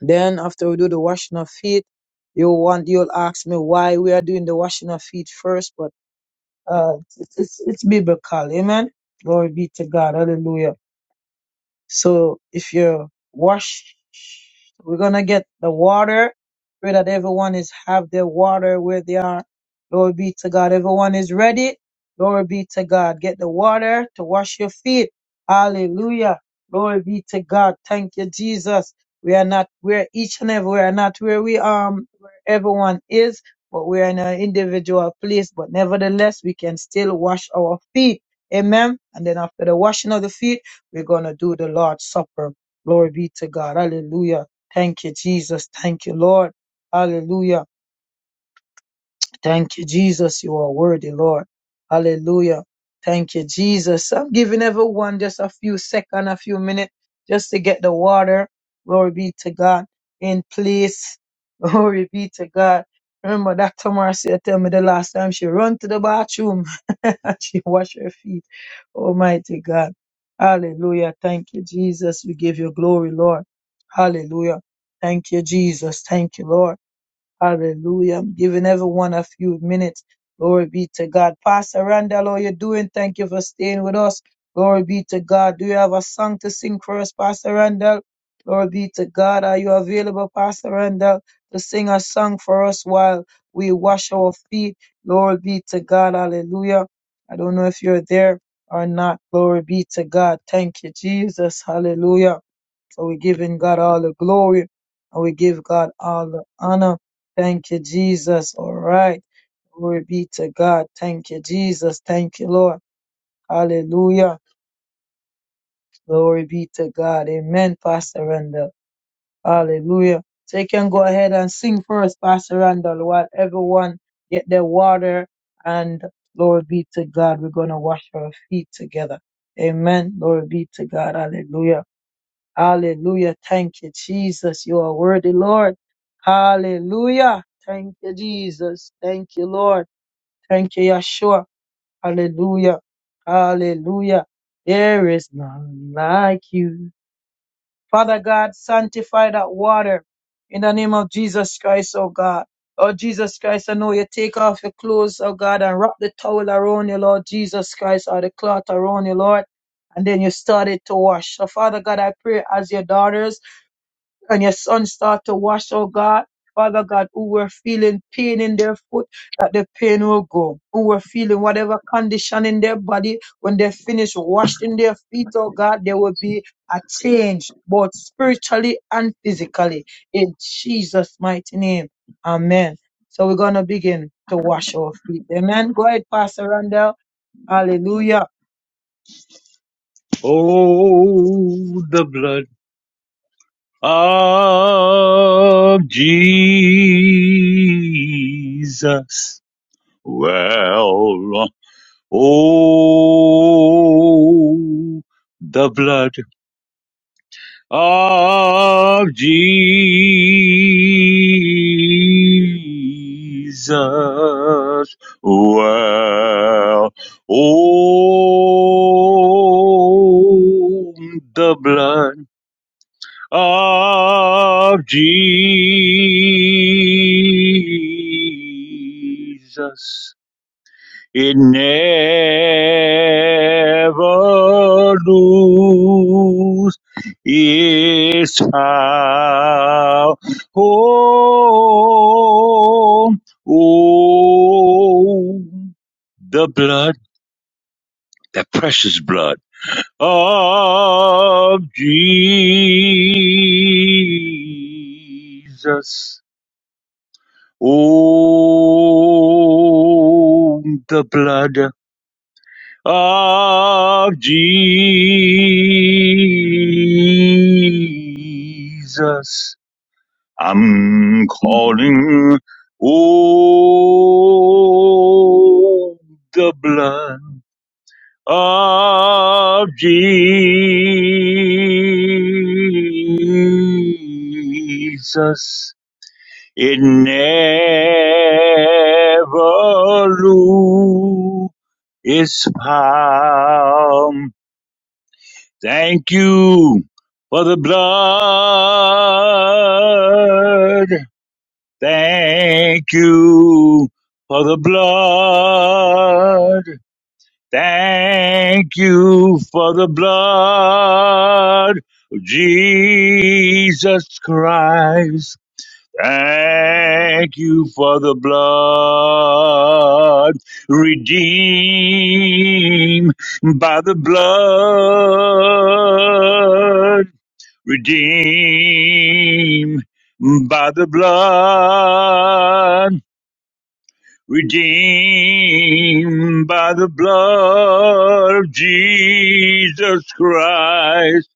S2: Then after we do the washing of feet, you'll want you'll ask me why we are doing the washing of feet first, but uh it's it's, it's biblical. Amen. Glory be to God. Hallelujah. So if you wash, we're gonna get the water. Pray that everyone is have their water where they are. Glory be to God. Everyone is ready. Glory be to God. Get the water to wash your feet. Hallelujah. Glory be to God. Thank you, Jesus. We are not where each and every we are not where we um where everyone is, but we are in an individual place. But nevertheless, we can still wash our feet. Amen. And then after the washing of the feet. We're going to do the Lord's Supper. Glory be to God. Hallelujah. Thank you, Jesus. Thank you, Lord. Hallelujah. Thank you, Jesus. You are worthy, Lord. Hallelujah. Thank you, Jesus. I'm giving everyone just a few seconds, a few minutes, just to get the water. Glory be to God. In place. [laughs] Glory be to God. Remember, Dr. Marcia tell me the last time she run to the bathroom [laughs] and she wash her feet. Almighty God. Hallelujah. Thank you, Jesus. We give you glory, Lord. Hallelujah. Thank you, Jesus. Thank you, Lord. Hallelujah. I'm giving everyone a few minutes. Glory be to God. Pastor Randall, how you doing? Thank you for staying with us. Glory be to God. Do you have a song to sing for us, Pastor Randall? Glory be to God. Are you available, Pastor Randall, to sing a song for us while we wash our feet? Glory be to God. Hallelujah. I don't know if you're there or not. Glory be to God. Thank you, Jesus. Hallelujah. So we're giving God all the glory and we give God all the honor. Thank you, Jesus. All right. Glory be to God. Thank you, Jesus. Thank you, Lord. Hallelujah. Glory be to God. Amen, Pastor Randall. Hallelujah. So you can go ahead and sing for us, Pastor Randall, while everyone get their water and glory be to God. We're going to wash our feet together. Amen. Glory be to God. Hallelujah. Hallelujah. Thank you, Jesus. You are worthy, Lord. Hallelujah. Thank you, Jesus. Thank you, Lord. Thank you, Yeshua. Hallelujah. Hallelujah. There is none like you. Father God, sanctify that water in the name of Jesus Christ, oh God. Oh Jesus Christ, I know you take off your clothes, oh God, and wrap the towel around you, Lord Jesus Christ, or the cloth around you, Lord. And then you started to wash. So Father God, I pray as your daughters and your son start to wash, oh God. Father God, who were feeling pain in their foot, that the pain will go. Who were feeling whatever condition in their body, when they finish washing their feet, oh God, there will be a change, both spiritually and physically. In Jesus' mighty name. Amen. So we're going to begin to wash our feet. Amen. Go ahead, Pastor Randall. Hallelujah.
S6: Oh, the blood of Jesus. Well, oh, the blood of Jesus. Well, oh, the blood. of Jesus. It never lose its power. Oh, oh, the blood, that precious blood of Jesus. Oh, the blood of Jesus. I'm calling. Oh, the blood. of Jesus. It never lose its power. Thank you for the blood. Thank you for the blood. Thank you for the blood of Jesus Christ. Thank you for the blood redeemed by the blood redeemed by the blood redeemed by the blood of Jesus Christ,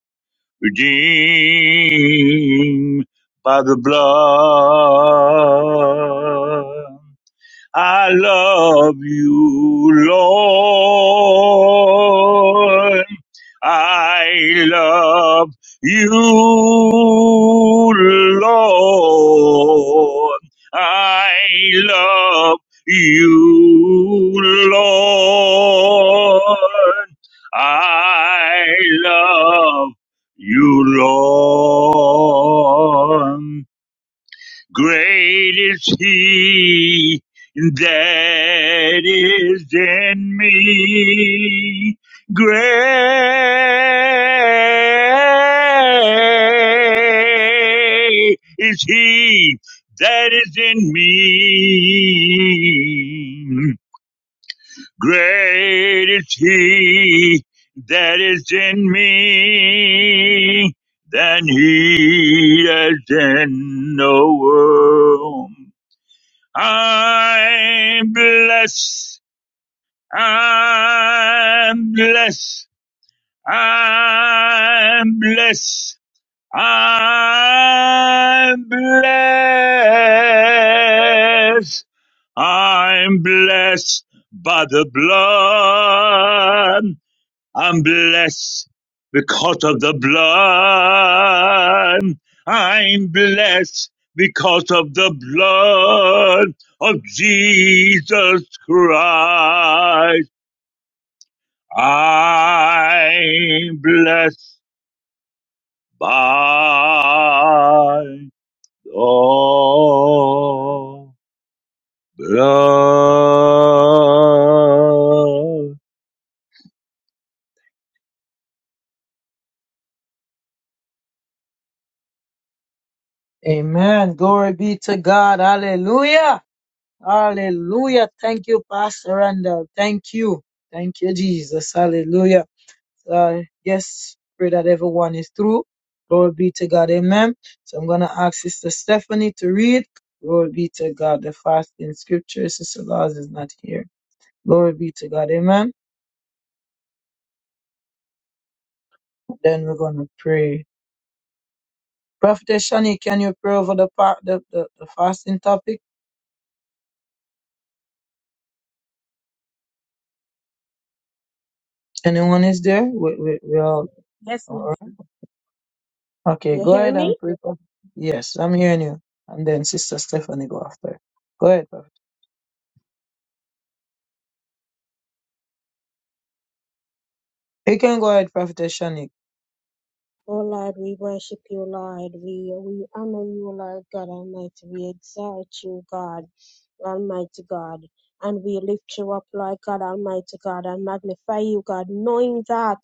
S6: redeemed by the blood. I love you, Lord. I love you, Lord. I love you, Lord. I love you, Lord. Great is he that is in me. Great is he that is in me. Great is he that is in me than he that's in the world. I'm blessed. I'm blessed. I'm blessed. I'm blessed. I'm blessed by the blood. I'm blessed because of the blood. I'm blessed because of the blood of Jesus Christ. I'm blessed by the blood.
S2: Amen. Glory be to God. Hallelujah. Hallelujah. Thank you, Pastor Randall. Thank you. Thank you, Jesus. Hallelujah. uh, yes, pray that everyone is through. Glory be to God. Amen. So I'm going to ask Sister Stephanie to read. Glory be to God. The fasting scripture. Sister Laws is not here. Glory be to God. Amen. Then we're going to pray. Prophetess Shani, can you pray over the part, the, the, the fasting topic? Anyone is there? We, we, we all,
S4: Yes,
S2: all
S4: Mister.
S2: right. okay,
S4: You
S2: go
S4: hear
S2: ahead and
S4: me?
S2: pray. Prophet. Yes, I'm hearing you. And then Sister Stephanie go after. Go ahead, Prophet. You can go ahead, Prophetess Shani.
S4: Oh Lord, we worship you, Lord. We we honor you, Lord God Almighty. We exalt you, God. Almighty God. And we lift you up, Lord God Almighty God, and magnify you, God, knowing that,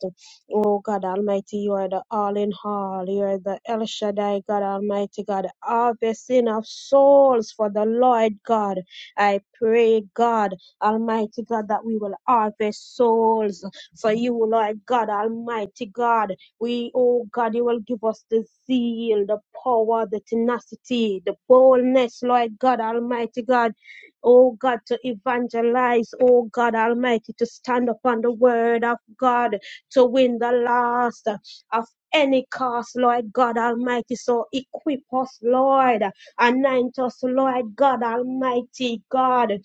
S4: oh God Almighty, you are the all in all. You are the El Shaddai, God Almighty God, harvesting of souls for the Lord God. I pray, God Almighty God, that we will harvest souls for you, Lord God Almighty God. We, oh God, you will give us the zeal, the power, the tenacity, the boldness, Lord God Almighty God oh God, to evangelize, oh God Almighty, to stand upon the word of God, to win the lost of any cost, Lord God Almighty. So equip us, Lord, anoint us, Lord God Almighty, God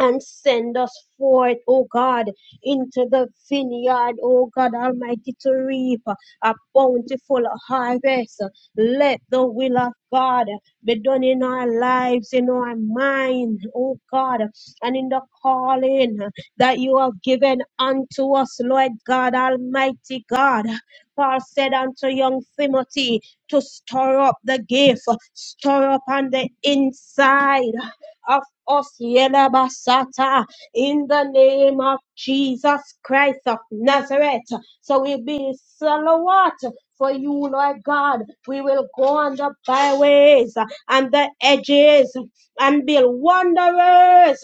S4: and send us forth, O God, into the vineyard, O God Almighty, to reap a bountiful harvest. Let the will of God be done in our lives, in our mind, oh God, and in the calling that you have given unto us, Lord God, Almighty God. Paul said unto young Timothy to stir up the gift, stir up on the inside of us, Yelabasata in the name of Jesus Christ of Nazareth. So we be salawat for you, Lord God. We will go on the byways and the edges and build wanderers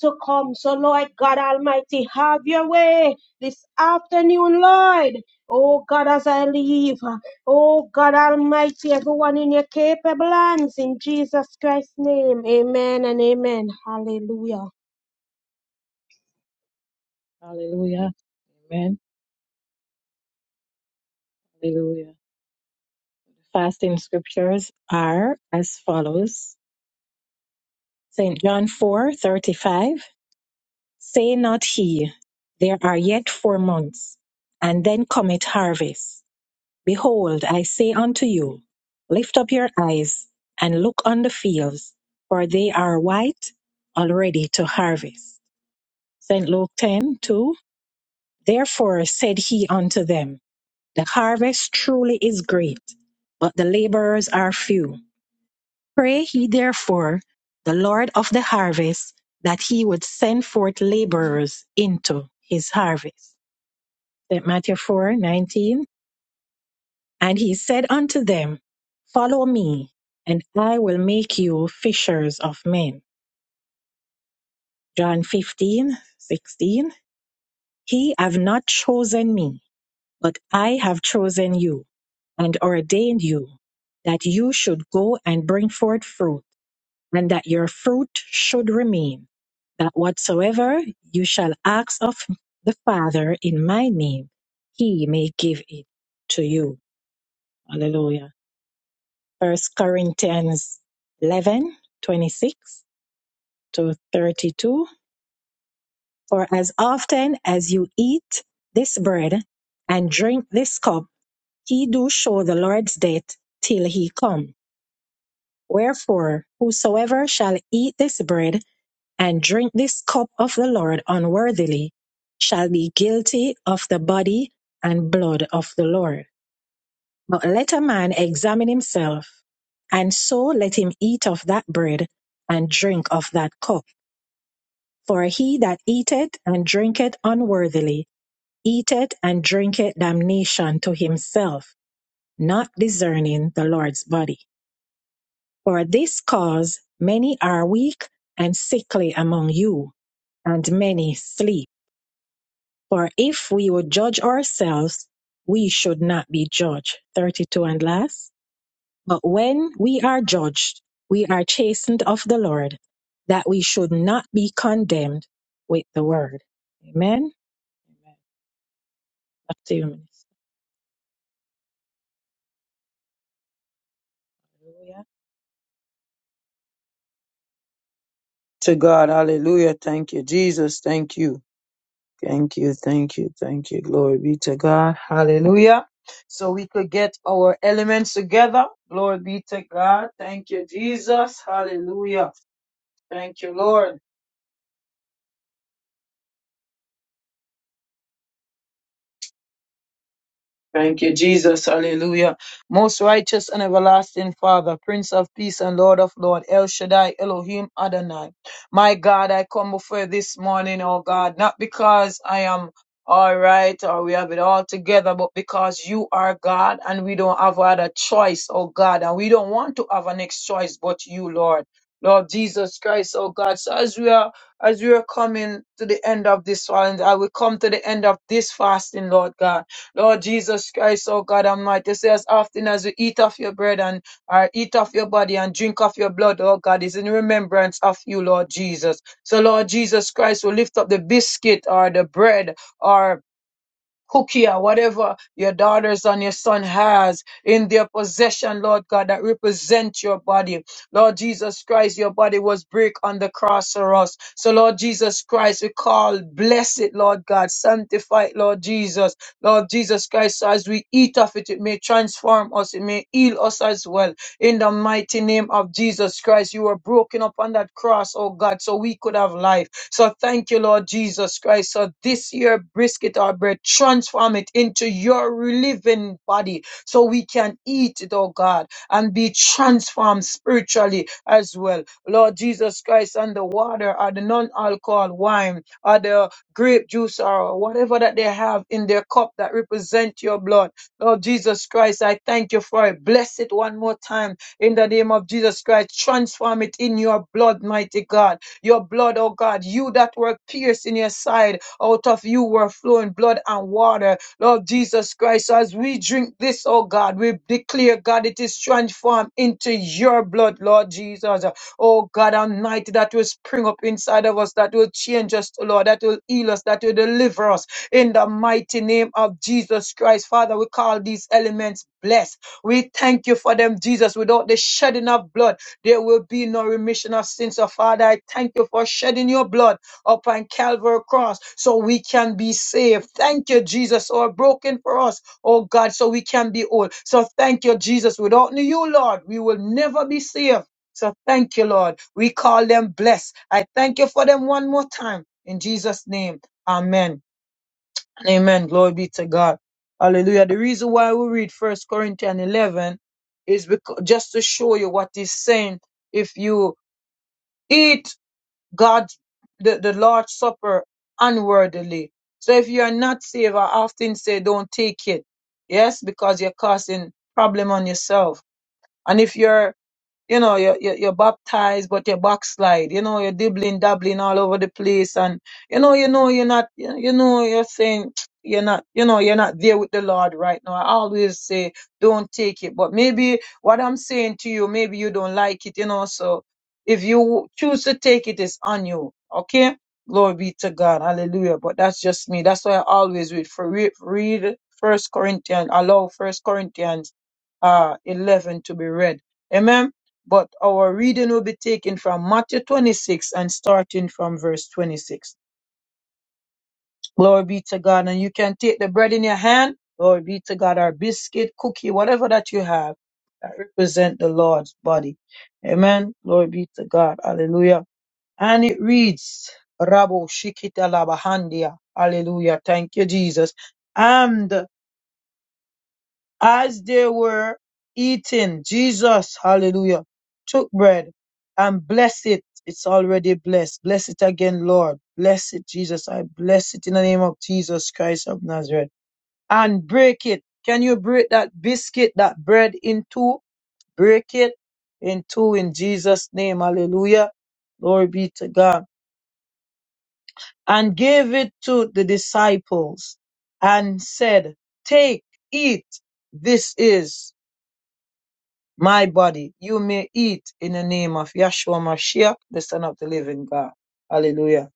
S4: to come. So, Lord God Almighty, have your way this afternoon, Lord. Oh God, as I leave, oh God Almighty, everyone in your capable hands, in Jesus Christ's name, amen and amen. Hallelujah.
S1: Hallelujah. Amen. Hallelujah. Fasting scriptures are as follows. St. John 4:35. Say not he, There are yet four months, and then cometh harvest. Behold, I say unto you, Lift up your eyes and look on the fields, for they are white already to harvest. St. Luke 10 2. Therefore said he unto them, The harvest truly is great, but the laborers are few. Pray ye therefore the Lord of the harvest that he would send forth laborers into his harvest. that Matthew 4 19, And he said unto them, Follow me, and I will make you fishers of men. John 15 16. He have not chosen me, but I have chosen you and ordained you that you should go and bring forth fruit, and that your fruit should remain, that whatsoever you shall ask of the Father in my name, he may give it to you. Hallelujah. First Corinthians 11:26 to 32. For as often as you eat this bread and drink this cup, he do show the Lord's death till he come. Wherefore, whosoever shall eat this bread and drink this cup of the Lord unworthily shall be guilty of the body and blood of the Lord. But let a man examine himself, and so let him eat of that bread and drink of that cup. For he that eateth and drinketh unworthily eateth and drinketh damnation to himself, not discerning the Lord's body. For this cause many are weak and sickly among you, and many sleep. For if we would judge ourselves, we should not be judged. 32 and last. But when we are judged, we are chastened of the Lord, that we should not be condemned with the word. Amen. Back to you, Minister.
S2: to God. Hallelujah. Thank you, Jesus. Thank you. Thank you. Thank you. Thank you. Glory be to God. Hallelujah. So we could get our elements together. Glory be to God. Thank you, Jesus. Hallelujah. Thank you, Lord. Thank you, Jesus. Hallelujah. Most righteous and everlasting Father, Prince of Peace and Lord of Lord, El Shaddai, Elohim Adonai. My God, I come before you this morning, oh God, not because I am all right or we have it all together, but because you are God and we don't have other choice, oh God, and we don't want to have a next choice but you, Lord. Lord Jesus Christ, oh God. So as we are as we are coming to the end of this one, I will come to the end of this fasting, Lord God. Lord Jesus Christ, oh God Almighty, say as often as we eat of your bread and or eat of your body and drink of your blood, oh God, is in remembrance of you, Lord Jesus. So, Lord Jesus Christ, we lift up the biscuit or the bread or Kukia, whatever your daughters and your son has in their possession, Lord God, that represent your body. Lord Jesus Christ, your body was break on the cross for us. So Lord Jesus Christ, we call, bless it, Lord God, sanctify it, Lord Jesus. Lord Jesus Christ, so as we eat of it, it may transform us, it may heal us as well. In the mighty name of Jesus Christ, you were broken upon that cross, oh God, so we could have life. So thank you, Lord Jesus Christ. So this year, brisket our bread, transform it into your living body so we can eat it, oh God, and be transformed spiritually as well. Lord Jesus Christ, and the water or the non alcohol wine or the grape juice or whatever that they have in their cup that represent your blood. Lord Jesus Christ, I thank you for it. Bless it one more time in the name of Jesus Christ. Transform it in your blood, mighty God your blood, oh God, you that were pierced in your side, out of you were flowing blood and water. Lord Jesus Christ, so as we drink this, oh God, we declare, God, it is transformed into your blood, Lord Jesus. Oh God Almighty, that will spring up inside of us, that will change us, oh Lord, that will heal us, that will deliver us in the mighty name of Jesus Christ. Father, we call these elements blessed. We thank you for them, Jesus, without the shedding of blood. There will be no remission of sins. So, Father, I thank you for shedding your blood upon Calvary cross so we can be saved. Thank you, Jesus, who are broken for us, oh God, so we can be whole. So, thank you, Jesus. Without you, Lord, we will never be saved. So, thank you, Lord. We call them blessed. I thank you for them one more time. In Jesus' name, amen. Amen. Glory be to God. Hallelujah. The reason why we read First Corinthians 11 is because just to show you what he's saying. If you eat God's the, the Lord's Supper unworthily, so if you are not saved, I often say don't take it. Yes, because you're causing problem on yourself. And if you're you know, you're, you're, you're baptized, but you're backslide. You know, you're dibbling, dabbling all over the place. And, you know, you know, you're not, you you know, you're saying, [tsk] you're not, you know, you're not there with the Lord right now. I always say, don't take it. But maybe what I'm saying to you, maybe you don't like it, you know. So if you choose to take it, it's on you. Okay? Glory be to God. Hallelujah. But that's just me. That's why I always read for read, read First Corinthians, allow First Corinthians uh eleven to be read. Amen. But our reading will be taken from Matthew 26 and starting from verse 26. Glory be to God. And you can take the bread in your hand. Glory be to God. Or biscuit, cookie, whatever that you have that represent the Lord's body. Amen. Glory be to God. Hallelujah. And it reads, Rabo Shikita Labahandia. Hallelujah. Thank you, Jesus. As they were eating, Jesus, hallelujah, took bread and blessed it. It's already blessed. Bless it again, Lord. Bless it, Jesus. I bless it in the name of Jesus Christ of Nazareth. And break it. Can you break that biscuit, that bread in two? Break it in two in Jesus' name. Hallelujah. Glory be to God. And gave it to the disciples and said, Take, eat. This is. my body, you may eat in the name of Yahshua Mashiach, the Son of the Living God. Hallelujah.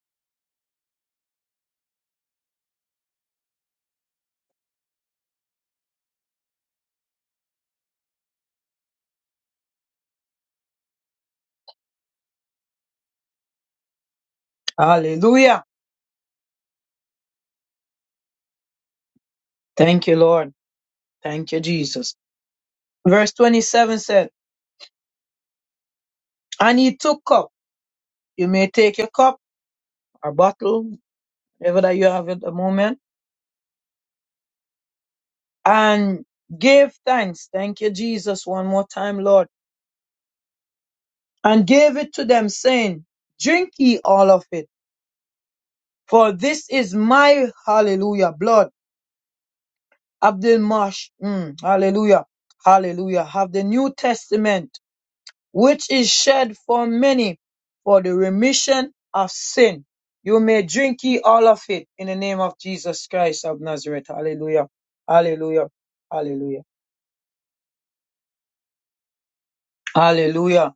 S2: Hallelujah. Thank you, Lord. Thank you, Jesus. Verse 27 said, And he took cup. You may take your cup or bottle, whatever that you have at the moment, and gave thanks. Thank you, Jesus, one more time, Lord. And gave it to them, saying, Drink ye all of it, for this is my hallelujah blood Abdul Mash, mm, hallelujah, hallelujah, have the New Testament, which is shed for many for the remission of sin. You may drink ye all of it in the name of Jesus Christ of Nazareth. Hallelujah, hallelujah, hallelujah, hallelujah.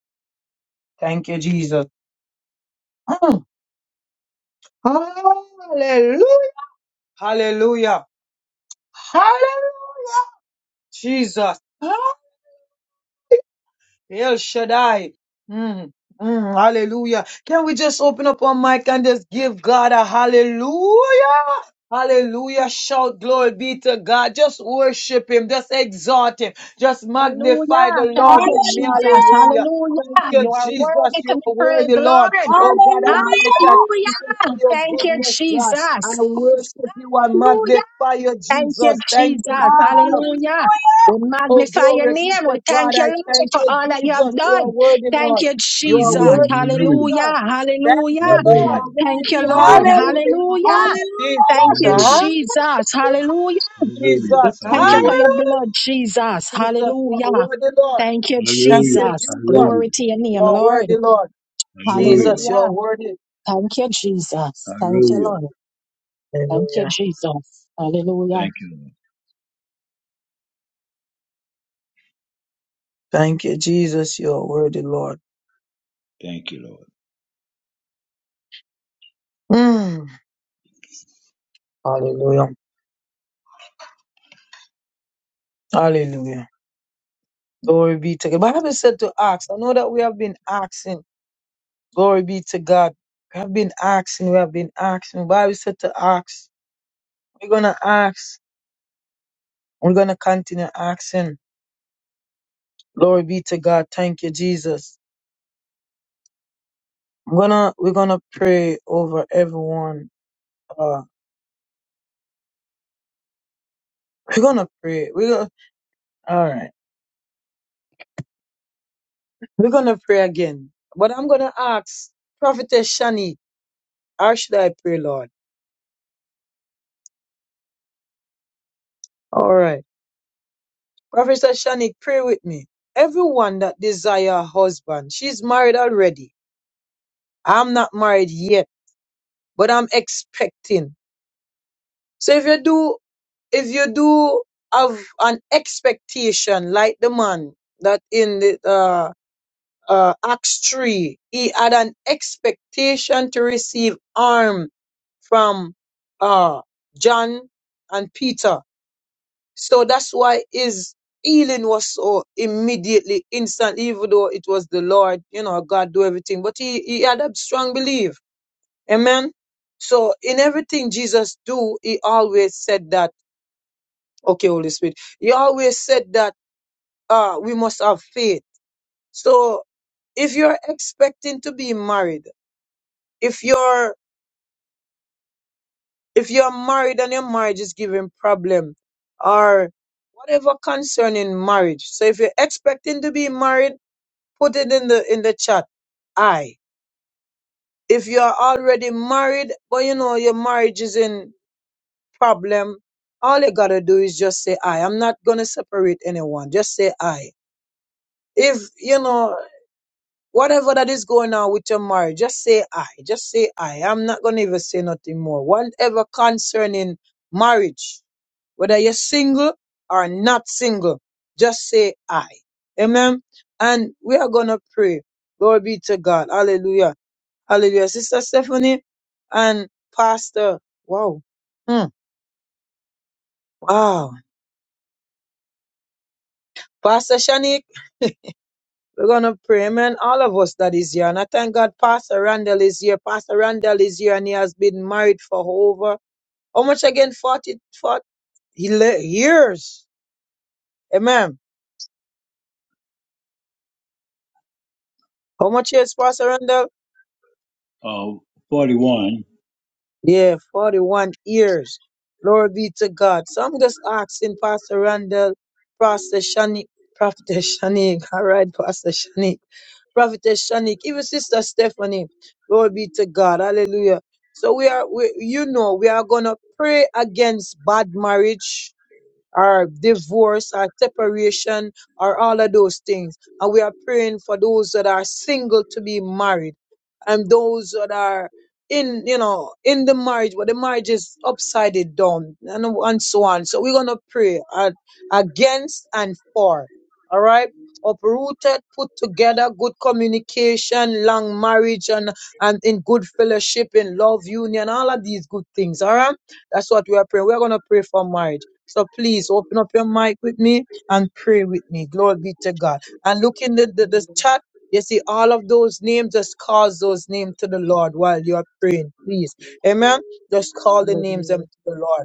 S2: Thank you, Jesus. Mm, Hallelujah, hallelujah, hallelujah, Jesus. El Shaddai. Mm, mm, hallelujah. Can we just open up our mic and just give God a hallelujah? Hallelujah. Shout glory be to God. Just worship Him. Just exalt Him. Just
S1: Hallelujah.
S2: magnify the
S1: Hallelujah. Thank
S2: Lord
S1: you,
S2: with me.
S4: Hallelujah.
S1: Jesus.
S2: Hallelujah. Thank
S1: Hallelujah.
S2: you,
S1: You are
S2: Jesus.
S1: worthy to
S2: You
S1: be
S2: are worthy,
S1: praised,
S2: Lord.
S1: Lord.
S2: Oh God Almighty,
S4: Hallelujah.
S2: I thank you for
S1: Hallelujah.
S2: your
S1: Thank you,
S2: goodness, God.
S1: Jesus.
S2: I worship you. I
S1: Hallelujah.
S2: magnify you,
S1: Thank you,
S2: Jesus. Thank you,
S1: Jesus.
S2: Jesus.
S4: Hallelujah.
S1: Hallelujah. We
S2: Oh,
S1: magnify your
S2: glory be
S1: name.
S2: to
S1: We
S2: God.
S1: thank you,
S2: I
S1: Lord,
S2: thank
S1: for
S2: you,
S1: all that you have
S2: Jesus. You are
S1: done.
S2: worthy,
S1: Thank
S2: Lord.
S1: you,
S2: You are
S1: Jesus.
S2: worthy,
S1: Hallelujah.
S2: Jesus. Thank you,
S1: Hallelujah.
S4: You
S2: Lord.
S4: are
S6: Hallelujah,
S1: Thank you,
S6: hallelujah,
S4: worthy.
S1: Lord.
S6: hallelujah,
S2: Hallelujah.
S4: Hallelujah.
S1: Hallelujah.
S2: Jesus.
S4: Hallelujah.
S1: Thank
S6: hallelujah,
S1: you,
S6: hallelujah.
S2: Hallelujah.
S1: Jesus. Hallelujah.
S6: Hallelujah.
S1: We
S2: Jesus.
S1: thank you for
S6: Hallelujah.
S1: your
S2: Hallelujah.
S1: blood, Jesus.
S2: Jesus, you are
S1: Hallelujah.
S2: worthy, Lord.
S1: Thank you,
S2: Thank
S6: Hallelujah.
S2: you,
S1: Jesus.
S2: Jesus.
S6: Hallelujah.
S1: Glory to your
S2: You
S1: name,
S2: are
S1: Lord.
S2: worthy, Lord.
S6: Hallelujah.
S2: Jesus, you
S1: Hallelujah.
S2: are worthy.
S1: Thank you, Jesus. Thank you,
S6: Hallelujah.
S1: Lord. Thank you,
S2: Hallelujah.
S1: Jesus. Hallelujah.
S6: Thank you, Lord.
S2: Thank you, Jesus. You are worthy, Lord.
S6: Thank you, Lord.
S2: Mm. Hallelujah. Hallelujah. Glory be to God. Bible said to ask. I know that we have been asking. Glory be to God. We have been asking, we have been asking. Bible said to ask. We're gonna ask. We're gonna continue asking. Glory be to God. Thank you, Jesus. I'm gonna we're gonna pray over everyone. Uh we're gonna pray. We're gonna all right. We're gonna pray again. But I'm gonna ask Prophetess Shani, how should I pray, Lord? All right. Prophetess Shani, pray with me. Everyone that desire a husband, she's married already. I'm not married yet. but I'm expecting. So if you do, if you do have an expectation, like the man that in the uh, uh, Acts three, he had an expectation to receive arm from uh, John and Peter. So that's why his healing was so immediately instant, even though it was the Lord, you know, God do everything. But he, he had a strong belief. Amen. So in everything Jesus do, he always said that, okay, Holy Spirit, he always said that uh, we must have faith. So if you're expecting to be married, if you're if you're married and your marriage is giving problem or whatever concerning marriage. So if you're expecting to be married, put it in the in the chat. I. If you are already married, but you know your marriage is in problem, all you gotta do is just say I. I'm not gonna separate anyone. Just say I. If you know whatever that is going on with your marriage, just say I. Just say I. I'm not gonna even say nothing more. Whatever concerning marriage, whether you're single or not single, just say I. Amen. And we are gonna pray. Glory be to God. Hallelujah. Hallelujah. Sister Stephanie and Pastor. Wow. Hmm. Wow. Pastor Shanique. We're gonna pray, man. All of us that is here. And I thank God Pastor Randall is here. Pastor Randall is here and he has been married for over how much again? 40, 40 years. Amen. How much years, Pastor Randall?
S6: Uh, 41.
S2: Yeah, 41 years. Glory be to God. So I'm just asking Pastor Randall, Pastor Shanik, Prophetess Shanik, [laughs] all right, Pastor Shanik, Prophetess Shanik, even Sister Stephanie. Glory be to God. Hallelujah. So we are, we, you know, we are going to pray against bad marriage or divorce or separation or all of those things. And we are praying for those that are single to be married and those that are in, you know, in the marriage, but the marriage is upside it down and, and so on. So we're going to pray at, against and for. All right. Uprooted, put together, good communication, long marriage and, and in good fellowship, in love, union, all of these good things. All right. That's what we are praying. We're going to pray for marriage. So please open up your mic with me and pray with me. Glory be to God. And look in the, the, the chat. You see all of those names, just call those names to the Lord while you are praying, please. Amen. Just call the names
S1: Hallelujah.
S2: them to the Lord.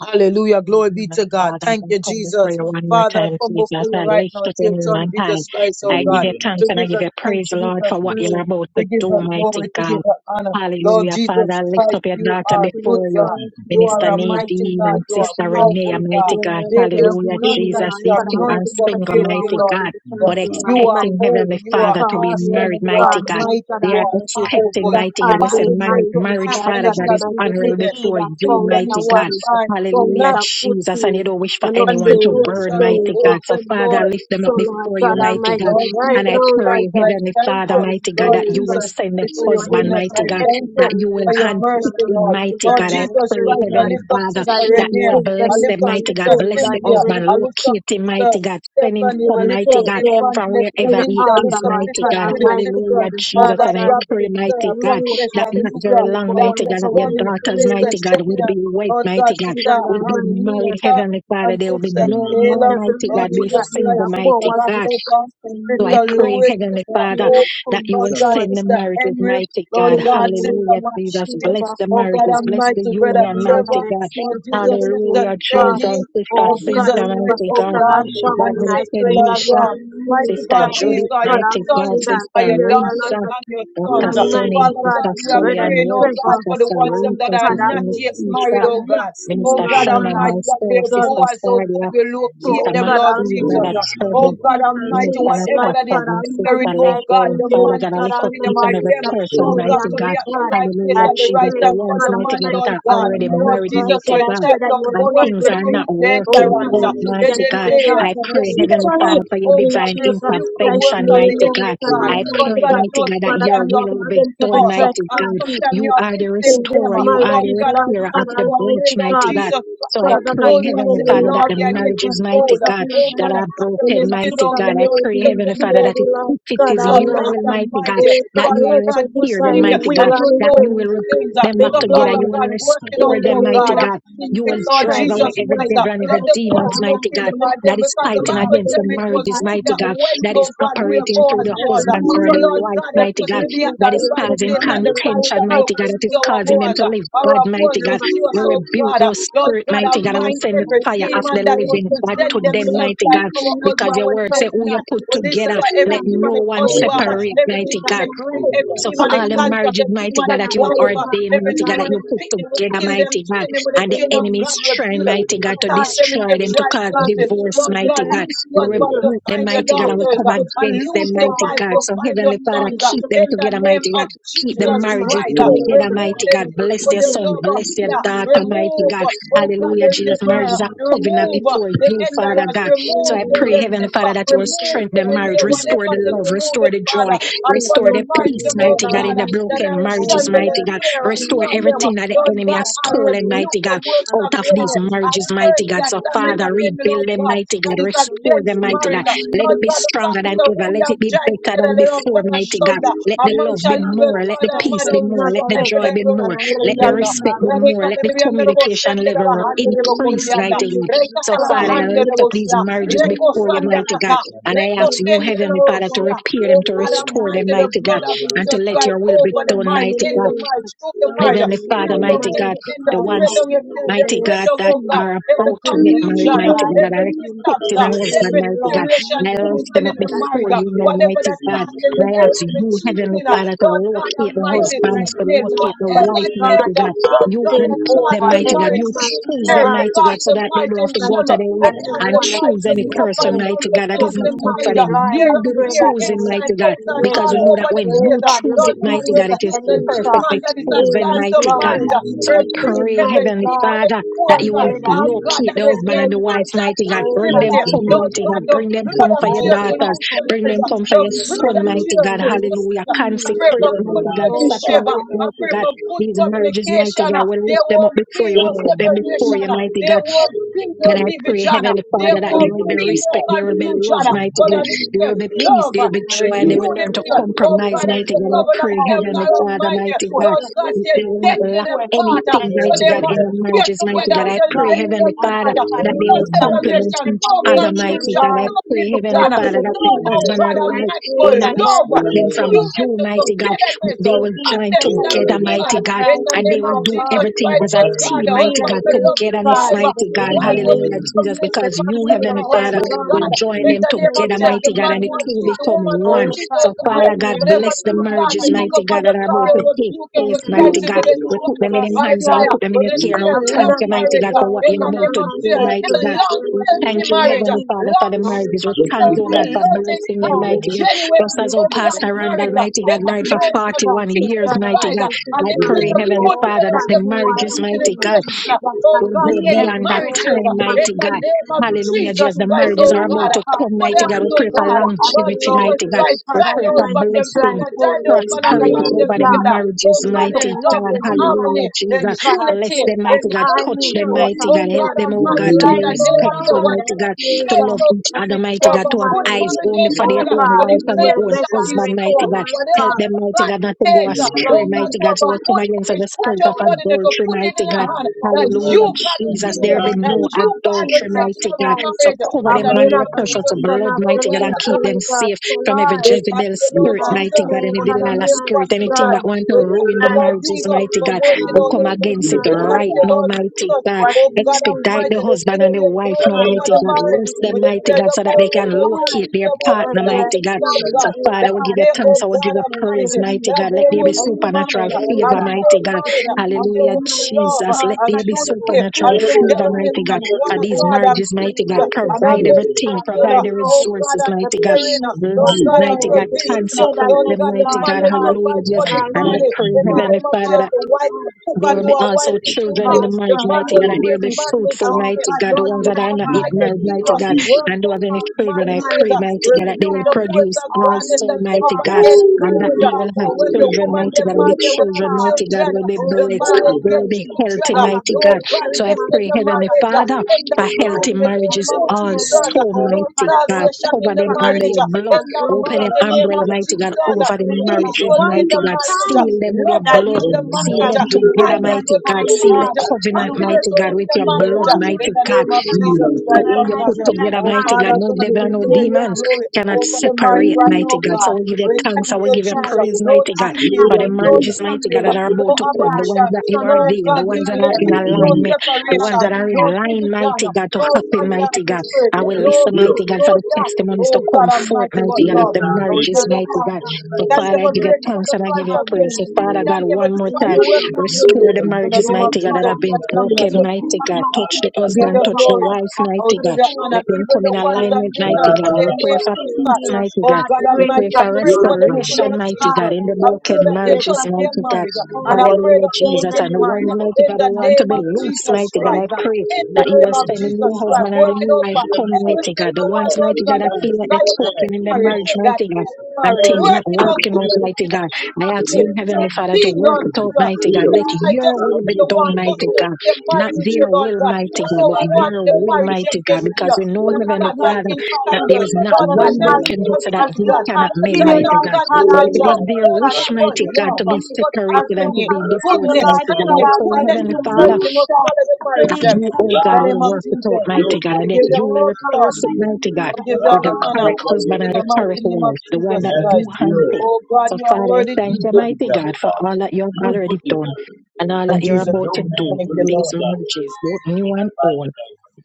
S2: Hallelujah. Glory be to
S1: Amen.
S2: God.
S1: Father, as
S2: Thank
S1: I
S2: you,
S1: come before
S2: Jesus.
S1: you one more
S2: Father, I
S1: time,
S2: come
S1: Jesus,
S2: before you
S1: I
S2: right
S1: lift
S2: now, to
S1: up your
S2: your
S1: name
S2: son,
S1: on high.
S2: Jesus Christ,
S6: Thank
S2: oh
S6: you,
S1: I give
S2: God,
S1: you thanks
S2: to
S1: and I
S2: give
S1: give
S2: us
S1: you
S2: thanks,
S1: praise,
S2: to give
S1: Lord,
S2: us
S1: for what
S2: praise,
S1: you're
S6: Father.
S1: about
S2: to
S1: to
S2: give
S6: Thank
S1: do,
S2: us
S6: you, Father.
S1: mighty
S2: glory, to give
S1: God.
S2: us honor. Lord
S1: Hallelujah, Father,
S2: Jesus
S1: I
S4: So
S1: lift
S2: Christ,
S1: up your
S2: you
S1: daughter
S2: are good
S1: before you.
S2: God.
S6: Thank you,
S2: You are
S1: Minister
S6: Father.
S2: a
S4: like
S2: mighty
S1: Nadine
S4: you
S2: God.
S1: and
S2: You
S4: lift up
S2: are
S1: Sister
S4: your
S1: Renee,
S2: powerful
S6: Thank you,
S2: God.
S1: mighty
S4: your
S1: God.
S2: There
S4: your
S2: is
S1: Hallelujah,
S4: holy
S2: none
S4: name,
S2: like
S1: Jesus.
S4: Lord,
S2: you.
S1: These
S4: for
S2: I'm
S1: two
S2: none
S1: are
S4: Almighty,
S2: to
S4: because
S1: single,
S2: compare
S4: you
S2: to
S4: are
S2: you,
S1: mighty
S2: Lord.
S4: worthy,
S1: God,
S6: thank
S2: God.
S4: because
S1: but
S6: you,
S4: you
S6: Father.
S4: are
S2: You are
S4: mighty,
S1: expecting
S2: holy.
S1: Heavenly
S2: You are
S1: Father to
S4: because
S1: be
S4: you are
S2: awesome.
S4: the
S1: married,
S2: You are
S4: God,
S1: mighty God.
S4: O
S2: mighty.
S4: God
S1: They
S2: You
S1: are
S2: are
S4: Almighty.
S6: Thank you,
S1: expecting,
S6: Father.
S2: powerful.
S4: That
S1: mighty
S2: The
S1: God.
S4: are
S1: They said,
S4: the
S2: Bible says to
S4: marriages,
S1: marriage,
S2: ask
S4: Lord
S2: and
S1: Father
S2: it
S4: God
S6: Thank you, Father.
S1: God,
S6: Thank
S2: shall
S1: is
S6: you, Father. Thank you, Father.
S2: be
S4: Almighty, said
S1: honorable
S2: given.
S4: he
S1: before
S4: that
S1: you,
S2: Seek
S4: found it
S2: and
S4: a
S2: it
S1: mighty
S2: shall
S1: God.
S4: wife,
S2: find
S4: found it
S1: Hallelujah,
S4: a
S2: Knock
S4: good
S1: Jesus. And you
S4: thing,
S1: don't wish for
S4: and
S2: on the
S1: anyone to
S6: Thank you, Father. Thank you, Father.
S4: obtained
S2: door
S6: Thank
S1: burn,
S2: shall be
S1: mighty
S4: favor.
S1: God. So,
S2: open,
S1: Father, I
S2: Lord.
S1: lift them
S4: So,
S1: up
S4: Lord
S1: before you,
S4: God
S6: you, Father.
S1: mighty
S4: Almighty,
S1: God.
S2: Lord
S4: right
S1: And
S4: now,
S1: I
S2: Jesus
S4: Lord
S1: pray,
S2: Christ,
S4: God,
S2: I
S1: Heavenly
S2: thank
S1: Father,
S4: I
S2: you.
S1: mighty God,
S2: Lord
S1: that
S4: pray,
S1: you will
S4: God,
S2: Jesus
S1: send a
S2: Christ, for your
S4: over
S1: husband,
S4: each
S2: goodness,
S1: mighty
S2: I
S4: and
S1: God,
S4: every
S2: thank
S1: that
S2: you
S4: marriage,
S1: you will
S2: for your
S4: Lord God
S1: handpick
S2: mercy,
S1: him,
S2: Lord.
S4: Almighty,
S1: mighty
S4: God,
S2: Lord
S1: God.
S4: and
S1: I
S4: I
S2: Jesus
S1: pray,
S4: pray,
S2: Christ, I
S4: God,
S1: Heavenly
S2: lift up
S1: Father,
S4: that
S2: Sister
S4: you
S1: that
S4: will
S1: you will
S2: Renea.
S4: take
S2: I
S4: them
S1: bless
S4: in
S2: lift
S1: them,
S2: up
S1: mighty
S2: Sister
S1: God.
S4: control,
S1: Bless
S4: that
S1: the
S4: you
S2: Cynthia.
S4: will,
S1: husband,
S2: I lift up
S1: locate him,
S2: Sister
S1: mighty God. Send him
S2: Stephanie.
S4: you
S2: I
S1: from,
S4: will
S2: lift
S1: mighty
S2: up
S4: take
S1: God,
S4: them
S1: from
S2: Evangelist
S4: in
S1: wherever he
S2: Anita. I
S4: order,
S1: is,
S2: lift up
S4: Lord
S1: mighty
S2: Sister
S4: God
S1: God.
S2: Judith,
S4: Almighty,
S2: Sister,
S4: God,
S1: Hallelujah,
S4: and
S2: oh
S1: Jesus.
S4: Father
S2: God,
S1: And I
S4: God,
S1: pray,
S2: Robert, Sarah,
S1: mighty God,
S4: you
S2: Prophetess
S1: that
S4: have to
S1: not
S2: Anita,
S1: very
S4: pray,
S1: long,
S4: but
S1: mighty
S4: once,
S2: Dr.
S1: God, that
S4: so
S1: your
S4: I
S2: Sonny,
S1: daughters,
S2: Sister
S1: mighty
S4: pray,
S1: God, will
S2: Shellyan,
S1: be wed,
S2: Lord God,
S1: mighty God
S2: Sister
S4: God
S1: will be
S4: Almighty, God,
S1: married,
S2: Amita,
S1: Heavenly Father.
S2: and
S1: There will be
S2: Sister
S1: no
S4: that
S1: more
S2: Kayla.
S1: mighty
S4: every
S2: Lord
S1: God,
S4: root
S1: be
S4: that
S2: Jesus
S4: need
S1: single,
S4: a
S2: Christ,
S4: bow
S2: Sister
S1: mighty
S4: was this
S1: God.
S2: Africa.
S4: constant
S1: So I
S2: Sister
S4: rule
S1: pray,
S2: Lewis,
S1: Heavenly
S4: that
S2: Sister
S1: Father,
S4: you will
S2: O,
S1: that
S4: come
S1: you
S2: Lord
S1: will
S2: God,
S1: send the
S4: forth.
S2: Sister
S1: marriages,
S2: Henry,
S1: mighty
S2: Lord
S4: In
S1: God.
S4: the
S2: God,
S4: name
S2: Sister
S1: Hallelujah,
S4: of
S1: Jesus.
S4: Jesus
S2: Maxim,
S1: Bless
S4: Christ,
S1: the
S2: oh God
S1: marriages, bless the
S2: Almighty, Brother
S1: union,
S4: open up an
S2: Trevor,
S1: mighty God.
S4: action
S2: Lord
S4: of the
S2: Jesus, Sister
S1: Hallelujah,
S4: living God.
S1: Jesus.
S2: Shirley,
S1: Sister
S2: of
S4: Oh God,
S2: Jesus
S1: Cynthia,
S4: remember
S2: Christ,
S1: mighty
S2: oh
S1: God.
S4: Sister
S2: God,
S1: God
S4: Lashon,
S2: and
S4: and
S1: will
S4: I
S2: Sister
S1: send
S4: pray that you
S1: Misha,
S2: LaJean.
S4: will
S2: Mighty
S1: Sister
S4: minister,
S2: God, these
S4: oh
S1: Judith,
S2: are
S4: God,
S2: your
S4: I'm
S1: mighty
S2: sons,
S1: God.
S4: Almighty,
S2: these
S4: that
S2: are
S1: Sister
S2: your
S4: here in the
S2: daughters
S1: Risa.
S4: Lord of
S2: and your
S1: Dr.
S2: sons.
S1: Sonny,
S4: Almighty
S2: Father
S4: God,
S1: Sister
S2: God, we are
S1: Solly
S4: Brother
S1: and
S2: praying,
S1: West,
S2: oh
S4: Trevor,
S2: God,
S1: Sister
S2: for the ones
S4: oh
S2: them that
S1: Sarita,
S2: are
S4: God,
S1: Sister
S4: I'm
S2: not
S4: Almighty,
S2: yet married,
S1: Nikisha,
S4: Sister
S2: oh God.
S4: Maxine,
S2: Oh
S1: Minister
S4: my
S2: God
S4: God,
S1: Shannon,
S2: Almighty,
S4: I'm
S2: that their
S4: Almighty
S1: myself,
S4: God.
S1: Sister
S2: boys, oh
S1: Sardi,
S2: God, will locate
S1: Sister
S4: Oh
S2: them,
S4: God
S2: Lord
S1: Maxine, Brother
S2: Jesus.
S4: Almighty,
S6: Thank
S4: make
S1: Trevor,
S6: you,
S2: Oh
S6: Father.
S2: God
S4: people
S2: Almighty,
S1: Minister
S4: release,
S2: whatever
S4: Lord
S2: that is
S1: Natasha,
S4: God
S1: and
S2: entering,
S1: Sister
S4: Almighty,
S2: oh
S4: I
S2: God,
S1: Lego, and
S2: the
S4: pray,
S1: Father
S2: man
S1: God, I
S2: to
S4: God
S1: lift up
S2: find them
S1: each
S4: Almighty,
S2: or
S1: and every
S2: them,
S4: Sister
S1: person,
S2: oh
S4: Shirley
S2: God,
S1: mighty
S4: and
S2: to
S4: with
S2: be
S1: God.
S2: at the
S4: God.
S2: right place
S4: I
S1: Hallelujah,
S2: at the right
S1: Jesus.
S4: pray,
S1: The
S2: time for
S1: ones,
S4: God
S2: the
S1: mighty
S2: man,
S1: God,
S2: Lord
S1: that
S4: Almighty, for
S1: are
S2: God.
S4: our
S1: already
S2: Lord
S4: marriage,
S1: married,
S4: Lord
S2: Jesus,
S4: God,
S1: mighty
S2: we
S4: I
S1: God.
S2: check
S4: pray that
S2: down,
S1: And
S4: you'll
S2: burn up,
S4: work
S1: things
S4: it
S1: are
S4: out.
S1: not
S2: rebuke the
S6: Thank
S1: working
S4: Oh God
S2: endurance,
S1: out,
S4: Almighty,
S6: you,
S2: the
S1: mighty
S4: and give
S1: God.
S4: your
S2: delay, uh,
S1: I
S4: daughter the
S2: the
S1: pray, Heavenly
S4: victory
S2: setback.
S1: Father, for your
S2: Oh
S4: in
S2: God,
S1: divine
S4: Jesus
S2: rebuke the
S4: Christ's
S2: works
S1: intervention,
S2: of
S4: name,
S2: the
S1: mighty
S4: Lord
S2: enemy,
S1: God.
S4: God
S6: Thank
S2: God.
S6: you,
S1: I
S6: Father.
S2: Lord
S4: Almighty,
S1: pray,
S2: God, I
S4: God.
S1: mighty
S2: know
S1: God, that
S4: Father,
S1: your
S4: God,
S2: sometimes
S4: it's
S2: you're
S1: will will be
S4: against
S2: in
S4: every
S1: done,
S2: us, uh,
S4: third
S1: mighty
S2: and
S1: God.
S4: party
S2: sometimes you
S1: You
S2: are
S1: are the
S2: fixing
S4: in these
S2: them.
S1: restorer.
S2: uh,
S1: You are
S2: Lord
S4: marriages,
S1: the
S2: God
S4: Lord
S2: I'm
S1: repairer of
S4: God
S2: so
S1: the
S2: I pray,
S1: breach,
S4: Almighty,
S2: Lord
S1: mighty
S4: God.
S1: God.
S2: Jesus,
S1: So I
S2: Christ.
S4: Father God,
S1: pray,
S2: Those who
S4: in
S2: are
S4: the
S1: Heavenly
S2: saying,
S1: Father,
S4: name
S1: that
S2: Lord,
S4: of
S1: the
S2: they are
S4: Jesus
S2: getting
S1: marriages, mighty
S4: Christ
S2: old.
S4: of
S1: God,
S2: Oh
S1: that
S2: God,
S1: are
S4: Nazareth,
S2: I'm not they
S1: broken,
S4: remember
S2: still
S1: mighty
S4: Sister
S2: don't
S1: God.
S2: get
S1: I
S2: no
S1: pray,
S4: Lady
S1: Heavenly
S2: children
S1: Father,
S2: yet.
S1: that
S4: Lady,
S1: it,
S4: Lord
S1: if it
S4: God
S1: is
S2: Lord
S1: your
S2: God
S1: will,
S4: Almighty.
S1: mighty God,
S2: Almighty.
S4: Oh
S1: that
S4: God,
S1: you will
S2: Father
S4: let
S2: God,
S4: your
S2: you
S1: repair them,
S2: see
S4: divine
S1: mighty
S4: will
S2: and
S1: God,
S2: you
S4: and
S1: that
S2: know
S1: you
S4: will
S1: will
S2: all
S1: re-
S2: things. uh,
S1: them
S4: be
S1: back
S2: So,
S1: together,
S2: Father
S1: you
S4: done
S1: will
S2: God, work it
S1: restore
S4: in
S2: out,
S4: the
S1: them,
S2: oh
S4: name
S1: mighty
S2: God. uh,
S4: of
S1: God.
S2: Fix
S1: You
S2: it,
S1: will
S4: Jesus
S2: Lord
S1: drive
S4: Christ
S1: away
S6: Thank Thank Thank
S4: of
S2: Jesus
S6: you,
S1: every
S2: Christ. uh,
S1: devil
S4: Nazareth,
S1: and
S2: Let
S1: every
S4: Lord
S2: the
S4: God
S2: Boaz
S1: demons, mighty
S2: locate
S1: God,
S2: them out there
S1: that
S4: Almighty. Let the
S1: is
S2: because the
S4: spirit
S1: fighting
S4: of
S6: you,
S2: Bible
S4: the
S1: against the
S2: tells me
S4: living
S2: it
S6: you, Father.
S2: was
S1: marriages,
S4: God
S2: who
S1: mighty
S2: that
S1: God,
S4: lead
S2: went,
S4: to
S1: that is
S2: oh God, where
S4: each
S1: operating
S4: and
S1: through
S2: Boaz
S1: the
S2: was.
S4: every
S2: uh.
S1: husband
S6: Thank
S2: So,
S1: or the
S4: word
S2: Lord
S1: wife,
S2: God,
S4: that
S2: help
S1: mighty
S4: is
S2: us
S1: God,
S2: to be
S4: written
S2: at
S4: in
S2: the
S1: that is
S2: right
S4: the
S1: causing
S2: place at the
S4: Bible,
S2: right
S4: oh
S1: contention,
S2: time
S4: God
S2: where
S1: mighty
S2: we
S1: God, that
S2: see
S1: is
S2: our
S1: causing
S4: Almighty.
S1: them
S2: Boaz.
S1: to
S2: uh,
S1: live bad,
S2: Our
S1: mighty
S2: Boaz
S1: God
S2: will
S4: Remember,
S2: see
S1: we
S2: us, oh
S1: rebuke
S2: God. uh.
S1: those
S2: Lord
S1: spirit,
S2: God, I
S1: mighty God. I will
S2: bind
S1: send the
S2: every
S1: fire of
S2: demon
S1: the
S2: that will
S1: living God
S2: present
S1: to them,
S2: themselves
S1: mighty
S2: like
S1: God,
S2: our
S1: because
S2: husband
S1: your
S2: when
S1: word
S2: it
S1: say,
S2: is
S1: who
S2: not
S1: you put
S2: will
S1: together,
S2: destroy every
S1: let no
S2: demonic
S1: one
S2: husband,
S1: separate,
S2: every
S1: mighty God.
S2: demonic ring, every
S1: So for
S2: demonic
S1: all the
S2: contract,
S1: marriages,
S2: every
S1: mighty God,
S2: demonic
S1: that you have
S2: wife, uh,
S1: ordained,
S2: every
S1: mighty God, that
S2: demonic
S1: you put
S2: pity We
S1: together,
S2: kill them,
S1: mighty God,
S2: chain them with the
S1: and the
S2: chain of
S1: enemy
S2: God,
S1: is trying,
S2: rebuke them.
S1: mighty
S2: And
S1: God, to
S2: cast them
S1: destroy
S2: into
S1: them, to
S2: dry
S1: cause
S2: places.
S1: divorce,
S2: Lord
S1: mighty
S2: God,
S1: God.
S2: loose your
S1: We
S2: husband to
S1: rebuke them,
S2: find your
S1: mighty God, and we
S2: daughters,
S1: come
S2: uh, and
S1: against
S2: loose
S1: them,
S2: the
S1: mighty
S2: wife
S1: God.
S2: to
S1: So
S2: find your
S1: Heavenly Father,
S2: sons. uh,
S1: keep them
S2: In the
S1: together,
S2: name
S1: mighty
S2: of
S1: God. Keep the
S2: Jesus
S1: marriages
S2: Christ, uh,
S6: you,
S1: together,
S2: remove
S1: mighty
S6: Father.
S2: the
S1: God. Bless
S2: for
S1: their
S2: the
S1: son, bless their
S2: Baba.
S1: daughter, mighty
S2: Remove,
S1: God.
S2: oh God,
S1: Hallelujah,
S2: the
S1: Jesus.
S6: Thank you,
S2: endeavor.
S1: Marriages
S6: Father.
S1: are covenant
S2: Remove
S1: before
S2: the
S1: you, Father
S2: hindrance.
S1: God. So
S4: In
S2: Remove
S4: the
S1: I
S2: the,
S1: pray,
S2: the
S1: Heavenly
S4: name of
S1: Father,
S2: setback.
S1: that you will
S4: Jesus
S2: Remove
S1: strengthen
S2: the
S1: the
S2: delay.
S1: marriage,
S4: Christ,
S1: restore
S2: Whatever
S1: the
S2: is,
S1: love,
S2: remove
S1: restore
S2: it,
S1: the joy,
S2: Father. And
S4: let
S2: for
S1: Restore
S2: the
S4: not
S1: the
S4: the
S2: mighty,
S1: peace,
S4: light that
S2: oh
S1: mighty
S4: our
S1: God,
S2: God,
S1: in the
S2: that
S4: mighty
S2: are
S1: broken
S2: in
S4: fire
S1: marriages,
S4: that
S2: trembling
S1: mighty
S4: our
S1: God.
S2: here and
S4: calling
S1: Restore
S4: is
S2: problem,
S1: everything that the
S4: to
S2: Lord
S4: be
S1: enemy
S2: God,
S1: has
S4: that
S2: I
S1: stolen,
S4: near.
S2: rebuke
S1: mighty
S2: the
S1: God,
S2: works
S4: I'm
S1: out
S2: of the
S1: of
S4: the
S1: these
S2: enemy.
S4: army,
S2: I
S1: marriages,
S4: focus
S2: curse
S1: mighty
S2: the
S1: God. So,
S4: on
S2: assignment of
S1: Father,
S2: the enemy,
S4: me.
S1: rebuild
S2: Lord
S1: them,
S2: God,
S1: mighty
S2: that
S1: God.
S2: is
S4: So we
S1: Restore
S2: against
S1: them,
S4: live
S1: mighty God.
S2: marriage.
S4: and to our struggles to live and to live and
S1: Let
S2: Lord
S1: it be
S2: God, the
S1: stronger
S2: Bible
S1: than
S2: says, who
S1: ever. Let
S2: you
S4: to
S1: it
S2: have
S1: be
S2: joined
S4: live.
S1: better
S2: together,
S1: than
S2: let us
S4: In
S1: before,
S2: put
S4: the
S1: mighty God.
S4: name
S2: asunder.
S1: Let
S2: A
S1: the
S2: man
S1: love
S4: of
S1: be
S2: shall leave his
S1: more. Let
S4: Jesus
S1: the
S2: father and
S4: Christ
S1: peace
S4: of
S1: be
S2: mother, who is
S1: more. Let the
S4: Nazareth,
S1: joy be
S4: and
S1: more.
S4: I
S2: joined
S1: Let
S4: pray,
S1: the
S2: together,
S1: respect
S4: God,
S1: be more.
S2: Rebecca
S1: Let
S2: de
S1: the
S2: Rebianda Boshian
S1: communication
S2: de
S1: level
S4: that
S2: Bahanda de
S4: may
S1: increase,
S4: you
S2: Bocorbianda,
S4: bring
S1: mighty God.
S4: in the
S2: Reca
S1: So,
S4: sun
S1: Father,
S4: gonna
S1: I
S2: Talabahanda
S4: can
S2: de
S1: lift up
S4: lift
S1: these
S2: Bosia,
S4: these
S1: marriages
S4: my
S2: Reco
S1: before you,
S2: Sanda
S4: God.
S1: mighty God.
S2: Kata,
S1: And I
S2: Reco
S1: ask you,
S4: Demon
S1: Heavenly
S4: chapter
S1: Father, to
S2: Tendelosia,
S4: 1.
S1: repair them,
S2: oh
S1: to
S2: God
S4: Praise God,
S1: restore
S4: and
S1: them,
S2: Almighty, the
S4: remind
S1: mighty God,
S4: that
S2: blood of
S1: and to
S2: Jesus
S4: people
S1: let
S2: Christ
S1: your will be
S2: over
S4: will
S2: the
S1: done,
S2: might,
S1: mighty
S2: in
S1: God.
S2: the
S4: emulate.
S2: might, through the
S4: They
S2: might,
S4: want
S1: Heavenly
S4: to
S1: Father,
S2: break
S4: become
S2: down
S1: mighty
S4: mine
S1: God,
S2: every ender,
S1: the
S4: because
S2: break
S4: of
S1: ones,
S2: down every
S4: what
S2: ender,
S4: they
S1: mighty
S2: break
S1: God,
S2: down,
S1: that
S2: oh
S4: see
S2: God,
S1: are
S4: and
S2: every
S1: about
S4: how
S1: to get
S4: your
S1: married,
S2: confusion,
S4: people
S1: mighty
S4: are
S1: God, that are
S2: every
S4: living.
S2: mishaps,
S4: They
S1: expecting a
S4: will be
S1: husband,
S2: every
S4: in
S1: mighty
S4: love,
S1: God.
S4: and they
S1: And
S2: situation
S4: will
S1: I
S4: be
S1: lift them up
S2: concerning the
S4: together
S2: marriage,
S1: before
S4: and
S2: uh,
S1: you, know,
S2: whatever that
S1: mighty
S4: pregnancy.
S1: God.
S2: cost in the
S1: And I
S2: air,
S1: ask
S2: every
S1: you, Heavenly
S2: cheating, uh,
S1: Father, to
S2: Lord God
S1: locate the
S2: Almighty,
S4: Right
S1: husbands, to
S2: sickness,
S4: now,
S1: locate the
S4: my
S2: whatever
S1: wife,
S2: it
S4: God,
S2: is,
S1: mighty
S2: uh,
S1: God.
S2: Lord
S1: You
S2: God,
S4: take
S1: and
S2: that
S1: pick
S2: caused
S1: them,
S4: over
S2: the
S1: mighty God.
S4: every
S2: marriage
S1: You
S2: to be
S4: man's
S2: in
S1: choose them,
S2: error,
S4: heart
S2: that
S1: mighty God,
S2: caused
S1: so
S2: the
S1: that they
S2: marriage
S1: don't
S2: in
S1: have to
S4: and,
S1: go to their
S2: shimmer, that
S1: way
S4: and
S2: caused
S1: and
S2: the
S4: everyone that is
S2: marriage
S1: choose
S2: to
S1: any
S2: be up
S1: person,
S2: and
S4: seeking
S2: down,
S1: mighty
S2: that
S1: God,
S4: to
S1: that is
S2: caused
S4: be
S1: not
S2: the
S1: good for
S2: marriage
S4: married,
S2: uh,
S1: them.
S4: Lord,
S2: here
S1: You
S4: I
S1: do
S2: and
S1: the
S4: pray
S2: there,
S4: that they
S1: choosing,
S4: will
S2: inside,
S4: be
S1: mighty God,
S2: out, and
S1: because
S2: all
S1: we
S4: ready.
S1: know that
S2: over the
S1: when
S4: Oh
S2: place.
S1: you
S2: uh.
S4: God,
S1: choose it,
S2: Lord
S4: remember
S2: God,
S1: mighty God,
S4: Sister
S1: it is
S2: rebuke the
S4: Tanisha
S1: perfect
S2: demon that is a
S1: for them,
S4: Davis,
S2: stand to
S1: mighty
S4: Lord,
S1: God.
S2: marriage.
S4: that
S2: uh.
S4: she
S1: So I
S4: seeks to be
S2: Rebuke
S1: pray,
S2: every
S4: married,
S1: Heavenly
S4: Lord.
S2: demon
S1: Father,
S4: I
S1: that
S2: force,
S1: you will
S2: uh,
S4: pray that
S2: oh
S4: they
S2: God,
S4: will
S1: locate
S4: be
S2: that
S1: the
S2: is
S1: husband
S2: in
S1: and the
S4: ready.
S1: wife,
S2: marriage
S1: mighty God.
S4: Oh
S1: Bring
S4: God,
S1: them
S2: activity.
S1: come,
S2: Lord
S1: mighty
S4: Almighty,
S2: God,
S1: God.
S2: the
S1: Bring them
S4: ready.
S2: blood
S1: come for
S2: of
S1: your
S4: Oh
S2: Jesus will
S4: God,
S1: daughters.
S2: lose
S4: so
S2: the
S4: let
S1: Bring
S4: the
S2: marriage.
S1: them
S2: uh.
S4: people
S1: come for
S2: The
S1: your
S4: be
S2: blood
S1: son,
S2: of
S4: ready
S1: mighty
S2: Jesus
S1: God.
S4: to
S2: lose the
S1: Hallelujah.
S2: marriage. I
S4: receive.
S2: pray
S1: Consecrate,
S2: for good
S1: mighty God.
S4: Oh
S2: fellowship.
S4: God,
S1: Saturate,
S2: I
S1: mighty
S2: pray
S1: God.
S4: Almighty, ready.
S2: for good
S1: These marriages, mighty
S2: communication.
S1: God. We
S2: There
S1: lift them up
S2: won't
S1: before
S2: be
S1: you.
S2: no
S1: We put them before
S2: separation.
S1: you, mighty
S2: There
S1: God.
S2: won't be no
S1: And I pray,
S2: division.
S1: Heavenly
S2: There
S1: Father, that there
S2: won't
S1: will be
S2: be no
S1: respect, there will be love,
S2: confusion.
S1: mighty
S2: But
S1: God,
S2: I
S1: there
S2: declare
S1: will be peace,
S4: the
S2: love,
S1: there will
S4: Son
S1: be
S4: of
S1: joy,
S4: the
S1: and they will learn
S4: Living
S1: to
S2: unity.
S4: God.
S2: Oh
S4: So
S1: compromise,
S2: God, as
S4: let
S1: mighty
S2: the
S1: God. I
S4: love
S2: covenant
S1: pray,
S2: of
S4: come.
S1: Heavenly
S2: God
S1: Father,
S2: Almighty,
S1: mighty
S4: forth,
S1: God,
S2: Lord
S4: let
S2: God, till
S1: they
S4: respect
S1: will not
S2: death
S4: from
S2: did
S1: lack
S2: them
S4: forth,
S2: part.
S4: let
S1: anything,
S2: So
S1: mighty
S2: they
S1: God,
S2: must
S1: in the
S4: covenant
S2: here
S4: from
S1: marriages, mighty
S4: forth,
S2: together
S1: God.
S4: Lord
S1: I
S2: until
S1: pray,
S4: God.
S2: death do
S1: Heavenly
S2: them
S4: And
S1: Father,
S4: oh
S2: part.
S4: God,
S1: that
S2: No
S1: they will
S4: yes, I was in
S1: complement
S2: separation,
S1: each
S2: no
S1: other,
S4: preparation,
S1: mighty
S2: confusion,
S1: God. I
S4: Lord,
S2: no
S1: pray,
S4: to go
S1: Heavenly
S2: division.
S4: to
S1: Father,
S4: the
S1: that
S2: No,
S1: the
S4: king.
S2: no,
S1: husband
S2: God,
S1: or
S4: So
S1: the
S2: I'm
S4: I
S1: wife
S2: not
S4: pray
S1: will
S2: for
S1: not
S4: that your
S2: love
S1: distract them from
S4: people
S1: you,
S2: unity,
S1: mighty God, but
S2: togetherness,
S1: they
S4: will
S2: oh,
S1: will
S4: be in
S1: join together,
S2: understanding, God,
S4: preparation
S1: mighty God
S2: in
S4: right
S2: the
S1: and they
S2: name of
S1: will
S4: now,
S1: do
S2: Jesus
S4: Lord.
S1: everything
S2: Christ,
S1: as a
S2: oh God, the
S1: team, mighty
S4: Secure
S2: husband
S1: God,
S2: will
S4: is
S2: love his
S1: togetherness,
S4: God,
S2: wife, uh,
S4: the
S1: mighty
S2: the
S1: God.
S2: wife will
S1: Hallelujah,
S2: leave
S4: female.
S2: from
S1: Jesus,
S2: this
S1: because
S2: man,
S1: you,
S2: love
S4: Secure
S1: Heavenly
S2: her
S4: them
S1: Father,
S2: husband,
S1: will
S2: God,
S4: wrong.
S1: join
S2: in
S1: them
S2: the name of
S4: Secure
S1: together,
S2: Jesus,
S4: God
S2: the
S1: mighty
S4: to
S1: God,
S2: man
S1: and the
S2: won't
S1: two
S4: Kalisa.
S2: cheat, the
S1: become
S2: woman won't
S1: one.
S4: Oh
S2: cheat,
S4: God,
S2: oh
S1: So,
S2: God,
S1: Father God,
S4: secure God
S2: whatever
S1: bless
S4: to
S2: the
S1: the
S2: God,
S4: Kalisa
S1: marriages,
S2: the
S4: from
S1: mighty
S2: hiccup
S4: my
S2: on
S1: God,
S2: the
S1: that are about
S2: problem,
S1: to
S4: life.
S1: take
S2: rebuke it,
S4: In
S1: place,
S2: will
S4: the
S1: mighty
S4: name
S2: cancel
S1: God.
S2: it,
S4: of
S1: We
S2: destroy
S1: put
S2: it
S1: them in
S4: Jesus
S2: by
S1: your hands and we
S2: fire,
S1: put
S4: Christ.
S1: them
S2: we
S1: in your care.
S4: Of
S1: And We
S2: declare
S1: thank
S2: long
S1: you,
S4: Nazareth,
S1: mighty
S2: marriage,
S1: God,
S2: uh,
S1: for
S4: Lord
S1: what
S2: in
S1: you're
S2: the
S4: God
S1: about
S2: name
S1: to
S2: of
S1: do,
S4: Almighty,
S2: Jesus,
S4: I
S1: mighty
S2: a
S4: pray
S1: God.
S4: that
S2: long,
S4: they
S1: We
S4: will be
S2: healthy
S1: thank you,
S2: marriage, uh,
S1: Heavenly
S4: ready.
S1: Father, for
S2: long,
S1: the
S4: Oh
S1: marriages. We
S2: strong,
S4: God
S1: thank you, God,
S4: Almighty,
S2: healthy,
S1: for
S4: to be
S2: loving,
S1: blessing them,
S2: kind,
S4: formed
S1: mighty God.
S2: genuine
S1: Just as
S4: with
S1: our
S2: oh
S4: you.
S2: God,
S1: Pastor Randall,
S2: marriage uh,
S4: Oh
S1: mighty
S4: God
S2: in
S1: God,
S2: the
S1: married for
S2: name
S4: Almighty,
S2: of
S4: God,
S1: 41
S4: so
S2: Jesus
S1: years,
S4: God
S1: mighty
S2: Christ.
S1: God.
S2: uh,
S4: Almighty,
S2: And
S1: I
S2: they
S4: God.
S1: pray,
S2: a
S1: Heavenly
S2: good
S4: Oh
S1: Father, that
S4: God,
S1: the
S2: fellowship,
S4: you
S2: good
S4: are the
S1: marriages, mighty
S4: glue
S1: God,
S2: communication, uh,
S4: that
S2: oh
S4: can
S1: will
S2: God,
S4: keep
S1: go
S2: in
S4: every
S1: beyond that
S2: marriages uh,
S1: time,
S4: broken
S2: in
S1: mighty
S4: mind
S2: the
S1: God.
S2: name
S4: with
S2: of
S4: the
S1: Hallelujah, Jesus.
S2: Jesus
S1: The
S4: releasing
S2: Christ,
S4: of
S1: marriages
S2: oh
S1: are
S4: fire
S2: God.
S1: about
S2: uh,
S1: to
S4: because
S1: come,
S2: Put
S1: mighty
S2: them,
S1: God. We
S4: Lord,
S2: oh
S1: pray for
S4: you
S2: God,
S4: are
S2: Lord
S1: longevity,
S4: alone,
S2: Jesus
S1: mighty God.
S4: oh
S2: Christ,
S1: We
S4: God
S2: Daniel
S1: pray for
S2: husband
S4: Almighty,
S2: them
S4: dry
S1: blessing,
S2: together, Daniel
S4: bones,
S2: husband and the
S1: prosperity
S2: wife them
S1: over the
S4: hallelujah,
S2: together. Oh
S1: marriages,
S2: God,
S4: to
S2: in
S1: mighty
S2: love,
S4: come
S1: God.
S2: in
S4: to
S1: Hallelujah,
S2: harmony,
S4: life, oh
S2: in
S1: Jesus.
S4: God, and
S2: unity,
S1: Bless them,
S4: take an
S2: in
S1: mighty God.
S2: good
S4: army
S1: Touch
S2: fear.
S1: them,
S4: out
S1: mighty
S4: of
S2: Oh
S1: God. Help
S2: God
S4: them.
S1: them, oh
S4: So
S2: Almighty,
S1: God, to
S2: in
S1: be
S4: right,
S2: the
S4: oh
S2: name of the
S1: respectful,
S2: what
S4: Lord,
S1: mighty
S4: I
S1: God.
S4: pray
S1: To
S2: ask,
S4: God,
S1: love
S2: oh
S1: each
S2: God,
S1: other,
S4: every
S1: mighty
S2: for a
S4: dead
S1: God.
S2: good
S1: To have
S2: word,
S4: man,
S1: eyes only
S2: oh
S1: for their
S4: oh
S2: God, uh,
S1: own
S2: for
S4: God,
S2: the
S1: wife
S4: you
S1: and
S2: clear
S1: their
S4: will
S1: own
S2: shall be
S1: husband,
S4: resurrect it,
S1: mighty
S2: sore.
S1: God.
S4: Lord
S1: Help
S2: Whatever
S4: God,
S1: them,
S2: oh
S1: mighty
S2: God
S1: God,
S2: it
S1: not to go
S2: takes,
S4: in
S2: uh,
S4: the Lord
S1: astray,
S2: oh God,
S1: mighty
S4: Jesus
S2: for
S1: God.
S2: a
S1: So we
S2: good
S1: come
S2: word,
S4: humanity
S1: against the
S2: put
S4: that
S1: spirit
S4: you
S2: your
S1: of
S4: are
S2: blood in it
S4: meant
S2: or
S1: adultery,
S4: to
S2: put it
S4: kill
S1: mighty
S2: in
S4: the
S1: God.
S2: her hand.
S4: pastor
S2: That you,
S1: Hallelujah,
S4: Almighty
S2: God, will
S1: Jesus.
S2: deal
S4: in
S1: There
S2: with
S1: will
S2: it.
S4: the
S1: be
S2: That
S1: no
S4: name
S2: you,
S4: of
S2: God, will
S1: adultery,
S2: take
S4: Jesus
S2: care
S1: mighty
S2: of the
S1: God.
S4: Christ
S1: So
S2: marriage.
S1: cover
S4: of
S2: In
S1: them
S2: the
S1: under
S2: name
S1: your
S2: of
S1: precious
S4: Nazareth,
S2: Jesus.
S4: Son
S1: blood,
S4: of
S2: Oh,
S4: the
S1: mighty God,
S2: Father
S1: and keep
S2: God.
S4: Living
S1: them
S4: God.
S1: safe
S4: So
S1: from every
S4: Lord,
S2: We thank
S1: Jezebel
S2: you, Lord
S1: spirit,
S4: I
S1: mighty
S2: Jesus,
S1: God,
S4: pray
S1: any
S2: for
S4: God
S2: doing
S1: Delilah
S2: the
S1: spirit,
S4: Almighty
S2: impossible,
S1: anything
S4: God
S1: that
S2: Lord.
S1: want to
S2: We thank
S1: ruin
S2: you,
S1: the
S4: that
S2: Lord
S4: you
S1: marriages,
S2: Jesus,
S4: will
S1: mighty
S2: for
S1: God.
S4: God
S2: working
S1: We
S2: out,
S1: come
S2: oh
S4: Almighty
S2: God.
S1: against it
S4: God
S2: We
S4: Lord
S2: thank
S1: right
S2: you,
S1: now,
S4: do
S2: Lord
S1: mighty
S2: Jesus.
S1: God.
S4: what
S2: Oh
S4: you
S2: God
S1: Expedite
S4: want
S1: the
S2: Almighty,
S1: husband
S2: declare
S1: and the
S2: your
S1: wife, no
S2: glory
S4: and
S2: over
S1: mighty
S4: do
S2: the
S1: God.
S4: Lord
S2: marriage.
S1: Loose them,
S2: We
S4: God
S1: mighty
S2: declare
S1: God,
S2: your
S1: so
S4: Almighty
S1: that
S4: God.
S2: glory
S1: they
S4: So
S1: can
S2: over your
S1: locate
S4: Lord,
S2: people,
S1: their
S2: over
S4: let
S2: the
S1: partner,
S4: the
S1: mighty
S2: daughters,
S1: God.
S2: Lord
S4: none
S1: So,
S2: God.
S4: of
S2: That
S1: Father, we give
S4: God
S1: you
S2: they,
S4: be
S1: thanks,
S2: oh
S1: I will give
S2: God
S1: you
S4: restored as they
S1: praise,
S2: Almighty,
S4: live
S1: mighty
S2: that
S1: God. Let
S2: they
S1: there be
S2: will be
S4: Every
S1: supernatural
S2: married uh,
S4: human
S1: favor,
S2: and
S4: being
S2: stay
S1: mighty God.
S4: be
S2: married uh,
S4: the
S2: and there
S1: Hallelujah,
S2: will
S4: and
S2: be
S4: knows his
S2: love uh,
S1: Jesus.
S4: life
S1: Let
S2: and
S1: there be
S4: studies will
S2: unity
S1: supernatural
S2: and
S1: favor,
S2: togetherness
S1: mighty
S2: and
S1: God,
S4: intervene
S2: one
S1: for these
S4: or
S2: accord and
S1: marriages,
S4: they
S1: mighty
S2: peace
S1: God.
S2: uh,
S4: make us
S2: and
S1: Provide
S4: agree
S1: everything,
S4: that
S2: understanding, uh,
S1: provide
S4: the
S1: the
S2: oh
S4: Lord,
S2: God,
S1: resources,
S2: and
S4: the
S1: mighty God.
S2: hearing, uh,
S4: peace, the
S2: Lord
S1: Bless it,
S2: God, and
S1: mighty
S4: whole,
S1: God.
S4: the
S2: provision, uh,
S4: together
S1: Consecrate
S2: Lord
S1: them,
S4: makes
S2: God, the
S1: mighty
S4: life
S2: man
S1: God.
S2: will
S4: God,
S1: Hallelujah,
S2: provide
S1: Jesus.
S2: for the
S4: the
S1: And I
S2: family.
S1: pray,
S4: mighty
S2: In the
S1: Heavenly
S2: name
S4: God,
S2: of
S1: Father, that
S2: Jesus, the wife
S4: Father
S2: who
S1: there
S4: God.
S2: can
S1: will
S2: do
S1: be
S2: a
S1: also
S2: wifely
S1: children in
S2: duty,
S1: the
S4: Lord
S2: the
S1: marriage,
S4: God
S2: man
S1: mighty
S2: will
S1: God,
S2: do
S1: that they will
S2: his
S4: Almighty.
S1: be
S2: manly
S1: fruitful,
S4: Oh
S2: duty.
S1: mighty
S4: God,
S1: God. The
S2: Lord
S1: ones that
S2: God
S4: remember
S1: are not yet
S4: God,
S2: Almighty,
S1: married,
S2: give
S1: mighty
S4: from
S2: us
S1: God,
S2: work
S1: and
S4: children,
S1: who
S2: out
S1: have any
S4: from
S2: these
S4: some
S1: children, I
S2: marriages, uh,
S1: pray,
S4: America's
S1: mighty God, that they
S2: Rebuke
S1: will
S2: the
S4: children.
S2: force
S1: produce
S2: of
S4: All in
S2: darkness
S4: the
S1: also,
S2: that come
S1: mighty
S2: up
S4: God,
S1: God,
S4: and I
S2: against
S1: and
S4: feel
S1: that
S2: marriage.
S1: they
S2: uh,
S4: that
S1: will have
S2: That when
S4: the
S2: the
S1: children,
S2: woman
S1: mighty
S2: they
S4: children
S1: God, and the
S2: marry,
S4: will
S2: they
S4: be a
S2: will have
S1: children, mighty
S4: part.
S1: God,
S2: children.
S1: will
S2: uh,
S1: be
S4: Oh
S2: The
S1: blessed.
S2: man
S4: God
S2: will
S1: They
S2: get
S1: will be
S4: Almighty,
S1: healthy,
S2: children.
S4: of
S2: uh,
S4: a
S1: mighty
S2: No
S1: God.
S4: broken
S1: So I
S2: barrenness
S4: man,
S2: in
S1: pray,
S2: the
S4: of
S1: Heavenly
S4: a
S2: marriage. uh,
S1: Father,
S4: broken
S2: In the
S1: for healthy
S2: mighty
S4: husband, of a
S2: name
S1: marriages
S2: of
S4: broken,
S2: Jesus. uh,
S1: also,
S2: No
S4: oh God,
S1: mighty
S4: a
S1: God.
S2: salvation
S4: broken
S2: in
S1: Cover
S2: the
S1: them under
S4: family,
S2: marriage.
S1: your
S2: uh,
S1: blood.
S4: and
S2: In the
S1: Open
S4: broken
S1: your
S2: mighty name of
S1: umbrella,
S4: children.
S1: mighty God,
S2: Jesus.
S4: And
S2: uh,
S1: over the
S4: pray
S2: Peace
S4: God
S1: marriages,
S2: will be in
S4: one
S1: mighty
S2: the
S4: more
S1: God.
S2: marriage. uh,
S4: time
S1: Seal them with your
S2: Love
S4: that
S2: will
S1: blood
S2: be
S4: you
S2: in
S4: will
S2: the
S1: Seal
S2: marriage.
S1: them
S2: uh,
S4: intervene
S1: together,
S4: one
S2: Kindness
S4: more
S1: mighty
S2: will be in
S1: God.
S2: the
S4: time,
S1: Seal the
S2: marriage.
S4: God.
S2: uh,
S4: You
S1: covenant,
S4: will
S2: Happiness
S1: mighty
S2: will
S1: God,
S4: step
S2: be in
S1: with
S2: the
S1: your
S4: in
S2: marriage.
S1: blood,
S2: uh,
S4: one more
S2: In
S1: mighty
S2: the
S1: God.
S2: name
S4: time,
S2: of
S4: God,
S2: Jesus
S4: and
S1: For
S2: Christ
S4: your
S1: all
S2: of
S1: you put
S4: mighty
S2: Nazareth.
S1: together,
S4: right
S2: Oh,
S1: mighty
S4: hand.
S2: Father
S1: God. No
S2: God, we
S1: devil and no
S2: declare your
S4: Remember,
S1: demons
S2: glory
S1: cannot
S2: over the mic
S4: in
S1: separate,
S4: the
S2: right now,
S1: mighty
S4: name
S1: God. So
S2: God.
S4: of
S1: we give you
S2: We
S1: thanks. I
S2: thank
S1: will
S4: Jesus
S2: you,
S1: give you
S2: Jesus.
S4: Christ,
S1: praise,
S2: No
S1: mighty
S4: of
S1: God.
S2: cheating,
S1: For the
S4: Nazareth, the
S2: no
S1: marriages,
S4: Son
S1: mighty
S4: of
S2: thieving,
S1: God,
S4: the
S2: no
S1: that are about to
S4: living
S1: come. The
S4: God,
S1: ones
S2: abortion,
S1: that
S4: so
S1: you are
S4: Lord
S2: no
S1: doing. The
S2: God
S4: God
S1: ones that are
S2: neglect,
S1: in
S4: Almighty,
S2: no
S1: alignment. The
S4: Abba
S1: ones
S2: separation,
S1: that are in
S4: Father,
S2: no division,
S1: line, mighty God, to
S2: no
S1: happen, mighty
S2: familiarity
S1: God.
S2: spirit,
S1: I will
S2: no
S1: listen,
S2: this,
S1: mighty God, for
S2: no
S1: the
S2: that.
S1: testimonies to
S2: Oh, God
S1: come forth,
S2: Almighty, but
S1: mighty God, of
S2: Lord,
S1: the
S2: I will
S4: Abba
S2: give
S1: marriages,
S2: you
S1: mighty
S2: thanks.
S1: God.
S4: Father,
S1: So,
S2: Thank you
S1: Father, I
S2: for
S1: give you
S2: breaking up
S1: thanks
S2: the
S1: and I give
S2: plans
S1: you
S4: how
S2: of
S4: we
S2: the
S1: praise.
S2: enemy.
S1: So,
S4: are
S1: Father
S4: raised
S1: God,
S2: Thank you for
S1: one more
S4: in
S2: destroying
S1: time.
S2: the
S4: these
S2: works of the enemy.
S1: Restore
S4: communities.
S1: the
S2: In the
S1: marriages,
S2: name of
S4: Oh
S1: mighty God,
S4: God,
S1: that
S4: I
S2: Jesus
S1: have been
S2: Christ
S4: Almighty,
S2: of
S4: make
S2: Nazareth.
S1: broken,
S4: these
S1: mighty God.
S4: Almighty
S1: Touch the
S2: I give
S1: husband,
S2: you
S1: touch the
S2: glory.
S4: overcome
S1: wife,
S2: I will
S1: mighty
S2: give
S1: God.
S2: you honor.
S1: Let
S4: obstacles.
S1: them
S2: Even
S1: come
S2: the
S1: in
S2: ones that
S1: alignment,
S4: Challenges,
S2: did not
S1: mighty
S4: failing
S1: God.
S2: put
S1: I
S2: their
S1: we pray
S2: name in
S1: for
S2: the chat.
S1: peace,
S4: challenges.
S1: mighty
S2: Oh
S1: God.
S4: God,
S2: God
S1: We
S4: grace,
S2: Almighty,
S1: pray
S2: I
S4: and
S1: for
S4: make
S2: pray for
S4: us
S2: them,
S4: be
S1: restoration,
S4: next
S2: Lord
S1: mighty
S4: God.
S2: Jesus.
S1: God, in the
S2: I pray
S1: broken
S2: that they
S4: Let
S2: touch
S1: marriages,
S2: their
S1: mighty
S4: forgiveness
S1: God.
S2: marriage. And I
S4: come
S2: pray
S1: Hallelujah,
S2: that they will
S4: in
S1: Jesus.
S4: the
S2: get
S1: And the
S4: name
S2: married.
S1: ones,
S4: of
S1: mighty
S2: In
S1: God, who
S2: the
S4: Jesus.
S1: want to
S2: name
S1: be
S2: of
S1: loose,
S2: Jesus
S1: mighty God, I
S2: Christ.
S1: pray
S2: In the
S1: that you
S2: name
S1: will
S2: of
S1: send a
S4: Forgiveness
S1: new
S2: Jesus
S4: from
S2: Christ.
S1: husband or a
S2: Work
S4: God.
S2: it
S1: new
S2: out
S1: wife
S2: for
S1: come,
S2: every
S1: mighty God. The
S2: single one,
S1: ones,
S2: Lord
S1: mighty
S2: God,
S1: God, that
S2: that
S1: feel like they're
S2: desire to be
S1: talking in their
S2: married,
S1: marriage,
S2: that
S1: mighty God,
S2: is
S4: Oh
S1: and
S2: married.
S1: things
S2: Work
S1: not
S2: it
S4: Lord,
S2: out
S1: working
S2: for
S1: out,
S2: them,
S1: mighty
S2: Jesus.
S1: God. I ask you,
S4: forgive me.
S1: Heavenly Father, to
S2: Be,
S1: work
S4: In
S2: Lord
S1: it out,
S4: the
S2: God.
S4: name
S1: mighty
S4: of
S1: God.
S2: That's
S1: Let
S2: why
S4: Jesus.
S1: your
S2: just
S1: will be
S2: the one
S1: done,
S2: us
S1: mighty
S2: to
S1: God.
S2: get
S1: Not
S2: married with you,
S1: their
S2: Lord
S1: will,
S2: God.
S1: mighty
S2: That's
S1: God,
S2: how
S1: but
S2: we want
S1: your
S2: the
S1: will,
S2: marriage
S1: mighty God.
S2: gentleness here.
S1: Because we know,
S4: Continue,
S2: Lord
S4: Lord
S1: Heavenly
S2: God,
S4: God,
S1: Father,
S4: to
S2: nothing
S4: fight
S1: that
S4: for
S1: there
S2: scandal.
S1: is
S4: each
S1: not
S4: and
S2: Lord God,
S4: every
S1: one
S2: nothing
S1: broken
S4: marriage
S1: vessel that
S4: as
S1: you
S2: confusion.
S4: you
S1: cannot
S2: Lord
S1: make,
S2: God,
S4: continue,
S2: not
S1: mighty
S4: Lord
S1: God.
S4: God
S1: But if it
S2: confusion.
S1: is their
S4: Almighty,
S2: Lord
S4: God,
S1: wish,
S2: God,
S4: to
S2: but
S1: mighty God,
S4: believe
S1: to
S2: love,
S1: be
S4: in it.
S2: but
S4: As
S1: separated
S4: you
S1: and to
S2: harmony,
S1: be
S4: continue,
S1: divorced,
S2: goodness,
S4: Lord
S1: mighty God,
S4: God
S1: I
S2: kindness,
S1: pray,
S4: Almighty,
S2: goodness
S1: Heavenly
S4: to
S2: and
S1: Father.
S2: mercy must
S4: minister
S2: follow the
S4: to
S2: marriage
S4: these
S2: them.
S1: You, oh
S2: In
S1: God,
S2: the
S4: husbands,
S1: will
S2: name of
S4: these
S1: work it out,
S2: Jesus,
S1: mighty God,
S2: we
S4: wives.
S1: and that
S2: give you
S1: you will
S4: Oh,
S2: glory,
S4: God
S2: Lord.
S1: replace it,
S4: Almighty,
S1: mighty
S4: leave
S1: God,
S2: I
S4: the
S2: give you
S1: with
S2: all the
S1: the
S4: hour,
S2: honor
S4: God
S1: correct husband
S2: in
S1: and
S2: the
S1: the
S4: Almighty.
S1: correct
S2: mighty name of
S1: wife, the one
S2: Jesus
S1: that you
S2: Christ.
S1: handpick.
S2: Oh God,
S1: So,
S2: you are
S1: Father, I
S2: worthy,
S1: thank you,
S2: Jesus.
S1: mighty God, for all that you've already done and all
S2: In
S1: that you're
S2: Jesus'
S1: about to
S2: name.
S1: do
S2: Thank
S1: in
S2: you,
S1: these
S2: Lord.
S1: marriages, both new and old.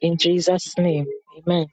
S1: In Jesus' name, amen.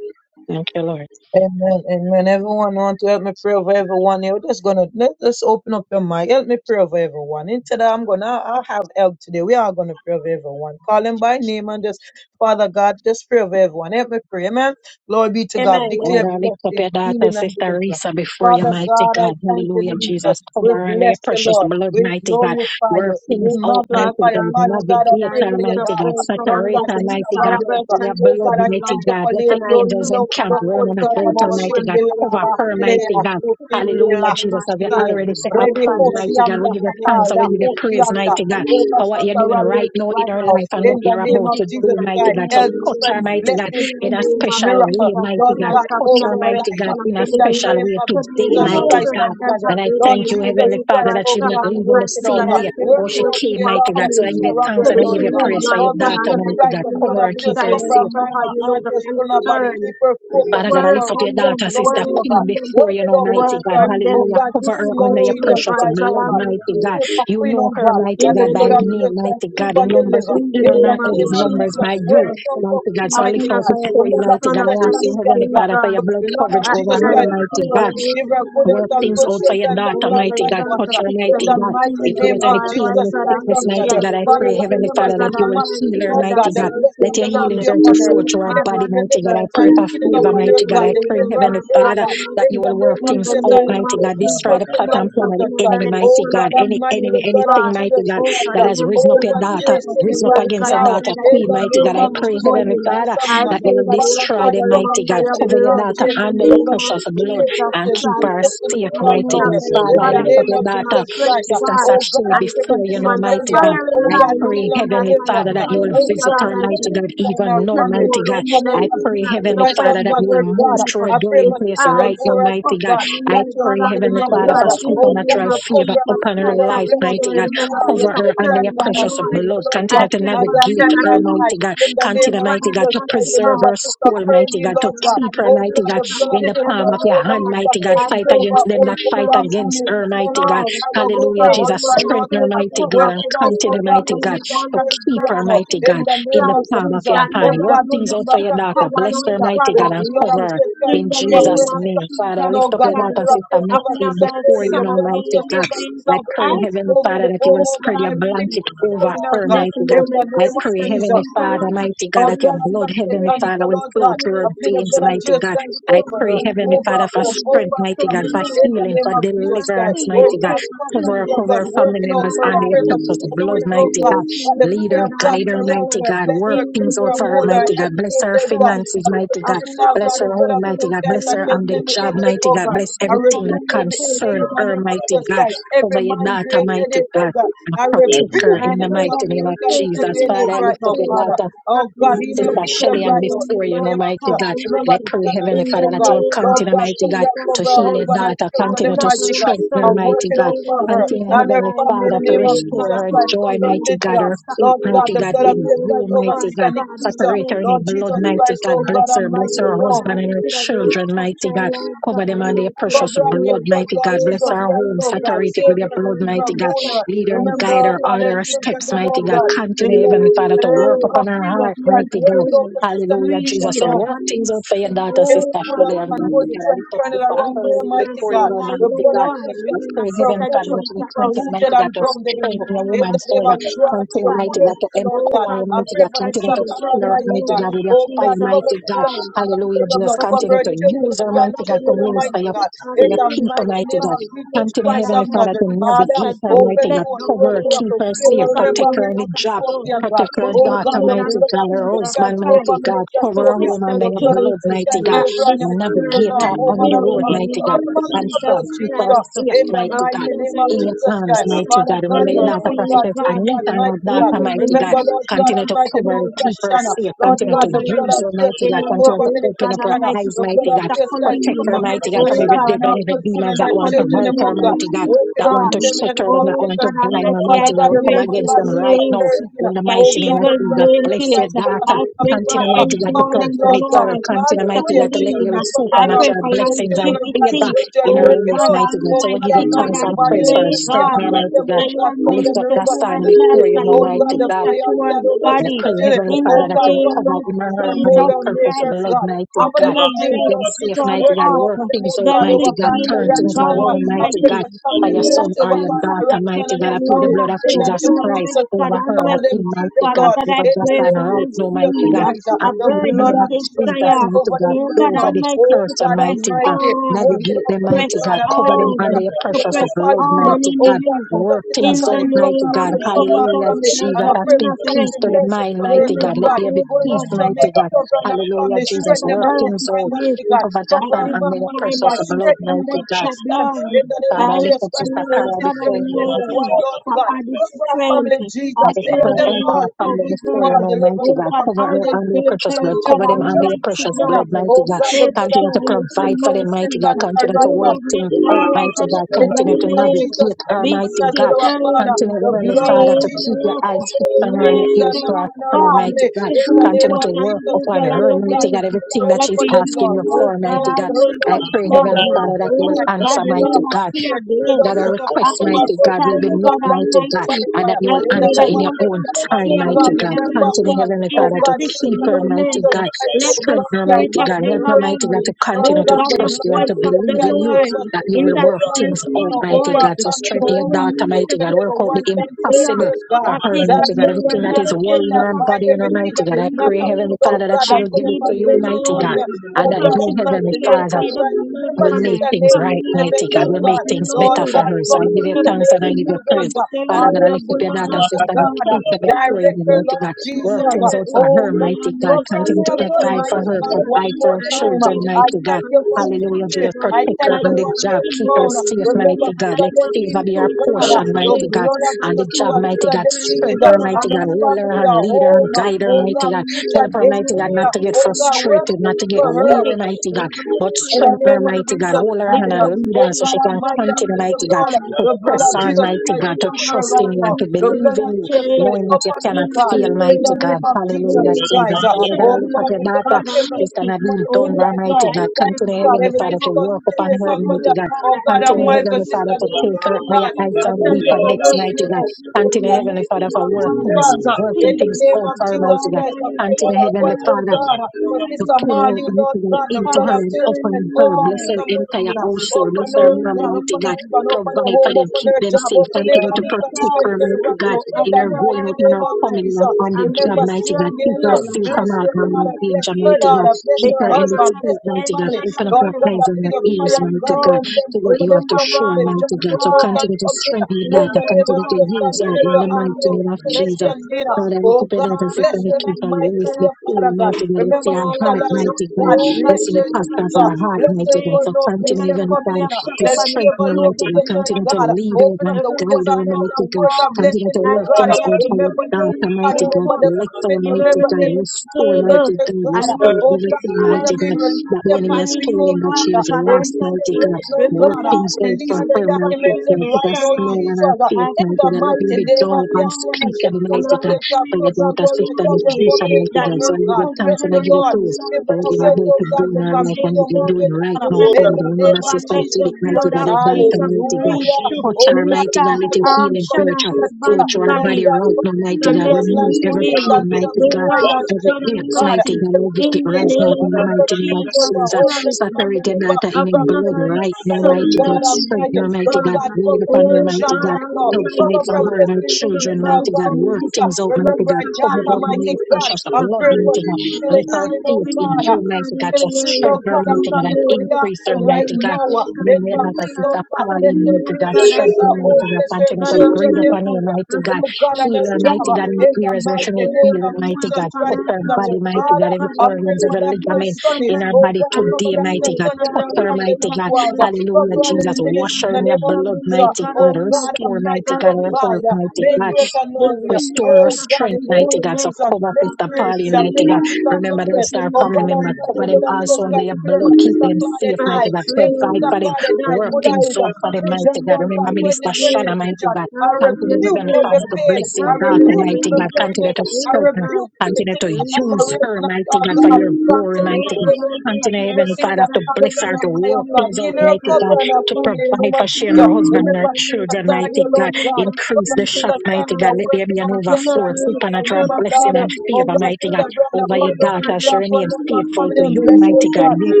S1: Thank you, Lord.
S2: Amen. Amen. Everyone want to help me pray over everyone here. We're just gonna let us open up your mic. Help me pray over everyone. And today I'm gonna I'll have help today. We are gonna pray over everyone. Call him by name and just Father God, just pray over everyone. Help me pray. Amen. Glory be to God.
S4: Amen,
S1: God,
S2: Declare
S1: I
S4: amen.
S1: lift up
S2: blessing,
S1: your daughter,
S2: healing, and
S1: Sister
S2: deliverance.
S1: Risa, before you,
S2: Father
S1: mighty
S2: God, I
S1: God.
S2: thank you,
S1: Hallelujah,
S2: Jesus.
S1: Jesus. Cover
S2: We
S1: her under your
S2: bless you,
S1: precious
S2: Lord.
S1: blood,
S2: We
S1: mighty God.
S2: glorify
S1: Work
S2: you. We
S1: things out,
S4: Lord
S1: mighty
S2: magnify
S4: God
S2: you.
S1: God.
S2: Father
S4: Almighty,
S2: God, I
S4: God,
S1: Navigate
S4: I
S2: pray
S1: her,
S2: for
S4: lift
S2: your
S4: up
S1: mighty God.
S4: all
S2: daughter.
S4: God
S2: Lord
S1: Saturate
S4: Almighty,
S2: God,
S1: her,
S2: Sister
S1: mighty
S4: Lisa
S1: God.
S2: Robert.
S4: Roberts
S1: In your
S4: and
S2: Oh
S4: Lucia,
S1: blood,
S2: God, I
S4: you
S1: mighty
S2: thank
S4: Lord.
S2: you
S1: God.
S2: for
S1: Let the
S4: And
S2: laying
S4: I
S2: your
S1: angels
S4: pray,
S2: your
S4: God
S1: encamp
S2: your
S1: round
S2: foot
S1: and
S4: Almighty,
S2: on
S4: that
S1: about
S4: you
S2: about
S1: her,
S4: will
S1: mighty
S4: work
S1: God.
S4: with
S1: Cover
S4: every
S2: Shindelaba
S1: her,
S2: Lea
S1: mighty
S4: concern
S1: God.
S4: and
S1: Hallelujah,
S2: Kutindela
S4: situation,
S1: Jesus.
S4: Lord
S1: As you
S4: God.
S2: Kutide.
S1: already said,
S4: Oh
S2: Ready
S1: approve,
S4: God, let
S1: mighty
S4: you
S1: God. We
S2: Kosianda
S4: take
S1: give you thanks
S4: those
S1: and
S2: Katala
S1: we give you
S4: take
S1: praise,
S4: those,
S2: Kosianda.
S1: mighty God,
S4: God
S2: Over
S1: for
S4: Almighty,
S1: what you're
S4: and
S2: Sister
S1: doing
S4: make,
S1: right
S2: Robert
S1: now
S4: oh
S1: in
S2: right
S1: her
S4: God,
S2: now.
S1: life and what
S2: In
S4: every
S2: the
S1: you're
S2: name
S1: about
S2: of
S1: to
S4: decision
S2: Jesus
S1: do,
S4: that
S1: mighty
S4: you
S2: Christ,
S1: God. So
S4: need
S2: health,
S4: to
S1: touch her,
S4: make.
S2: strength,
S1: mighty God
S2: blessing,
S4: In the
S1: in a
S4: name
S2: increase,
S4: of
S1: special
S2: miracle.
S4: Jesus
S1: way, mighty
S2: Lord
S1: God
S2: God,
S4: Christ of
S1: touch her,
S2: over her
S4: Nazareth,
S1: mighty God,
S2: life.
S4: Son of
S1: in a
S4: the
S2: In the
S4: Living God.
S1: special
S2: name
S1: way
S2: of
S4: So these
S1: today,
S4: are
S2: Jesus
S4: our
S1: mighty
S2: Christ of
S1: God.
S4: predators, how
S2: Nazareth.
S1: And I
S4: they
S2: Lord
S1: thank
S4: deal
S1: you,
S4: when they
S2: Jesus
S1: Heavenly Father,
S2: Christ,
S4: destroy
S1: that
S2: oh
S1: she's not
S2: God,
S4: Quran,
S1: leaving
S2: work
S1: the
S2: it
S4: mighty God, Almighty,
S2: out.
S1: same
S4: that I
S1: way
S4: pray
S2: Work
S4: that
S1: or
S2: it
S1: she
S4: your
S2: out for
S1: came,
S2: your
S4: people are
S1: mighty God.
S2: daughter,
S1: So I
S4: coming
S1: give
S2: Sister
S1: you
S4: to
S1: thanks
S2: Robert,
S1: and I
S4: this
S2: Lord
S1: give you
S2: God.
S4: room,
S1: praise for
S4: my
S1: your
S2: Lord
S4: God,
S1: daughter,
S2: Jesus
S1: mighty
S4: mighty,
S2: Christ,
S1: God.
S4: you
S2: the
S4: know
S1: Cover
S4: the
S2: blood
S1: her,
S2: of
S1: keep
S2: Jesus,
S1: her
S2: cover
S4: desires
S1: safe.
S4: of
S2: our
S4: our
S2: mind,
S4: heart,
S2: our
S4: you know
S2: heart,
S4: the
S2: our soul, and our body.
S4: concern.
S2: Keep her
S1: Father
S2: focused,
S1: God, I
S2: keep her
S4: Work
S1: lift up your
S4: on
S2: rooted on
S4: them,
S2: the
S1: daughter,
S2: ground,
S1: sister
S2: in you,
S4: work
S2: oh God.
S1: Queen,
S4: on them,
S1: before
S2: Work
S1: you,
S2: it
S1: know,
S2: off, for
S1: mighty
S4: work
S1: God.
S2: sister,
S4: on
S2: oh
S1: Hallelujah.
S2: God,
S4: them
S1: Cover
S4: this
S2: Queen,
S1: her
S2: Lord
S1: under your
S2: Jesus
S4: moment,
S1: precious
S4: my
S2: Christ,
S4: God,
S2: oh
S1: blood,
S2: God. I
S1: mighty
S4: Almighty,
S1: God.
S2: pray for
S1: You
S2: Queen,
S1: know
S2: oh
S1: her,
S2: God,
S1: mighty
S2: that
S4: in
S2: the
S1: God,
S4: the
S1: by
S2: blood of
S4: name,
S1: name,
S2: Jesus can
S1: mighty
S2: keep
S1: God. The
S2: and
S1: numbers,
S2: deliver.
S1: the
S4: in the
S1: ear
S2: In
S1: and her
S2: the
S4: name of
S1: head
S2: name
S1: is
S2: of
S1: numbers
S2: Jesus,
S4: Jesus
S1: by
S2: work
S1: you,
S2: it
S4: Christ
S2: out for
S1: mighty God.
S2: Queen,
S1: So
S4: of
S1: I lift
S2: mighty
S1: her up
S2: God.
S4: Nazareth,
S1: before
S4: the
S1: you,
S2: Remember,
S1: mighty
S4: Son
S1: God.
S4: of
S2: sister
S1: I ask you,
S4: the
S2: Shasia,
S1: Heavenly
S4: living
S2: God,
S1: Father, for
S4: God.
S1: your
S2: the
S1: blood
S2: blood of
S1: coverage
S4: I,
S1: over
S2: Jesus
S4: I
S1: her,
S2: Christ, is
S1: mighty
S4: pray
S2: her.
S1: God
S4: with
S2: give her good
S1: work
S2: health and
S1: things
S4: humility
S2: good
S1: out for
S2: strength
S1: your
S2: and long
S4: over
S1: daughter,
S2: life
S1: mighty God.
S2: likewise.
S4: the
S1: Touch her,
S4: system
S2: In
S1: mighty
S2: the
S1: God.
S4: not
S2: mighty
S4: being
S1: If
S2: name
S1: there's
S4: done
S2: of
S1: any
S4: by
S2: Jesus
S1: pain,
S4: Lord
S1: any
S4: God
S2: Christ of
S1: sickness,
S4: Almighty.
S1: mighty
S4: I
S2: Nazareth.
S1: God, I
S2: Father
S1: pray,
S4: pray,
S2: God,
S1: Heavenly
S2: remember
S1: Father, that
S4: God
S2: Sister
S1: you
S2: Matt
S1: will
S4: Almighty
S1: heal her,
S4: God,
S2: Lord
S4: that
S2: God,
S1: mighty
S2: the
S1: God.
S2: blessing
S1: Let
S2: of
S1: your
S2: the Lord
S1: healing
S2: be
S4: salvation
S1: virtue
S2: upon her.
S1: flow
S4: will
S1: through our
S2: Give
S4: God
S2: her
S1: body,
S4: lead
S1: mighty God. I
S4: her
S2: deliverance and
S1: pray for
S4: also
S2: healing
S1: favor,
S4: on
S2: upon
S4: this
S2: her,
S1: mighty God.
S2: God.
S1: I pray,
S4: moment,
S2: Deliverance,
S1: Heavenly
S4: Lord
S2: her,
S4: God
S1: Father,
S2: God.
S1: that
S2: In
S1: you
S4: Almighty.
S2: the
S1: will work
S2: name of
S4: In
S1: things
S4: the
S2: Jesus,
S1: out,
S2: I
S4: name of
S1: mighty
S2: pray
S1: God.
S2: for
S1: Destroy
S2: Jesus,
S4: Jesus
S1: the
S2: the
S1: plot
S2: Lord
S1: and
S4: Christ
S1: plan
S4: of
S1: of the
S2: Jesus, God.
S1: enemy,
S4: Nazareth,
S1: mighty
S2: Oh,
S4: Son of
S2: God
S1: God.
S4: the
S1: Any
S2: Almighty,
S4: Living
S1: enemy,
S2: the blood of
S1: anything,
S4: God.
S1: mighty
S2: Jesus
S1: God,
S4: Oh God,
S2: Christ,
S1: that
S2: uh,
S1: has
S4: remember
S1: risen up your
S2: over
S4: brother
S1: daughter,
S4: Trevor
S2: Jason
S1: risen up
S4: today,
S2: right
S4: God,
S1: against your
S4: I
S2: now.
S4: pray
S1: daughter,
S4: that
S2: In
S4: you
S1: Queen,
S4: will
S2: the
S1: mighty
S4: keep
S2: name
S1: God. I
S2: of
S4: him
S1: pray,
S2: Jesus
S1: Heavenly
S4: going.
S2: Christ
S1: Father,
S2: of
S4: I
S1: that
S2: Nazareth.
S1: you
S4: pray
S1: will
S4: that you
S2: Father
S1: destroy
S2: God,
S1: them,
S4: cover him
S2: cover
S1: mighty
S4: under
S1: God.
S4: your
S1: Cover
S2: Jason,
S1: your
S2: bless
S4: blood
S1: daughter
S4: in the
S2: Jason,
S1: under your
S2: deliver
S4: name of
S1: precious
S2: Jason,
S1: blood
S2: save
S4: Jesus
S1: and
S2: Jason,
S1: keep
S2: keep
S4: Christ.
S1: her
S4: Of
S2: Jason,
S1: safe,
S2: move on,
S1: mighty
S2: God.
S1: God.
S4: Nazareth,
S2: In
S1: Father, I
S4: God,
S2: the
S1: lift up
S2: name
S1: your
S4: anoint
S2: of
S4: him
S1: daughter,
S2: Jesus
S4: afresh,
S2: Christ, uh,
S1: Sister
S4: God,
S2: oh God,
S1: Sachi,
S2: I
S4: and
S2: pray for
S1: before
S4: keep
S1: you,
S4: him
S2: Sister
S1: know,
S4: on the
S1: mighty
S2: Shelly,
S1: God.
S4: fiery
S2: Oh
S1: I
S2: God,
S4: line, oh
S1: pray,
S2: healing
S4: God
S2: and
S1: Heavenly Father,
S4: Almighty,
S2: deliverance.
S1: that
S4: for
S1: you will
S4: you,
S2: Work it
S4: God
S1: visit
S2: out
S1: her,
S2: for
S4: Almighty.
S1: mighty
S2: Sister
S1: God,
S2: Jessica and our
S1: even
S4: Yet
S1: now,
S4: they
S2: family.
S4: will
S1: mighty God.
S2: In
S4: look to
S2: the
S4: the
S2: name
S1: I
S2: of
S4: east
S1: pray,
S4: and
S2: Jesus
S4: to
S1: Heavenly
S4: the
S2: Christ of
S4: west,
S1: Father, that
S4: but
S1: you will
S4: will
S2: Nazareth,
S1: move
S2: God.
S4: keep
S1: through a
S2: I pray
S1: dwelling
S4: his
S2: for
S1: place
S2: Sister
S1: right
S4: eyes
S1: now,
S2: Deborah,
S1: mighty
S4: upon
S1: God.
S2: God,
S1: I
S2: that
S4: you,
S2: your
S4: God
S1: pray,
S2: fire,
S1: Heavenly
S2: your
S4: Almighty,
S1: Father, for
S2: blood,
S4: God, in the
S2: oh God,
S4: name
S1: supernatural
S4: of
S2: will
S1: favor
S2: cover
S4: Jesus
S1: upon her
S2: for
S4: Christ of
S1: life,
S2: bless her,
S1: mighty
S4: Nazareth.
S1: God.
S2: renew
S4: Remember,
S2: her,
S1: Cover
S4: Sister
S1: her
S2: refresh
S1: under
S2: her,
S1: your
S4: Pearlie,
S2: God, and
S1: precious
S2: keep
S4: Lord,
S2: her,
S1: blood.
S2: Lord God,
S4: I
S1: Continue to
S4: pray
S2: as
S4: for
S2: our
S1: navigate
S2: self
S4: another
S1: her,
S2: and
S4: touch
S1: mighty
S2: I.
S1: God.
S4: from
S2: In the
S4: you,
S2: name
S1: Continue,
S2: of
S4: God
S1: mighty God,
S2: Jesus
S1: to
S4: Almighty,
S2: Christ,
S1: preserve
S4: God.
S2: remember
S1: her
S2: Sister
S4: I
S1: soul, mighty
S2: Fernie,
S4: pray
S1: God, to
S2: Lord
S4: for
S2: God.
S1: keep
S4: another
S1: her,
S2: Oh
S1: mighty
S2: God,
S4: touch
S1: God,
S2: the
S4: from
S2: blood of
S1: in the
S2: Jesus
S4: heaven,
S1: palm of
S2: Christ
S4: Lord
S1: your
S2: over
S1: hand,
S4: God.
S2: Sister
S1: mighty God.
S4: I
S2: Fernie,
S1: Fight
S4: pray
S2: over
S4: for
S1: against them that
S2: home,
S4: strength
S1: fight
S2: over
S4: to
S2: her
S1: against
S2: family,
S1: her,
S4: Mrs.
S2: over
S1: mighty God.
S2: her
S4: Lord.
S2: child,
S4: I
S2: over
S1: Hallelujah,
S4: pray
S2: her
S4: that you
S1: Jesus.
S2: husband, Lord.
S1: Strengthen her,
S4: continue to
S1: mighty God,
S4: cover
S2: Work
S1: and
S2: it out,
S4: Sister
S2: oh
S1: continue,
S2: God, for
S1: mighty
S4: Pearlie
S1: God,
S2: Sister
S1: to
S4: under the
S2: Fergie
S1: keep
S4: blood
S1: her,
S2: right
S4: of
S2: now.
S1: mighty God,
S2: In
S4: Jesus
S2: the
S1: in
S2: name
S1: the
S2: of
S4: Christ
S1: palm of
S2: Jesus,
S1: your
S4: that
S1: hand.
S2: oh
S4: never
S1: Work
S2: God,
S1: things
S4: lose
S1: out for
S2: remember
S1: your
S4: its
S2: Prophetess
S1: daughter.
S4: power,
S1: Bless
S4: Lord
S1: her,
S2: Anita,
S4: God
S1: mighty
S2: the
S1: God, and
S2: blood of
S4: Almighty,
S1: cover her.
S2: Jesus
S4: in
S1: In
S4: the
S2: over
S4: name
S1: Jesus'
S4: of
S2: Sister
S1: name, Father, I
S4: Jesus
S2: no
S1: lift up
S2: God,
S1: your
S2: the
S1: daughter,
S2: blood
S4: Christ
S2: of
S1: Sister
S2: Jesus
S4: of
S2: over
S1: Maxine,
S2: Sister
S4: Nazareth,
S1: before
S2: Fergie,
S1: you
S4: Son
S2: the
S1: know,
S4: of
S2: blood of
S4: the
S1: mighty
S2: Jesus
S1: God.
S2: over
S4: Living
S2: Sister
S1: I
S4: God.
S1: pray,
S2: Fergie,
S4: I
S1: Heavenly
S2: over
S4: pray,
S1: Father,
S2: the
S1: that you will
S2: home,
S4: Lord
S2: over
S4: God
S1: spread your
S4: Almighty,
S2: everything
S1: blanket over
S2: concerning her,
S1: her,
S2: God.
S4: this
S1: mighty God.
S2: In the
S4: moment for
S1: I
S2: name of
S4: Sister
S1: pray,
S2: Jesus,
S1: Heavenly
S4: Nikita,
S1: Father,
S4: Lord,
S1: mighty
S2: Oh
S1: God, that your
S2: God,
S4: Almighty,
S1: blood,
S4: we
S2: from this,
S1: Heavenly
S4: pray
S2: Anita,
S1: Father, will
S2: Lord
S4: that
S1: flow
S2: God,
S4: you
S1: through her
S4: will
S2: I plead the
S4: touch
S1: veins,
S2: blood
S4: your
S2: of
S1: mighty
S2: Jesus
S4: back
S1: God.
S4: from
S2: Christ
S4: the
S1: I
S4: crown
S2: over
S4: of
S2: her,
S1: pray,
S4: her
S1: Heavenly
S4: head
S2: over
S1: Father,
S2: her
S1: for
S4: to
S2: home,
S4: the very
S2: over
S1: strength,
S2: her
S1: mighty
S4: soul
S1: God,
S2: family,
S4: of
S1: for
S4: her
S2: in the
S1: healing,
S2: name
S1: for
S4: is
S2: of
S4: to her
S2: Jesus Christ.
S1: deliverance,
S4: feet. I
S2: Oh
S1: mighty God.
S4: pray
S2: God,
S4: for
S2: cover her
S1: Cover,
S2: in
S1: her,
S2: your
S4: clearance
S1: cover
S2: blood,
S1: her
S2: work
S1: family
S2: it
S4: in
S2: out
S4: her
S1: members
S2: for her.
S1: and the
S4: life,
S2: Pray for
S4: in the
S1: apostles, the
S2: Sister
S1: blood,
S2: Louis,
S4: decision
S2: oh
S1: mighty
S2: God,
S1: God.
S4: made, in
S2: that the
S4: Lord
S1: Lead her,
S4: God
S2: fire of God
S1: guide her,
S4: Almighty,
S2: surround
S1: mighty
S4: God,
S2: her,
S1: God.
S2: bless
S1: Work
S2: her,
S4: in the
S1: things
S2: keep
S1: out
S2: her,
S1: for
S4: name
S1: her,
S2: mold
S4: of
S2: her,
S1: mighty God. Bless
S4: Jesus
S2: elevate
S1: her
S2: her, God.
S4: Christ
S1: finances,
S2: I pray
S1: mighty
S2: for
S4: of
S1: God.
S2: Sister, oh God,
S1: Bless her
S4: Nazareth,
S2: the blood
S1: home,
S2: of
S4: Son
S1: mighty
S2: Jesus
S4: of
S1: God.
S4: the
S2: Christ
S1: Bless her
S2: against
S1: on the
S4: living
S2: every
S1: job,
S4: God,
S2: headache,
S1: mighty
S2: oh
S1: God.
S2: God.
S4: I
S1: Bless
S2: I
S4: pray that
S1: everything that
S4: you
S2: rebuke every
S4: will
S2: headache
S1: concern
S4: take
S2: in the
S4: it.
S1: her,
S2: name of
S1: mighty
S2: Jesus
S1: God.
S2: Christ. Every
S1: Over your
S2: mind
S1: daughter,
S2: drain
S1: mighty
S2: headache, oh
S1: God.
S2: God.
S1: And
S2: I
S1: protect her
S2: rebuke
S4: I
S2: in
S1: in
S2: the
S1: the
S2: name
S4: pray
S2: of
S1: mighty
S4: that
S1: name
S2: Jesus
S4: you
S1: of
S2: Christ
S4: faith is
S2: every
S1: Jesus.
S4: in
S2: headache
S1: Father, I
S2: right
S1: lift up
S2: now,
S1: your
S4: control
S2: Father.
S1: daughter.
S4: at
S2: Oh God,
S4: this
S2: heal your
S1: Sister
S4: blessed
S2: people
S1: Shelley, and
S2: right now
S1: before
S4: moment,
S2: in the
S1: you
S2: name
S1: know,
S4: Lord
S2: of
S1: mighty
S4: God
S2: Jesus.
S1: God, I
S2: Remember,
S4: Almighty,
S2: sister
S1: pray, Heavenly
S2: Nadine,
S4: in the
S1: Father,
S2: oh
S1: that you
S2: God.
S1: will
S4: name
S2: Lord
S4: of
S1: continue,
S2: God,
S1: mighty
S2: cover
S1: God,
S4: Jesus
S2: her,
S1: to
S2: cover her
S1: heal your
S4: Christ
S2: husband and
S1: daughter,
S4: of
S2: children,
S1: continue to
S2: Almighty
S4: Nazareth,
S2: God,
S1: strengthen
S4: Son
S1: her,
S2: and
S4: of
S2: work
S1: mighty
S2: it
S1: God,
S2: out
S4: the
S2: for her
S4: Living
S1: continue,
S2: and
S4: God.
S2: her
S1: Heavenly
S4: I
S2: family in the
S1: Father, to
S2: name of
S4: pray, God
S1: restore
S2: Jesus
S1: her
S2: Christ.
S1: joy,
S4: Almighty,
S2: Cover and
S1: mighty
S2: the
S4: for
S1: God,
S2: job.
S1: her
S4: Sister
S1: faith,
S2: Lord
S4: Claire
S2: God,
S1: mighty
S2: the
S4: this
S1: God,
S2: blood of
S1: in
S2: Jesus
S1: you,
S2: Christ
S4: morning,
S2: over
S1: mighty
S4: Lord
S2: sister
S1: God.
S4: God
S2: Nikisha.
S1: Separate her in
S4: Almighty.
S2: Lord
S1: your blood,
S2: Jesus
S1: mighty
S2: Christ, oh
S1: God.
S4: When I
S2: God,
S1: Bless her, bless
S2: Almighty
S4: pray
S1: her
S4: that
S2: Brown.
S1: husband
S4: I
S1: and her
S4: that I will
S1: children,
S4: torture
S1: mighty God.
S4: Lord God
S1: Cover them under your
S4: Almighty, I
S1: precious
S2: Cover and your
S1: blood,
S4: pray,
S2: blood,
S1: mighty
S2: Lord
S1: God.
S4: oh
S1: Bless
S2: Jesus
S4: God
S1: our
S2: Christ,
S1: home,
S2: oh
S4: Almighty,
S2: God.
S1: saturate it with
S2: Save
S1: your
S4: that you
S2: her,
S1: blood,
S4: will
S2: keep her,
S1: mighty God.
S2: mold her.
S4: minister
S1: Leader
S4: for
S1: and
S2: Remember,
S1: guide
S4: this
S2: oh
S1: her,
S4: soul,
S2: God,
S1: order
S2: her
S1: her
S4: Lord God
S2: children,
S1: steps,
S2: them,
S1: mighty
S2: oh
S1: God.
S2: God.
S4: breathe
S2: In
S1: Continue,
S2: the
S4: upon
S1: Heavenly Father, to
S2: name
S1: work
S4: soul,
S2: of
S1: upon our
S4: breathe
S2: Jesus
S1: heart,
S4: upon
S2: Christ,
S4: this
S1: mighty
S2: work
S1: God.
S2: it out
S4: soul,
S2: for Sister
S1: Hallelujah,
S2: Nikisha,
S1: Jesus.
S4: breathe
S1: So
S2: bro.
S1: work
S4: upon
S1: things out
S4: this
S1: for your daughter,
S2: Every
S4: oh
S1: sister
S2: good
S4: God
S1: Shirley,
S2: health
S1: and
S2: and good
S1: mighty
S4: Almighty
S1: God. I
S2: strength,
S1: lift up
S2: turn it
S1: sister
S2: around
S4: on
S2: for
S4: this
S1: Shirley
S2: Almighty
S1: before you,
S2: God.
S4: person right
S2: The
S1: Almighty
S4: now,
S2: blood
S1: God.
S2: of
S4: Lord.
S2: Jesus
S1: I
S2: Christ,
S4: Remember
S1: pray,
S2: keep her
S1: Heavenly
S4: Sister
S1: Father, that
S2: focused,
S4: Judith
S1: you
S2: keep
S4: at
S2: her
S4: this
S1: continue,
S2: rooted
S1: mighty God,
S4: time,
S2: and
S1: to
S4: God,
S2: grounded
S4: let
S2: in
S4: the
S2: you.
S1: strengthen a
S2: In
S4: blood
S2: the
S4: of
S1: woman's
S2: name of
S1: servant.
S2: draw
S4: Jesus
S2: to
S1: Continue,
S2: your
S1: mighty
S2: pull
S1: God,
S4: Christ.
S2: her
S1: to
S2: to you, Lord
S4: Oh
S2: God.
S1: empower,
S4: God,
S2: I
S4: for
S1: mighty
S2: pray
S1: God.
S2: for
S4: Sister
S1: Continue
S2: Sister
S1: to
S4: Judith,
S2: Carol,
S4: let
S1: fill
S4: the
S1: her,
S2: Almighty
S1: mighty
S2: God.
S4: blood
S1: God,
S4: of
S1: with your
S2: Oh
S1: fire,
S2: God,
S4: Jesus
S2: cover
S1: mighty God.
S2: Sister
S4: Christ
S2: Carol under
S1: Hallelujah,
S2: your
S1: Jesus.
S2: blood.
S1: Continue
S2: Cover her
S1: to
S4: persisted
S2: children
S4: today.
S1: use
S2: and
S1: her,
S4: Let the
S1: mighty God, to
S2: grandchildren,
S4: glory
S1: minister
S2: Almighty
S1: your,
S2: God.
S4: of
S1: to
S2: In
S1: your
S2: the
S1: people,
S4: Jesus
S2: mighty
S1: mighty
S2: name
S1: God.
S2: of
S4: Christ, oh
S1: Come
S2: Jesus
S1: to the
S4: God
S2: Christ of
S1: Heavenly Father
S4: Almighty,
S1: to
S2: Nazareth, Father,
S1: navigate,
S4: persisted today.
S1: Almighty
S2: open
S4: Let
S1: God.
S2: doors,
S4: the
S2: work
S1: Cover,
S4: blood,
S1: keep
S2: miracles,
S1: her safe,
S4: oh
S2: favor,
S4: God,
S1: protect
S2: remember,
S1: her
S4: no
S1: in the
S2: minister
S4: other
S1: job.
S2: Sophia,
S4: glory
S2: God.
S1: Protect her
S4: but the
S2: Oh God,
S1: daughter,
S2: the
S4: blood of
S1: mighty
S2: blood of
S1: God, her
S2: Jesus
S4: Jesus
S1: husband,
S2: Christ over
S1: mighty
S4: Christ
S1: God.
S2: minister
S1: Cover her
S2: Sophia.
S1: home under
S4: persisted
S2: The
S1: your
S2: blood of
S4: today
S1: blood,
S2: Jesus
S1: mighty God.
S4: at
S2: over on your
S4: this
S1: and
S2: children,
S1: Navigate
S2: our
S4: time.
S1: her
S2: over
S1: on
S2: on
S1: the
S4: In
S2: our
S4: the
S1: road,
S2: family.
S1: mighty
S4: name
S1: God.
S2: Cover
S4: of
S2: them
S1: To
S2: up in
S1: And
S2: the blood
S1: from,
S2: of
S4: Jesus
S1: keep her
S2: Jesus.
S4: Christ
S1: safe,
S2: In the
S1: mighty
S4: of
S1: God.
S2: mighty name of
S1: In your
S4: Nazareth,
S2: Jesus
S1: arms,
S2: Christ.
S4: Son
S1: mighty
S2: Father
S4: of
S1: God.
S4: the
S2: God,
S1: Remember your
S2: you are
S1: daughter,
S2: good
S4: living
S2: God,
S1: prophetess
S2: great
S4: God,
S2: God,
S1: Anita, and her
S2: mighty God.
S4: in
S1: daughter,
S4: the
S1: mighty
S4: name
S1: God.
S2: Remember,
S4: of
S2: Lord God
S1: Continue to
S4: Jesus
S2: Almighty,
S1: cover, her,
S4: Christ.
S2: Minister
S1: keep her
S2: Shanna.
S1: safe.
S4: Jesus
S2: Lord
S1: Continue to
S2: God, the blood
S4: Nazareth.
S1: use
S2: of
S1: her,
S2: Jesus
S1: mighty God.
S2: Christ
S4: Remember,
S1: Continue
S2: over
S1: to
S4: oh
S2: Minister
S1: open
S4: God
S1: up her
S2: Shanna.
S4: Almighty,
S1: eyes,
S2: The blood
S1: mighty God
S2: of
S4: Sister
S2: Jesus Christ
S1: Protect
S4: Colleen.
S1: her,
S2: over
S1: mighty God,
S2: Minister
S1: from
S4: Oh
S1: every
S2: Shanna
S4: God,
S2: and
S1: devil
S4: we
S1: and
S2: our
S1: every
S4: put
S2: husband
S1: demons
S2: and
S4: Sister
S1: that
S2: our
S1: want to
S4: Colleen
S2: children,
S1: hurt
S2: them,
S4: in
S2: oh
S1: her,
S4: the
S2: God.
S1: mighty
S4: hands
S1: God,
S4: of
S2: Work it
S1: that
S2: out
S1: want
S4: God.
S1: to
S2: for them in
S1: shut
S2: the
S1: her
S2: name
S1: and
S2: of
S1: that
S4: Oh
S1: want to
S2: Jesus
S4: God
S2: Christ.
S1: blind her,
S4: Almighty, I
S2: Father
S1: mighty God.
S2: God,
S1: We come
S4: pray
S2: remember
S4: for
S1: against
S2: God,
S1: them
S2: Sister
S1: right now
S4: grace
S2: Pearlina.
S1: in the
S4: that
S1: mighty
S2: Oh
S4: she
S1: name
S2: God,
S1: of
S2: the
S4: will
S2: blood
S1: Jesus.
S2: of
S4: make
S2: Jesus
S1: Bless
S4: it.
S1: your
S2: Christ over
S1: daughter.
S4: I
S2: of
S4: pray
S2: prayer,
S4: for
S1: Continue,
S2: uh,
S1: mighty God, to
S2: family,
S4: endurance,
S2: Lord
S1: provide for
S2: God.
S1: her.
S4: Lord, for
S1: Continue,
S4: Sister
S1: mighty
S2: Hallelujah,
S1: God, to let
S4: Colleen.
S1: there
S2: Jesus,
S1: be
S2: cover
S4: I
S2: our
S4: pray
S1: supernatural
S4: for
S2: family,
S1: blessings and
S2: children, and
S1: favor
S4: longevity.
S2: grandchildren,
S1: in her
S4: Oh
S2: work it
S1: life,
S4: God
S2: out.
S1: mighty God.
S2: Oh
S1: So we
S2: God,
S1: give
S4: Almighty,
S1: you
S4: God,
S1: thanks
S2: Almighty,
S4: I
S1: and praise
S2: evangelist,
S1: for her
S4: pray,
S2: Cynthia,
S1: strength,
S2: and
S4: God,
S2: all of
S1: mighty
S2: them,
S1: God.
S4: that
S2: oh
S4: you
S2: God,
S4: will
S1: I
S2: cover
S1: lift
S2: them,
S1: up
S4: minister
S1: that
S2: remember
S4: to our
S1: stand
S2: Sister Judy.
S4: health,
S1: before you,
S4: that you
S2: Oh
S4: will
S2: God,
S1: mighty
S2: the
S1: God.
S4: minister
S2: fire
S4: to
S2: of
S4: our
S2: God over
S1: I
S4: body,
S2: Sister
S1: pray,
S2: Judy.
S1: Heavenly
S4: in the
S1: Father,
S2: Oh
S1: that
S2: God,
S1: you will
S2: cover
S4: name
S1: come
S2: them,
S1: out
S4: of
S1: in her
S2: our
S4: Jesus
S1: and the
S2: molar
S1: purpose of
S2: maker,
S1: the
S4: Christ
S1: Lord,
S2: God.
S1: mighty
S4: of
S2: Cover
S1: God.
S2: them on their
S1: Keep
S4: Nazareth,
S1: them
S2: blood,
S1: safe,
S2: Jesus.
S4: Son
S1: mighty
S2: Work
S1: God.
S2: it
S4: of
S2: out
S1: Work
S2: for them,
S1: things
S2: oh
S1: out,
S2: God,
S4: the
S2: over
S1: mighty God.
S2: Pastor
S1: Turn
S4: Living
S1: things
S4: God
S2: Raxon and our-
S1: around,
S2: I
S1: mighty
S2: pray
S4: Almighty.
S1: God.
S2: for
S1: By your
S2: traveling
S4: Bless
S1: son
S2: mercy over
S1: or your
S4: and
S2: Pastor
S1: daughter,
S2: Raxon
S1: mighty
S2: and
S1: God.
S4: protection,
S2: her
S1: I plead the
S4: Lord,
S2: family.
S1: blood of
S2: In the
S4: about
S1: Jesus
S4: your
S2: name of
S4: Lord
S1: Christ
S2: Jesus
S4: God
S1: over
S2: Christ,
S1: her
S2: cover
S1: and
S2: them,
S4: Almighty.
S1: in
S2: keep
S1: mighty
S2: them,
S4: Father
S1: God.
S2: Lord.
S4: God,
S1: Over
S4: I
S2: In
S1: just
S2: the
S4: pray
S1: and
S2: name
S4: for
S2: of
S1: right
S4: the
S1: now,
S2: Jesus
S1: mighty
S4: zeal,
S1: God.
S2: Christ.
S1: I
S4: a
S2: The
S1: plead the blood
S2: blood
S4: burning
S1: of
S2: of Jesus
S1: Jesus,
S2: Christ
S4: desire,
S1: mighty
S2: over
S1: God,
S2: them
S4: Lord
S2: right
S4: God
S2: now.
S1: over this
S2: Oh
S4: Almighty, to
S1: person,
S2: God
S4: press
S1: mighty God.
S2: Almighty, work
S4: on,
S2: it
S1: Navigate
S2: out
S1: them,
S2: for them,
S1: mighty
S4: press
S2: God.
S1: God.
S2: I
S1: Cover
S2: pray for
S1: them
S4: on,
S1: under
S2: Sister
S1: your
S4: to
S2: Colleen,
S1: precious
S2: oh
S4: press
S1: blood,
S2: Colleen.
S4: on
S1: mighty
S4: in
S1: God.
S2: Oh God,
S4: you.
S2: cover
S1: Work
S2: Sister
S1: things
S4: In the
S1: out,
S2: Colleen, cover
S1: mighty
S4: name
S2: her
S4: of
S1: God.
S2: home, cover her
S1: Hallelujah.
S4: Jesus
S2: family.
S4: Christ
S2: And
S1: Jesus,
S2: I
S4: of
S1: I
S2: pray for
S1: speak peace
S4: Nazareth,
S1: to
S2: traveling
S1: the
S2: mercy
S1: mind,
S2: for her
S1: mighty
S2: too,
S1: God.
S4: Remember,
S1: Let
S2: God.
S1: there be
S4: oh
S2: Going
S1: peace,
S2: to
S4: God,
S1: mighty
S2: Jamaica,
S1: God.
S2: cover her
S1: Hallelujah,
S2: family,
S1: Jesus.
S2: strengthen
S4: Sister
S1: Work
S2: them at this
S1: things
S4: Dorothy
S2: time,
S1: out.
S4: Smith,
S2: mighty God.
S1: Cover
S4: at
S2: Cover
S1: Japan
S2: her
S4: this
S1: and may
S2: mom,
S1: the
S2: mighty
S4: time
S1: precious
S2: God,
S4: as she's
S1: blood,
S2: strengthen
S4: on
S2: her
S4: the
S1: mighty
S2: mom at
S1: God.
S4: job,
S2: this time. In
S4: Lord,
S2: the name
S1: God,
S2: of
S1: I lift
S4: I
S2: Jesus
S1: up
S2: Christ,
S1: Sister
S2: and our
S4: pray,
S1: Carol
S4: God
S1: before
S2: sisters
S1: you,
S2: and
S1: mighty
S4: Almighty,
S2: everyone,
S1: God.
S2: Lord
S4: for
S2: God.
S4: added
S2: Cover our
S4: strength.
S2: family,
S4: I
S1: I
S2: Jesus.
S4: pray
S2: Save
S1: declare
S4: that
S2: them
S1: and
S4: you will
S2: all.
S1: entire family
S2: Keep
S4: cover
S2: them
S1: destroy
S2: all,
S4: her,
S2: deliver
S1: almighty
S2: them
S4: oh
S1: God.
S4: God,
S2: all,
S1: Cover
S2: cover
S1: her
S2: their
S4: under
S1: under your
S2: children, their
S1: precious
S4: greater,
S1: blood.
S4: God
S1: Cover them
S2: grandchildren,
S1: under your
S4: Almighty
S1: precious
S2: their
S4: God,
S1: blood, mighty
S2: Oh
S1: God.
S2: God, the
S4: save
S2: blood of
S1: Continue to
S4: Sean
S2: Jesus
S4: is
S2: Christ,
S1: provide
S4: in
S1: for
S2: oh,
S1: them, mighty
S4: mercy.
S2: sister,
S1: God. Continue to
S2: right
S4: Oh
S2: now.
S1: work
S4: God, let
S1: things out,
S4: God arise
S1: mighty
S4: and
S1: God.
S4: let
S2: In
S4: the
S2: the
S1: Continue to
S2: name of Jesus
S4: enemies
S1: navigate her,
S2: Christ
S4: be
S2: of
S1: mighty
S2: Nazareth,
S1: God.
S2: our
S4: scattered.
S2: Father,
S1: Continue,
S2: the
S1: Heavenly
S2: blood of
S1: Father, to
S4: Raise
S2: Jesus.
S1: keep your
S4: her
S2: cleanse
S1: eyes
S4: up,
S1: fixed on her and your
S4: raise
S2: the
S4: her
S1: ears
S2: name
S1: to her,
S4: up,
S2: of Our
S1: prayer,
S4: God
S1: mighty
S2: family,
S1: God.
S4: to
S2: in the
S4: go
S2: name
S1: Continue
S4: forth
S1: to
S2: of
S4: under
S1: work
S2: Jesus
S4: the
S1: upon
S4: will
S2: Christ,
S4: and
S1: her,
S4: the
S2: oh God,
S4: way
S1: mighty God.
S2: in the
S1: Everything that
S2: room
S4: of
S1: she's
S2: for them,
S1: asking
S4: you,
S1: you
S2: Lord,
S4: Lord
S1: for,
S2: working
S4: God
S2: out
S1: mighty God.
S2: for her,
S1: I
S2: Lord,
S4: Almighty
S1: pray,
S2: in the
S4: God.
S1: Heavenly
S2: name
S1: Father,
S2: of
S1: that
S2: Jesus
S1: you will
S4: Oh
S2: Christ,
S4: God,
S1: answer,
S2: step in our
S1: mighty
S4: remember
S1: God
S4: Tia
S2: atmosphere, they don't
S1: that
S4: bless
S2: go
S1: our
S2: no house
S4: at
S1: request,
S2: of our
S4: this
S1: mighty
S2: birth,
S1: God, will be
S2: the
S4: time,
S1: met,
S4: God
S2: plans of the
S1: mighty
S2: enemy
S1: God
S2: by
S4: Almighty.
S1: and that
S2: fire,
S1: you
S4: I
S1: will
S2: in the
S4: pray
S1: answer
S4: that
S2: name
S1: in
S4: you
S2: of
S1: your
S4: will
S2: Jesus
S1: own
S4: touch
S2: Christ,
S1: time,
S2: mighty
S4: Tia
S2: God,
S1: mighty God.
S4: wherever
S2: remember
S1: Continue,
S2: God,
S4: she
S1: Heavenly
S4: is
S2: oh
S1: Father,
S4: at
S1: to
S2: God,
S4: this
S1: keep
S2: sister,
S1: her,
S2: Lord
S1: mighty
S4: moment.
S2: Jesus
S1: God.
S2: Christ,
S4: Let
S2: oh
S4: the
S1: Strengthen
S2: God,
S1: her,
S4: spirit
S1: mighty
S4: of
S1: God.
S2: almighty,
S4: the
S1: Help her, mighty God,
S2: Rosemary,
S1: to
S4: Lord,
S2: Lord
S1: continue
S4: oh
S1: to
S2: God,
S4: God,
S2: the
S4: the
S1: trust
S2: blood
S1: you and
S2: of
S1: to
S4: voice of
S2: Jesus
S4: the
S1: believe in
S2: Christ
S1: you
S2: over
S4: Lord,
S1: that
S2: this
S1: you
S4: in
S1: will
S4: that
S2: this
S1: work
S2: married
S1: things
S4: space,
S2: right
S1: out,
S4: my
S2: now,
S1: mighty
S2: over
S4: voice,
S2: our
S1: God.
S4: that
S1: So
S2: family,
S4: you
S2: no,
S1: strengthen your
S2: over
S4: will
S2: my
S1: daughter,
S4: minister
S1: mighty
S2: children,
S4: to
S1: God. Work
S2: every
S1: out the
S2: one
S4: Sister
S2: concerning
S4: Tia.
S2: in
S1: impossible.
S2: God.
S1: For
S4: Not
S1: her,
S4: this
S2: That
S1: mighty
S2: we
S1: God, everything
S2: can
S1: that is
S4: moment,
S2: navigate
S1: worrying
S4: Jesus
S2: and
S1: her and
S2: bind
S1: bothering her,
S4: Christ,
S2: everything
S1: mighty
S2: that
S1: God,
S2: is
S1: I
S4: you
S2: not
S1: pray,
S2: of you,
S1: Heavenly
S4: correct.
S2: Lord
S1: Father, that
S2: God,
S1: she
S4: I
S2: that
S1: will
S2: come
S1: give
S2: up
S1: it
S4: plead the
S1: to you,
S2: against us
S1: mighty
S4: blood.
S2: on
S1: God,
S2: there.
S4: The
S1: and
S2: Oh
S1: that
S2: God,
S1: you,
S4: concept
S2: I'm not
S4: of
S1: Heavenly
S2: to
S4: the I
S2: use
S1: Father,
S2: my
S4: plead the
S2: right.
S4: blood
S2: Remember,
S1: will
S4: upon
S1: make
S4: her
S2: Sister
S1: things
S2: Lady
S1: right,
S2: in
S4: family. I
S2: heaven,
S1: mighty God,
S4: plead
S2: oh
S1: will
S4: the
S1: make
S2: God.
S1: things
S2: Lord
S1: better
S4: blood
S1: for
S2: God,
S1: her. So I
S2: cover
S1: give
S4: upon
S1: you
S2: Sister
S4: every
S1: thanks and I
S2: Lady in
S1: give
S4: single
S1: you
S2: heaven.
S1: praise.
S2: God.
S4: concern.
S1: Father, I'm going
S2: Order
S1: to
S4: The
S2: her
S1: lift up your
S4: blood
S2: footsteps,
S4: of
S1: daughter,
S2: oh
S1: sister,
S4: Jesus
S2: God.
S1: Nikita before
S4: Christ.
S1: you,
S2: Direct her,
S1: mighty
S2: Lord
S1: God.
S4: But
S2: Jesus.
S1: Work things out
S4: Nazareth,
S1: for
S2: Oh
S1: her,
S4: remember your
S2: God,
S1: mighty God.
S2: cover
S4: minister
S2: her,
S1: Continue to
S2: Lord,
S4: Sophia,
S1: provide for
S2: mighty
S4: Lord
S1: her,
S2: God,
S4: God.
S2: one
S1: provide for
S2: more
S1: her
S4: I
S2: time.
S4: pray
S1: children,
S4: that
S2: I
S1: mighty
S4: you will
S2: thank
S1: God.
S2: you for
S4: continue to
S1: Hallelujah,
S2: victory.
S1: Jesus.
S4: cover,
S2: I
S1: Protect her
S2: thank
S4: that you
S2: you
S1: on the
S4: will
S2: for
S1: job.
S4: continue
S1: Keep
S4: to
S1: her
S2: throne.
S1: safe,
S2: Remember,
S1: mighty
S4: deliver,
S1: God.
S4: that
S2: Sister
S1: Let
S4: you will
S2: Denise,
S1: favor be
S2: oh
S1: her
S4: continue to
S2: God, uh,
S4: make
S1: portion,
S4: a
S2: the
S4: way,
S1: mighty
S4: that
S1: God.
S4: you
S2: blood
S4: will
S2: of
S1: On the
S2: Jesus
S4: continue
S1: job,
S2: over
S4: to
S1: mighty
S2: Sister
S1: God.
S4: provide
S2: Denise
S4: me
S1: Strengthen
S2: uh,
S1: her,
S4: for the
S1: mighty
S2: and
S1: God.
S2: her
S1: Hold
S4: mercy.
S1: her
S2: family,
S1: hand,
S2: her
S1: lead
S4: Thank you.
S1: her,
S2: home,
S4: will
S2: uh,
S4: know,
S1: guide her,
S2: oh
S1: mighty
S2: God,
S1: God.
S2: future
S1: Help her,
S4: you
S1: mighty
S4: will know,
S1: God,
S2: destiny,
S1: not
S2: uh,
S1: to
S4: it
S1: get
S2: oh
S4: will be
S2: God,
S1: frustrated,
S2: working
S1: not to
S2: out
S4: possible.
S1: get
S2: for her.
S4: City,
S1: weary, mighty God
S4: Rabbi
S1: but
S2: In
S4: Sun,
S2: the
S1: strengthen her,
S2: name of
S4: Rabbi,
S1: mighty
S2: Jesus
S1: God. Hold her hand
S2: Christ, uh,
S1: and
S4: Rabbi
S1: lead her
S2: oh
S1: so
S4: Shin,
S2: God
S1: she can
S2: Almighty,
S4: Rabbi
S2: I
S1: continue,
S2: plead the
S1: mighty God,
S2: blood, uh,
S4: Sotani.
S1: to
S2: the
S4: you
S2: blood
S1: press
S4: will
S2: of
S1: on,
S2: Jesus
S4: be
S1: mighty
S2: Christ
S1: God, to
S4: grateful
S2: over it
S1: trust
S4: for
S1: in
S2: right
S1: you and
S2: now.
S1: to
S4: the
S2: The
S1: believe
S4: very
S2: blood
S1: in
S2: of
S1: you,
S2: Jesus Christ
S4: chase
S1: knowing that you
S2: upon it,
S1: cannot
S4: in
S2: God.
S1: fail,
S2: In the
S1: mighty
S4: glory.
S1: God.
S2: name of Jesus
S1: Hallelujah,
S4: Remember, Sister
S1: Jesus.
S2: Christ, uh,
S1: Father God, I
S2: oh
S1: lift up
S4: Shaman,
S1: your
S2: Father
S4: oh
S2: God, I
S1: daughter.
S4: God
S2: pray for
S1: It's
S4: Almighty.
S1: gonna be done
S2: Marlene
S4: Oh
S1: by
S2: right
S4: God,
S1: mighty
S2: now.
S4: I
S1: God.
S4: pray
S2: Thank you,
S1: Continue,
S2: God.
S1: Heavenly
S2: Every
S4: that
S1: Father, to
S4: you
S2: difficult
S1: work
S4: come
S1: upon
S4: true for
S1: her,
S2: situation for
S4: her, oh
S1: mighty
S2: them.
S1: God.
S4: God.
S2: Oh
S4: I
S2: God, I'm
S1: Continue,
S2: my
S4: pray
S2: for
S1: Heavenly
S4: you
S1: Father,
S2: sister
S1: to
S4: will
S1: take
S2: Denise,
S1: her
S2: oh
S4: keep
S1: higher
S2: God.
S4: peace
S1: heights
S2: I
S4: to
S1: and
S4: her
S2: thank you
S1: deeper
S4: mind,
S2: for
S1: next,
S4: peace
S2: working
S1: mighty
S4: to
S2: it
S1: God.
S2: out.
S4: her
S2: In
S4: home,
S1: Continue,
S2: the
S1: Heavenly
S2: name
S1: Father,
S4: peace
S1: for
S2: of
S4: to
S1: work
S4: her
S1: things,
S2: Jesus,
S4: mind,
S2: uh,
S1: working
S2: in the
S1: things
S4: peace
S2: name
S1: out
S2: of
S1: for
S4: to
S1: her,
S2: Jesus
S4: her
S1: mighty God.
S2: Christ, I
S4: marriage,
S2: pray for
S1: Continue, Heavenly
S2: likewise, oh
S4: peace
S1: Father
S2: God
S4: to
S2: for
S1: to
S2: Sister
S1: carry
S4: everything
S2: Marlene, Lord
S1: that
S4: that
S2: God, the
S1: into
S2: blood
S1: her
S2: of
S1: and
S2: Jesus
S4: concerns
S2: Christ
S1: open her.
S2: over
S1: Bless
S4: Lord
S1: her
S2: Sister
S1: entire
S2: Marlene.
S1: household.
S2: Open
S1: Bless her,
S2: her,
S4: in
S1: mom,
S4: the
S2: God,
S1: mighty
S2: open her,
S1: God.
S4: name
S2: open, open her
S1: Provide for
S2: home,
S1: them,
S2: open
S1: keep
S2: her
S1: them
S4: of
S2: job,
S1: safe.
S2: open
S1: Continue to
S4: Jesus
S2: everything
S1: protect her,
S2: concerning
S4: Christ,
S2: her
S1: mighty
S2: right
S1: God,
S2: now. In
S4: of
S1: in
S2: the
S1: her
S4: your
S1: going
S2: mighty
S1: out
S4: very
S1: and
S2: name
S1: her
S2: of
S1: coming
S4: Lord,
S1: in and
S2: Jesus.
S1: on the
S4: and
S1: job,
S2: Remember,
S4: let
S1: mighty
S2: Sister
S4: your
S1: God. Keep her
S2: Nina,
S4: will
S1: safe
S4: and
S1: from
S2: bless
S1: all
S2: your
S1: harm
S4: only
S1: and
S2: daughter,
S4: your
S2: bless
S1: danger,
S2: her
S1: mighty
S4: will
S1: God.
S2: daughter, bless
S4: be
S1: Keep
S2: her
S1: her in
S4: done and
S1: the
S2: husband, bless
S1: spirit,
S2: her
S4: let
S1: mighty God.
S4: any
S2: family.
S4: other
S1: Open up
S2: Lord
S1: her
S4: will
S2: God,
S1: eyes
S2: I
S1: and
S2: feel
S1: her
S2: the
S4: be
S1: ears,
S2: fire of
S1: mighty
S2: God
S1: God,
S2: round
S4: undone.
S2: them,
S1: to what
S2: cover
S1: you
S2: them,
S1: have to
S4: Remember
S2: cover them,
S1: show
S4: my
S1: her,
S2: the job
S4: own
S1: mighty God.
S2: going
S1: So
S2: out
S4: Lord,
S2: and
S1: continue to
S2: coming. in.
S1: strengthen your
S4: let
S2: In
S1: daughter.
S2: the
S4: your
S2: name of
S1: Continue to
S4: blood
S2: Jesus,
S1: use her
S4: cover
S2: continue
S1: in
S2: to
S4: my
S1: the mighty
S2: anchor
S4: land.
S2: the
S1: name of
S2: daughter,
S4: Let
S1: Jesus.
S2: Sister
S4: your blood
S2: Nina.
S1: Lord, I want to
S2: Oh
S1: pray
S4: cover
S1: that
S2: God,
S4: my
S1: as a
S2: bless
S4: land.
S2: her
S1: very
S2: in the
S1: true
S4: Let the
S1: value,
S2: mighty
S1: always
S4: blood
S2: way,
S1: be
S4: of
S2: Father
S1: in
S2: God.
S1: mighty
S4: Jesus
S1: God.
S4: cover
S1: Let's see
S2: Remember,
S1: our
S4: my
S2: Sister
S1: heart,
S4: land.
S2: Lajoie,
S1: mighty God.
S2: God,
S4: Oh
S1: You
S4: God, you
S2: bless
S1: see the
S2: her
S4: will
S1: past
S4: never
S1: of
S2: deeds.
S4: be a
S2: uh,
S1: our heart,
S2: Bless her
S1: mighty God.
S4: passageway.
S1: So
S2: going out.
S4: You
S2: Bless
S4: will
S1: continue,
S2: her
S4: never
S1: even
S2: coming
S4: be
S1: God,
S2: in.
S4: a
S2: uh,
S1: to
S2: Let
S4: vagabond. We
S1: strengthen
S2: favor
S1: our
S4: plead the
S1: mighty God.
S2: locate her,
S4: blood
S1: Continue to
S2: God.
S4: against
S1: lead her
S2: Open up
S1: and
S2: the
S4: every
S2: windows
S1: guide
S2: of
S1: her,
S4: weapon of
S2: heaven
S4: the
S1: mighty
S2: and pour
S1: God.
S2: out a
S4: war.
S1: Continue
S2: blessing
S1: to
S2: in
S4: I
S1: work
S2: God.
S4: pray
S1: things
S4: that
S1: out
S4: you
S1: for your
S2: Remember
S4: will
S2: the gift,
S1: daughter,
S4: remain
S2: God.
S1: mighty God.
S2: Remember the
S4: focused.
S1: Let our
S2: permit.
S4: he will
S1: mighty
S2: Remember
S1: God
S4: remain
S2: everything that's
S1: restore,
S4: stable.
S1: mighty
S2: turning her,
S1: God.
S4: And
S2: God.
S4: he will
S1: Restore
S2: Oh,
S4: keep his
S2: God,
S1: everything,
S2: put
S1: mighty
S2: them
S4: eyes
S1: God,
S2: in. Release
S1: that the
S2: them
S1: enemy
S4: upon
S2: this
S1: has
S2: week,
S4: you,
S1: stolen,
S2: oh,
S1: that she
S4: Lord
S2: God.
S1: has
S4: God
S1: lost,
S2: Release them
S1: mighty
S4: Almighty.
S1: God.
S2: right now,
S1: Work
S4: Remember,
S2: God.
S1: things out
S4: oh
S1: for
S2: Release
S4: God,
S2: their
S1: her, mighty
S2: documents them
S1: God.
S4: evangelist
S1: Put a
S2: right now,
S4: Shana.
S1: smile on her
S2: Jesus.
S1: face,
S4: I
S2: In
S4: put
S1: mighty
S2: the
S4: her
S1: God. Let
S4: in
S1: there
S2: mighty
S4: your
S1: be
S2: name
S1: joy
S4: hands,
S2: of Yeshua
S4: Lord,
S2: Mashiach,
S1: unspeakable,
S4: and
S2: cover
S1: mighty
S4: I
S2: on
S1: God.
S2: the job,
S1: But
S4: pray,
S1: I
S2: cover,
S1: don't
S4: God
S1: accept
S2: cover,
S1: any
S2: cover,
S4: Almighty,
S1: excuse. i
S2: coming in,
S1: like,
S4: that
S1: God,
S4: you
S2: cover,
S1: so
S4: will
S1: I give you
S2: God.
S4: cover
S2: Bless
S1: thanks and I
S4: her
S2: the
S1: give
S4: under
S1: you
S4: your
S2: Lord.
S1: praise
S4: blood,
S2: Give
S1: for
S2: us
S1: what you're
S4: cover her
S2: strength,
S1: about
S2: oh
S1: to
S2: God,
S1: do in
S4: children
S2: to
S1: our
S4: under
S1: life
S4: your
S1: and
S2: continue
S1: what you're doing
S4: blood.
S2: moving
S1: right
S2: on.
S1: now,
S4: Remember,
S2: In
S1: Father.
S2: the
S4: because
S2: name
S1: Remember,
S2: of
S4: by
S1: Sister
S4: night the
S2: Jesus
S1: Judith, mighty
S4: blood
S2: Christ,
S1: God,
S4: of
S1: your daughter,
S4: Jesus
S1: mighty God.
S4: reached
S2: hallelujah.
S4: to
S1: Touch
S2: Oh
S1: her,
S2: God,
S1: mighty
S4: minister
S2: I'm
S1: God, let
S2: not
S1: your
S2: a
S4: um,
S2: prayer
S1: healing
S2: for
S4: Shana
S1: virtue
S2: minister
S4: his
S1: flow
S2: here.
S1: through
S4: band
S1: our
S2: Lord
S4: body
S1: body
S2: God,
S1: right
S2: for
S1: now, mighty
S2: the
S4: and
S1: God.
S4: let
S1: Remove
S2: bloodline
S1: every
S2: wise,
S1: pain,
S4: healing
S2: continue
S1: mighty
S2: to
S4: be
S1: God.
S2: find our
S4: lost,
S1: Every
S4: God
S2: strength, oh
S1: aches,
S2: God.
S1: mighty
S4: Almighty,
S1: God,
S2: Give
S1: I get
S2: us
S1: it
S4: in the
S2: each
S1: right now in
S4: name
S2: strength
S1: the
S2: and
S4: of
S2: blood
S1: mighty name of
S2: spirit
S4: Jesus
S2: over our
S1: Jesus.
S2: home and
S4: Christ
S2: family
S1: Saturate your
S2: member.
S1: daughter in
S4: of
S1: your
S2: From
S1: blood
S2: this,
S4: Nazareth,
S1: right now,
S4: Son
S2: Lord
S4: of
S1: mighty
S4: the
S2: God
S1: God. Strength
S2: Almighty,
S1: your
S4: Living
S1: mighty
S2: Lord
S1: God.
S2: God,
S4: God.
S1: Breathe
S2: cover
S1: upon
S2: on the
S1: your
S4: Oh
S1: mighty
S2: job
S4: God
S1: God
S2: right now. Come
S1: provide
S2: up,
S4: Almighty
S1: for
S2: Brother
S1: her and her
S2: Destiny,
S1: children,
S2: Linda, oh
S4: provide
S1: mighty God.
S2: God,
S4: for
S1: Work
S2: Nikita.
S4: Minister
S1: things out, mighty
S4: Shma-
S2: Remember
S1: God.
S2: our
S1: Cover
S4: Sakai,
S2: daughter,
S1: her with the
S2: mighty
S4: Minister
S2: God.
S1: precious
S2: I'm
S1: blood,
S2: praying
S4: Shanahan,
S2: for
S1: mighty God.
S4: to
S2: speedily
S1: Lift
S4: supply
S1: her
S2: healing, oh
S1: faith
S4: every
S1: in
S4: need
S2: God.
S1: you, mighty
S4: according
S1: God.
S4: to
S2: Speedily
S1: Just
S4: your
S2: healing, oh
S1: strengthen her,
S4: riches
S2: God. I'm
S1: mighty
S4: and
S1: God,
S2: not
S1: and
S2: afraid
S4: glory.
S2: that
S1: increase her,
S2: right
S1: mighty
S4: Remember,
S1: God.
S2: now.
S4: oh God,
S1: When we have a
S2: Intervene,
S4: Minister
S1: sister
S2: oh God. Bless
S1: Pauline,
S4: Samuel,
S2: our
S1: mighty
S4: oh
S1: God,
S2: business,
S4: God, I
S2: bless
S1: strengthen her,
S2: our home,
S4: pray,
S1: mighty God.
S2: bless our
S1: Continue
S4: God
S1: to
S2: children,
S1: breathe
S2: them,
S1: upon
S2: oh
S1: her,
S4: Almighty,
S2: God.
S1: mighty
S4: as
S1: God.
S4: you
S2: Oh God, and their
S1: Heal her,
S4: continue,
S2: job
S1: mighty
S4: oh
S1: God, in the
S4: God,
S2: in the
S1: areas where she may
S2: mighty
S4: oh
S2: name
S4: God,
S1: heal,
S2: of
S4: to
S1: mighty
S4: work
S2: Jesus
S1: God.
S4: upon
S1: Put
S2: Christ
S4: her
S1: her
S2: of
S1: body,
S4: heart,
S2: Nazareth.
S1: mighty
S4: oh
S2: Father,
S1: God, every
S4: God
S2: I pray
S1: organs,
S4: Almighty,
S2: for
S1: every
S4: to
S2: Dr.
S4: work
S1: ligament
S4: upon
S2: Sonny.
S1: in
S4: her.
S1: her
S2: Oh
S1: body
S2: God,
S4: I
S2: cover
S1: today,
S2: Dr.
S1: mighty
S4: pray,
S1: God.
S2: Sonny
S4: God
S2: and
S1: Put
S2: her
S1: her,
S2: family
S4: Almighty,
S1: mighty
S4: that
S1: God.
S4: you will
S2: likewise. Cover
S1: Hallelujah,
S2: her and
S4: continue
S2: her
S1: Jesus.
S4: in
S1: Wash
S4: your
S2: ministry in
S1: her
S2: the
S1: in your
S2: name of
S4: special
S1: blood,
S2: Jesus.
S4: way,
S1: mighty
S4: God
S1: God.
S2: Oh God
S4: Almighty.
S1: Restore, mighty
S2: Almighty,
S4: I
S1: God, her
S4: pray for
S1: health,
S2: provider.
S1: mighty
S2: Make
S1: God.
S4: strength,
S2: great and
S4: the
S2: nowhere.
S4: zeal, the
S1: Restore our
S2: Oh God, in
S1: strength,
S4: tenacity,
S2: the name
S1: mighty
S2: of
S1: God. So
S4: boldness
S2: Jesus,
S4: to
S1: cover
S2: bless
S1: Sister
S2: her
S1: Polly,
S2: indeed. I pray
S1: mighty
S4: continue,
S2: for
S1: God.
S4: Lord
S2: Sister
S4: God,
S1: Remember the
S4: Almighty,
S2: Claudette.
S1: rest of our
S4: and
S2: Oh
S4: as
S1: family
S2: God
S1: member.
S4: you
S1: Cover
S2: Almighty,
S1: them
S4: reveal
S2: let us
S4: me,
S1: also
S2: just
S1: under
S2: thank
S1: your
S4: Lord,
S2: over
S1: blood. Keep
S2: Sister
S1: them safe,
S2: Claudette.
S4: I
S2: I
S1: mighty God.
S2: in
S4: praise
S1: Provide
S2: Sister
S4: you
S1: for them.
S2: Claudette,
S4: that
S2: my
S1: Work
S2: good
S1: things
S2: eyes,
S4: you,
S2: uh,
S1: out for
S4: God
S1: them,
S2: vision,
S1: mighty God.
S4: Almighty,
S2: Lord God,
S1: Remember
S4: have your
S1: Minister
S4: ways,
S1: Shanna,
S2: 2020
S1: mighty
S2: vision.
S1: God.
S2: I
S4: have
S1: Continue
S4: your
S1: to
S2: rebuke
S1: them
S4: ways,
S2: every
S1: to
S2: pain.
S1: bless your
S2: I
S4: have
S1: daughter,
S4: your
S2: rebuke
S1: mighty
S2: every
S4: ways.
S1: God. Continue
S2: blurriness.
S1: to
S2: I
S4: Oh
S1: strengthen her.
S4: God,
S2: rebuke the
S1: Continue
S2: thing
S1: to
S4: in
S2: that
S4: the
S1: use
S4: name
S1: her,
S2: operating on
S4: of
S1: mighty
S2: oh
S1: God, for
S2: God.
S1: your
S4: Jesus,
S2: God
S1: glory,
S2: send
S1: mighty
S4: oh
S1: God.
S4: God
S2: problem, oh God.
S4: Almighty,
S1: Continue
S4: I
S2: For
S1: even
S4: pray
S2: Sister
S1: Father to
S4: that God
S2: Claudette
S1: bless
S2: on
S1: her
S2: her
S1: to
S4: Almighty
S2: eye, oh
S1: work
S4: will
S2: God.
S1: things
S2: Heal
S1: out,
S2: her,
S4: take
S1: mighty
S4: us
S2: cover
S1: God,
S2: and her
S1: to provide
S4: in
S2: family in the name
S1: for
S2: of
S1: she and
S2: Jesus.
S1: her
S4: transformation,
S1: husband and
S4: God
S2: Remember
S1: her
S4: Almighty
S1: children,
S4: God,
S2: authority,
S1: mighty
S2: oh
S4: in the
S1: God.
S2: Lord
S4: name
S2: God.
S4: of
S1: Increase
S2: Father,
S1: the
S4: Jesus
S1: shop,
S2: Sister Sarah,
S1: mighty
S2: you
S1: God.
S2: are
S1: Let
S4: Christ,
S1: there
S2: working
S1: be an
S2: out.
S4: of
S2: Bless her
S1: overflow,
S2: and keep
S4: Nazareth,
S2: her.
S1: supernatural
S4: Son
S2: Remember,
S4: of
S2: our
S4: the
S1: blessing
S2: daughter.
S1: and
S2: Oh
S1: favor,
S2: God,
S4: Living
S1: mighty God,
S2: Sister
S4: God,
S2: Brenda,
S1: over
S4: oh
S1: your
S2: cover her on
S4: God,
S2: the
S1: daughter. She
S2: job
S4: I
S2: going
S1: remains
S2: out
S4: thank
S2: and
S1: faithful
S2: coming
S1: to
S2: in.
S4: you.
S1: you,
S2: Bless her, oh
S1: mighty God.
S2: God.
S4: In
S1: You
S4: the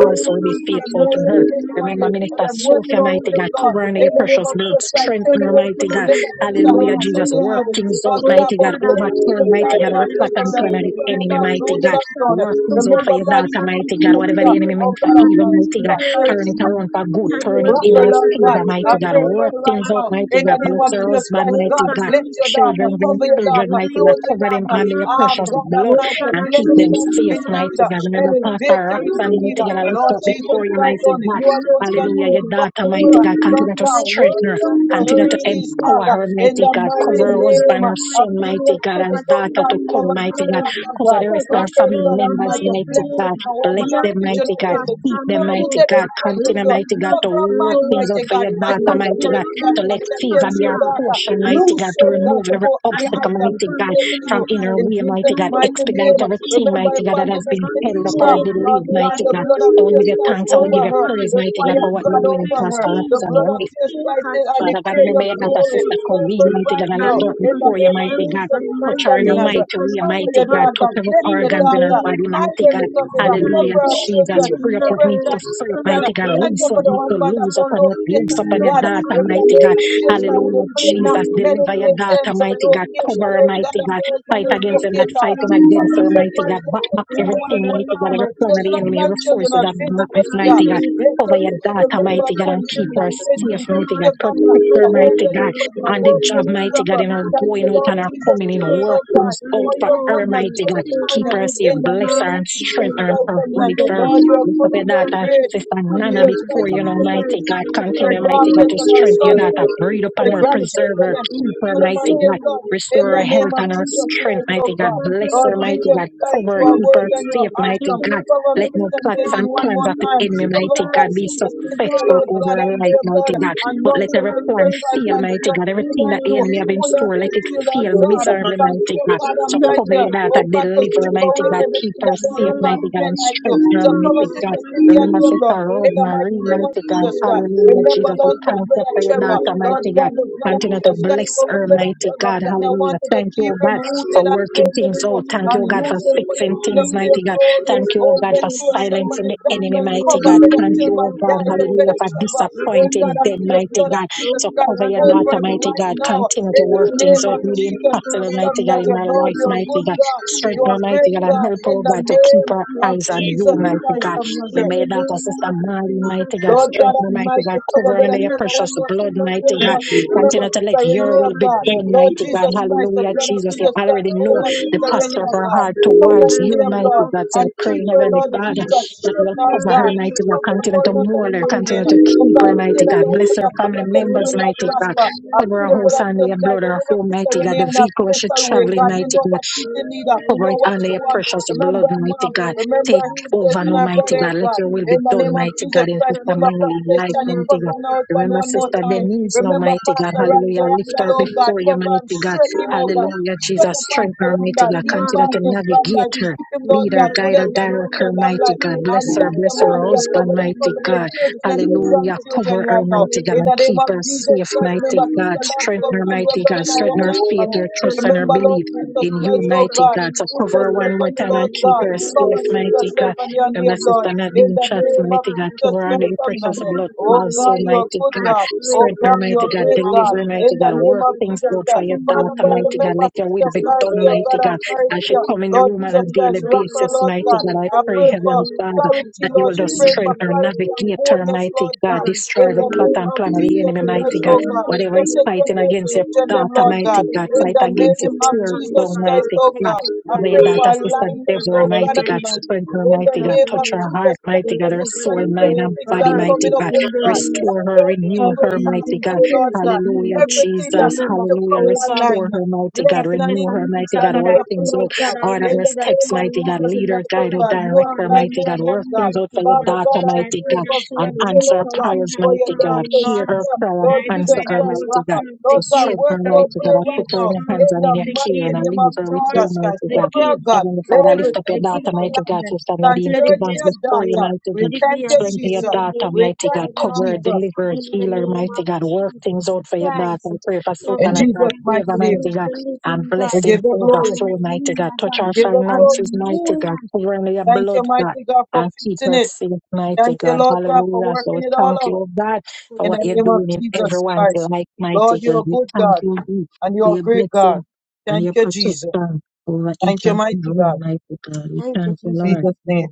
S2: Let them
S1: will be
S4: daughters
S2: keep
S4: of
S2: them,
S1: faithful
S2: mold
S1: to
S2: them,
S1: her.
S4: the
S2: make them and
S1: Remember,
S4: night,
S2: deliver
S1: Minister
S2: them. Work
S4: you know
S2: it
S1: Sophia,
S2: out for
S1: mighty
S4: the
S2: them,
S1: God,
S2: Lord.
S1: cover her in
S2: In
S1: your
S2: the
S4: comfort
S2: name
S1: precious
S2: of
S1: blood,
S2: Jesus Christ,
S4: that
S2: turn
S1: strengthen
S2: the
S4: she
S1: her,
S2: world for
S1: mighty
S2: them.
S1: God.
S2: Let
S4: feels,
S2: not finish the
S4: the
S1: Hallelujah,
S2: so
S1: Jesus.
S2: they
S1: Work
S2: have it.
S4: need.
S1: things out,
S2: Lord
S4: Oh
S2: God,
S1: mighty
S2: but
S1: God.
S4: God,
S2: bless Sister
S1: Overturn,
S4: Almighty
S1: mighty
S2: Sarah
S1: God,
S2: and
S1: every
S2: our
S4: God, I
S1: plot
S2: special
S1: and
S2: and
S1: plan
S4: pray
S1: of the
S2: keep her
S4: that
S2: on
S4: you
S1: enemy,
S2: that
S4: will
S1: mighty
S2: rooted
S1: God.
S2: and
S4: minister
S2: done.
S1: Work
S4: to
S1: things out for
S2: Remember,
S1: your
S2: God,
S4: Maxine
S1: daughter,
S4: at
S2: Sister
S4: this
S1: mighty God. Whatever
S2: Sarah,
S1: the
S4: moment,
S1: enemy
S2: oh
S1: meant for
S2: God, I'm
S4: God.
S1: evil,
S4: I
S2: sorry.
S1: mighty
S2: Tia,
S1: God.
S4: pray
S2: Sorry,
S1: Turn
S2: Tia.
S1: it around for good.
S4: that you
S1: Turn
S4: will
S1: it in
S4: touch
S2: Rocker,
S1: her
S2: Lord
S4: us. And
S2: God,
S1: favor,
S4: I pray
S1: mighty
S2: I
S4: that
S1: God.
S4: you
S2: pray
S4: will
S2: for
S1: Work
S4: give
S2: you right
S1: things
S4: us
S1: out,
S2: now.
S4: peace
S1: mighty
S2: In
S1: God.
S2: the
S4: for
S2: name
S1: Bless
S2: of
S1: her
S2: Jesus
S1: husband,
S2: Christ,
S4: Oh
S1: mighty
S2: God,
S4: God,
S1: God.
S4: I
S2: bless
S4: need
S2: your
S4: to be
S2: daughter,
S1: Children,
S4: healing
S2: cover
S4: i
S2: your
S1: grandchildren,
S2: daughter,
S1: mighty
S4: delivering
S1: God.
S2: clothe your
S4: and
S1: Cover
S4: to
S1: them
S4: be
S2: daughter.
S1: under your
S2: Ah,
S1: precious
S4: loved.
S2: God
S1: blood
S4: Oh
S2: Almighty,
S4: God, I
S1: and
S4: need
S2: bless
S1: keep
S4: the
S2: the
S1: them
S2: daughter
S1: safe,
S4: blood of
S2: indeed,
S1: mighty God. Remember,
S4: Jesus
S2: elevate
S1: Pastor
S2: her
S4: Christ of
S1: Roxanne,
S2: indeed.
S1: mighty God, I
S4: Nazareth.
S1: lift
S2: Lord
S1: up
S2: Jesus
S1: before
S4: This
S1: you,
S4: and
S2: Christ,
S1: mighty
S2: only
S4: sister
S1: God.
S2: you alone
S4: must
S2: can do
S1: Hallelujah.
S2: the
S4: be.
S1: Your daughter, mighty
S2: impossible.
S4: Oh
S1: God.
S4: God, I
S2: Lord
S1: Continue to
S2: God,
S4: like the
S2: work
S1: strengthen her.
S2: it
S4: gift of
S2: out for
S1: Continue
S2: her,
S1: to
S4: strength
S2: Jesus,
S4: here.
S1: empower her,
S4: I
S2: in
S1: mighty
S2: the
S4: pray,
S1: God.
S4: God,
S2: mighty
S1: Cover her
S2: name
S1: husband,
S4: I
S1: her
S2: of
S4: like
S1: son,
S4: the
S2: Jesus
S1: mighty
S4: gift
S1: God,
S4: of a
S2: Christ,
S1: and
S2: oh
S1: daughter
S4: tree
S2: God,
S1: to
S4: under
S1: come,
S2: cover
S4: your
S1: mighty
S2: Sister
S1: God.
S4: blood.
S2: Raka,
S1: Cover
S2: God.
S1: the
S4: Of
S1: rest
S4: a
S1: of our
S2: Rocker,
S1: family
S2: God
S4: tree under
S1: members,
S2: Almighty,
S4: your
S1: mighty
S2: bless
S1: God.
S2: her,
S4: blood.
S1: Bless
S2: woman, her
S4: Yes,
S1: them,
S2: future,
S1: mighty
S2: like
S4: it's
S1: God.
S4: a
S2: this. Keep
S1: Keep
S2: her
S1: them, mighty
S2: rooted
S4: thunder.
S1: God.
S2: and grounded
S4: Let
S2: in
S1: Continue,
S2: you.
S4: the
S1: mighty God,
S4: blood
S1: to
S2: Cover her
S1: work
S2: mind,
S4: flow
S1: things
S2: mighty
S1: out for
S2: God.
S1: your
S2: Fight
S1: daughter,
S4: upon
S2: against
S1: mighty
S4: the
S1: God.
S2: everything that
S1: To
S4: uncles,
S1: let
S2: fight
S1: favor
S2: against
S4: son,
S1: be
S2: your
S1: our
S2: daughter.
S1: portion,
S4: and
S1: mighty God.
S2: Loose
S1: To
S2: your God,
S1: remove
S2: to
S4: grave,
S1: every
S2: go
S4: and
S2: higher
S4: its
S1: obstacle,
S2: item. Be
S1: mighty God,
S4: family
S2: connecting
S1: from
S2: you.
S1: in her
S4: life.
S2: In
S1: way, mighty
S2: Jesus'
S4: In
S1: God.
S4: the
S2: mighty
S4: name
S1: Expedite
S4: of
S2: name,
S1: everything,
S4: Jesus,
S2: remember
S1: mighty God, that
S4: oh
S1: has
S2: Evangelist
S1: been
S4: God,
S1: held up
S2: Tanisha,
S1: or
S4: pain, I
S2: Lord
S1: delayed,
S4: pray
S2: God,
S1: mighty
S4: that you
S2: the
S1: God.
S2: blood
S4: will
S2: of
S1: I will
S2: Jesus
S1: give you
S4: keep,
S2: Christ
S1: thanks. I will
S4: oh
S2: over
S1: give you
S2: her,
S1: praise,
S4: God,
S2: the
S1: mighty God,
S2: fire
S4: in
S1: for
S2: of
S1: what you're
S2: God
S1: doing in
S2: over
S4: perfect
S2: her,
S1: Pastor
S2: the
S4: peace.
S1: Roxanne's
S2: blood of
S1: life,
S2: Jesus
S4: Take
S2: Christ,
S4: our
S2: and I
S4: kids
S1: Father God,
S2: declare
S4: safe
S1: remember
S2: your
S1: your not
S4: for
S1: a
S2: glory
S1: sister
S4: us
S1: come.
S2: over
S1: We,
S2: her
S1: mighty
S2: right
S1: God, and
S2: now,
S1: lift
S4: and
S1: up
S4: if
S2: in the
S4: my
S1: before you,
S2: name of
S1: mighty
S4: soul
S1: God.
S2: Jesus
S1: Touch
S2: Christ
S1: her
S2: of
S1: in a
S4: commanded
S1: mighty
S2: Nazareth.
S1: way,
S2: Cover
S1: mighty
S2: your
S1: God.
S4: hallelujah.
S1: Touch
S2: daughter,
S1: every
S2: bless
S4: In
S2: your
S4: the
S1: organs in her
S2: daughter,
S4: name
S1: body,
S4: of
S2: hide
S1: mighty
S2: her in
S1: God.
S2: the
S4: Jesus
S2: cover,
S1: Hallelujah,
S4: Christ
S2: cover her
S1: Jesus.
S2: children,
S4: of
S1: Free up what needs to
S4: Nazareth,
S2: present
S1: free up,
S4: Son of
S2: children.
S1: mighty
S4: the
S1: God.
S2: Thank
S1: Loose
S2: you for
S1: what
S2: the
S1: needs to
S4: living
S2: husband that
S1: lose
S2: go
S4: God,
S1: upon your, loose
S2: location,
S1: upon your
S4: Son
S2: God.
S1: daughter,
S2: In
S4: of
S2: the
S1: mighty
S2: name
S1: God.
S2: of Jesus,
S4: Praise
S2: Father, we
S1: Hallelujah,
S2: declare
S4: Lord
S2: not
S1: Jesus.
S4: and
S2: many
S1: Deliver your
S2: days
S4: Savior
S1: daughter,
S2: ends a
S1: mighty God.
S2: location,
S1: Cover her,
S2: oh God,
S1: mighty
S2: of
S4: and
S2: the
S1: God.
S2: husband,
S1: Fight
S2: the
S1: against them that
S2: locator.
S1: fight them against
S2: Cover us,
S1: her, mighty God.
S2: evangelist,
S1: Back up
S2: minister, one
S1: everything,
S2: more
S1: mighty God.
S2: time.
S1: Every
S2: Our
S1: plan of
S2: children,
S1: the
S2: our
S1: enemy, every
S2: grandchildren,
S1: forces of
S2: our prison,
S1: darkness,
S2: God.
S1: mighty God
S2: Bless
S1: over
S2: her
S1: your
S2: indeed.
S1: daughter,
S2: Remember,
S1: mighty God,
S2: God,
S1: and keep
S2: minister,
S1: her safe,
S2: Nadine,
S1: mighty
S2: thank
S1: God.
S2: you, Father,
S1: Protect her,
S2: for
S1: mighty
S2: open
S1: God,
S2: doors and
S1: on the job,
S2: working
S1: mighty God,
S2: miracle.
S1: in her
S2: Thank you,
S1: going out
S2: Lord
S1: and her
S2: Jesus
S1: coming in,
S2: Christ,
S1: work
S2: oh God,
S1: things out
S2: for
S1: for
S2: your
S1: her,
S2: goodness,
S1: mighty
S2: for
S1: God.
S2: your
S1: Keep
S2: kindness.
S1: her safe,
S2: In the
S1: bless
S4: Redeemer
S2: name
S1: her
S2: of
S1: and
S4: and
S2: Jesus
S1: strengthen her
S4: Father.
S1: and
S2: Christ of
S4: In
S1: provide
S4: the
S2: Nazareth,
S1: for her.
S2: Lord,
S4: name
S2: you
S4: of
S2: are
S1: Lift up
S2: good
S1: your
S2: and you are
S4: Jesus,
S1: daughter,
S4: there
S2: great
S4: is a
S1: sister
S2: a
S1: Nana,
S4: queen.
S2: beautiful
S1: before
S2: choice of
S1: you know,
S4: Here,
S1: mighty
S2: purposes.
S1: God.
S4: God, I pray
S2: Lord
S1: Continue,
S4: that
S2: God,
S1: mighty
S4: you
S1: God,
S2: faith
S1: to
S2: on our
S1: strengthen your
S2: son
S1: daughter. Breathe upon
S2: their
S1: her,
S4: squeeze
S1: preserve
S2: grandchildren,
S1: her,
S2: and
S1: keep
S4: and
S1: her,
S2: put them on
S1: mighty
S2: their
S4: control
S1: God.
S2: blood in
S1: Restore her
S2: the
S4: where the
S2: name
S1: health
S2: of
S1: and her
S2: Jesus
S4: enemy to
S1: strength,
S2: Christ,
S4: get
S1: mighty
S2: oh
S1: God.
S2: God.
S4: over her
S1: Bless her,
S2: Lord
S4: and
S2: Jesus
S1: mighty
S4: then
S1: God.
S4: the of
S2: Christ,
S1: Cover
S2: you
S1: her,
S2: are
S1: keep
S4: blood,
S1: her
S2: worthy and
S4: God.
S2: you're
S1: safe, mighty
S4: Give
S2: awesome.
S4: them a
S1: God
S2: Cover
S1: let no
S4: closer
S2: Minister
S1: plots
S4: walk
S1: and
S2: Nadine
S4: with
S2: one
S1: plans
S2: more
S1: of the
S4: you,
S2: time.
S1: enemy,
S4: God. Give
S2: Cover
S1: mighty
S4: her a
S2: God,
S1: God, be
S2: Sister
S4: closer
S2: Cynthia,
S1: successful
S2: Lord
S4: walk
S1: over
S2: God,
S1: our
S2: under
S1: life,
S2: your
S1: mighty
S2: blood.
S4: with
S1: God. But
S4: you,
S2: Anoint
S1: let
S2: her
S4: God
S1: every
S2: with
S1: plan
S2: fresh
S4: Almighty
S2: life.
S1: fail,
S4: God.
S1: mighty
S2: Continue
S1: God. Everything
S4: In
S1: that
S2: pulling
S4: the
S1: the
S2: you.
S1: enemy have in
S4: name
S2: Pull her
S4: of
S1: store, let
S2: into
S1: it
S2: you,
S4: Jesus
S2: Lord
S1: fail
S2: God.
S1: miserably,
S4: Christ.
S1: mighty
S2: Continue,
S1: God.
S2: God
S1: So cover
S2: Almighty.
S1: your
S4: Not
S1: daughter,
S2: Oh God, to
S1: deliver,
S2: strip
S1: mighty
S2: away
S1: God.
S4: Awesome.
S1: Keep
S2: everything
S1: her
S2: that don't
S1: safe,
S2: look
S4: Lord,
S2: and
S4: we
S1: mighty God,
S2: smell
S1: and
S2: like
S4: give
S2: you.
S1: strengthen her,
S2: So
S4: God
S2: cover
S1: mighty God.
S2: Sister Cynthia
S4: Almighty.
S2: and
S1: Remember,
S2: your
S1: Sister
S2: blood. In
S4: only
S2: the mighty
S1: Rosemary,
S2: name
S4: Jesus,
S2: of
S1: mighty God.
S2: Jesus
S4: we
S2: Christ.
S4: just pray
S1: Hallelujah,
S2: Remember,
S1: Jesus. We
S2: Lord
S1: thank
S2: God,
S4: here.
S2: with
S1: you
S2: that
S1: for your daughter,
S4: Lord
S2: Lord
S4: God
S1: mighty God.
S2: God, the
S4: Almighty,
S2: blood of
S1: Continue
S4: we
S1: to
S2: Jesus Christ
S4: pray
S1: bless
S2: over
S1: her,
S4: God.
S2: with that
S1: mighty
S4: God
S1: God.
S2: God, I
S1: Hallelujah.
S2: wanted to
S4: Almighty,
S1: Thank
S2: keep
S1: you,
S2: him
S1: God,
S4: God, for
S1: for
S2: rooted and
S4: this
S1: working
S4: church of
S2: grounded
S1: things
S2: in
S4: God,
S2: you
S1: out.
S4: name
S1: Thank
S2: and
S4: that
S1: you,
S4: we
S1: God, for
S2: use him
S4: pray
S2: for
S4: to
S2: your
S1: fixing
S2: kingdom,
S1: things,
S2: for
S4: today.
S2: your
S1: mighty God.
S2: glory.
S4: Thank
S1: Thank
S4: you
S1: you, oh
S4: for
S1: God,
S2: Open
S1: for
S4: being
S2: to a
S4: God
S2: sermon
S1: silencing
S2: and
S1: the
S4: Almighty in
S1: enemy,
S4: the
S2: document.
S1: mighty
S2: Cover
S4: name
S1: God.
S4: of
S2: with that
S1: Thank you, oh
S4: Jesus
S1: God,
S2: Die with
S1: hallelujah,
S2: that
S4: Christ.
S1: for
S2: Trevor.
S4: Lord,
S2: Oh God,
S4: we
S1: disappointing
S2: I
S4: thank
S1: them,
S2: plead the
S4: you.
S1: mighty
S2: blood
S1: God.
S2: of
S4: Lord
S2: Jesus
S1: So
S2: Christ
S1: cover
S4: God
S1: your
S2: over
S1: daughter,
S2: him
S1: mighty
S2: right
S1: God.
S4: Almighty,
S2: now.
S1: Continue to
S2: In the
S1: work
S4: in
S1: things
S2: name
S4: the
S1: out.
S2: of
S1: Do the
S2: Jesus
S4: name of
S1: impossible,
S2: Christ of
S1: mighty God, in
S4: Jesus
S2: Nazareth.
S1: her
S4: Christ,
S2: Lord,
S1: life,
S2: you're a
S1: mighty
S2: good
S1: God.
S2: God.
S4: in the
S1: Strengthen her,
S2: You're a
S4: hands
S2: great
S1: mighty God, and
S2: God.
S1: help her, oh
S2: In the
S1: God, to keep
S2: name
S1: her
S2: of
S1: eyes on
S2: Jesus
S1: you, mighty
S2: Christ
S1: God.
S2: of Nazareth.
S1: Remember your daughter, sister Molly, mighty God.
S2: Lord God
S1: Strengthen her, mighty
S2: Almighty,
S1: God.
S2: cover
S1: Cover her
S2: Brother
S1: under your
S2: Keller
S1: precious
S2: one more
S1: blood,
S2: time
S4: of
S2: on your
S1: mighty God.
S4: everything
S2: God.
S4: is God.
S2: Remember
S1: Continue to let
S2: Sister
S1: your
S4: Oh
S2: Renee, oh
S1: will be
S4: God,
S2: God.
S4: we
S1: done,
S4: lift
S2: Lord
S1: mighty
S4: up
S1: God.
S4: the
S2: Jesus Christ,
S4: news
S2: the
S1: Hallelujah,
S2: blood
S4: and
S2: of
S1: Jesus. You
S2: Jesus
S4: something.
S2: Christ
S1: already know
S2: over
S4: Oh
S1: the
S2: Sister Renee,
S1: posture of
S4: God,
S2: oh
S1: her
S2: God.
S1: heart
S4: visit
S1: towards
S2: Cover
S4: me
S2: in
S1: you,
S2: their
S4: right
S1: mighty
S4: now,
S2: blood
S1: God. So I
S2: and
S4: touch
S1: pray,
S2: keep her,
S4: me
S1: Heavenly
S2: Lord
S4: right
S1: Father,
S4: now,
S2: Jesus,
S1: that you
S4: heal
S2: strength,
S1: will
S4: me
S2: our
S1: cover her,
S4: right
S2: God.
S4: now,
S1: mighty God.
S2: Cover her
S1: Continue to
S2: going
S4: and
S2: out and
S1: mold her,
S4: enable
S2: coming in.
S1: continue to
S2: Oh
S4: me
S1: keep her,
S2: God,
S4: right
S2: the
S4: now.
S2: day
S1: mighty
S2: that the
S1: God. Bless
S2: open
S1: her
S2: up come
S1: family
S2: against the
S1: members,
S2: will
S4: Oh
S2: not
S1: mighty
S4: God,
S1: God.
S4: no
S2: prosper. I pray
S1: Cover
S4: mighty
S1: her
S2: the
S4: God, I
S1: house
S2: blood of
S1: under
S4: will
S2: Jesus
S1: your blood,
S2: Christ
S4: never
S1: her
S2: over
S4: see
S1: home,
S2: Sister
S1: mighty God.
S2: Renee
S1: The
S2: in
S4: this
S2: a
S1: vehicle where
S4: coming
S1: she
S2: special way.
S1: traveling,
S2: God,
S4: now.
S2: you
S1: mighty
S2: know
S1: God.
S2: what she's
S4: Oh
S2: in need
S4: yeah, I
S2: of. You
S1: Cover
S2: know
S1: it
S4: know
S2: what
S4: it's
S1: under
S2: she
S1: your
S4: God,
S2: wants.
S4: Almighty God,
S1: precious
S2: Remember
S1: blood,
S2: her
S1: mighty
S2: mom.
S1: God.
S4: do
S2: Remember
S1: Take
S4: not forgive me
S2: her
S4: mercy.
S2: sisters
S1: over
S2: and
S1: now,
S2: her
S1: mighty
S2: brother,
S1: God.
S2: oh
S1: Let
S2: God.
S1: your
S4: In
S1: will
S2: In
S1: be
S4: the
S2: the name
S1: done,
S4: name
S2: of
S4: of
S1: mighty
S2: Jesus
S1: God, in
S4: Jesus
S2: Christ,
S4: Christ,
S1: Sister
S2: remember
S1: Marley's
S4: I
S2: Prophet
S4: do
S1: life,
S2: Shani,
S4: not
S1: mighty
S2: cover
S1: God.
S4: forgive
S2: her
S4: me. I do
S2: husband
S1: Remember,
S4: not
S2: one more
S1: Sister
S2: time.
S4: forgive me.
S1: Denise, now,
S2: Remember
S1: mighty God.
S2: Pastor
S4: I
S2: Roger
S1: Hallelujah. Lift
S4: do
S2: Randall,
S1: her
S2: oh
S4: not
S2: God,
S1: before
S4: forgive
S1: you,
S2: cover him,
S1: mighty God.
S2: strengthen him, oh
S4: me
S2: God.
S1: Hallelujah,
S2: Strengthen
S1: Jesus.
S4: the
S2: Pastor
S1: Strengthen her, mighty
S2: Randall,
S1: God.
S2: heal
S1: Continue to
S4: mind
S2: Pastor
S4: is
S1: navigate
S2: Randall,
S4: choosing
S1: her.
S2: keep him,
S4: the
S2: Lord
S1: Lead her,
S2: God,
S4: inner
S2: good
S1: guide her,
S2: health
S4: hand
S2: and good
S1: direct
S4: long
S2: for
S1: her,
S2: long
S4: and
S1: mighty
S2: life.
S4: clear
S1: God. Bless
S2: And
S1: her,
S4: them.
S2: Dr.
S1: bless
S4: And
S1: her
S4: I
S2: Marcia,
S4: want
S1: husband,
S2: cover
S4: to
S2: them,
S1: mighty
S2: cover
S4: smile
S2: their
S4: and
S1: God.
S4: close
S2: children
S4: the
S2: and their
S4: work
S1: Hallelujah.
S4: of her
S1: Cover
S2: grandchildren
S1: her,
S2: right
S4: in the
S2: now.
S1: mighty God,
S2: In the
S1: and
S4: name of
S2: name
S1: keep
S2: of
S1: her
S4: Jesus
S2: Jesus
S1: safe,
S2: Christ,
S4: Christ
S1: mighty
S2: remember
S4: of
S1: God.
S2: Sister Lord,
S4: Nazareth.
S1: Strengthen
S2: cover
S1: her,
S2: and their
S1: mighty
S2: blood
S1: God.
S2: and our
S1: Strengthen
S2: woman
S1: her
S2: and
S1: faith,
S2: family.
S1: her
S4: I pray,
S1: trust,
S4: God,
S1: and her
S2: Remember,
S1: belief
S2: Lord
S4: I will take the hand
S2: Jesus
S1: in you,
S2: Christ, oh
S1: mighty
S2: God,
S1: God. So
S4: that
S2: Sister
S1: cover her
S4: I'm
S1: one more
S2: Stephanie,
S1: time and
S2: Lord
S4: going
S1: keep
S2: God,
S1: her safe,
S2: cover Sister
S1: mighty God.
S2: Stephanie and
S1: And my
S2: their blood
S1: sister
S2: in
S1: Nadine
S2: the
S1: chats,
S2: name of
S1: mighty God,
S2: Jesus
S1: cover her under
S2: Christ
S1: your
S2: of
S1: precious
S2: Nazareth.
S1: blood.
S2: Oh
S1: Also,
S2: God, you are
S1: mighty
S2: good
S1: God,
S2: God. Oh
S1: strengthen her,
S2: God, you
S1: mighty
S2: are
S1: God,
S2: great
S1: deliver,
S2: God.
S1: her,
S2: In
S1: mighty
S2: the
S1: God,
S2: name
S1: work
S2: of
S4: to
S1: things
S2: Jesus
S4: have
S1: out for
S2: Christ.
S1: your
S4: in the
S2: Father
S1: daughter,
S2: God,
S1: mighty
S4: name
S1: God.
S2: remember
S1: Let your will
S2: Sister
S1: be
S4: of
S1: done,
S2: Sarah, God,
S1: mighty
S2: our
S1: God.
S4: Jesus
S1: As she
S2: Sarah.
S1: come in the
S4: Christ.
S2: Lord
S1: room on a
S2: Jesus
S4: There's
S1: daily
S2: Christ, rock her,
S1: basis,
S4: nothing
S2: Lord
S1: mighty
S2: God.
S4: in my
S1: God, I
S2: I pray
S1: pray,
S4: glory
S2: for
S1: Heavenly
S4: in
S1: Father,
S4: the
S2: clarity,
S1: that you
S2: Lord.
S1: will
S2: She
S1: just
S2: prayed for
S1: strengthen her,
S2: clarity and
S4: truth.
S1: navigate her,
S2: boldness,
S1: mighty
S2: Lord
S4: If
S1: God,
S2: God.
S1: destroy
S2: In
S1: the
S2: the
S1: plot
S2: name
S4: I
S1: and
S2: of
S1: plan of the
S2: Jesus
S1: enemy,
S4: for in
S1: mighty
S2: Christ,
S1: God.
S2: oh God.
S1: Whatever is
S2: Protect her
S1: fighting
S2: and her
S1: against your
S2: children, them,
S1: Tata
S2: Lord God.
S1: mighty God,
S2: In
S1: fight
S2: the
S1: against the
S2: name
S4: in
S2: of
S4: their
S1: tears,
S4: hands
S2: Jesus
S4: for all
S2: Christ,
S1: Almighty
S2: oh
S1: God.
S2: God.
S4: hectic
S2: I
S1: Lay
S2: pray
S4: career
S1: that
S2: for
S1: assistant
S4: to
S2: alignment,
S1: devil,
S2: oh God
S1: mighty
S4: unite
S1: God,
S4: the
S2: Almighty
S1: strength, her,
S2: in the
S1: mighty God,
S2: name of
S1: touch her
S4: blood.
S1: heart,
S2: Jesus Christ that is
S1: mighty
S4: Take
S1: God, her
S4: over the
S1: soul, mind,
S4: war
S1: and
S2: 2026
S1: body,
S2: that
S1: mighty
S2: coming up,
S1: God.
S4: in
S2: oh
S4: the
S2: God,
S4: name
S2: that
S1: Restore her,
S2: all things
S1: renew
S4: of
S2: will
S1: her,
S2: pass
S1: mighty
S4: Jesus.
S1: God.
S2: away, Lord God.
S1: Hallelujah,
S2: Everything that
S1: Jesus.
S4: Remember,
S2: needs to
S1: Hallelujah.
S2: come in
S4: oh God,
S1: Restore
S2: alignment,
S1: her, mighty God.
S2: blessing and
S4: Capita
S1: Renew her,
S4: Sunday
S2: increase
S1: mighty God.
S2: and
S1: Work
S4: Kakarai
S2: miracle,
S1: things
S2: Lord
S1: out.
S2: God.
S4: Karai
S1: Order
S2: In
S1: her
S4: Mike
S2: the
S4: that
S1: steps,
S4: you
S2: name of
S4: will
S1: mighty God.
S4: walk
S2: Jesus
S1: Lead
S4: in the
S1: her,
S2: Christ, oh
S1: guide her,
S2: God,
S4: prophetic
S2: new
S1: direct
S4: call
S1: her,
S4: in
S1: mighty
S2: assignment,
S1: God.
S4: Karai
S2: Lord
S1: Work
S2: God.
S1: things out for
S4: Mike
S1: your
S2: Father
S1: daughter,
S2: God, I
S4: that
S1: mighty
S2: pray
S4: pray
S1: God.
S4: that
S2: for
S4: you
S1: And
S4: will
S2: victory,
S1: answer
S4: reach
S1: her
S2: Lord
S4: out
S2: God,
S4: in
S1: prayers,
S4: that
S2: for your
S1: mighty
S4: call
S1: God.
S4: in
S2: daughter,
S1: Hear her
S4: Lord.
S2: sister,
S1: prayer and
S2: Lord
S4: I
S1: answer
S2: Jesus
S4: pray
S1: her,
S4: that you
S2: Christ,
S4: will
S1: mighty God.
S2: Raka.
S4: stir up
S1: So
S4: the
S2: Lord God,
S4: gift,
S1: strengthen
S2: work
S1: her,
S2: it
S4: stir
S2: out
S4: up
S1: mighty
S2: for
S4: the
S1: God.
S2: her
S1: I put
S2: right
S4: gift,
S1: her in
S2: now
S1: your
S4: stir
S1: hands
S2: in
S1: and
S4: up
S2: the
S1: in your
S4: the
S1: care,
S2: mighty
S1: and I
S4: gift,
S2: name
S1: leave
S2: of
S1: her with
S4: stir
S1: you,
S2: Jesus Christ.
S1: mighty
S4: the
S1: God.
S2: Cover her,
S4: gift,
S2: God.
S1: Heavenly
S2: Let
S1: Father, I
S4: stir
S1: lift up your
S4: the
S2: everything come
S1: daughter,
S2: in
S4: gift.
S1: mighty God,
S2: alignment
S1: Sister Nadine
S4: Let it
S2: concerning
S4: be
S1: Evans,
S4: a
S2: your
S1: before you,
S4: stirring.
S2: daughter.
S1: mighty
S2: We
S1: God.
S4: Let it
S2: thank
S4: be a
S2: you,
S1: Strengthen your
S4: stirring
S2: Jesus.
S4: on the
S1: daughter,
S2: We
S1: mighty
S2: thank
S1: God.
S4: inside,
S1: Cover
S2: you,
S1: her,
S4: Lord.
S2: Jesus.
S1: deliver her,
S4: In the
S1: heal her,
S4: name
S1: mighty
S4: of
S1: God. Work things
S4: Jesus
S1: out for your daughter.
S4: Christ
S1: I
S4: of
S1: pray for
S2: In
S1: supernatural
S2: Jesus'
S4: Nazareth,
S2: mighty
S1: favor,
S4: Son
S2: name,
S1: mighty
S4: of
S1: God.
S4: the
S1: And
S4: living God.
S2: we
S1: blessing
S2: give you glory.
S1: overflow, mighty God.
S4: Hallelujah,
S1: Touch
S4: God.
S2: We
S1: her
S2: give you glory,
S1: finances,
S2: Jesus.
S1: mighty God.
S4: Hallelujah.
S1: Cover her in your
S2: Thank you,
S1: blood, God.
S2: mighty God, for
S1: And keep
S2: fixing
S1: her
S2: it.
S1: safe, mighty
S2: Thank you,
S1: God.
S2: Lord God, for
S1: Hallelujah. So we
S2: working it all
S1: thank you,
S2: out.
S1: oh God
S4: Thank
S1: for
S2: In
S1: what
S2: the
S4: you,
S1: you're
S2: name of
S4: Lord.
S1: doing in
S2: Jesus
S1: everyone's
S2: Christ.
S1: like
S2: Lord,
S1: mighty
S2: you're
S1: God.
S2: a
S1: We
S2: good
S1: thank
S2: God
S1: you Lord,
S2: and
S1: for
S2: you're a
S1: your
S2: great God.
S1: blessing and
S2: Thank
S1: your
S2: you, Jesus.
S1: protection over each
S2: Thank you,
S1: and every
S2: mighty God.
S1: one, mighty God. We
S4: Thank you,
S1: thank you,
S2: In
S4: Jesus.
S1: Lord.
S2: Jesus' name.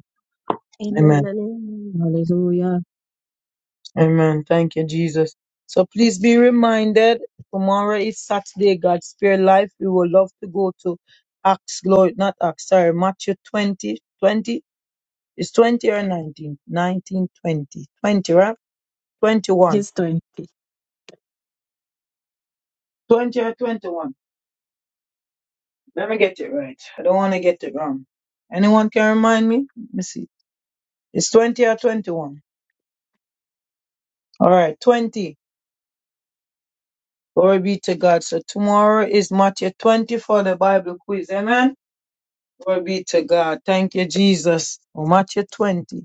S4: Amen
S2: Amen.
S4: and amen.
S1: Hallelujah.
S2: Amen. Thank you, Jesus. So please be reminded, tomorrow is Saturday, God spare life. We would love to go to Acts, Lord, not Acts, sorry, Matthew 20 20. 20, is 20 or 19? 19, twenty, twenty, right? 21,
S1: Just thank
S2: 20 or 21. Let me get it right. I don't want to get it wrong. Anyone can remind me? Let me see. It's 20 or 21. All right, 20. Glory be to God. So tomorrow is Matthew 20 for the Bible quiz. Amen. Glory be to God. Thank you, Jesus. Oh, Matthew 20.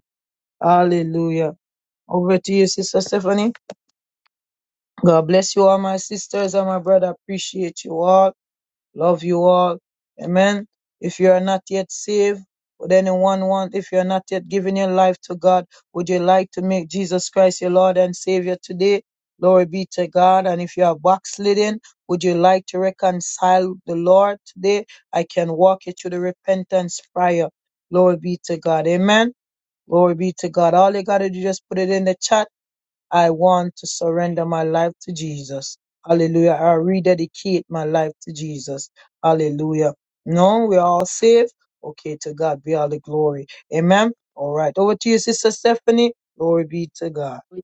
S2: Hallelujah. Over to you, Sister Stephanie. God bless you all, my sisters and my brother. Appreciate you all. Love you all. Amen. If you are not yet saved, would anyone want, if you are not yet giving your life to God, would you like to make Jesus Christ your Lord and Savior today? Glory be to God. And if you are backslidden, would you like to reconcile the Lord today? I can walk you through the repentance prayer. Glory be to God. Amen. Glory be to God. All you got to do, just put it in the chat I want to surrender my life to Jesus. Hallelujah. I rededicate my life to Jesus. Hallelujah. No, we're all saved. Okay, to God be all the glory. Amen. All right. Over to you, Sister Stephanie. Glory be to God.
S1: you.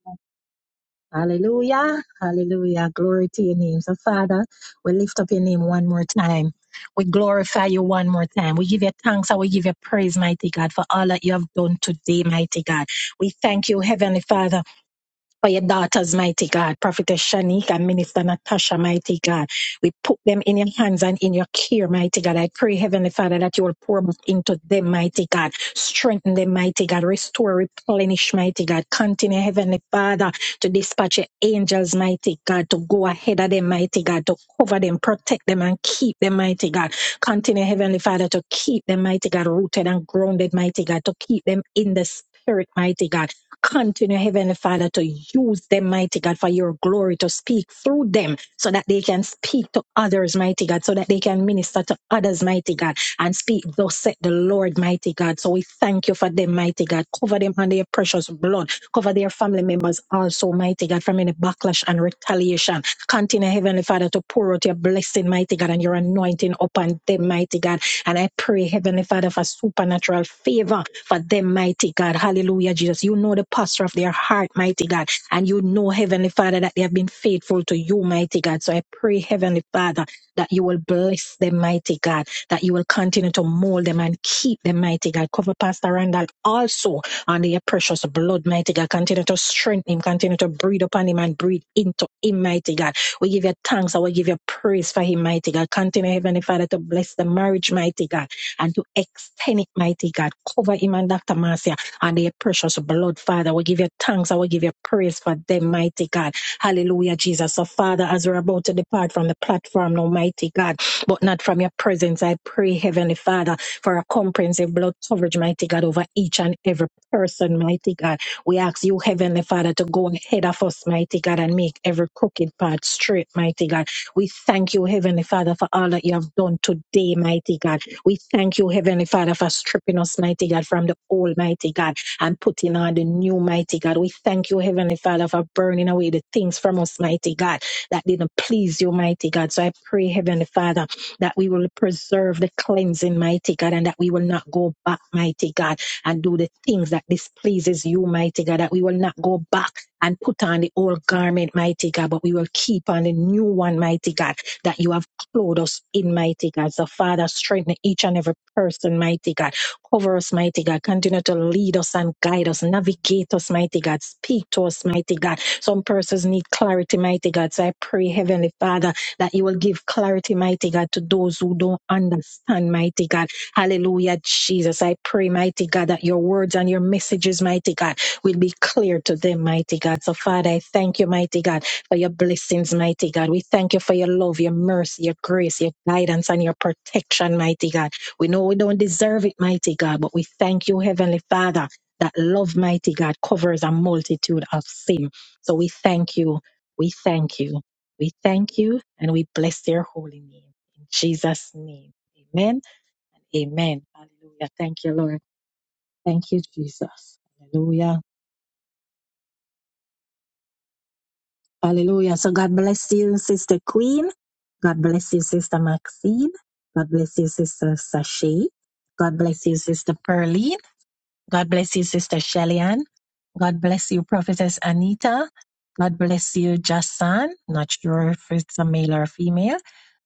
S1: Hallelujah. Hallelujah. Glory to your name. So, Father, we lift up your name one more time. We glorify you one more time. We give you thanks and we give you praise, mighty God, for all that you have done today, mighty God. We thank you, Heavenly Father. for your daughters, mighty God, Prophetess Shanique and Minister Natasha, mighty God. We put them in your hands and in your care, mighty God. I pray, Heavenly Father, that you will pour back into them, mighty God. Strengthen them, mighty God. Restore, replenish, mighty God. Continue, Heavenly Father, to dispatch your angels, mighty God, to go ahead of them, mighty God, to cover them, protect them, and keep them, mighty God. Continue, Heavenly Father, to keep them, mighty God, rooted and grounded, mighty God, to keep them in the Spirit, mighty God Continue, Heavenly Father, to use them, mighty God, for your glory to speak through them so that they can speak to others, mighty God, so that they can minister to others, mighty God, and speak, thus said the Lord, mighty God. So we thank you for them, mighty God. Cover them under your precious blood. Cover their family members also, mighty God, from any backlash and retaliation. Continue, Heavenly Father, to pour out your blessing, mighty God, and your anointing upon them, mighty God. And I pray, Heavenly Father, for supernatural favor for them, mighty God. Hallelujah, Jesus. You know the posture of their heart, mighty God. And you know, Heavenly Father, that they have been faithful to you, mighty God. So I pray, Heavenly Father, that you will bless them, mighty God, that you will continue to mold them and keep them, mighty God. Cover Pastor Randall also under your precious blood, mighty God. Continue to strengthen him, continue to breathe upon him and breathe into him, mighty God we give you thanks and we give you praise for him, mighty God. Continue, Heavenly Father, to bless the marriage, mighty God, and to extend it, mighty God. Cover him and Dr. Marcia and their precious blood, Father. We give you thanks and we give you praise for them, mighty God. Hallelujah, Jesus. So, Father, as we're about to depart from the platform, Almighty God, but not from your presence, I pray, Heavenly Father, for a comprehensive blood coverage, mighty God, over each and every person, mighty God. We ask you, Heavenly Father, to go ahead of us, mighty God, and make every crooked path straight, mighty God. We thank you, Heavenly Father, for all that you have done today, mighty God. We thank you, Heavenly Father, for stripping us, mighty God, from the old, mighty God, and putting on the new, mighty God. We thank you, Heavenly Father, for burning away the things from us, mighty God, that didn't please you, mighty God. So I pray, Heavenly Father, that we will preserve the cleansing, mighty God, and that we will not go back, mighty God and do the things that displeases you, mighty God, that we will not go back and put on the old garment, mighty God, but we will keep on the new one, mighty God, that you have clothed us in, mighty God. So, Father, strengthen each and every person, mighty God. Cover us, mighty God. Continue to lead us and guide us, navigate us, mighty God. Speak to us, mighty God. Some persons need clarity, mighty God. So I pray, Heavenly Father, that you will give clarity, mighty God, to those who don't understand, mighty God. Hallelujah, Jesus. I pray, mighty God, that your words and your messages, mighty God, will be clear to them, mighty God. So, Father, I thank you, mighty God, for your blessings, mighty God. We thank you for your love, your mercy, your grace, your guidance, and your protection, mighty God. We know we don't deserve it, mighty God, but we thank you, Heavenly Father, that love, mighty God, covers a multitude of sin. So, we thank you. We thank you. We thank you and we bless your holy name. In Jesus' name. Amen and Amen. Hallelujah. Thank you, Lord. Thank you, Jesus. Hallelujah. Hallelujah. So God bless you, Sister Queen. God bless you, Sister Maxine. God bless you, Sister Sashay. God bless you, Sister Pearline. God bless you, Sister Shellyan. God bless you, Prophetess Anita. God bless you, Jasan. Not sure if it's a male or female.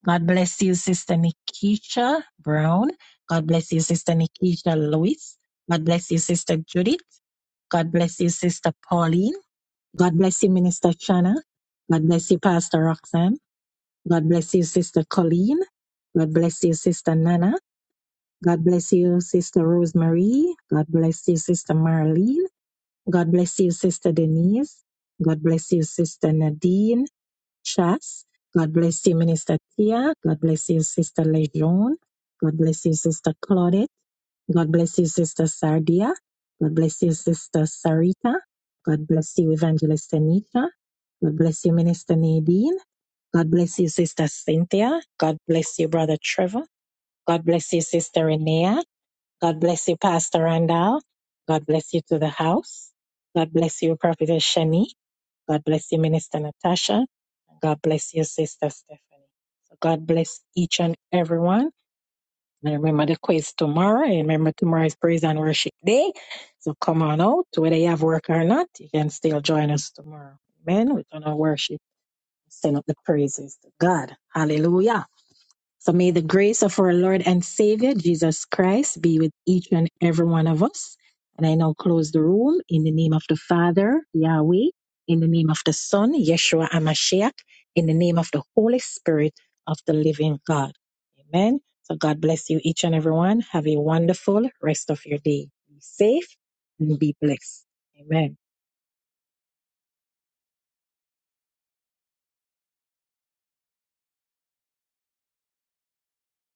S1: God bless you, Sister Nikisha Brown. God bless you, Sister Nikisha Lewis. God bless you, Sister Judith. God bless you, Sister Pauline. God bless you, Minister Chana. God bless you, Pastor Roxanne. God bless you, Sister Colleen. God bless you, Sister Nana. God bless you, Sister Rosemary. God bless you, Sister Marlene. God bless you, Sister Denise. God bless you, Sister Nadine Chas. God bless you, Minister Tia. God bless you, Sister Lejeune. God bless you, Sister Claudette. God bless you, Sister Sardia. God bless you, Sister Sarita. God bless you, Evangelist Anita. God bless you, Minister Nadine. God bless you, Sister Cynthia. God bless you, Brother Trevor. God bless you, Sister Renea. God bless you, Pastor Randall. God bless you to the house. God bless you, Prophetess Shani. God bless you, Minister Natasha. God bless you, Sister Stephanie. So God bless each and everyone. And remember the quiz tomorrow. And remember tomorrow is praise and worship day. So come on out, whether you have work or not, you can still join us tomorrow. Amen. We're gonna worship, send up the praises to God. Hallelujah. So may the grace of our Lord and Savior Jesus Christ be with each and every one of us. And I now close the room in the name of the Father, Yahweh, in the name of the Son, Yeshua Amashiach, in the name of the Holy Spirit of the living God. Amen. So God bless you each and every one. Have a wonderful rest of your day. Be safe and be blessed. Amen.